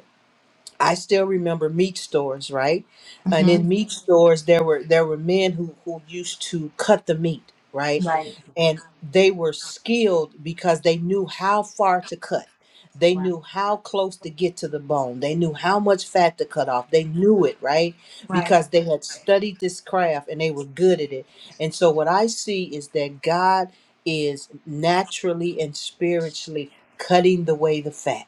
Speaker 1: I still remember meat stores, right? And
Speaker 23: hmm
Speaker 1: in meat stores, there were there were men who who used to cut the meat, right?
Speaker 23: Right,
Speaker 1: And they were skilled because they knew how far to cut. They
Speaker 23: right,
Speaker 1: knew how close to get to the bone. They knew how much fat to cut off. They knew it, right?
Speaker 23: right.
Speaker 1: Because they had studied this craft and they were good at it. And so what I see is that God is naturally and spiritually cutting the way the fat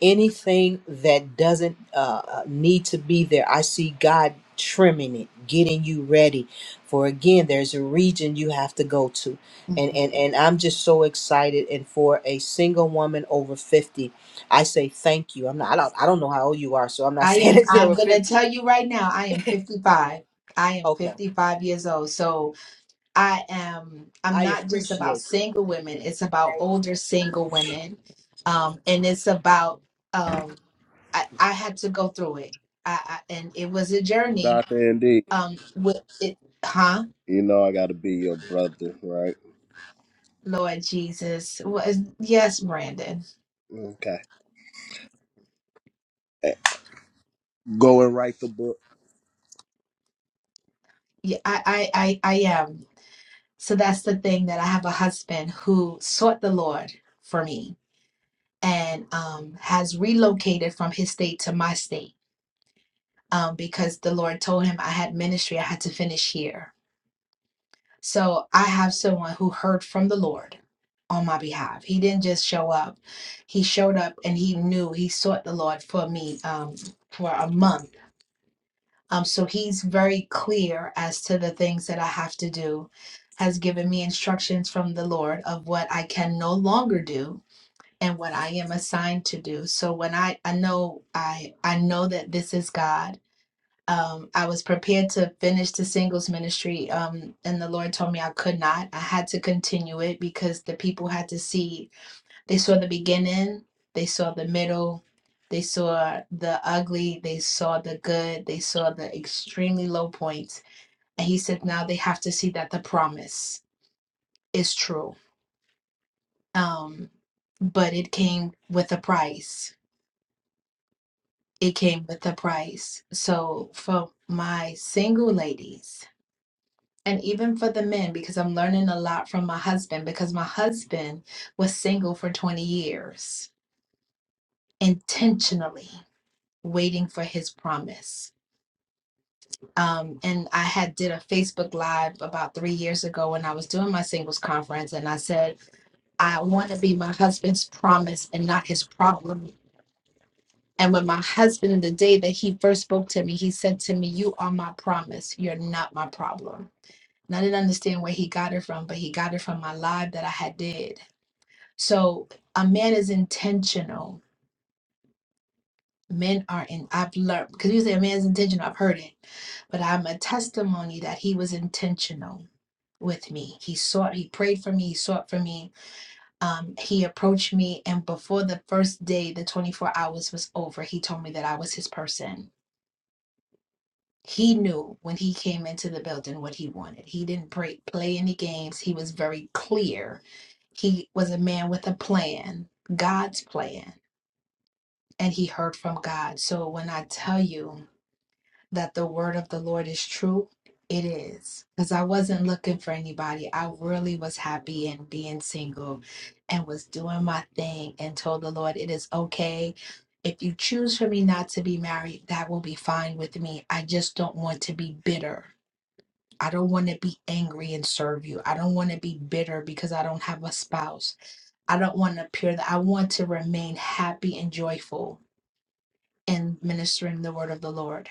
Speaker 1: anything that doesn't uh, uh, need to be there i see god trimming it getting you ready for again there's a region you have to go to and
Speaker 23: Mm-hmm.
Speaker 1: and and i'm just so excited and for a single woman over 50 i say thank you i'm not i don't, I don't know how old you are so i'm not [laughs]
Speaker 23: I
Speaker 1: saying
Speaker 23: am,
Speaker 1: that you're
Speaker 23: I'm
Speaker 1: over
Speaker 23: going to
Speaker 1: 50
Speaker 23: tell you right now, I am 55. I am
Speaker 1: okay
Speaker 23: 55 years old. So I am, I'm
Speaker 1: i
Speaker 23: not just about
Speaker 1: appreciate you
Speaker 23: single women, it's about older single women. Um, and it's about, um, I, I had to go through it. I, I, and it was a journey.
Speaker 6: Dr. Indeed,
Speaker 23: Um, with it, huh?
Speaker 6: you know I got to be your brother, right?
Speaker 23: Lord Jesus. Was, yes, Brandon.
Speaker 6: Okay. Go and write the book.
Speaker 23: Yeah, I, I, I, I am. So that's the thing that I have a husband who sought the Lord for me and um, has relocated from his state to my state um, because the Lord told him I had ministry, I had to finish here. So I have someone who heard from the Lord on my behalf. He didn't just show up, he showed up and he knew he sought the Lord for me um, for a month. Um, so he's very clear as to the things that I have to do, has given me instructions from the Lord of what I can no longer do and what I am assigned to do. So when I I know I I know that this is God. Um, I was prepared to finish the singles ministry, um, and the Lord told me I could not. I had to continue it because the people had to see. They saw the beginning, they saw the middle, they saw the ugly, they saw the good, they saw the extremely low points. And He said, now they have to see that the promise is true. Um, but it came with a price it came with a price. So for my single ladies and even for the men, because I'm learning a lot from my husband, because my husband was single for 20 years, intentionally waiting for his promise. Um, and I had did a Facebook live about three years ago when I was doing my singles conference, and I said, I want to be my husband's promise and not his problem And with my husband, the day that he first spoke to me, he said to me, You are my promise. You're not my problem. And I didn't understand where he got it from, but he got it from my live that I had did. So a man is intentional. Men are in, I've learned, because you say a man's intentional, I've heard it, but I'm a testimony that he was intentional with me. He sought, he prayed for me, he sought for me. Um, he approached me, and before the first day, the 24 hours was over, he told me that I was his person He knew when he came into the building what he wanted. He didn't break, play any games. He was very clear. He was a man with a plan, God's plan, and he heard from God. So when I tell you that the word of the Lord is true, it is. Because I wasn't looking for anybody. I really was happy in being single and was doing my thing and told the Lord, it is okay. If you choose for me not to be married, that will be fine with me. I just don't want to be bitter I don't want to be angry and serve you. I don't want to be bitter because I don't have a spouse. I don't want to appear that I want to remain happy and joyful in ministering the word of the Lord.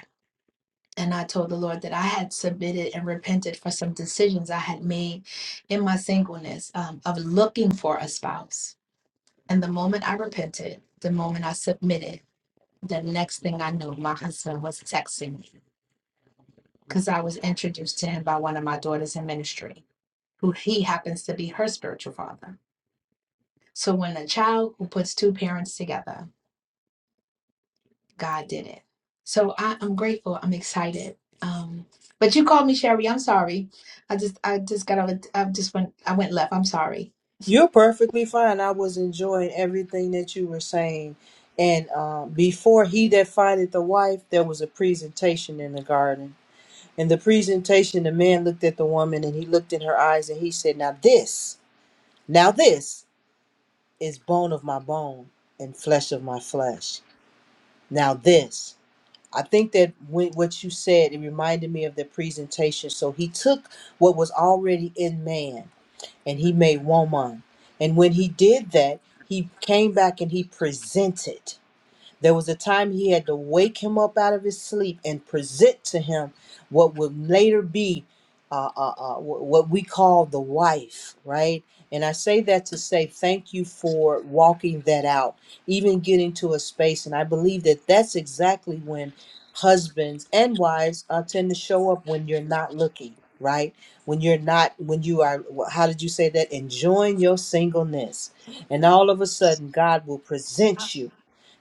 Speaker 23: And I told the Lord that I had submitted and repented for some decisions I had made in my singleness um, of looking for a spouse. And the moment I repented, the moment I submitted, the next thing I knew, my husband was texting me because I was introduced to him by one of my daughters in ministry who he happens to be her spiritual father. So when a child who puts two parents together, God did it. So I, I'm grateful. I'm excited. Um, but you called me Sherry. I'm sorry. I just I just got out. of- I just went. I went left. I'm sorry.
Speaker 1: you're perfectly fine i was enjoying everything that you were saying and uh, before he that findeth the wife there was a presentation in the garden In the presentation, the man looked at the woman and he looked in her eyes and he said, Now this, now this is bone of my bone and flesh of my flesh. Now this. I think that when, what you said, it reminded me of the presentation. So he took what was already in man and he made woman. And when he did that, he came back and he presented. There was a time he had to wake him up out of his sleep and present to him what would later be uh, uh, uh, wh- what we call the wife, right? And I say that to say thank you for walking that out, even getting to a space. And I believe that that's exactly when husbands and wives uh, tend to show up when you're not looking, right? When you're not, when you are, wh- how did you say that? Enjoying your singleness. And all of a sudden, God will present you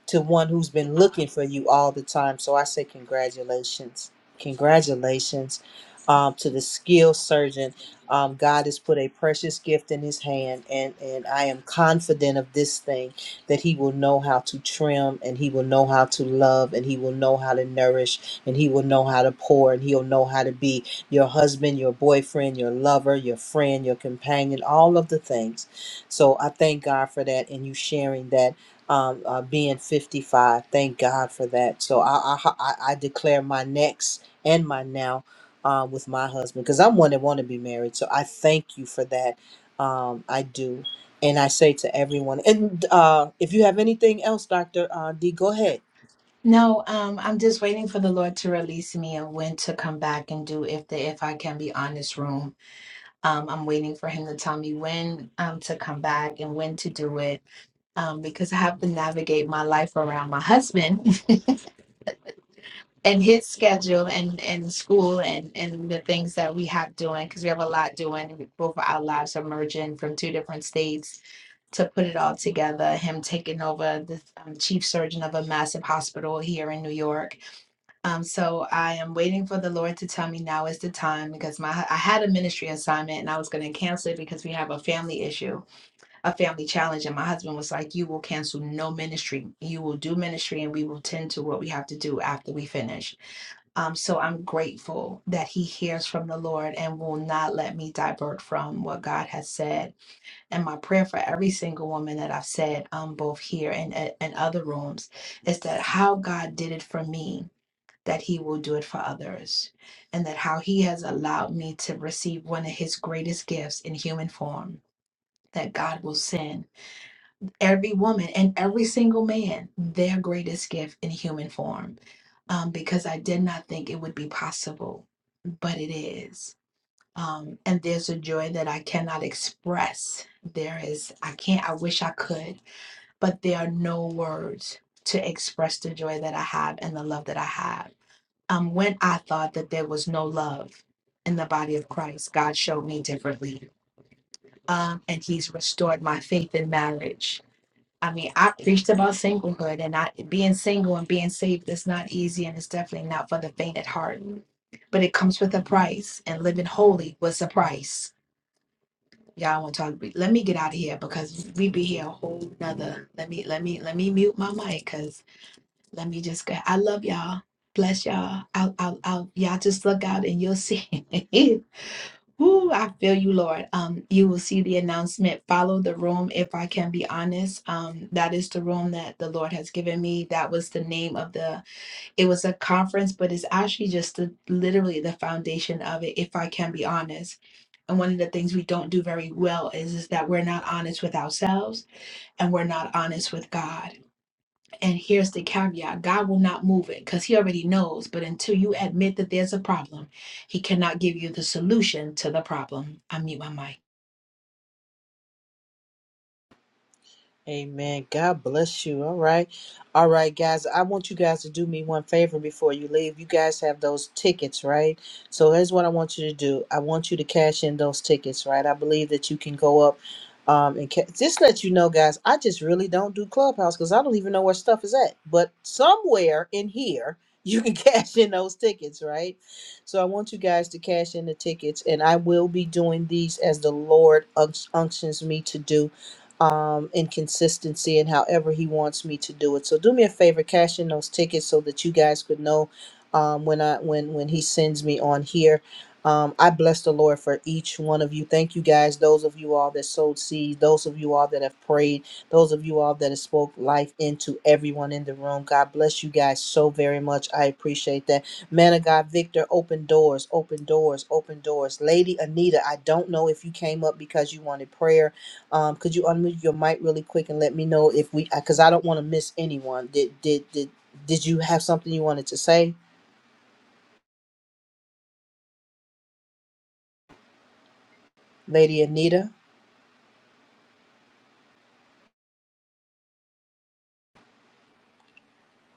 Speaker 1: to one who's been looking for you all the time. So I say congratulations. Congratulations um, to the skilled surgeon. Um, God has put a precious gift in his hand, and, and I am confident of this thing that he will know how to trim, and he will know how to love, and he will know how to nourish, and he will know how to pour, and he'll know how to be your husband, your boyfriend, your lover, your friend, your companion, all of the things. So I thank God for that and you sharing that um, uh, being 55. Thank God for that. So I, I, I I declare my next and my now uh, with my husband because I'm one that want to be married. So I thank you for that. Um, I do. And I say to everyone, and uh, if you have anything else, Dr. Uh, D, go ahead.
Speaker 23: No, um, I'm just waiting for the Lord to release me and when to come back and do if the if I can be on this room. Um, I'm waiting for Him to tell me when um to come back and when to do it um, because I have to navigate my life around my husband [laughs] and his schedule and and school and and the things that we have doing because we have a lot doing both of our lives are merging from two different states to put it all together him taking over the um, chief surgeon of a massive hospital here in new york um so i am waiting for the lord to tell me now is the time because my i had a ministry assignment and i was going to cancel it because we have a family issue a family challenge and my husband was like you will cancel no ministry you will do ministry and we will tend to what we have to do after we finish um, so I'm grateful that he hears from the Lord and will not let me divert from what God has said. And my prayer for every single woman that I've said, um, both here and uh, and other rooms, is that how God did it for me, that He will do it for others, and that how He has allowed me to receive one of His greatest gifts in human form. That God will send every woman and every single man their greatest gift in human form um, because I did not think it would be possible but it is. Um, and there's a joy that I cannot express. There is, I can't, I wish I could, but there are no words to express the joy that I have and the love that I have. Um, when I thought that there was no love in the body of Christ, God showed me differently. Um, and He's restored my faith in marriage I mean, I preached about singlehood and I being single and being saved is not easy and it's definitely not for the faint at heart. But it comes with a price and living holy was a price. Y'all want to talk let me get out of here because we be here a whole nother let me let me let me mute my mic because let me just go I love y'all. Bless y'all. I'll I'll, I'll y'all just look out and you'll see [laughs] Ooh, I feel you, Lord. Um, you will see the announcement. Follow the room, if I can be honest. Um, that is the room that the Lord has given me. That was the name of the. It was a conference, but it's actually just the, literally the foundation of it. If I can be honest, and one of the things we don't do very well is is that we're not honest with ourselves, and we're not honest with God. And here's the caveat God will not move it because He already knows. But until you admit that there's a problem, He cannot give you the solution to the problem. I mute my mic.
Speaker 1: Amen. God bless you. All right. All right, guys. I want you guys to do me one favor before you leave. You guys have those tickets, right? So here's what I want you to do. I want you to cash in those tickets, right? I believe that you can go up um and ca- just let you know guys i just really don't do clubhouse because i don't even know where stuff is at but somewhere in here you can [laughs] cash in those tickets right so i want you guys to cash in the tickets and i will be doing these as the lord unc- unctions me to do um, and consistency and however he wants me to do it. So do me a favor, cash in those tickets so that you guys could know um, when I when when he sends me on here. Um, I bless the Lord for each one of you. Thank you guys, those of you all that sowed seed, those of you all that have prayed, those of you all that have spoke life into everyone in the room. God bless you guys so very much. I appreciate that. Man of God, Victor, open doors, open doors, open doors. Lady Anita, I don't know if you came up because you wanted prayer um, could you unmute your mic really quick and let me know if we, because I don't want to miss anyone. Did did did did you have something you wanted to say, Lady Anita?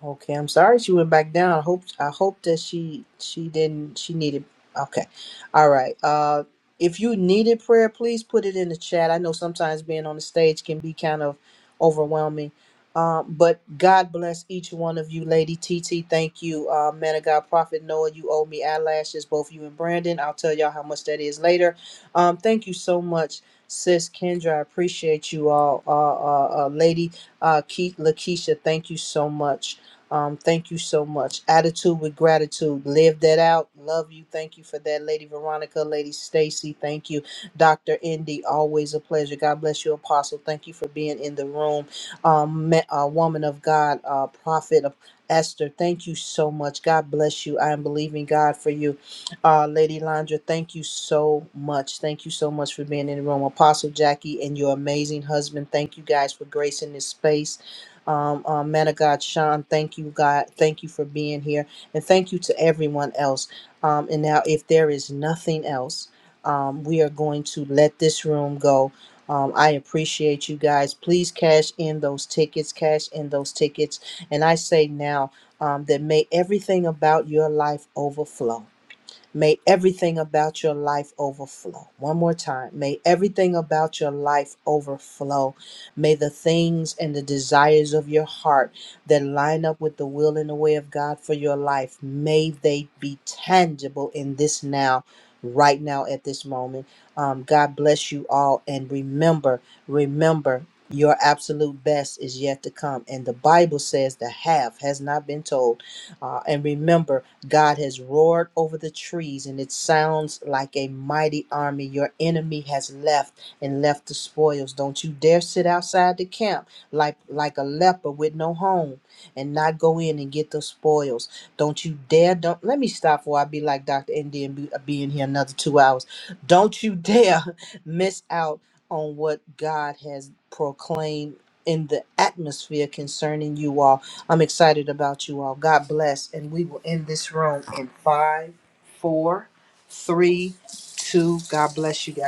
Speaker 1: Okay, I'm sorry she went back down. I hope I hope that she she didn't she needed okay. All right. Uh if you needed prayer, please put it in the chat. I know sometimes being on the stage can be kind of overwhelming. Um, but God bless each one of you, Lady TT. Thank you, uh, man of God, Prophet Noah. You owe me eyelashes, both you and Brandon. I'll tell y'all how much that is later. Um, thank you so much, Sis Kendra. I appreciate you all, uh, uh, uh, Lady uh, Keith, Lakeisha. Thank you so much um, thank you so much. Attitude with gratitude. Live that out. Love you. Thank you for that, Lady Veronica, Lady Stacy. Thank you, Dr. Indy. Always a pleasure. God bless you, Apostle. Thank you for being in the room. Um, ma- uh, woman of God, uh, Prophet of Esther, thank you so much. God bless you. I am believing God for you. Uh, Lady Landra, thank you so much. Thank you so much for being in the room. Apostle Jackie and your amazing husband, thank you guys for gracing this space um, um, man of God, Sean, thank you, God. Thank you for being here. And thank you to everyone else. Um, and now, if there is nothing else, um, we are going to let this room go. Um, I appreciate you guys. Please cash in those tickets, cash in those tickets. And I say now um, that may everything about your life overflow. May everything about your life overflow. One more time. May everything about your life overflow. May the things and the desires of your heart that line up with the will and the way of God for your life, may they be tangible in this now, right now at this moment. Um, God bless you all. And remember, remember, your absolute best is yet to come. And the Bible says the half has not been told. Uh, and remember, God has roared over the trees, and it sounds like a mighty army. Your enemy has left and left the spoils. Don't you dare sit outside the camp like, like a leper with no home and not go in and get the spoils. Don't you dare, don't let me stop before I be like Dr. Indy and be, be in here another two hours. Don't you dare [laughs] miss out on what God has proclaimed in the atmosphere concerning you all. I'm excited about you all. God bless. And we will end this room in five, four, three, two. God bless you guys.